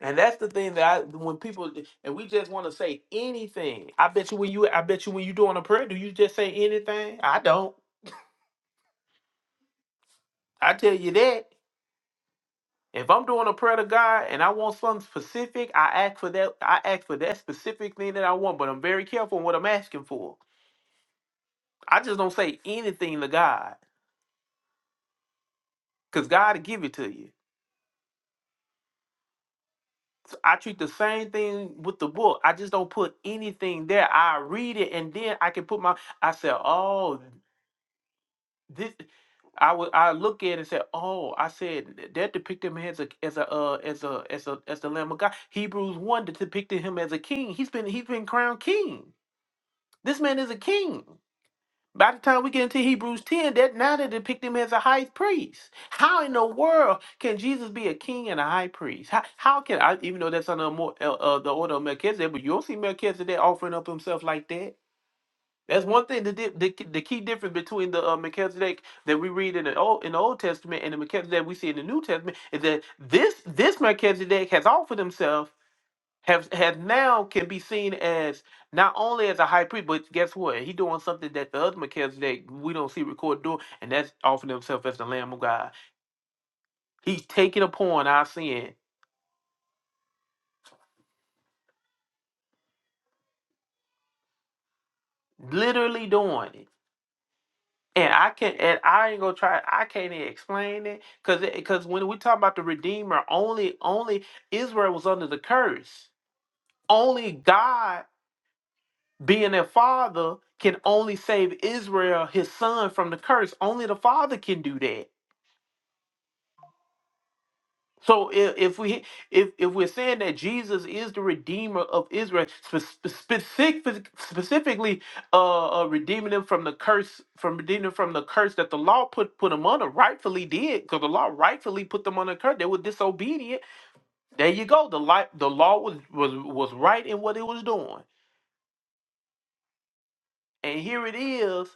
[SPEAKER 5] And that's the thing that I when people and we just want to say anything. I bet you when you I bet you when you doing a prayer, do you just say anything? I don't. I tell you that. If I'm doing a prayer to God and I want something specific, I ask for that. I ask for that specific thing that I want, but I'm very careful in what I'm asking for. I just don't say anything to God because God will give it to you. So I treat the same thing with the book. I just don't put anything there. I read it and then I can put my. I said, oh, this. I would I look at it and say, oh, I said that depicted him as a as a uh, as a as a as the Lamb of God. Hebrews one depicted him as a king. He's been he's been crowned king. This man is a king. By the time we get into Hebrews 10, that now they depict him as a high priest. How in the world can Jesus be a king and a high priest? How, how can I, even though that's under a more, uh, uh, the order of Melchizedek, but you don't see Melchizedek offering up himself like that. That's one thing. The, di- the, the key difference between the uh, Melchizedek that we read in the Old in the Old Testament and the Melchizedek we see in the New Testament is that this this Melchizedek has offered himself have have now can be seen as not only as a high priest, but guess what? He doing something that the other Melchizedek we don't see recorded doing, and that's offering himself as the Lamb of God. He's taking upon our sin, literally doing it. And I can and I ain't gonna try. I can't even explain it because because when we talk about the Redeemer, only only Israel was under the curse. Only God, being their Father, can only save Israel, His Son, from the curse. Only the Father can do that So if, if we if if we're saying that Jesus is the redeemer of Israel, spe- spe- specific, specifically uh, uh, redeeming them from the curse, from redeeming them from the curse that the law put put them under, rightfully did, because the law rightfully put them under curse. They were disobedient. There you go. The light, the law was was was right in what it was doing, and here it is.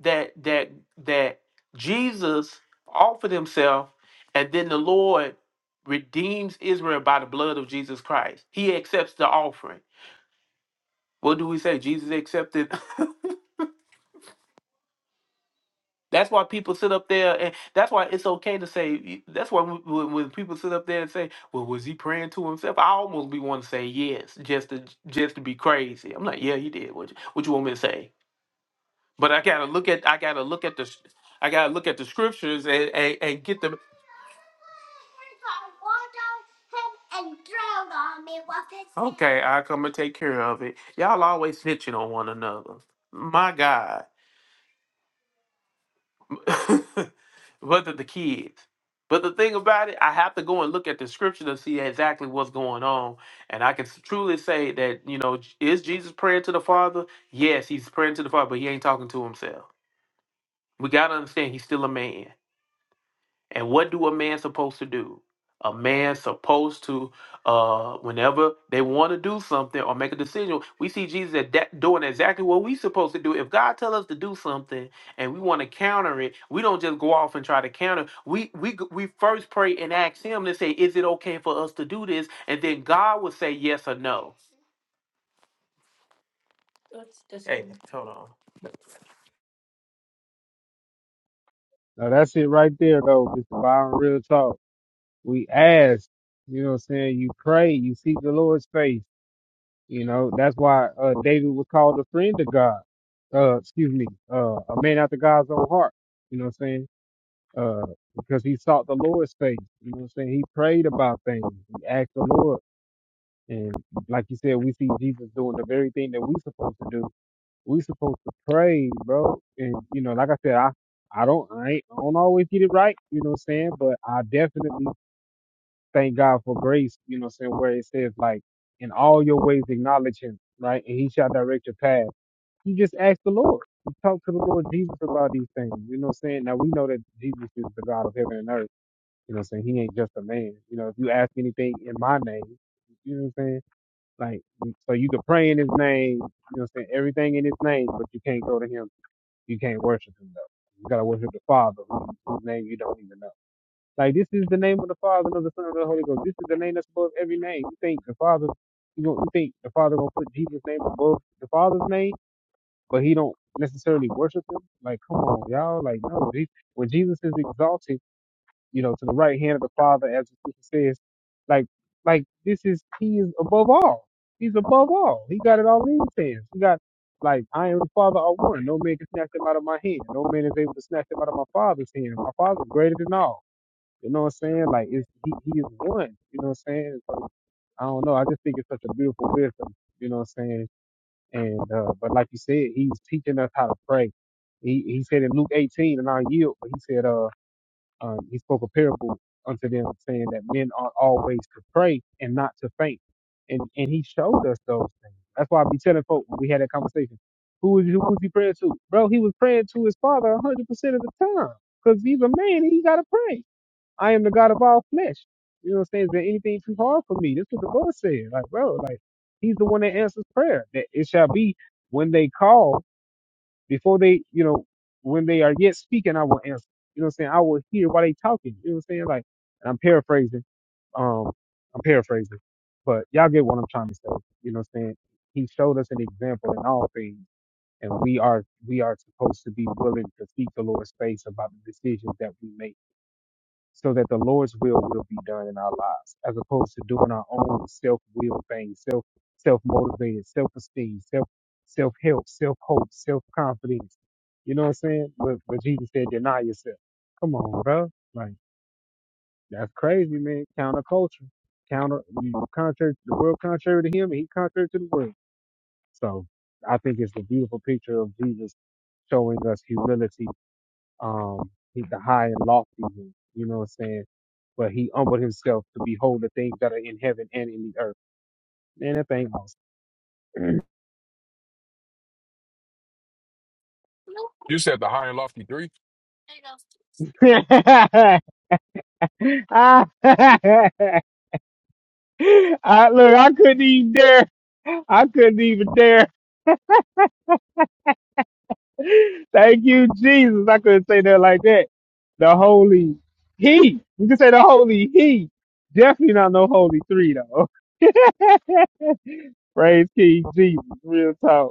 [SPEAKER 5] that that that Jesus offered himself and then the Lord redeems Israel by the blood of Jesus Christ. He accepts the offering. What do we say? Jesus accepted. that's why people sit up there and that's why it's okay to say that's why when, when when people sit up there and say, "Well, was he praying to himself?" I almost be want to say yes, just to just to be crazy. I'm like, "Yeah, he did." What you, what you want me to say? But I got to look at I got to look at the I gotta look at the scriptures and, and, and get the Okay, I come and take care of it. Y'all always snitching on one another. My God. Whether the kids. But the thing about it, I have to go and look at the scripture to see exactly what's going on. And I can truly say that, you know, is Jesus praying to the Father? Yes, he's praying to the Father, but he ain't talking to himself. We got to understand he's still a man. And what do a man supposed to do? A man supposed to, uh, whenever they want to do something or make a decision, we see Jesus at that doing exactly what we supposed to do. If God tell us to do something and we want to counter it, we don't just go off and try to counter. We we g- we first pray and ask Him to say, "Is it okay for us to do this?" And then God will say yes or no. That's that's Hey, good. hold on.
[SPEAKER 1] Now, that's it right there, though. Mr. Byron, real talk. we ask, you know what I'm saying? You pray, you seek the Lord's face. You know, that's why uh, David was called a friend of God. Uh, excuse me, uh, a man after God's own heart. You know what I'm saying? Uh, because he sought the Lord's face. You know what I'm saying? He prayed about things. He asked the Lord. And like you said, we see Jesus doing the very thing that we supposed to do. We supposed to pray, bro. And you know, like I said, I I don't I, ain't, I don't always get it right. You know what I'm saying? But I definitely thank God for grace, you know, saying where it says like in all your ways acknowledge him, right? And he shall direct your path. You just ask the Lord. You talk to the Lord Jesus about these things. You know what I'm saying? Now we know that Jesus is the God of heaven and earth. You know what I'm saying? He ain't just a man. You know, if you ask anything in my name, you know what I'm saying? Like so you can pray in his name, you know what I'm saying, everything in his name, but you can't go to him, you can't worship him though. You gotta worship the Father, whose name you don't even know. Like this is the name of the Father and of the Son and of the Holy Ghost. This is the name that's above every name. You think the Father, you don't, you think the Father gonna put Jesus' name above the Father's name, but he don't necessarily worship him. Like, come on, y'all. Like, no. Je- When Jesus is exalted, you know, to the right hand of the Father, as the scripture says, like, like this is he is above all. He's above all. He got it all in his hands. He got like I am the Father of one. No man can snatch Him out of my hand. No man is able to snatch Him out of my Father's hand. My Father's greater than all. You know what I'm saying? Like it's he, he is one. You know what I'm saying? So I don't know. I just think it's such a beautiful wisdom. You know what I'm saying? And uh, but like you said, he's teaching us how to pray. He he said in Luke 18, and I yield. But he said uh um, he spoke a parable unto them, saying that men ought always to pray and not to faint. And and he showed us those things. That's why I be telling folk when we had that conversation. Who was who was he praying to? Bro, he was praying to his father 100% of the time. Cause he's a man and he gotta pray. I am the God of all flesh. You know what I'm saying? Is there anything too hard for me? That's what the Lord said. Like, bro, like He's the one that answers prayer. That it shall be when they call, before they, you know, when they are yet speaking, I will answer. You know what I'm saying? I will hear while they talking. You know what I'm saying? Like, and I'm paraphrasing. Um, I'm paraphrasing, but y'all get what I'm trying to say. You know what I'm saying? He showed us an example in all things, and we are we are supposed to be willing to seek the Lord's face about the decisions that we make so that the Lord's will will be done in our lives, as opposed to doing our own self-will things, self self-motivated, self-esteem, self self-help, self-hope, self-confidence. You know what I'm saying? But, but Jesus said, deny yourself. Come on, bro. Like that's crazy, man. Counterculture, counter, you know, contrary to the world, contrary to him, and he contrary to the world. So I think it's the beautiful picture of Jesus showing us humility um, he's the high and lofty one, you know what I'm saying? But he humbled himself to behold the things that are in heaven and in the earth. Man, that thing awesome.
[SPEAKER 6] You said the high and lofty three.
[SPEAKER 1] I, I- look, I couldn't even dare. I couldn't even dare. Thank you, Jesus. I couldn't say that like that. The holy he. You can say the holy he. Definitely not no holy three though. Praise King Jesus. Real talk.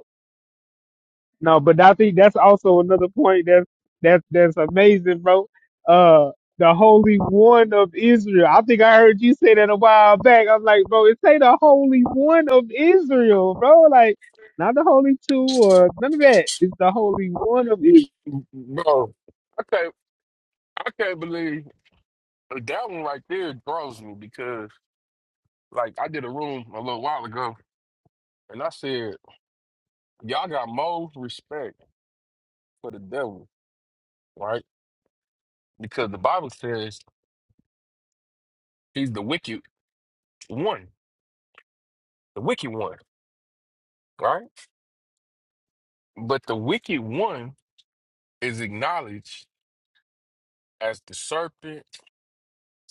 [SPEAKER 1] No, but I think that's also another point that's that's that's amazing, bro. Uh the Holy One of Israel. I think I heard you say that a while back. I'm like, bro, it say the Holy One of Israel, bro. Like not the Holy Two or none of that. It's the Holy One of
[SPEAKER 6] Bro, I can't. I can't believe like, that one right there draws me because, like, I did a room a little while ago, and I said y'all got more respect for the devil, right? Because the Bible says he's the wicked one, the wicked one, right? But the wicked one is acknowledged as the serpent,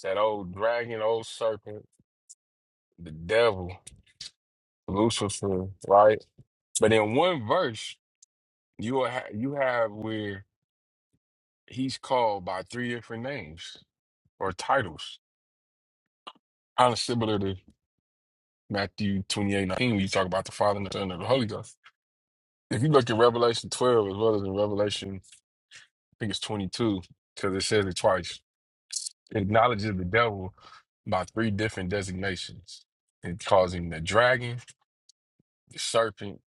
[SPEAKER 6] that old dragon, old serpent. the devil, Lucifer, right? But in one verse, you will ha- you have where he's called by three different names or titles, kind of similar to Matthew twenty-eight nineteen, 19, when you talk about the Father and the Son and the Holy Ghost. If you look at Revelation 12 as well as in Revelation, I think it's 22, because it says it twice, it acknowledges the devil by three different designations. It calls him the dragon, the serpent,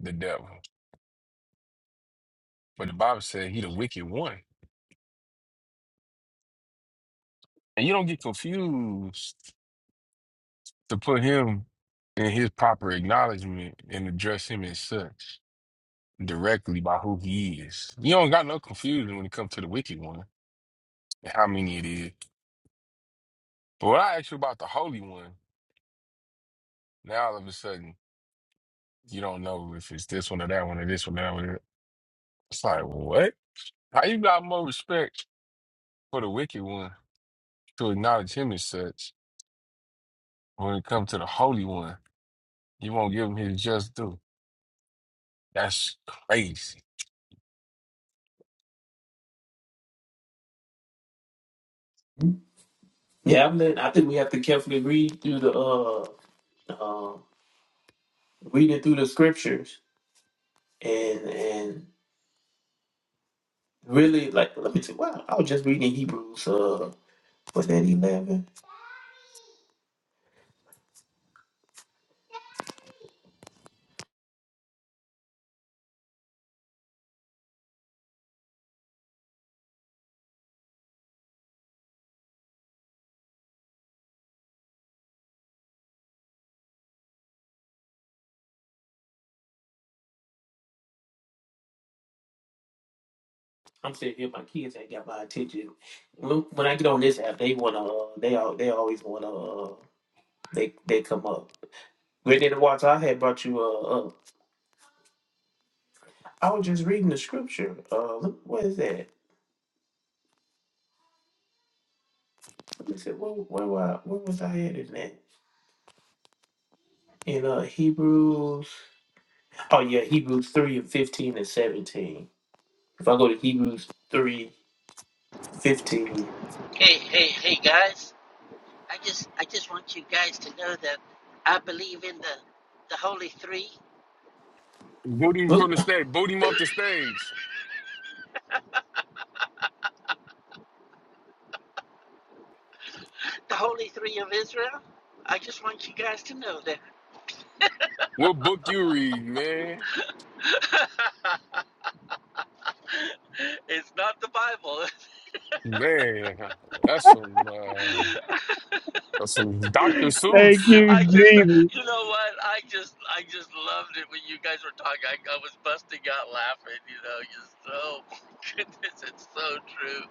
[SPEAKER 6] the devil. But the Bible said he the wicked one And you don't get confused to put him in his proper acknowledgement and address him as such directly by who he is. You don't got no confusion when it comes to the wicked one and how many it is. But when I ask you about the holy one, now all of a sudden you don't know if it's this one or that one or this one or that one. It's like, what? How you got more respect for the wicked one to acknowledge him as such when it comes to the holy one? You won't give him his just due. That's crazy.
[SPEAKER 5] Yeah, I mean, I think we have to carefully read through the uh, uh reading through the scriptures and and. Really, like, let me tell you, wow, I was just reading Hebrews, uh, what's that, 11? I'm sitting here, my kids ain't got my attention. When, when I get on this app, they wanna, uh, they all, they always wanna, uh, they, they come up. Great day to watch, I had brought you, uh, up. I was just reading the scripture, uh, look, what is that? Let me see, where, where, were I- where was I at in that? In, uh, Hebrews, oh yeah, Hebrews 3 and 15 and 17. If I go to Hebrews three, fifteen. 15,
[SPEAKER 15] Hey, hey, hey, guys! I just, I just want you guys to know that I believe in the, the Holy Three,
[SPEAKER 6] Boot him from the
[SPEAKER 5] look,
[SPEAKER 6] stage. Boot him off the stage.
[SPEAKER 15] the Holy Three of Israel. I just want you guys to know that
[SPEAKER 6] What book you read, man?
[SPEAKER 15] it's not the Bible.
[SPEAKER 6] Man, that's some uh, that's some Dr.
[SPEAKER 1] Israel. Thank
[SPEAKER 6] Seuss.
[SPEAKER 1] you,
[SPEAKER 15] I just,
[SPEAKER 1] Jesus.
[SPEAKER 15] you know what? I just, I just loved it when you guys were talking. I, I was busting out laughing. You know, just oh my goodness, it's so true.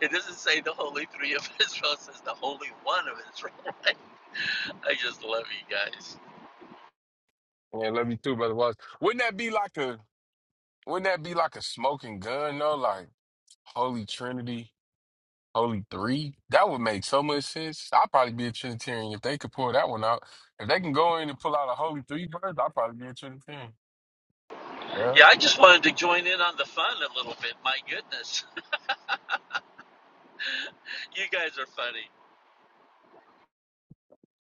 [SPEAKER 15] It doesn't say the Holy Three of Israel; it says the Holy One of Israel. I just love you guys.
[SPEAKER 6] Man, love you too, brother. Watts. Wouldn't that be like a wouldn't that be like a smoking gun though? Like Holy Trinity, Holy Three? That would make so much sense. I'd probably be a Trinitarian if they could pull that one out. If they can go in and pull out a Holy Three verse, I'd probably be a Trinitarian. Yeah.
[SPEAKER 15] Yeah, I just wanted to join in on the fun a little bit. My goodness, you guys are funny.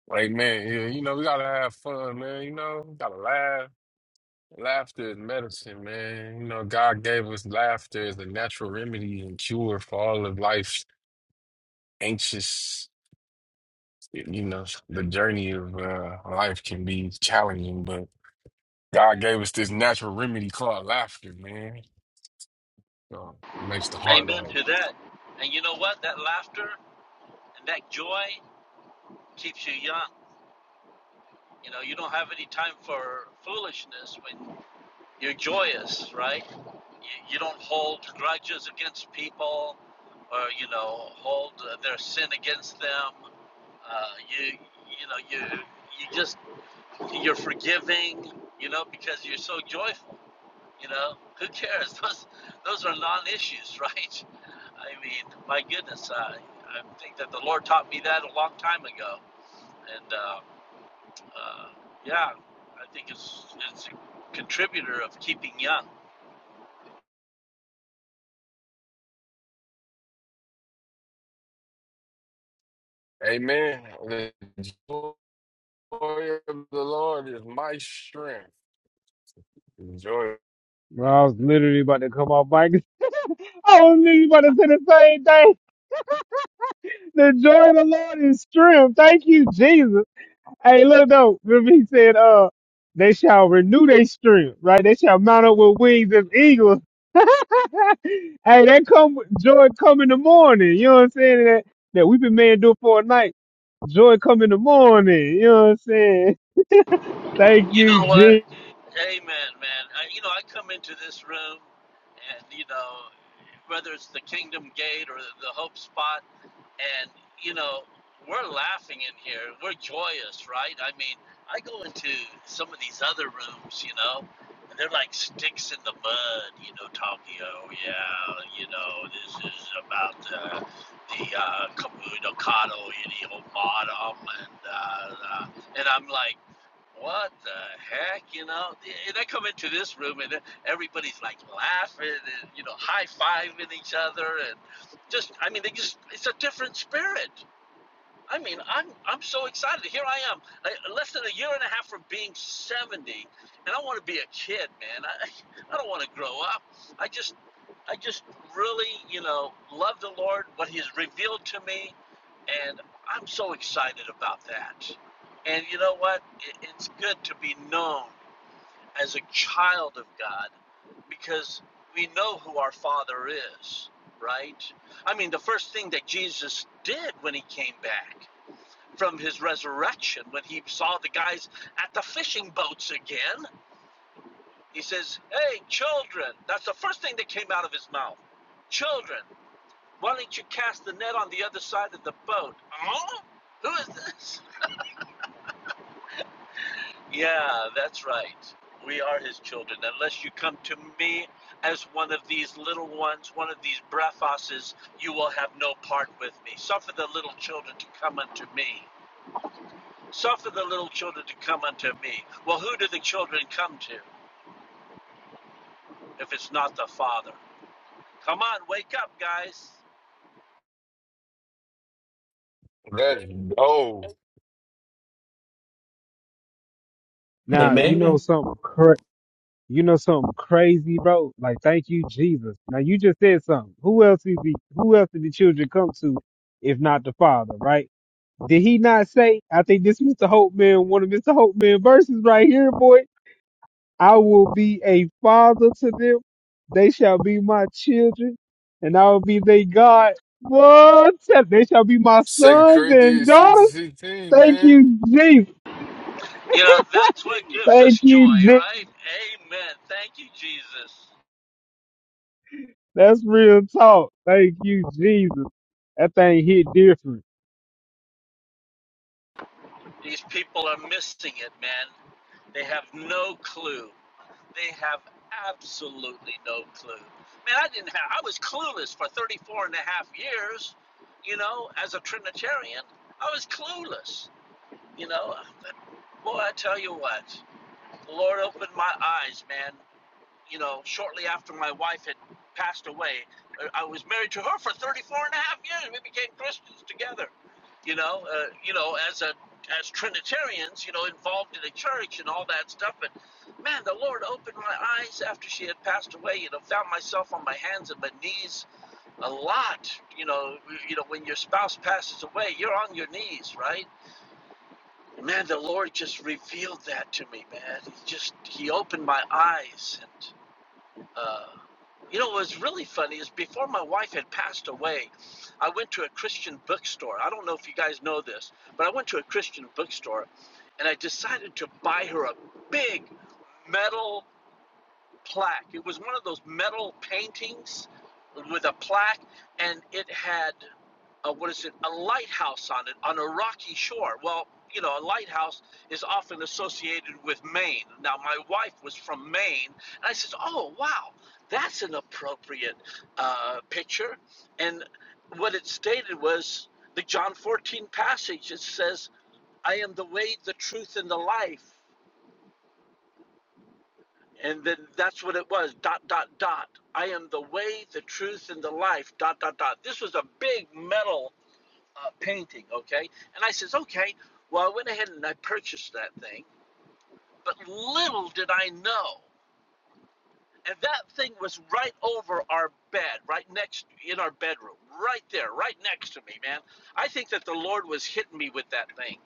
[SPEAKER 6] Like man, yeah, you know, we gotta have fun, man, you know, we gotta laugh. Laughter is medicine, man. You know, God gave us laughter as a natural remedy and cure for all of life's anxious, you know, the journey of uh, life can be challenging, but God gave us this natural remedy called laughter, man. So it makes the heart
[SPEAKER 15] Amen
[SPEAKER 6] light.
[SPEAKER 15] to that. And you know what? That laughter and that joy keeps you young. You know, you don't have any time for foolishness when you're joyous, right? You, you don't hold grudges against people, or you know, hold uh, their sin against them. Uh, you, you know, you you just you're forgiving. You know, because you're so joyful. You know, who cares? Those those are non-issues, right? I mean, my goodness, uh, I think that the Lord taught me that a long time ago, and uh, uh, yeah, I think it's it's a contributor of keeping young.
[SPEAKER 6] Amen. The joy of the Lord is my strength. Joy.
[SPEAKER 1] Bro, I was literally about to come off mic. I was literally about to say the same thing. The joy of the Lord is strength. Thank you, Jesus. Hey, look though, remember he said, uh, they shall renew their strength, right? They shall mount up with wings as eagles. hey, that come joy come in the morning. You know what I'm saying? That that we've been made to for a night. Joy come in the morning. You know what I'm saying? Thank
[SPEAKER 15] You
[SPEAKER 1] you,
[SPEAKER 15] know what?
[SPEAKER 1] Jesus.
[SPEAKER 15] Amen, man. I, you know, I come into this room, and you know, whether it's the Kingdom Gate or the Hope Spot. and you know we're laughing in here we're joyous right i mean i go into some of these other rooms you know and they're like sticks in the mud you know talking oh yeah you know this is about uh, the uh Kamui no Kado Idi Omadam and uh, uh, and i'm like what the heck, you know? And I come into this room and everybody's like laughing and, you know, high fiving each other. And just, I mean, they just, it's a different spirit. I mean, I'm I'm so excited. Here I am, I, less than a year and a half from being 70, and I want to be a kid, man. I, I don't want to grow up. I just I just really, you know, love the Lord, what He's revealed to me, and I'm so excited about that. And you know what? It, it's good to be known as a child of God because we know who our Father is, right? I mean, the first thing that Jesus did when He came back from his resurrection when he saw the guys at the fishing boats again. He says, Hey, children. That's the first thing that came out of his mouth. Children, why don't you cast the net on the other side of the boat? Huh? Who is this? Yeah, that's right. We are his children. Unless you come to me as one of these little ones, one of these brephoses, you will have no part with me. Suffer the little children to come unto me. Suffer the little children to come unto me. Well, who do the children come to if it's not the Father? Come on, wake up, guys.
[SPEAKER 6] Let's go.
[SPEAKER 1] Now you know
[SPEAKER 5] man,
[SPEAKER 1] something cra- you know something crazy, bro. Like thank you, Jesus. Now you just said something. Who else is the who else did the children come to if not the Father, right? Did he not say? I think this Mr. Hope Man, one of Mr. Hope Man verses right here, boy. I will be a father to them. They shall be my children, and I will be their God. What? They shall be my
[SPEAKER 6] Second
[SPEAKER 1] sons and
[SPEAKER 6] Corinthians 6 and
[SPEAKER 1] daughters.
[SPEAKER 6] 16,
[SPEAKER 1] Thank
[SPEAKER 6] man.
[SPEAKER 1] you, Jesus.
[SPEAKER 15] You know, that's what gives us
[SPEAKER 1] Thank
[SPEAKER 15] joy,
[SPEAKER 1] you, Jesus.
[SPEAKER 15] right? Amen. Thank you, Jesus.
[SPEAKER 1] That's real talk. Thank you, Jesus. That thing hit different.
[SPEAKER 15] These people are missing it, man. They have no clue. They have absolutely no clue. Man, I didn't have, I was clueless for 34 and a half years, you know, as a Trinitarian. I was clueless, you know. Boy, I tell you what. the Lord opened my eyes, man. You know, shortly after my wife had passed away, Uh, I was married to her for 34 and a half years. We became Christians together. You know, uh, you know, as a as Trinitarians, you know, involved in the church and all that stuff. But man, the Lord opened my eyes after she had passed away. You know, found myself on my hands and my knees a lot. You know, you know, when your spouse passes away, you're on your knees, right? man, the Lord just revealed that to me, man. He just he opened my eyes, and uh, you know what was really funny is before my wife had passed away, I went to a Christian bookstore. I don't know if you guys know this, but I went to a Christian bookstore, and I decided to buy her a big metal plaque. It was one of those metal paintings with a plaque, and it had uh, what is it, a lighthouse on it, on a rocky shore. Well, you know, a lighthouse is often associated with Maine. Now, my wife was from Maine, and I said, "Oh, wow, that's an appropriate uh, picture." And what it stated was the John 14 passage. It says, "I am the way, the truth, and the life." And then that's what it was. Dot dot dot. I am the way, the truth, and the life. Dot dot dot. This was a big metal uh, painting, okay? And I says, okay, well, I went ahead and I purchased that thing, but little did I know. And that thing was right over our bed, right next in our bedroom, right there, right next to me, man. I think that the Lord was hitting me with that thing.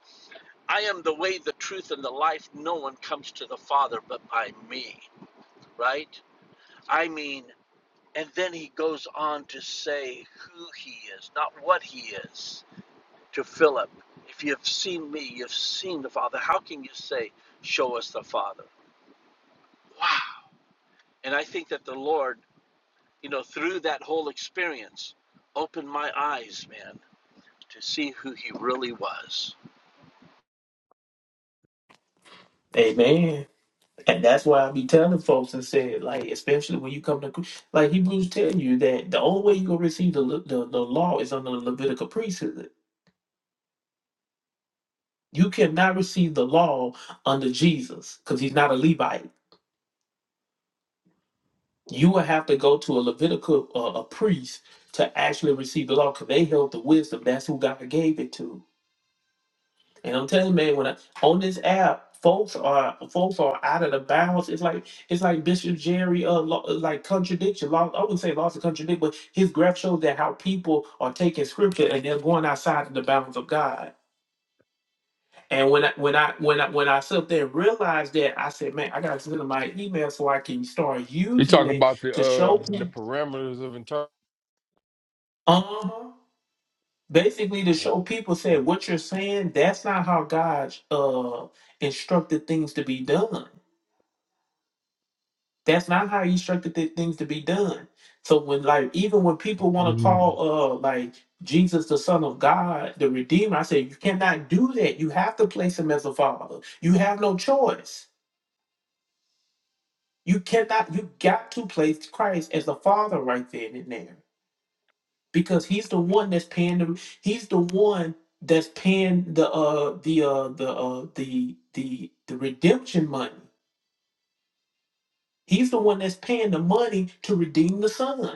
[SPEAKER 15] I am the way, the truth, and the life. No one comes to the Father but by me, right? I mean, and then he goes on to say who he is, not what he is to Philip, If you've seen me, you've seen the Father. How can you say, Show us the Father? Wow. And I think that the Lord, you know, through that whole experience, opened my eyes, man, to see who He really was.
[SPEAKER 5] Amen. And that's why I be telling folks and said, like, especially when you come to, like Hebrews tell you that the only way you gonna receive the Le- the, the law is under the Levitical priesthood. You cannot receive the law under Jesus because he's not a Levite. You will have to go to a Levitical uh, a priest to actually receive the law because they held the wisdom. That's who God gave it to. And I'm telling you, man, when I on this app, folks are folks are out of the bounds. It's like it's like Bishop Jerry, uh, lo- uh, like contradiction. Law, I wouldn't say lots of contradict, but his graph shows that how people are taking scripture and they're going outside of the bounds of God. And when I when I when I when I sit up there and realized that, I said, man, I gotta send in my email so I can start
[SPEAKER 6] You
[SPEAKER 5] using
[SPEAKER 6] talking
[SPEAKER 5] it
[SPEAKER 6] about the
[SPEAKER 5] to show
[SPEAKER 6] uh the
[SPEAKER 5] people.
[SPEAKER 6] parameters of inter?
[SPEAKER 5] Uh-huh. Basically, to show people said what you're saying, that's not how God uh instructed things to be done That's not how he instructed the things to be done. So when like even when people want to call
[SPEAKER 1] Take
[SPEAKER 5] uh like Jesus the Son of God, the Redeemer, I say you cannot do that. You have to place him as the Father. You have no choice. You cannot, you got to place Christ as the Father right then and there. Because he's the one that's paying the he's the one that's paying the uh the uh the uh the the the redemption money. He's the one that's paying the money to redeem the son.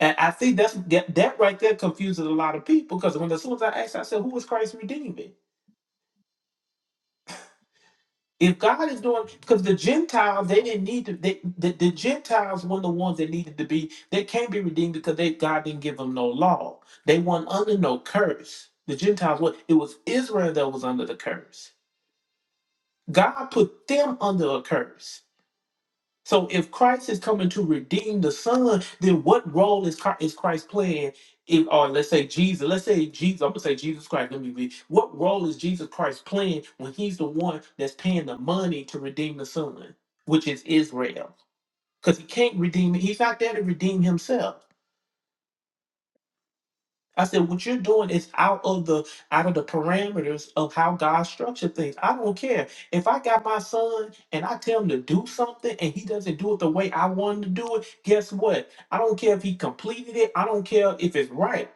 [SPEAKER 5] And I think that's that, that right there confuses a lot of people because when as soon as I asked, I said, "Who is Christ redeeming?" If God is doing, because the Gentiles they didn't need to, they, the the Gentiles were the ones that needed to be. They can't be redeemed because they God didn't give them no law. They weren't under no curse. The Gentiles were. It was Israel that was under the curse. God put them under a curse. So if Christ is coming to redeem the Son, then what role is Christ, is Christ playing? If, or let's say Jesus, let's say Jesus, I'm gonna say Jesus Christ. Let me read. What role is Jesus Christ playing when He's the one that's paying the money to redeem the Son, which is Israel? Because He can't redeem it. He's not there to redeem Himself. I said, what you're doing is out of the out of the parameters of how God structured things. I don't care. If I got my son and I tell him to do something and he doesn't do it the way I want him to do it, guess what? I don't care if he completed it. I don't care if it's right.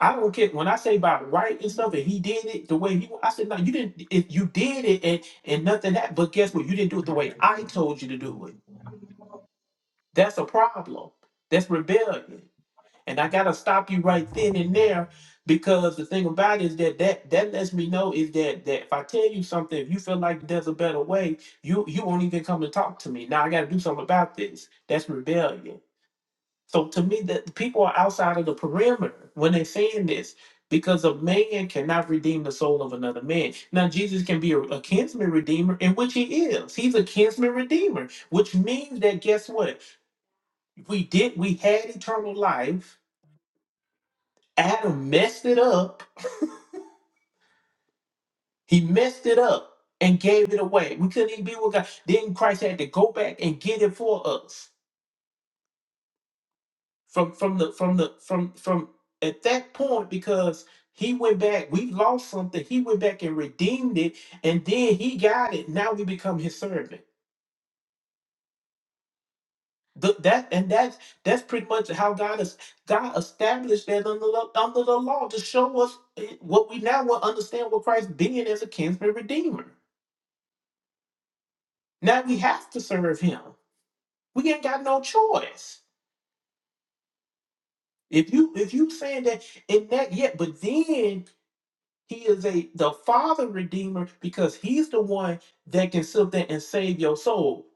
[SPEAKER 5] I don't care when I say about right and stuff, and he did it the way he. wa- I said, no, you didn't. If you did it and and nothing that, but guess what? You didn't do it the way I told you to do it. That's a problem. That's rebellion. And I gotta stop you right then and there because the thing about it is that that that lets me know is that that if I tell you something, if you feel like there's a better way, you you won't even come and talk to me. Now I gotta do something about this. That's rebellion. So to me, that the people are outside of the perimeter when they're saying this because a man cannot redeem the soul of another man. Now Jesus can be a, a kinsman redeemer, in which he is. He's a kinsman redeemer, which means that guess what? We did we had eternal life Adam messed it up. He messed it up and gave it away. We couldn't even be with God. Then Christ had to go back and get it for us from from the from the from from at that point because he went back. We lost something. He went back and redeemed it, and then he got it. Now we become his servant. Th- that and that's that's pretty much how God is. God established that under the, under the law to show us eh, what we now will understand what Christ being as a kinsman redeemer. Now we have to serve him. We ain't got no choice. If you if you saying that in that yet, but then he is a the father redeemer because he's the one that can sit there and save your soul.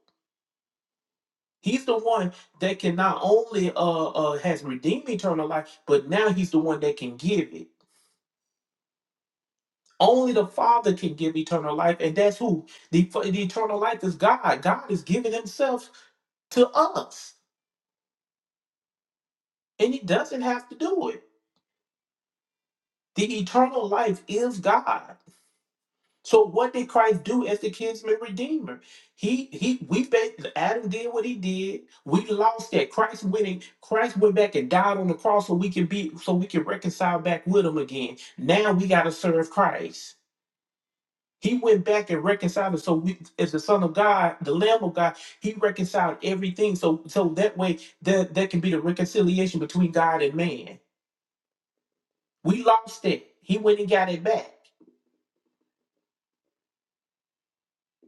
[SPEAKER 5] He's the one that can not only uh, uh has redeemed eternal life, but now he's the one that can give it. Only the Father can give eternal life, and that's who the, the eternal life is. God. God is giving Himself to us, and He doesn't have to do it. The eternal life is God. So what did Christ do as the kinsman redeemer? He he we ba- Adam did what he did. We lost that. Christ winning. Christ went back and died on the cross so we can be so we can reconcile back with him again. Now we gotta serve Christ. He went back and reconciled us. So we as the Son of God, the Lamb of God, he reconciled everything. So so that way that, that can be the reconciliation between God and man. We lost it. He went and got it back.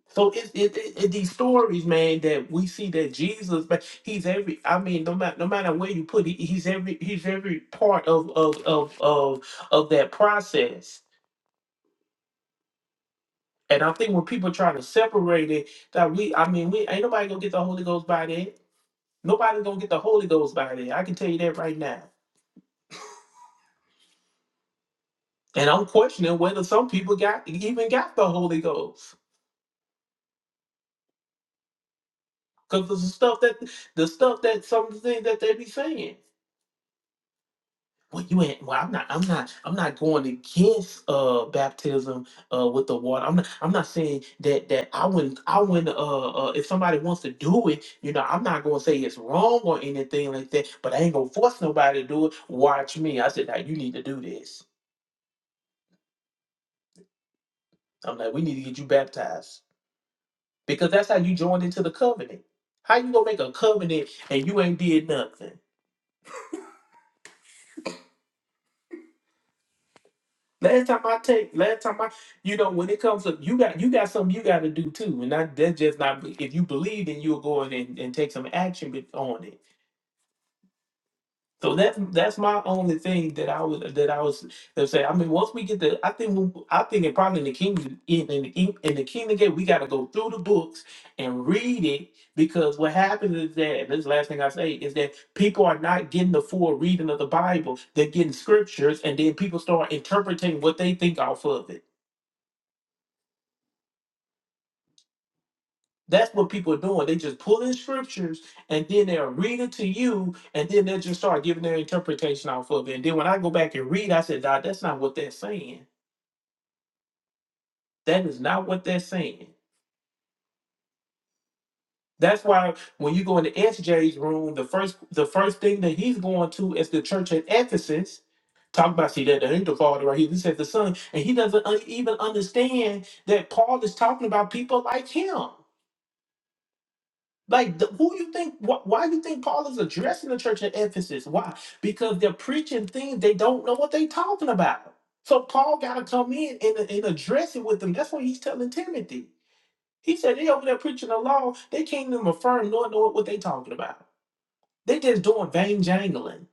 [SPEAKER 5] So it's it, it, it- these stories, man, that we see that Jesus, man, he's every. I mean, no matter no matter where you put it, he's every he's every part of of of of of that process. And I think when people try to separate it, that we, I mean, we ain't nobody gonna get the Holy Ghost by that. Nobody gonna get the Holy Ghost by that. I can tell you that right now. And I'm questioning whether some people got even got the Holy Ghost because the stuff that the stuff that some of the things that they be saying. well, you ain't. Well, I'm not. I'm not. I'm not going against uh baptism uh with the water. I'm not. I'm not saying that that I wouldn't. I wouldn't. Uh, uh, if somebody wants to do it, you know, I'm not going to say it's wrong or anything like that. But I ain't gonna force nobody to do it. Watch me. I said, now you need to do this. I'm like, we need to get you baptized because that's how you join into the covenant. How you gonna make a covenant and you ain't did nothing? Last time I take, last time I, you know, when it comes up, you got you got something you got to do too, and that that's just not. If you believe, then you'll go in and, and take some action with- on it. So that's that's my only thing that I was that I was that say. I mean, once we get the, I think we- I think it probably in the kingdom in in, in in the kingdom gate, we got to go through the books and read it because what happens is that and this is the last thing I say is that people are not getting the full reading of the Bible. They're getting scriptures, and then people start interpreting what they think off of it That's what people are doing. They just pull in scriptures and then they'll read it to you and then they'll just start giving their interpretation off of it. And then when I go back and read, I said, nah, that's not what they're saying. That is not what they're saying. That's why when you go into SJ's room, the first the first thing that he's going to is the church at Ephesus. Talk about see that that ain't the father right here. This is the son, and he doesn't un- even understand that Paul is talking about people like him. Like, the, who you think? Wh- why you think Paul is addressing the church at Ephesus? Why? Because they're preaching things they don't know what they're talking about. So Paul got to come in and, and address it with them. That's what he's telling Timothy. He said they over there preaching the law. They can't even affirm nor know what they talking about. They just doing vain jangling.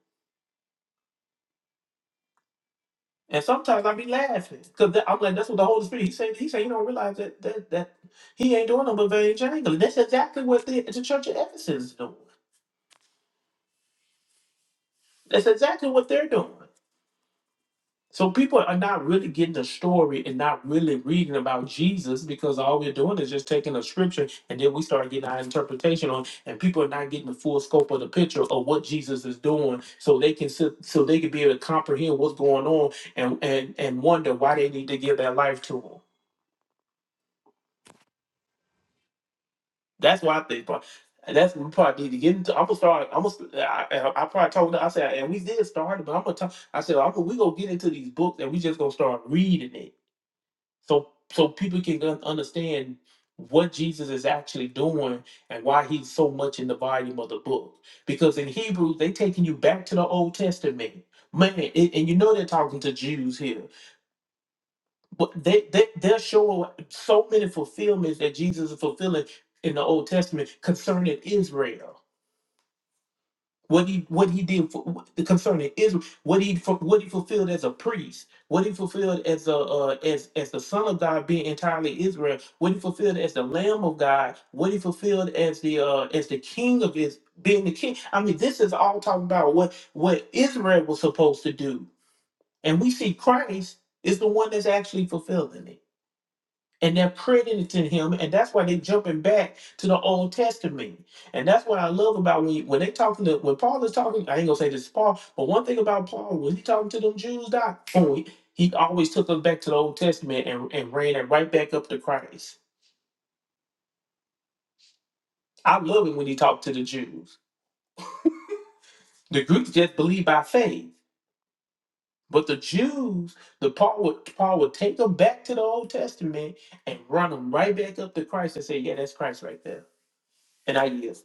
[SPEAKER 5] And sometimes I be laughing because I'm like, that's what the Holy Spirit. He said, he said, you don't realize that that that he ain't doing no but vain jangling. That's exactly what the, the church of Ephesus is doing. That's exactly what they're doing. So people are not really getting the story and not really reading about Jesus because all we're doing is just taking a scripture and then we start getting our interpretation on, and people are not getting the full scope of the picture of what Jesus is doing, so they can sit, so they can be able to comprehend what's going on and and and wonder why they need to give their life to Him. That's why I think. But that's we probably need to get into. I'm gonna start. I'm gonna. I, I I probably told. I said, and we did start, but I'm gonna talk. I said, I'm gonna, we gonna get into these books and we just gonna start reading it so so people can un- understand what Jesus is actually doing and why he's so much in the volume of the book. Because in Hebrews, they taking you back to the Old Testament. Man, and and you know they're talking to Jews here, but they, they, they're showing so many fulfillments that Jesus is fulfilling in the Old Testament concerning Israel what he what he did for concerning Israel, what he fu- what he fulfilled as a priest, what he fulfilled as a uh, as as the Son of God being entirely Israel, what he fulfilled as the Lamb of God, what he fulfilled as the uh, as the King of his being the King. I mean, this is all talking about what what Israel was supposed to do, and we see Christ is the one that's actually fulfilling it and they're credited to him, and that's why they're jumping back to the Old Testament. And that's what I love about when, when they talking to when Paul is talking. I ain't gonna say this is Paul, but one thing about Paul when he talking to them Jews, doc, oh, he, he always took them back to the Old Testament and, and ran it right back up to Christ. I love it when he talked to the Jews. The Greeks just believe by faith, but the Jews, the Paul would Paul would take them back to the Old Testament and run them right back up to Christ and say, "Yeah, that's Christ right there." And I yield.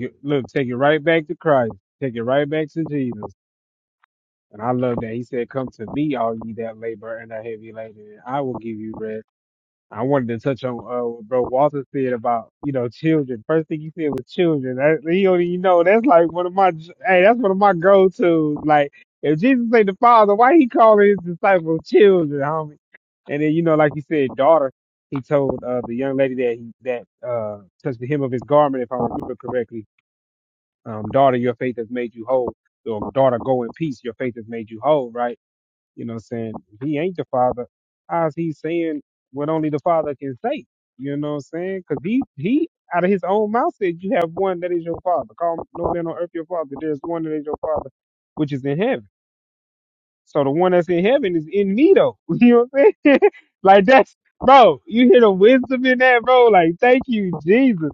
[SPEAKER 1] it, look, take it right back to Christ. Take it right back to Jesus. And I love that he said, "Come to me, all ye that labor and are heavy laden, and I will give you rest." I wanted to touch on uh, what Bro Walter said about you know children. First thing he said was children. That, he don't even know that's like one of my hey, that's one of my go tos. Like if Jesus ain't the Father, why he calling his disciples children, homie? And then you know, like you said, daughter. He told uh, the young lady that he that uh, touched the hem of his garment, if I remember correctly, um, daughter, your faith has made you whole. So daughter, go in peace. Your faith has made you whole, right? You know what I'm saying? he ain't the father, how's he saying what only the father can say? You know what I'm saying? Because he, he out of his own mouth said, You have one that is your father. Call no man on earth your father. There's one that is your father, which is in heaven. So the one that's in heaven is in me though. You know what I'm saying? like that's bro, you hear the wisdom in that, bro. Like, thank you, Jesus.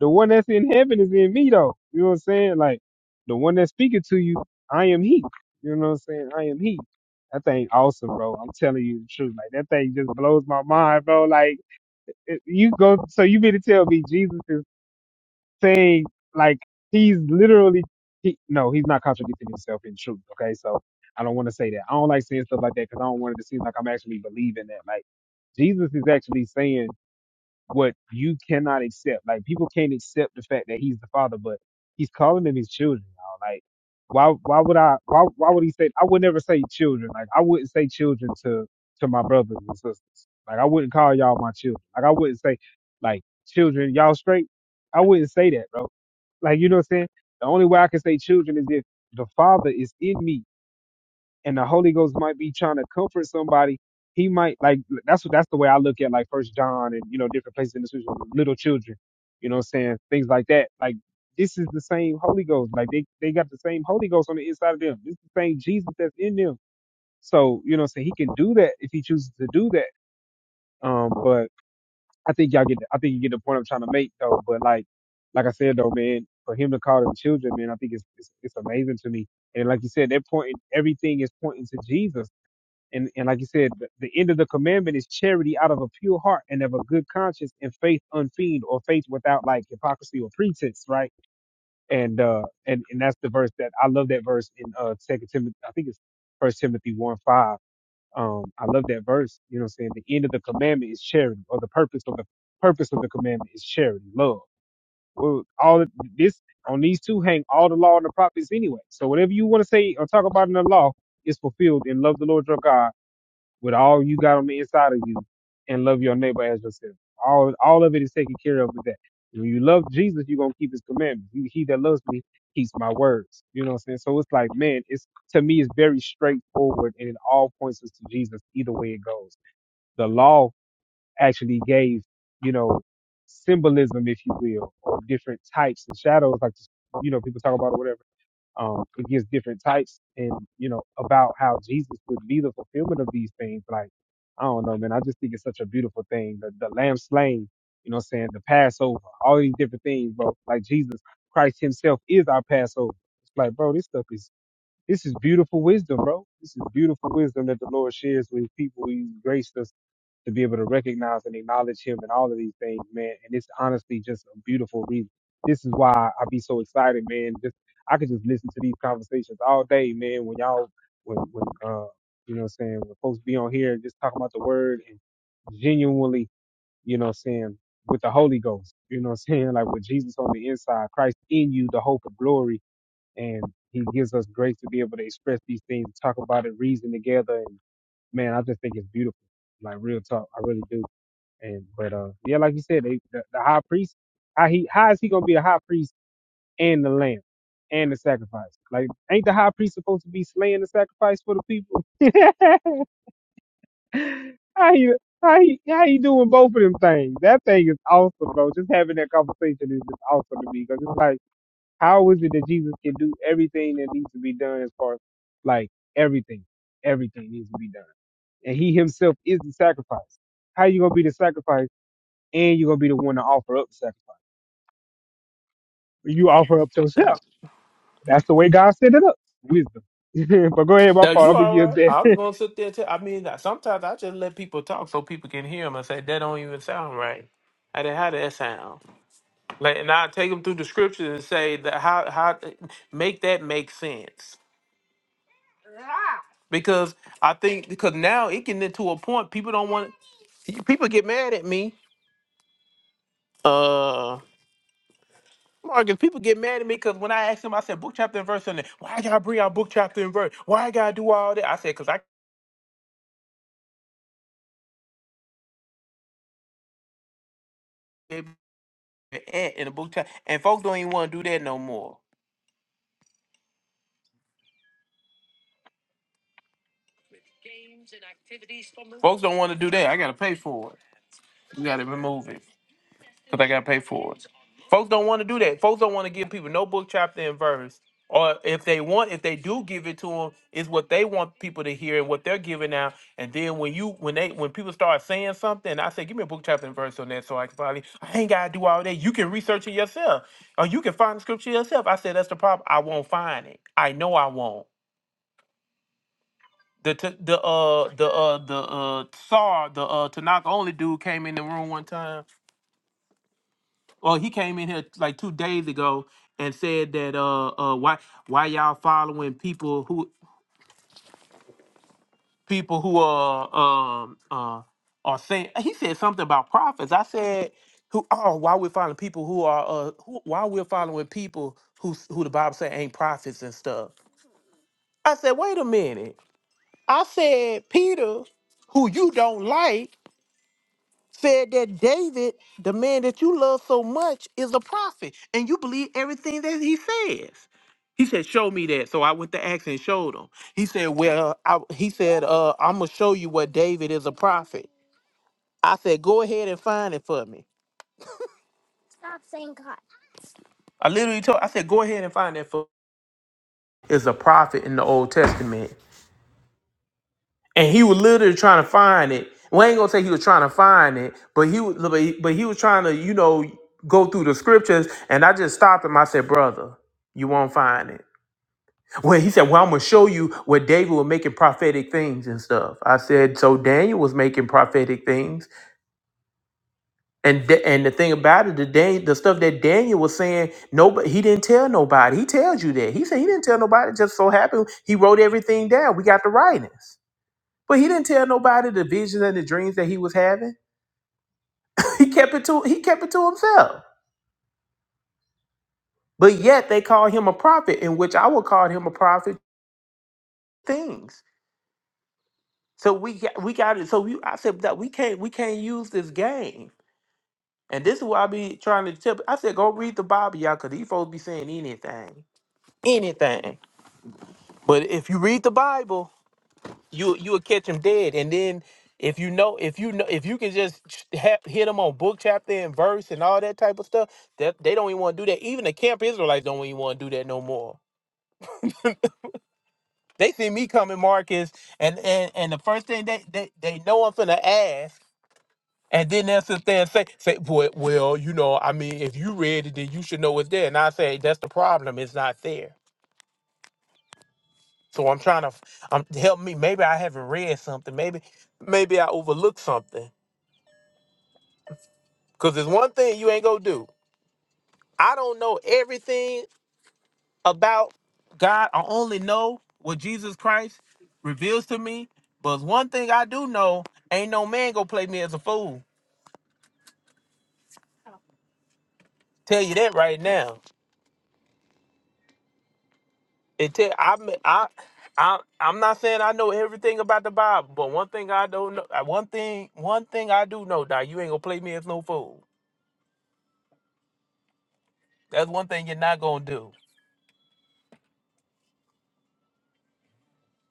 [SPEAKER 1] The one that's in heaven is in me though. You know what I'm saying? Like the one that's speaking to you, I am he. You know what I'm saying? I am he. That thing awesome, bro. I'm telling you the truth. Like that thing just blows my mind, bro. Like it- you go so you mean to tell me Jesus is saying like he's literally he, no, he's not contradicting himself in truth. Okay, so I don't want to say that. I don't like saying stuff like that because I don't want it to seem like I'm actually believing that. Like Jesus is actually saying what you cannot accept. Like people can't accept the fact that he's the father, but he's calling them his children. Y'all. Like why why would I why why would he say I would never say children. Like I wouldn't say children to to my brothers and sisters. Like I wouldn't call y'all my children. Like I wouldn't say like children, y'all straight. I wouldn't say that, bro. Like you know what I'm saying? The only way I can say children is if the father is in me and the Holy Ghost might be trying to comfort somebody. He might like that's what that's the way I look at like First John and you know different places in the scripture, little children, you know what I'm saying things like that. Like this is the same Holy Ghost. Like they they got the same Holy Ghost on the inside of them. This is the same Jesus that's in them. So you know what I'm saying he can do that if he chooses to do that. Um, but I think y'all get the, I think you get the point I'm trying to make though. But like like I said though, man, for him to call them children, man, I think it's it's, it's amazing to me. And like you said, they're pointing everything is pointing to Jesus and and like you said, the, the end of the commandment is charity out of a pure heart and of a good conscience and faith unfeigned or faith without like hypocrisy or pretense, right? And uh and, and that's the verse that I love that verse in uh Second Timothy I think it's First Timothy one five. Um I love that verse, you know what I'm saying? The end of the commandment is charity, or the purpose of the purpose of the commandment is charity, love. Well, all of this on these two hang all the law and the prophets anyway. So whatever you want to say or talk about in the law is fulfilled in love the Lord your God with all you got on the inside of you and love your neighbor as yourself. All all of it is taken care of with that. When you love Jesus, you're gonna keep his commandments. He, he that loves me keeps my words. You know what I'm saying? So it's like, man, it's to me it's very straightforward and it all points us to Jesus either way it goes. The law actually gave, you know, symbolism, if you will, or different types and shadows, like you know, people talk about or whatever um, it gives different types and, you know, about how Jesus would be the fulfillment of these things. Like, I don't know, man. I just think it's such a beautiful thing. The, the lamb slain, you know what I'm saying? The Passover, all these different things, bro. Like Jesus Christ himself is our Passover. It's like, bro, this stuff is, this is beautiful wisdom, bro. This is beautiful wisdom that the Lord shares with people. He's graced us to be able to recognize and acknowledge him and all of these things, man. And it's honestly just a beautiful reason. This is why I be so excited, man. Just I could just listen to these conversations all day, man. When y'all, when, when uh, you know, what I'm saying when folks be on here and just talking about the word and genuinely, you know, what I'm saying with the Holy Ghost, you know, what I'm saying like with Jesus on the inside, Christ in you, the hope of glory, and He gives us grace to be able to express these things, talk about it, reason together, and man, I just think it's beautiful. Like real talk, I really do. And but uh, yeah, like you said, they, the, the high priest, how he how is he gonna be the high priest and the lamb and the sacrifice? Like, ain't the high priest supposed to be slaying the sacrifice for the people? how you how he how he doing both of them things? That thing is awesome, bro. Just having that conversation is just awesome to me because it's like, how is it that Jesus can do everything that needs to be done as far as like everything, everything needs to be done, and he himself is the sacrifice. How you gonna be the sacrifice? and you're gonna be the one to offer up the sacrifice. You offer up yourself. That's the way God set it up. Wisdom. but go ahead, my
[SPEAKER 5] Now
[SPEAKER 1] fault. I'm
[SPEAKER 5] you
[SPEAKER 1] gonna
[SPEAKER 5] all
[SPEAKER 1] yield
[SPEAKER 5] right?
[SPEAKER 1] that.
[SPEAKER 5] I was gonna sit there. Too. I mean, sometimes I just let people talk so people can hear them and say that don't even sound right. I did not how did that sound? Like, and I take them through the scriptures and say that how how make that make sense because I think because now it getting to a point people don't want people get mad at me. Uh. Marcus, people get mad at me because when I asked them, I said book chapter and verse, and they, why y'all bring out book chapter and verse? Why I gotta do all that? I said because I gave an ant in the book chapter, and folks don't even want to do that no more. Folks don't want to do that. I gotta pay for it. You gotta remove it because I gotta pay for it. Folks don't want to do that. Folks don't want to give people no book, chapter, and verse. Or if they want, if they do give it to them, it's what they want people to hear and what they're giving out. And then when you, when they, when people start saying something, I say, give me a book, chapter, and verse on that, so I can probably, I ain't gotta do all that. You can research it yourself, or you can find the scripture yourself. I said, that's the problem. I won't find it. I know I won't. The t- the uh the uh the uh Tsar the uh Tanaka only dude came in the room one time. Well, he came in here like two days ago and said that uh uh why why y'all following people who people who are um uh are saying he said something about prophets. I said who oh why we're following people who are uh who, why we're following people who s- who the Bible say ain't prophets and stuff. I said wait a minute. I said Peter, who you don't like said that David, the man that you love so much, is a prophet, and you believe everything that he says. He said, "Show me that." So I went to ask and showed him. He said, "Well, I, he said, uh, I'm gonna show you what David is a prophet." I said, "Go ahead and find it for me." I literally told. I said, "Go ahead and find that for." Is a prophet in the Old Testament. and he was literally trying to find it. We ain't gonna say he was trying to find it, but he was, but he, but he was trying to, you know, go through the scriptures. And I just stopped him. I said, "Brother, you won't find it." Well, he said, "Well, I'm gonna show you where David was making prophetic things and stuff." I said, "So Daniel was making prophetic things, and Da- and the thing about it, the Dan, the stuff that Daniel was saying, nobody, he didn't tell nobody. He tells you that. He said he didn't tell nobody. It just so happened he wrote everything down. We got the writings." But he didn't tell nobody the visions and the dreams that he was having. He kept it to he kept it to himself. But yet they call him a prophet, in which I would call him a prophet things. So we got, we got it. So we I said that we can't we can't use this game. And this is what I be trying to tell. I said go read the Bible, y'all, because these folks be saying anything, anything. But if you read the Bible. you you will catch them dead. And then if you know if you know if you can just ch- ha- hit them on book chapter and verse and all that type of stuff, that they don't even want to do that. Even the camp Israelites don't even want to do that no more. They see me coming, Marcus, and and and the first thing they they, they know I'm finna ask. And then they'll sit there and say, say, boy, well, you know, I mean, if you read it, then you should know it's there. And I say, that's the problem. It's not there. So I'm trying to, f- I'm help me. Maybe I haven't read something. Maybe, maybe I overlooked something Because there's one thing you ain't gonna do. I don't know everything about God. I only know what Jesus Christ reveals to me. But it's one thing I do know, ain't no man gonna play me as a fool. Tell you that right now. It tell I am I I I'm not saying I know everything about the Bible, but one thing I don't know uh, one thing one thing I do know, that you ain't gonna play me as no fool. That's one thing you're not gonna do.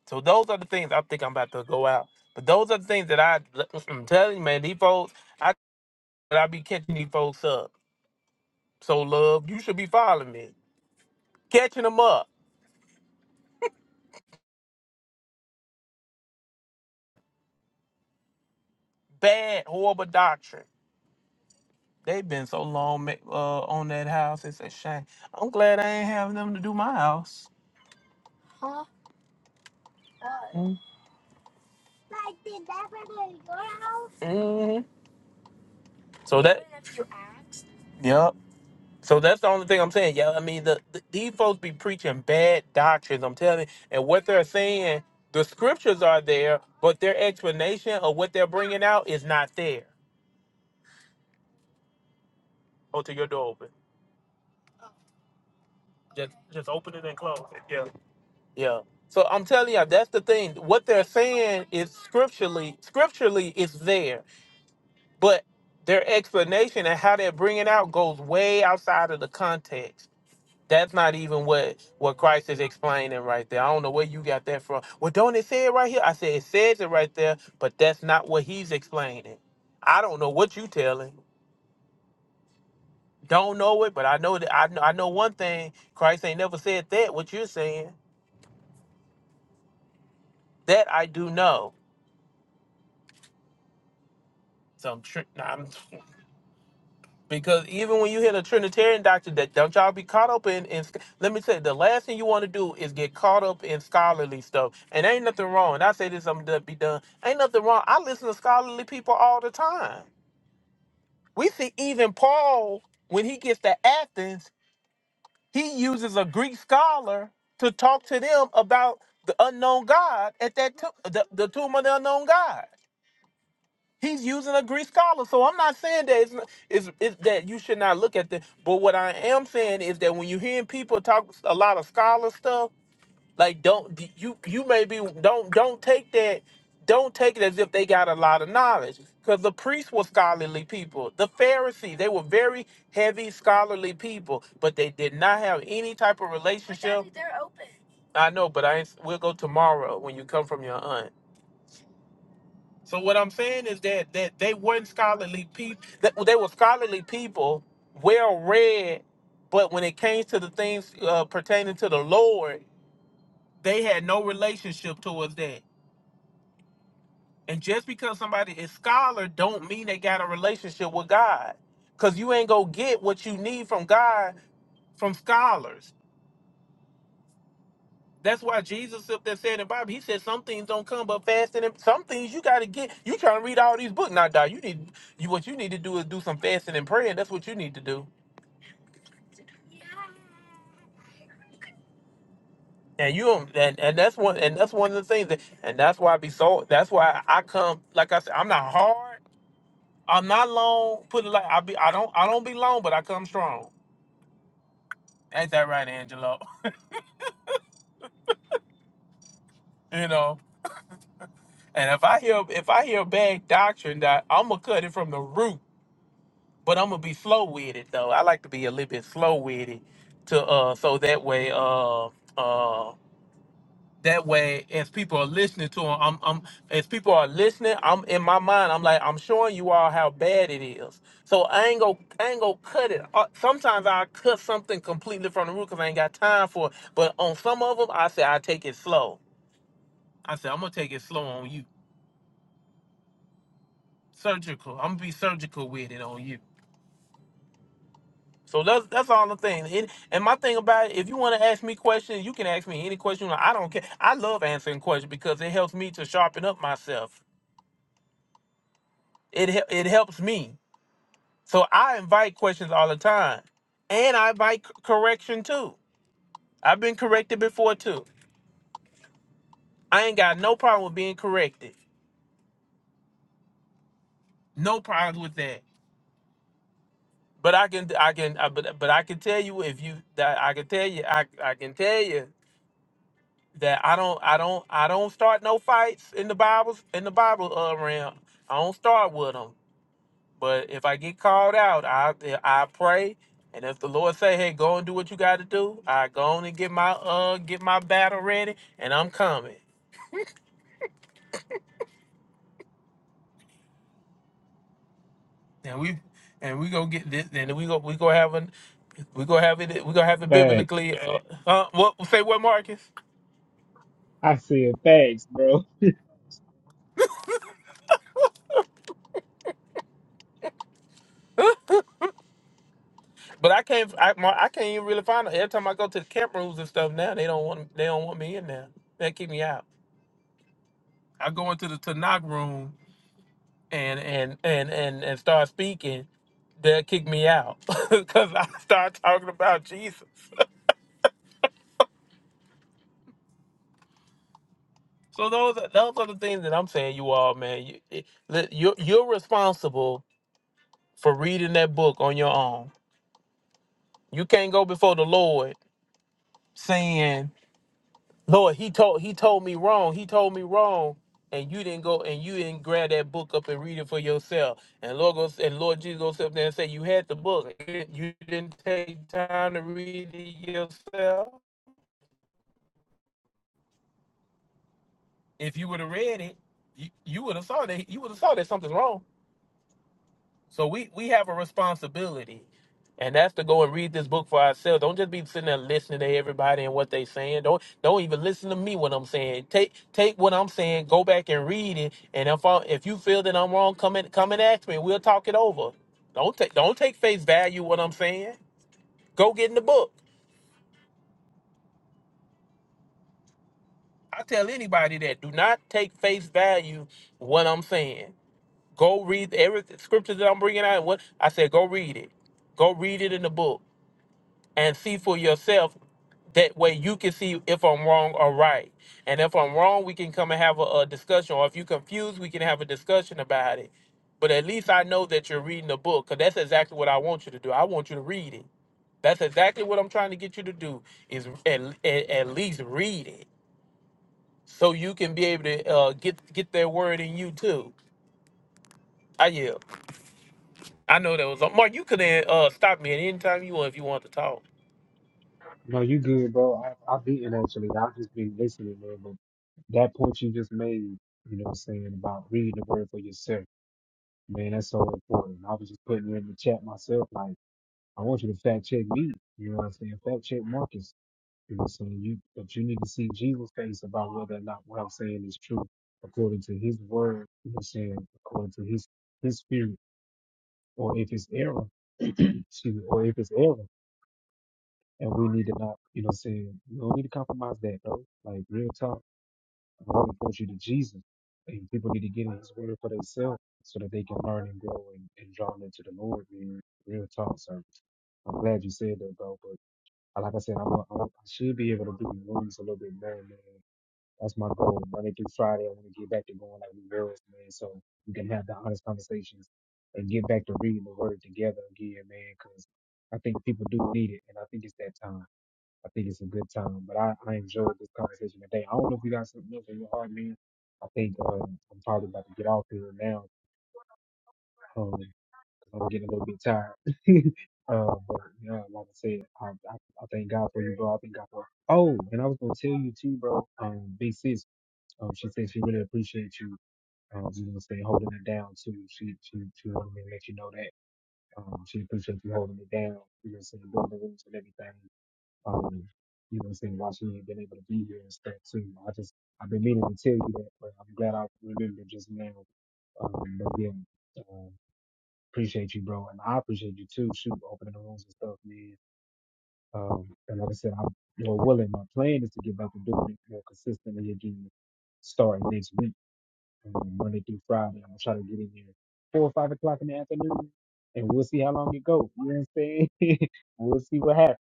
[SPEAKER 5] So those are the things I think I'm about to go out. But those are the things that I I'm telling you, man, these folks, I I be catching these folks up. So love, you should be following me. Catching them up. Bad, horrible doctrine. They've been so long ma- uh, on that house. It's a shame. I'm glad I ain't having them to do my house. hmm So that, yep. So that's the only thing I'm saying. Yeah, I mean, the, the- these folks be preaching bad doctrines. I'm telling you, and what they're saying, the scriptures are there, but their explanation of what they're bringing out is not there. Oh, to your door open. Just, just open it and close it. Yeah, yeah. So I'm telling you, that's the thing. What they're saying is scripturally, scripturally it's there, but their explanation and how they're bringing out goes way outside of the context. That's not even what what Christ is explaining right there. I don't know where you got that from. Well, don't it say it right here? I said it says it right there, but that's not what he's explaining. I don't know what you telling. Don't know it, but I know that I know, I know one thing. Christ ain't never said that. What you're saying, that I do know. So I'm, tri- nah, I'm Because even when you hit a Trinitarian doctrine, that don't y'all be caught up in. in let me say, the last thing you want to do is get caught up in scholarly stuff. And ain't nothing wrong. And I say this, I'm gonna be done. Ain't nothing wrong. I listen to scholarly people all the time. We see even Paul when he gets to Athens, he uses a Greek scholar to talk to them about the unknown God at that to- the, the tomb of the unknown God. He's using a Greek scholar, so I'm not saying that it's, not- it's, it's that you should not look at the. But what I am saying is that when you're hearing people talk a lot of scholar stuff, like don't you you maybe don't don't take that don't take it as if they got a lot of knowledge because the priests were scholarly people the pharisees they were very heavy scholarly people but they did not have any type of relationship i know but i ain't- we'll go tomorrow when you come from your aunt so what I'm saying is that that they weren't scholarly people. That they were scholarly people, well read, but when it came to the things uh, pertaining to the Lord, they had no relationship towards that. And just because somebody is scholar, don't mean they got a relationship with God. Cause you ain't gonna get what you need from God from scholars. That's why Jesus up there said in the Bible, he said some things don't come but fasting and some things you gotta get. You trying to read all these books. Now, dog, you need you what you need to do is do some fasting and praying. That's what you need to do. And you don't and, and that's one and that's one of the things that and that's why I be so that's why I come like I said, I'm not hard, I'm not long, put it like I be I don't I don't be long, but I come strong. Ain't that right, Angelo? you know? And if I hear if I hear bad doctrine that I'ma cut it from the root. But I'm gonna be slow with it though. I like to be a little bit slow with it to uh so that way uh uh that way as people are listening to 'em, I'm I'm as people are listening, I'm in my mind, I'm like, I'm showing you all how bad it is. So I ain't gonna I ain't gonna cut it. Uh, sometimes I cut something completely from the root because I ain't got time for it. But on some of them I say I take it slow. I say I'm gonna take it slow on you. Surgical. I'm gonna be surgical with it on you. So that's that's all the thing. It, and my thing about it, if you want to ask me questions, you can ask me any question. I don't care. I love answering questions because it helps me to sharpen up myself. It hel- it helps me. So I invite questions all the time, and I invite c- correction too. I've been corrected before too. I ain't got no problem with being corrected. No problems with that. But I can I can I, but but I can tell you if you that I can tell you I I can tell you that I don't I don't I don't start no fights in the Bibles in the Bible uh, realm. I don't start with them. But if I get called out, I I pray, and if the Lord say, "Hey, go and do what you got to do," I go on and get my uh get my battle ready, and I'm coming. And we and we go get this, and we go we go have an we go have it. We gonna have it
[SPEAKER 1] Thanks.
[SPEAKER 5] biblically. Uh, uh, what say what Marcus?
[SPEAKER 1] I said thanks, bro.
[SPEAKER 5] But I can't. I, Mar- I can't even really find it. Every time I go to the camp rooms and stuff now, they don't want. They don't want me in there. They kick me out. I go into the Tanakh room and and and and and start speaking, they'll kick me out because I start talking about Jesus. So those are- those are the things that I'm saying, you all, man. You it- li- you're, you're responsible for reading that book on your own. You can't go before the Lord saying. Lord, he told he told me wrong. He told me wrong. And you didn't go and you didn't grab that book up and read it for yourself. And Lord goes and Lord Jesus goes up there and say, You had the book. You didn't you didn't take time to read it yourself. If you would have read it, you, you would have saw that you would have saw that something's wrong. So we we have a responsibility, and that's to go and read this book for ourselves. Don't just be sitting there listening to everybody and what they saying. Don't don't even listen to me when I'm saying. Take take what I'm saying, go back and read it, and if I, if you feel that I'm wrong, come and come and ask me. We'll talk it over. Don't take don't take face value what I'm saying. Go get in the book. I tell anybody that do not take face value what I'm saying. Go read every scripture that I'm bringing out. What I said, go read it. Go read it in the book and see for yourself. That way you can see if I'm wrong or right. And if I'm wrong, we can come and have a, a discussion. Or if you're confused, we can have a discussion about it. But at least I know that you're reading the book because that's exactly what I want you to do. I want you to read it. That's exactly what I'm trying to get you to do is at, at, at least read it so you can be able to uh, get get that word in you too. I yeah. I know that was Mark. You could have uh, stopped me at any time you want if you want to talk.
[SPEAKER 1] No, you good, bro. I, I've been actually. I've just been listening, man. But that point you just made, you know, what I'm saying about reading the word for yourself, man, that's so important. I was just putting it in the chat myself, like I want you to fact check me. You know what I'm saying? Fact check Marcus. It was some you, that you need to see Jesus' face about whether or not what I'm saying is true according to his word, you know, saying according to his his spirit, or if it's error, excuse me, or if it's error, and we need to not, you know, saying we don't need to compromise that though. Like real talk, i want to point you to Jesus, and people need to get in his word for themselves so that they can learn and grow and, and draw them to the Lord. Man. Real talk, sir. I'm glad you said that, bro. But uh, like I said, I'm a, I'm a, I should be able to do rooms a little bit better, man. That's my goal. Monday through Friday, I want to get back to going like we were, man. So we can have the honest conversations and get back to reading the word together again, man. Because I think people do need it, and I think it's that time. I think it's a good time. But I, I enjoyed this conversation today. I don't know if you got something else in your heart, man. I think um, I'm probably about to get off here now. Um, 'cause I'm getting a little bit tired. um, but yeah, like I said, I, I, I thank God for you, bro. I thank God for. Oh, and I was gonna tell you too, bro. Um, b C, um, she said she really appreciates you. Um, you know, stay holding it down too. She she she wanted me to let you know that. Um, she appreciates you holding it down. You know, saying doing the rooms and everything. Um, you know, saying why she ain't been able to be here and stuff too. I just I've been meaning to tell you that, but I'm glad I remembered just now. Um, but again, um, appreciate you, bro, and I appreciate you too. Shoot, opening the rooms and stuff, man. Um, and like I said, I'm you know willing. My plan is to get back to doing it more consistently again, starting next week um, Monday through Friday. i am gonna try to get in there four or five o'clock in the afternoon, and we'll see how long it goes. You know what I'm saying? we'll see what happens.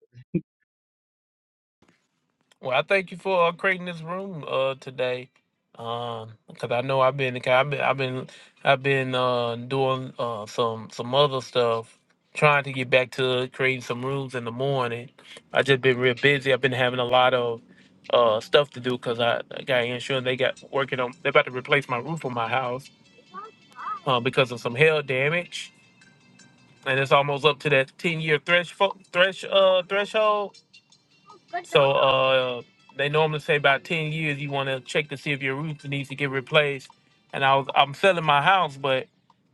[SPEAKER 5] Well, I thank you for uh, creating this room uh today, um, because I know I've been, 'cause I've been, I've been, I've been uh doing uh some some other stuff, trying to get back to creating some rooms in the morning. I just been real busy. I've been having a lot of uh stuff to do because I, I got insurance. They got working on. They're about to replace my roof on my house uh, because of some hail damage, and it's almost up to that ten year thresh thresh uh threshold so uh, they normally say about ten years you want to check to see if your roof needs to get replaced. And I was I'm selling my house, but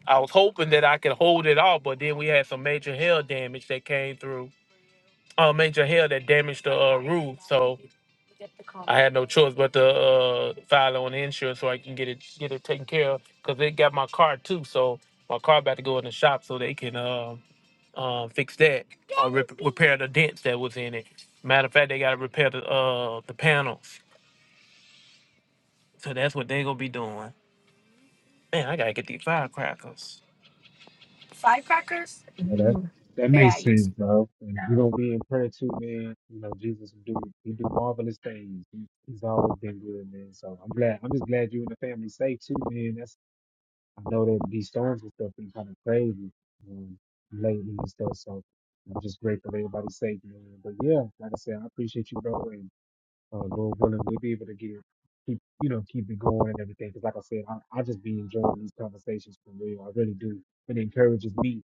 [SPEAKER 5] I was hoping that I could hold it off. But then we had some major hail damage that came through. Uh, major hail that damaged the uh, roof. So I had no choice but to uh, file on the insurance so I can get it get it taken care of. Cause they got my car too. So my car about to go in the shop so they can. uh, uh, fix that or rep- repair the dents that was in it. Matter of fact, they gotta repair the uh the panels. So that's what they gonna be doing. Man, I gotta get these firecrackers.
[SPEAKER 1] But that that makes sense, bro. And we're gonna be in prayer too, man. You know, Jesus will do he do marvelous things. He, he's always been good, man. So I'm glad. I'm just glad you and the family safe too, man. That's I know that these storms and stuff been kind of crazy um, lately and stuff. So I'm just grateful that everybody's safe, man. But yeah, like I said, I appreciate you, bro. And Uh, Lord willing, we'll be able to get keep you know keep it going and everything. Because like I said, I, I just be enjoying these conversations for real. I really do. It encourages me.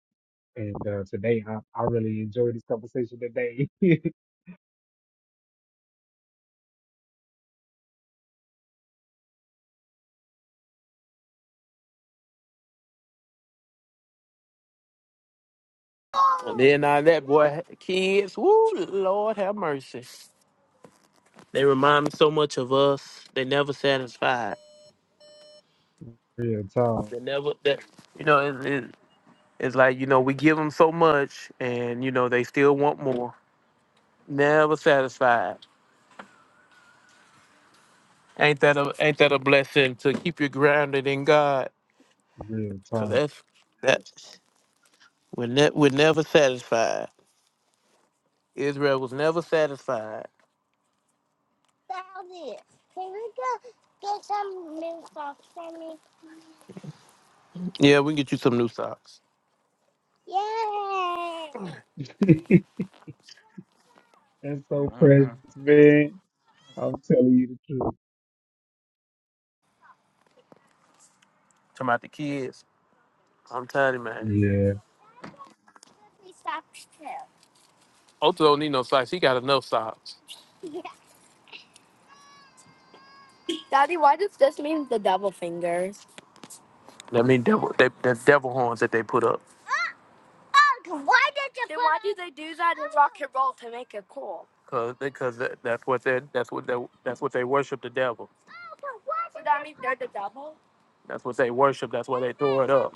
[SPEAKER 1] And uh, today, I, I really enjoyed this conversation today.
[SPEAKER 5] And then all that boy kids, woo Lord have mercy. They remind me so much of us. They never satisfied.
[SPEAKER 1] real talk,
[SPEAKER 5] They never that you know it, it, it's like you know we give them so much and you know they still want more. Never satisfied. Ain't that a ain't that a blessing to keep you grounded in God?
[SPEAKER 1] real
[SPEAKER 5] Cause
[SPEAKER 1] talk.
[SPEAKER 5] that's that we're ne- we're never satisfied. Israel was never satisfied. Yeah, we can get you some new socks.
[SPEAKER 1] That's so precious, man. I'm telling you the truth.
[SPEAKER 5] Talking about the kids. I'm tired of man.
[SPEAKER 1] Yeah.
[SPEAKER 5] Otto don't need no socks. He got enough socks. I mean, devil, they, the devil horns that they put up, cause because that, that's what they that's what they that's what they worship the devil. That's what they worship. That's why they throw it up.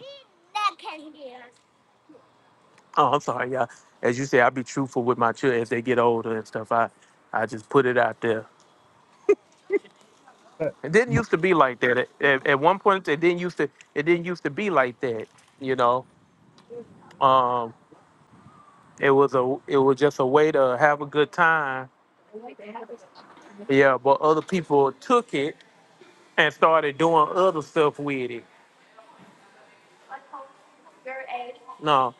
[SPEAKER 5] Oh, I'm sorry, y'all. As you say, I be truthful with my children as they get older and stuff. I I just put it out there.
[SPEAKER 1] But,
[SPEAKER 5] It didn't used to be like that. At, at, at one point, it didn't used to. It didn't used to be like that. You know, um, it was a. It was just a way to have a good time. Yeah, but other people took it and started doing other stuff with it. No,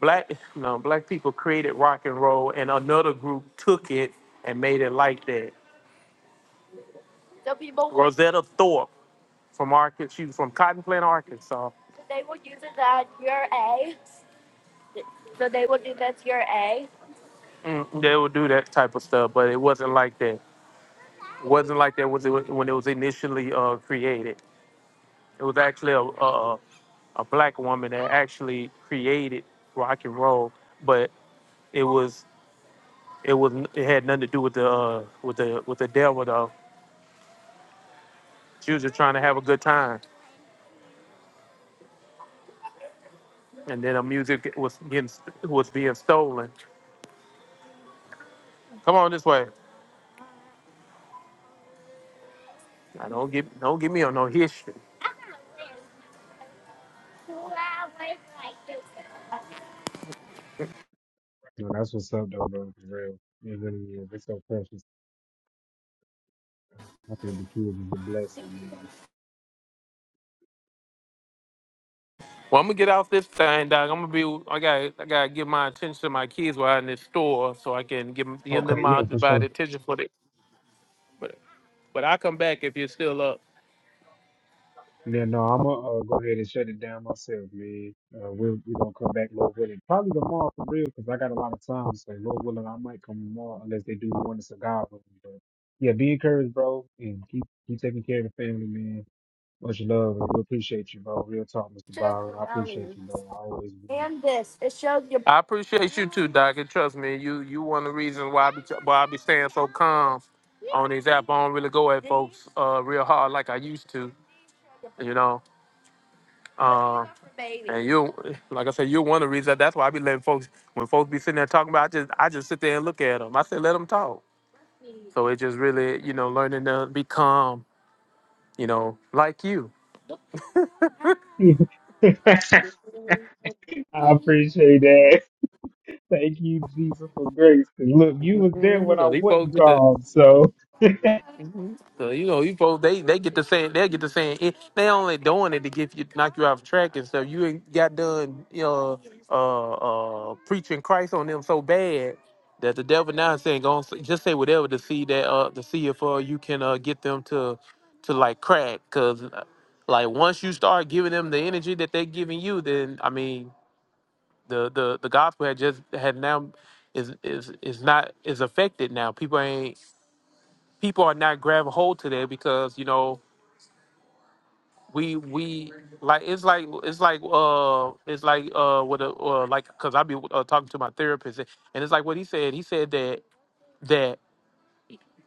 [SPEAKER 5] black. No, black people created rock and roll, and another group took it and made it like that. The people. Rosetta Thorpe from Arkansas. She was from Cotton Plant, Arkansas. Mm, they would do that type of stuff, but it wasn't like that. wasn't like that was it when it was initially uh, created. It was actually a, a a black woman that actually created rock and roll, but it was it was it had nothing to do with the uh, with the with the devil though. She was just trying to have a good time, and then her music was getting was being stolen. Come on this way. I don't get don't get me on no history.
[SPEAKER 1] you know, that's what's up, though, bro. For real. It really is. It's so precious. I think the kids is a blessing, man.
[SPEAKER 5] Well, I'm gonna get off this thing, dog. I'm gonna be. I got. I gotta give my attention to my kids while I'm in this store, so I can give them, give them
[SPEAKER 1] Okay, yeah,
[SPEAKER 5] my
[SPEAKER 1] for sure.
[SPEAKER 5] divided attention for the. But I come back if you're still up.
[SPEAKER 1] Yeah, no, I'm gonna uh, go ahead and shut it down myself, man. Uh, we're, we're gonna come back, Lord willing, probably tomorrow for real, because I got a lot of time. So, Lord willing, I might come tomorrow unless they do more than cigar room. But yeah, be encouraged, bro, and keep keep taking care of the family, man. Much love, and we appreciate you, bro. Real talk, Mr. Byron. I appreciate you, bro. I always do.
[SPEAKER 5] I appreciate you too, Doc. And trust me, you you one of the reasons why I be why I be staying so calm on these app. I don't really go at folks uh real hard like I used to, you know. Um and you like I said, you're one of the reasons that's why I be letting folks when folks be sitting there talking about I just I just sit there and look at them. I say let them talk. So it just really, you know, learning to be calm, you know, like you.
[SPEAKER 1] I appreciate that. Thank you, Jesus, for grace. 'Cause look, you was there
[SPEAKER 5] Mhm.
[SPEAKER 1] when I
[SPEAKER 5] So these folks
[SPEAKER 1] wasn't
[SPEAKER 5] get to
[SPEAKER 1] called, so.
[SPEAKER 5] So you know, you folks, they they get to saying they get to saying it. They only doing it to get you knock you off track and stuff. You ain't got done, you know, uh, uh, preaching Christ on them so bad that the devil now is saying, go on, say- just say whatever to see that uh to see if uh you can uh get them to to like crack because like once you start giving them the energy that they're giving you, then I mean the the the gospel had just had now is is is not is affected now. People ain't people are not grabbing hold to that because you know we we like it's like it's like uh it's like uh what a uh, like because I be uh, talking to my therapist and and it's like what he said he said that that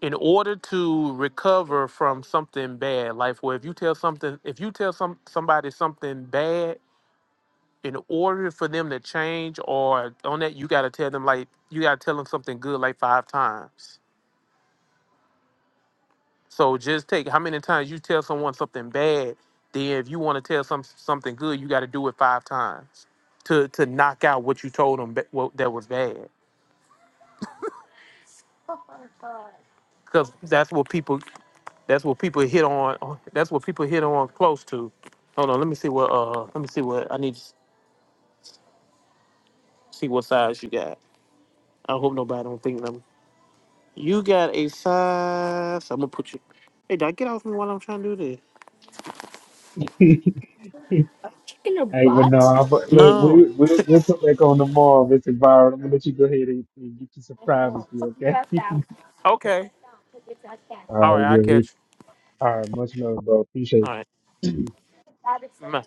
[SPEAKER 5] in order to recover from something bad like where if you tell something if you tell some somebody something bad in order for them to change or on that you got to tell them like you got to tell them something good like five times So just take how many times you tell someone something bad, then if you want to tell some something good, you got to do it five times to to knock out what you told them that, what, that was bad. Because that's what people that's what people hit on. That's what people hit on close to. Hold on, let me see what uh let me see what I need to see what size you got. I hope nobody don't think that I'm. You got a size. I'm gonna put you. Hey, did I get off me while I'm trying to do this?
[SPEAKER 1] Hey, but no, I- but look, we,
[SPEAKER 5] No.
[SPEAKER 1] we'll, we'll come back on tomorrow, Mr. Byron. I'm gonna let you go ahead and, and get you some privacy, okay?
[SPEAKER 5] Okay. All
[SPEAKER 1] Oh,
[SPEAKER 5] right, I
[SPEAKER 1] yeah, we,
[SPEAKER 5] catch.
[SPEAKER 1] all right, much love, bro.
[SPEAKER 5] you.
[SPEAKER 1] Appreciate you.
[SPEAKER 5] All right.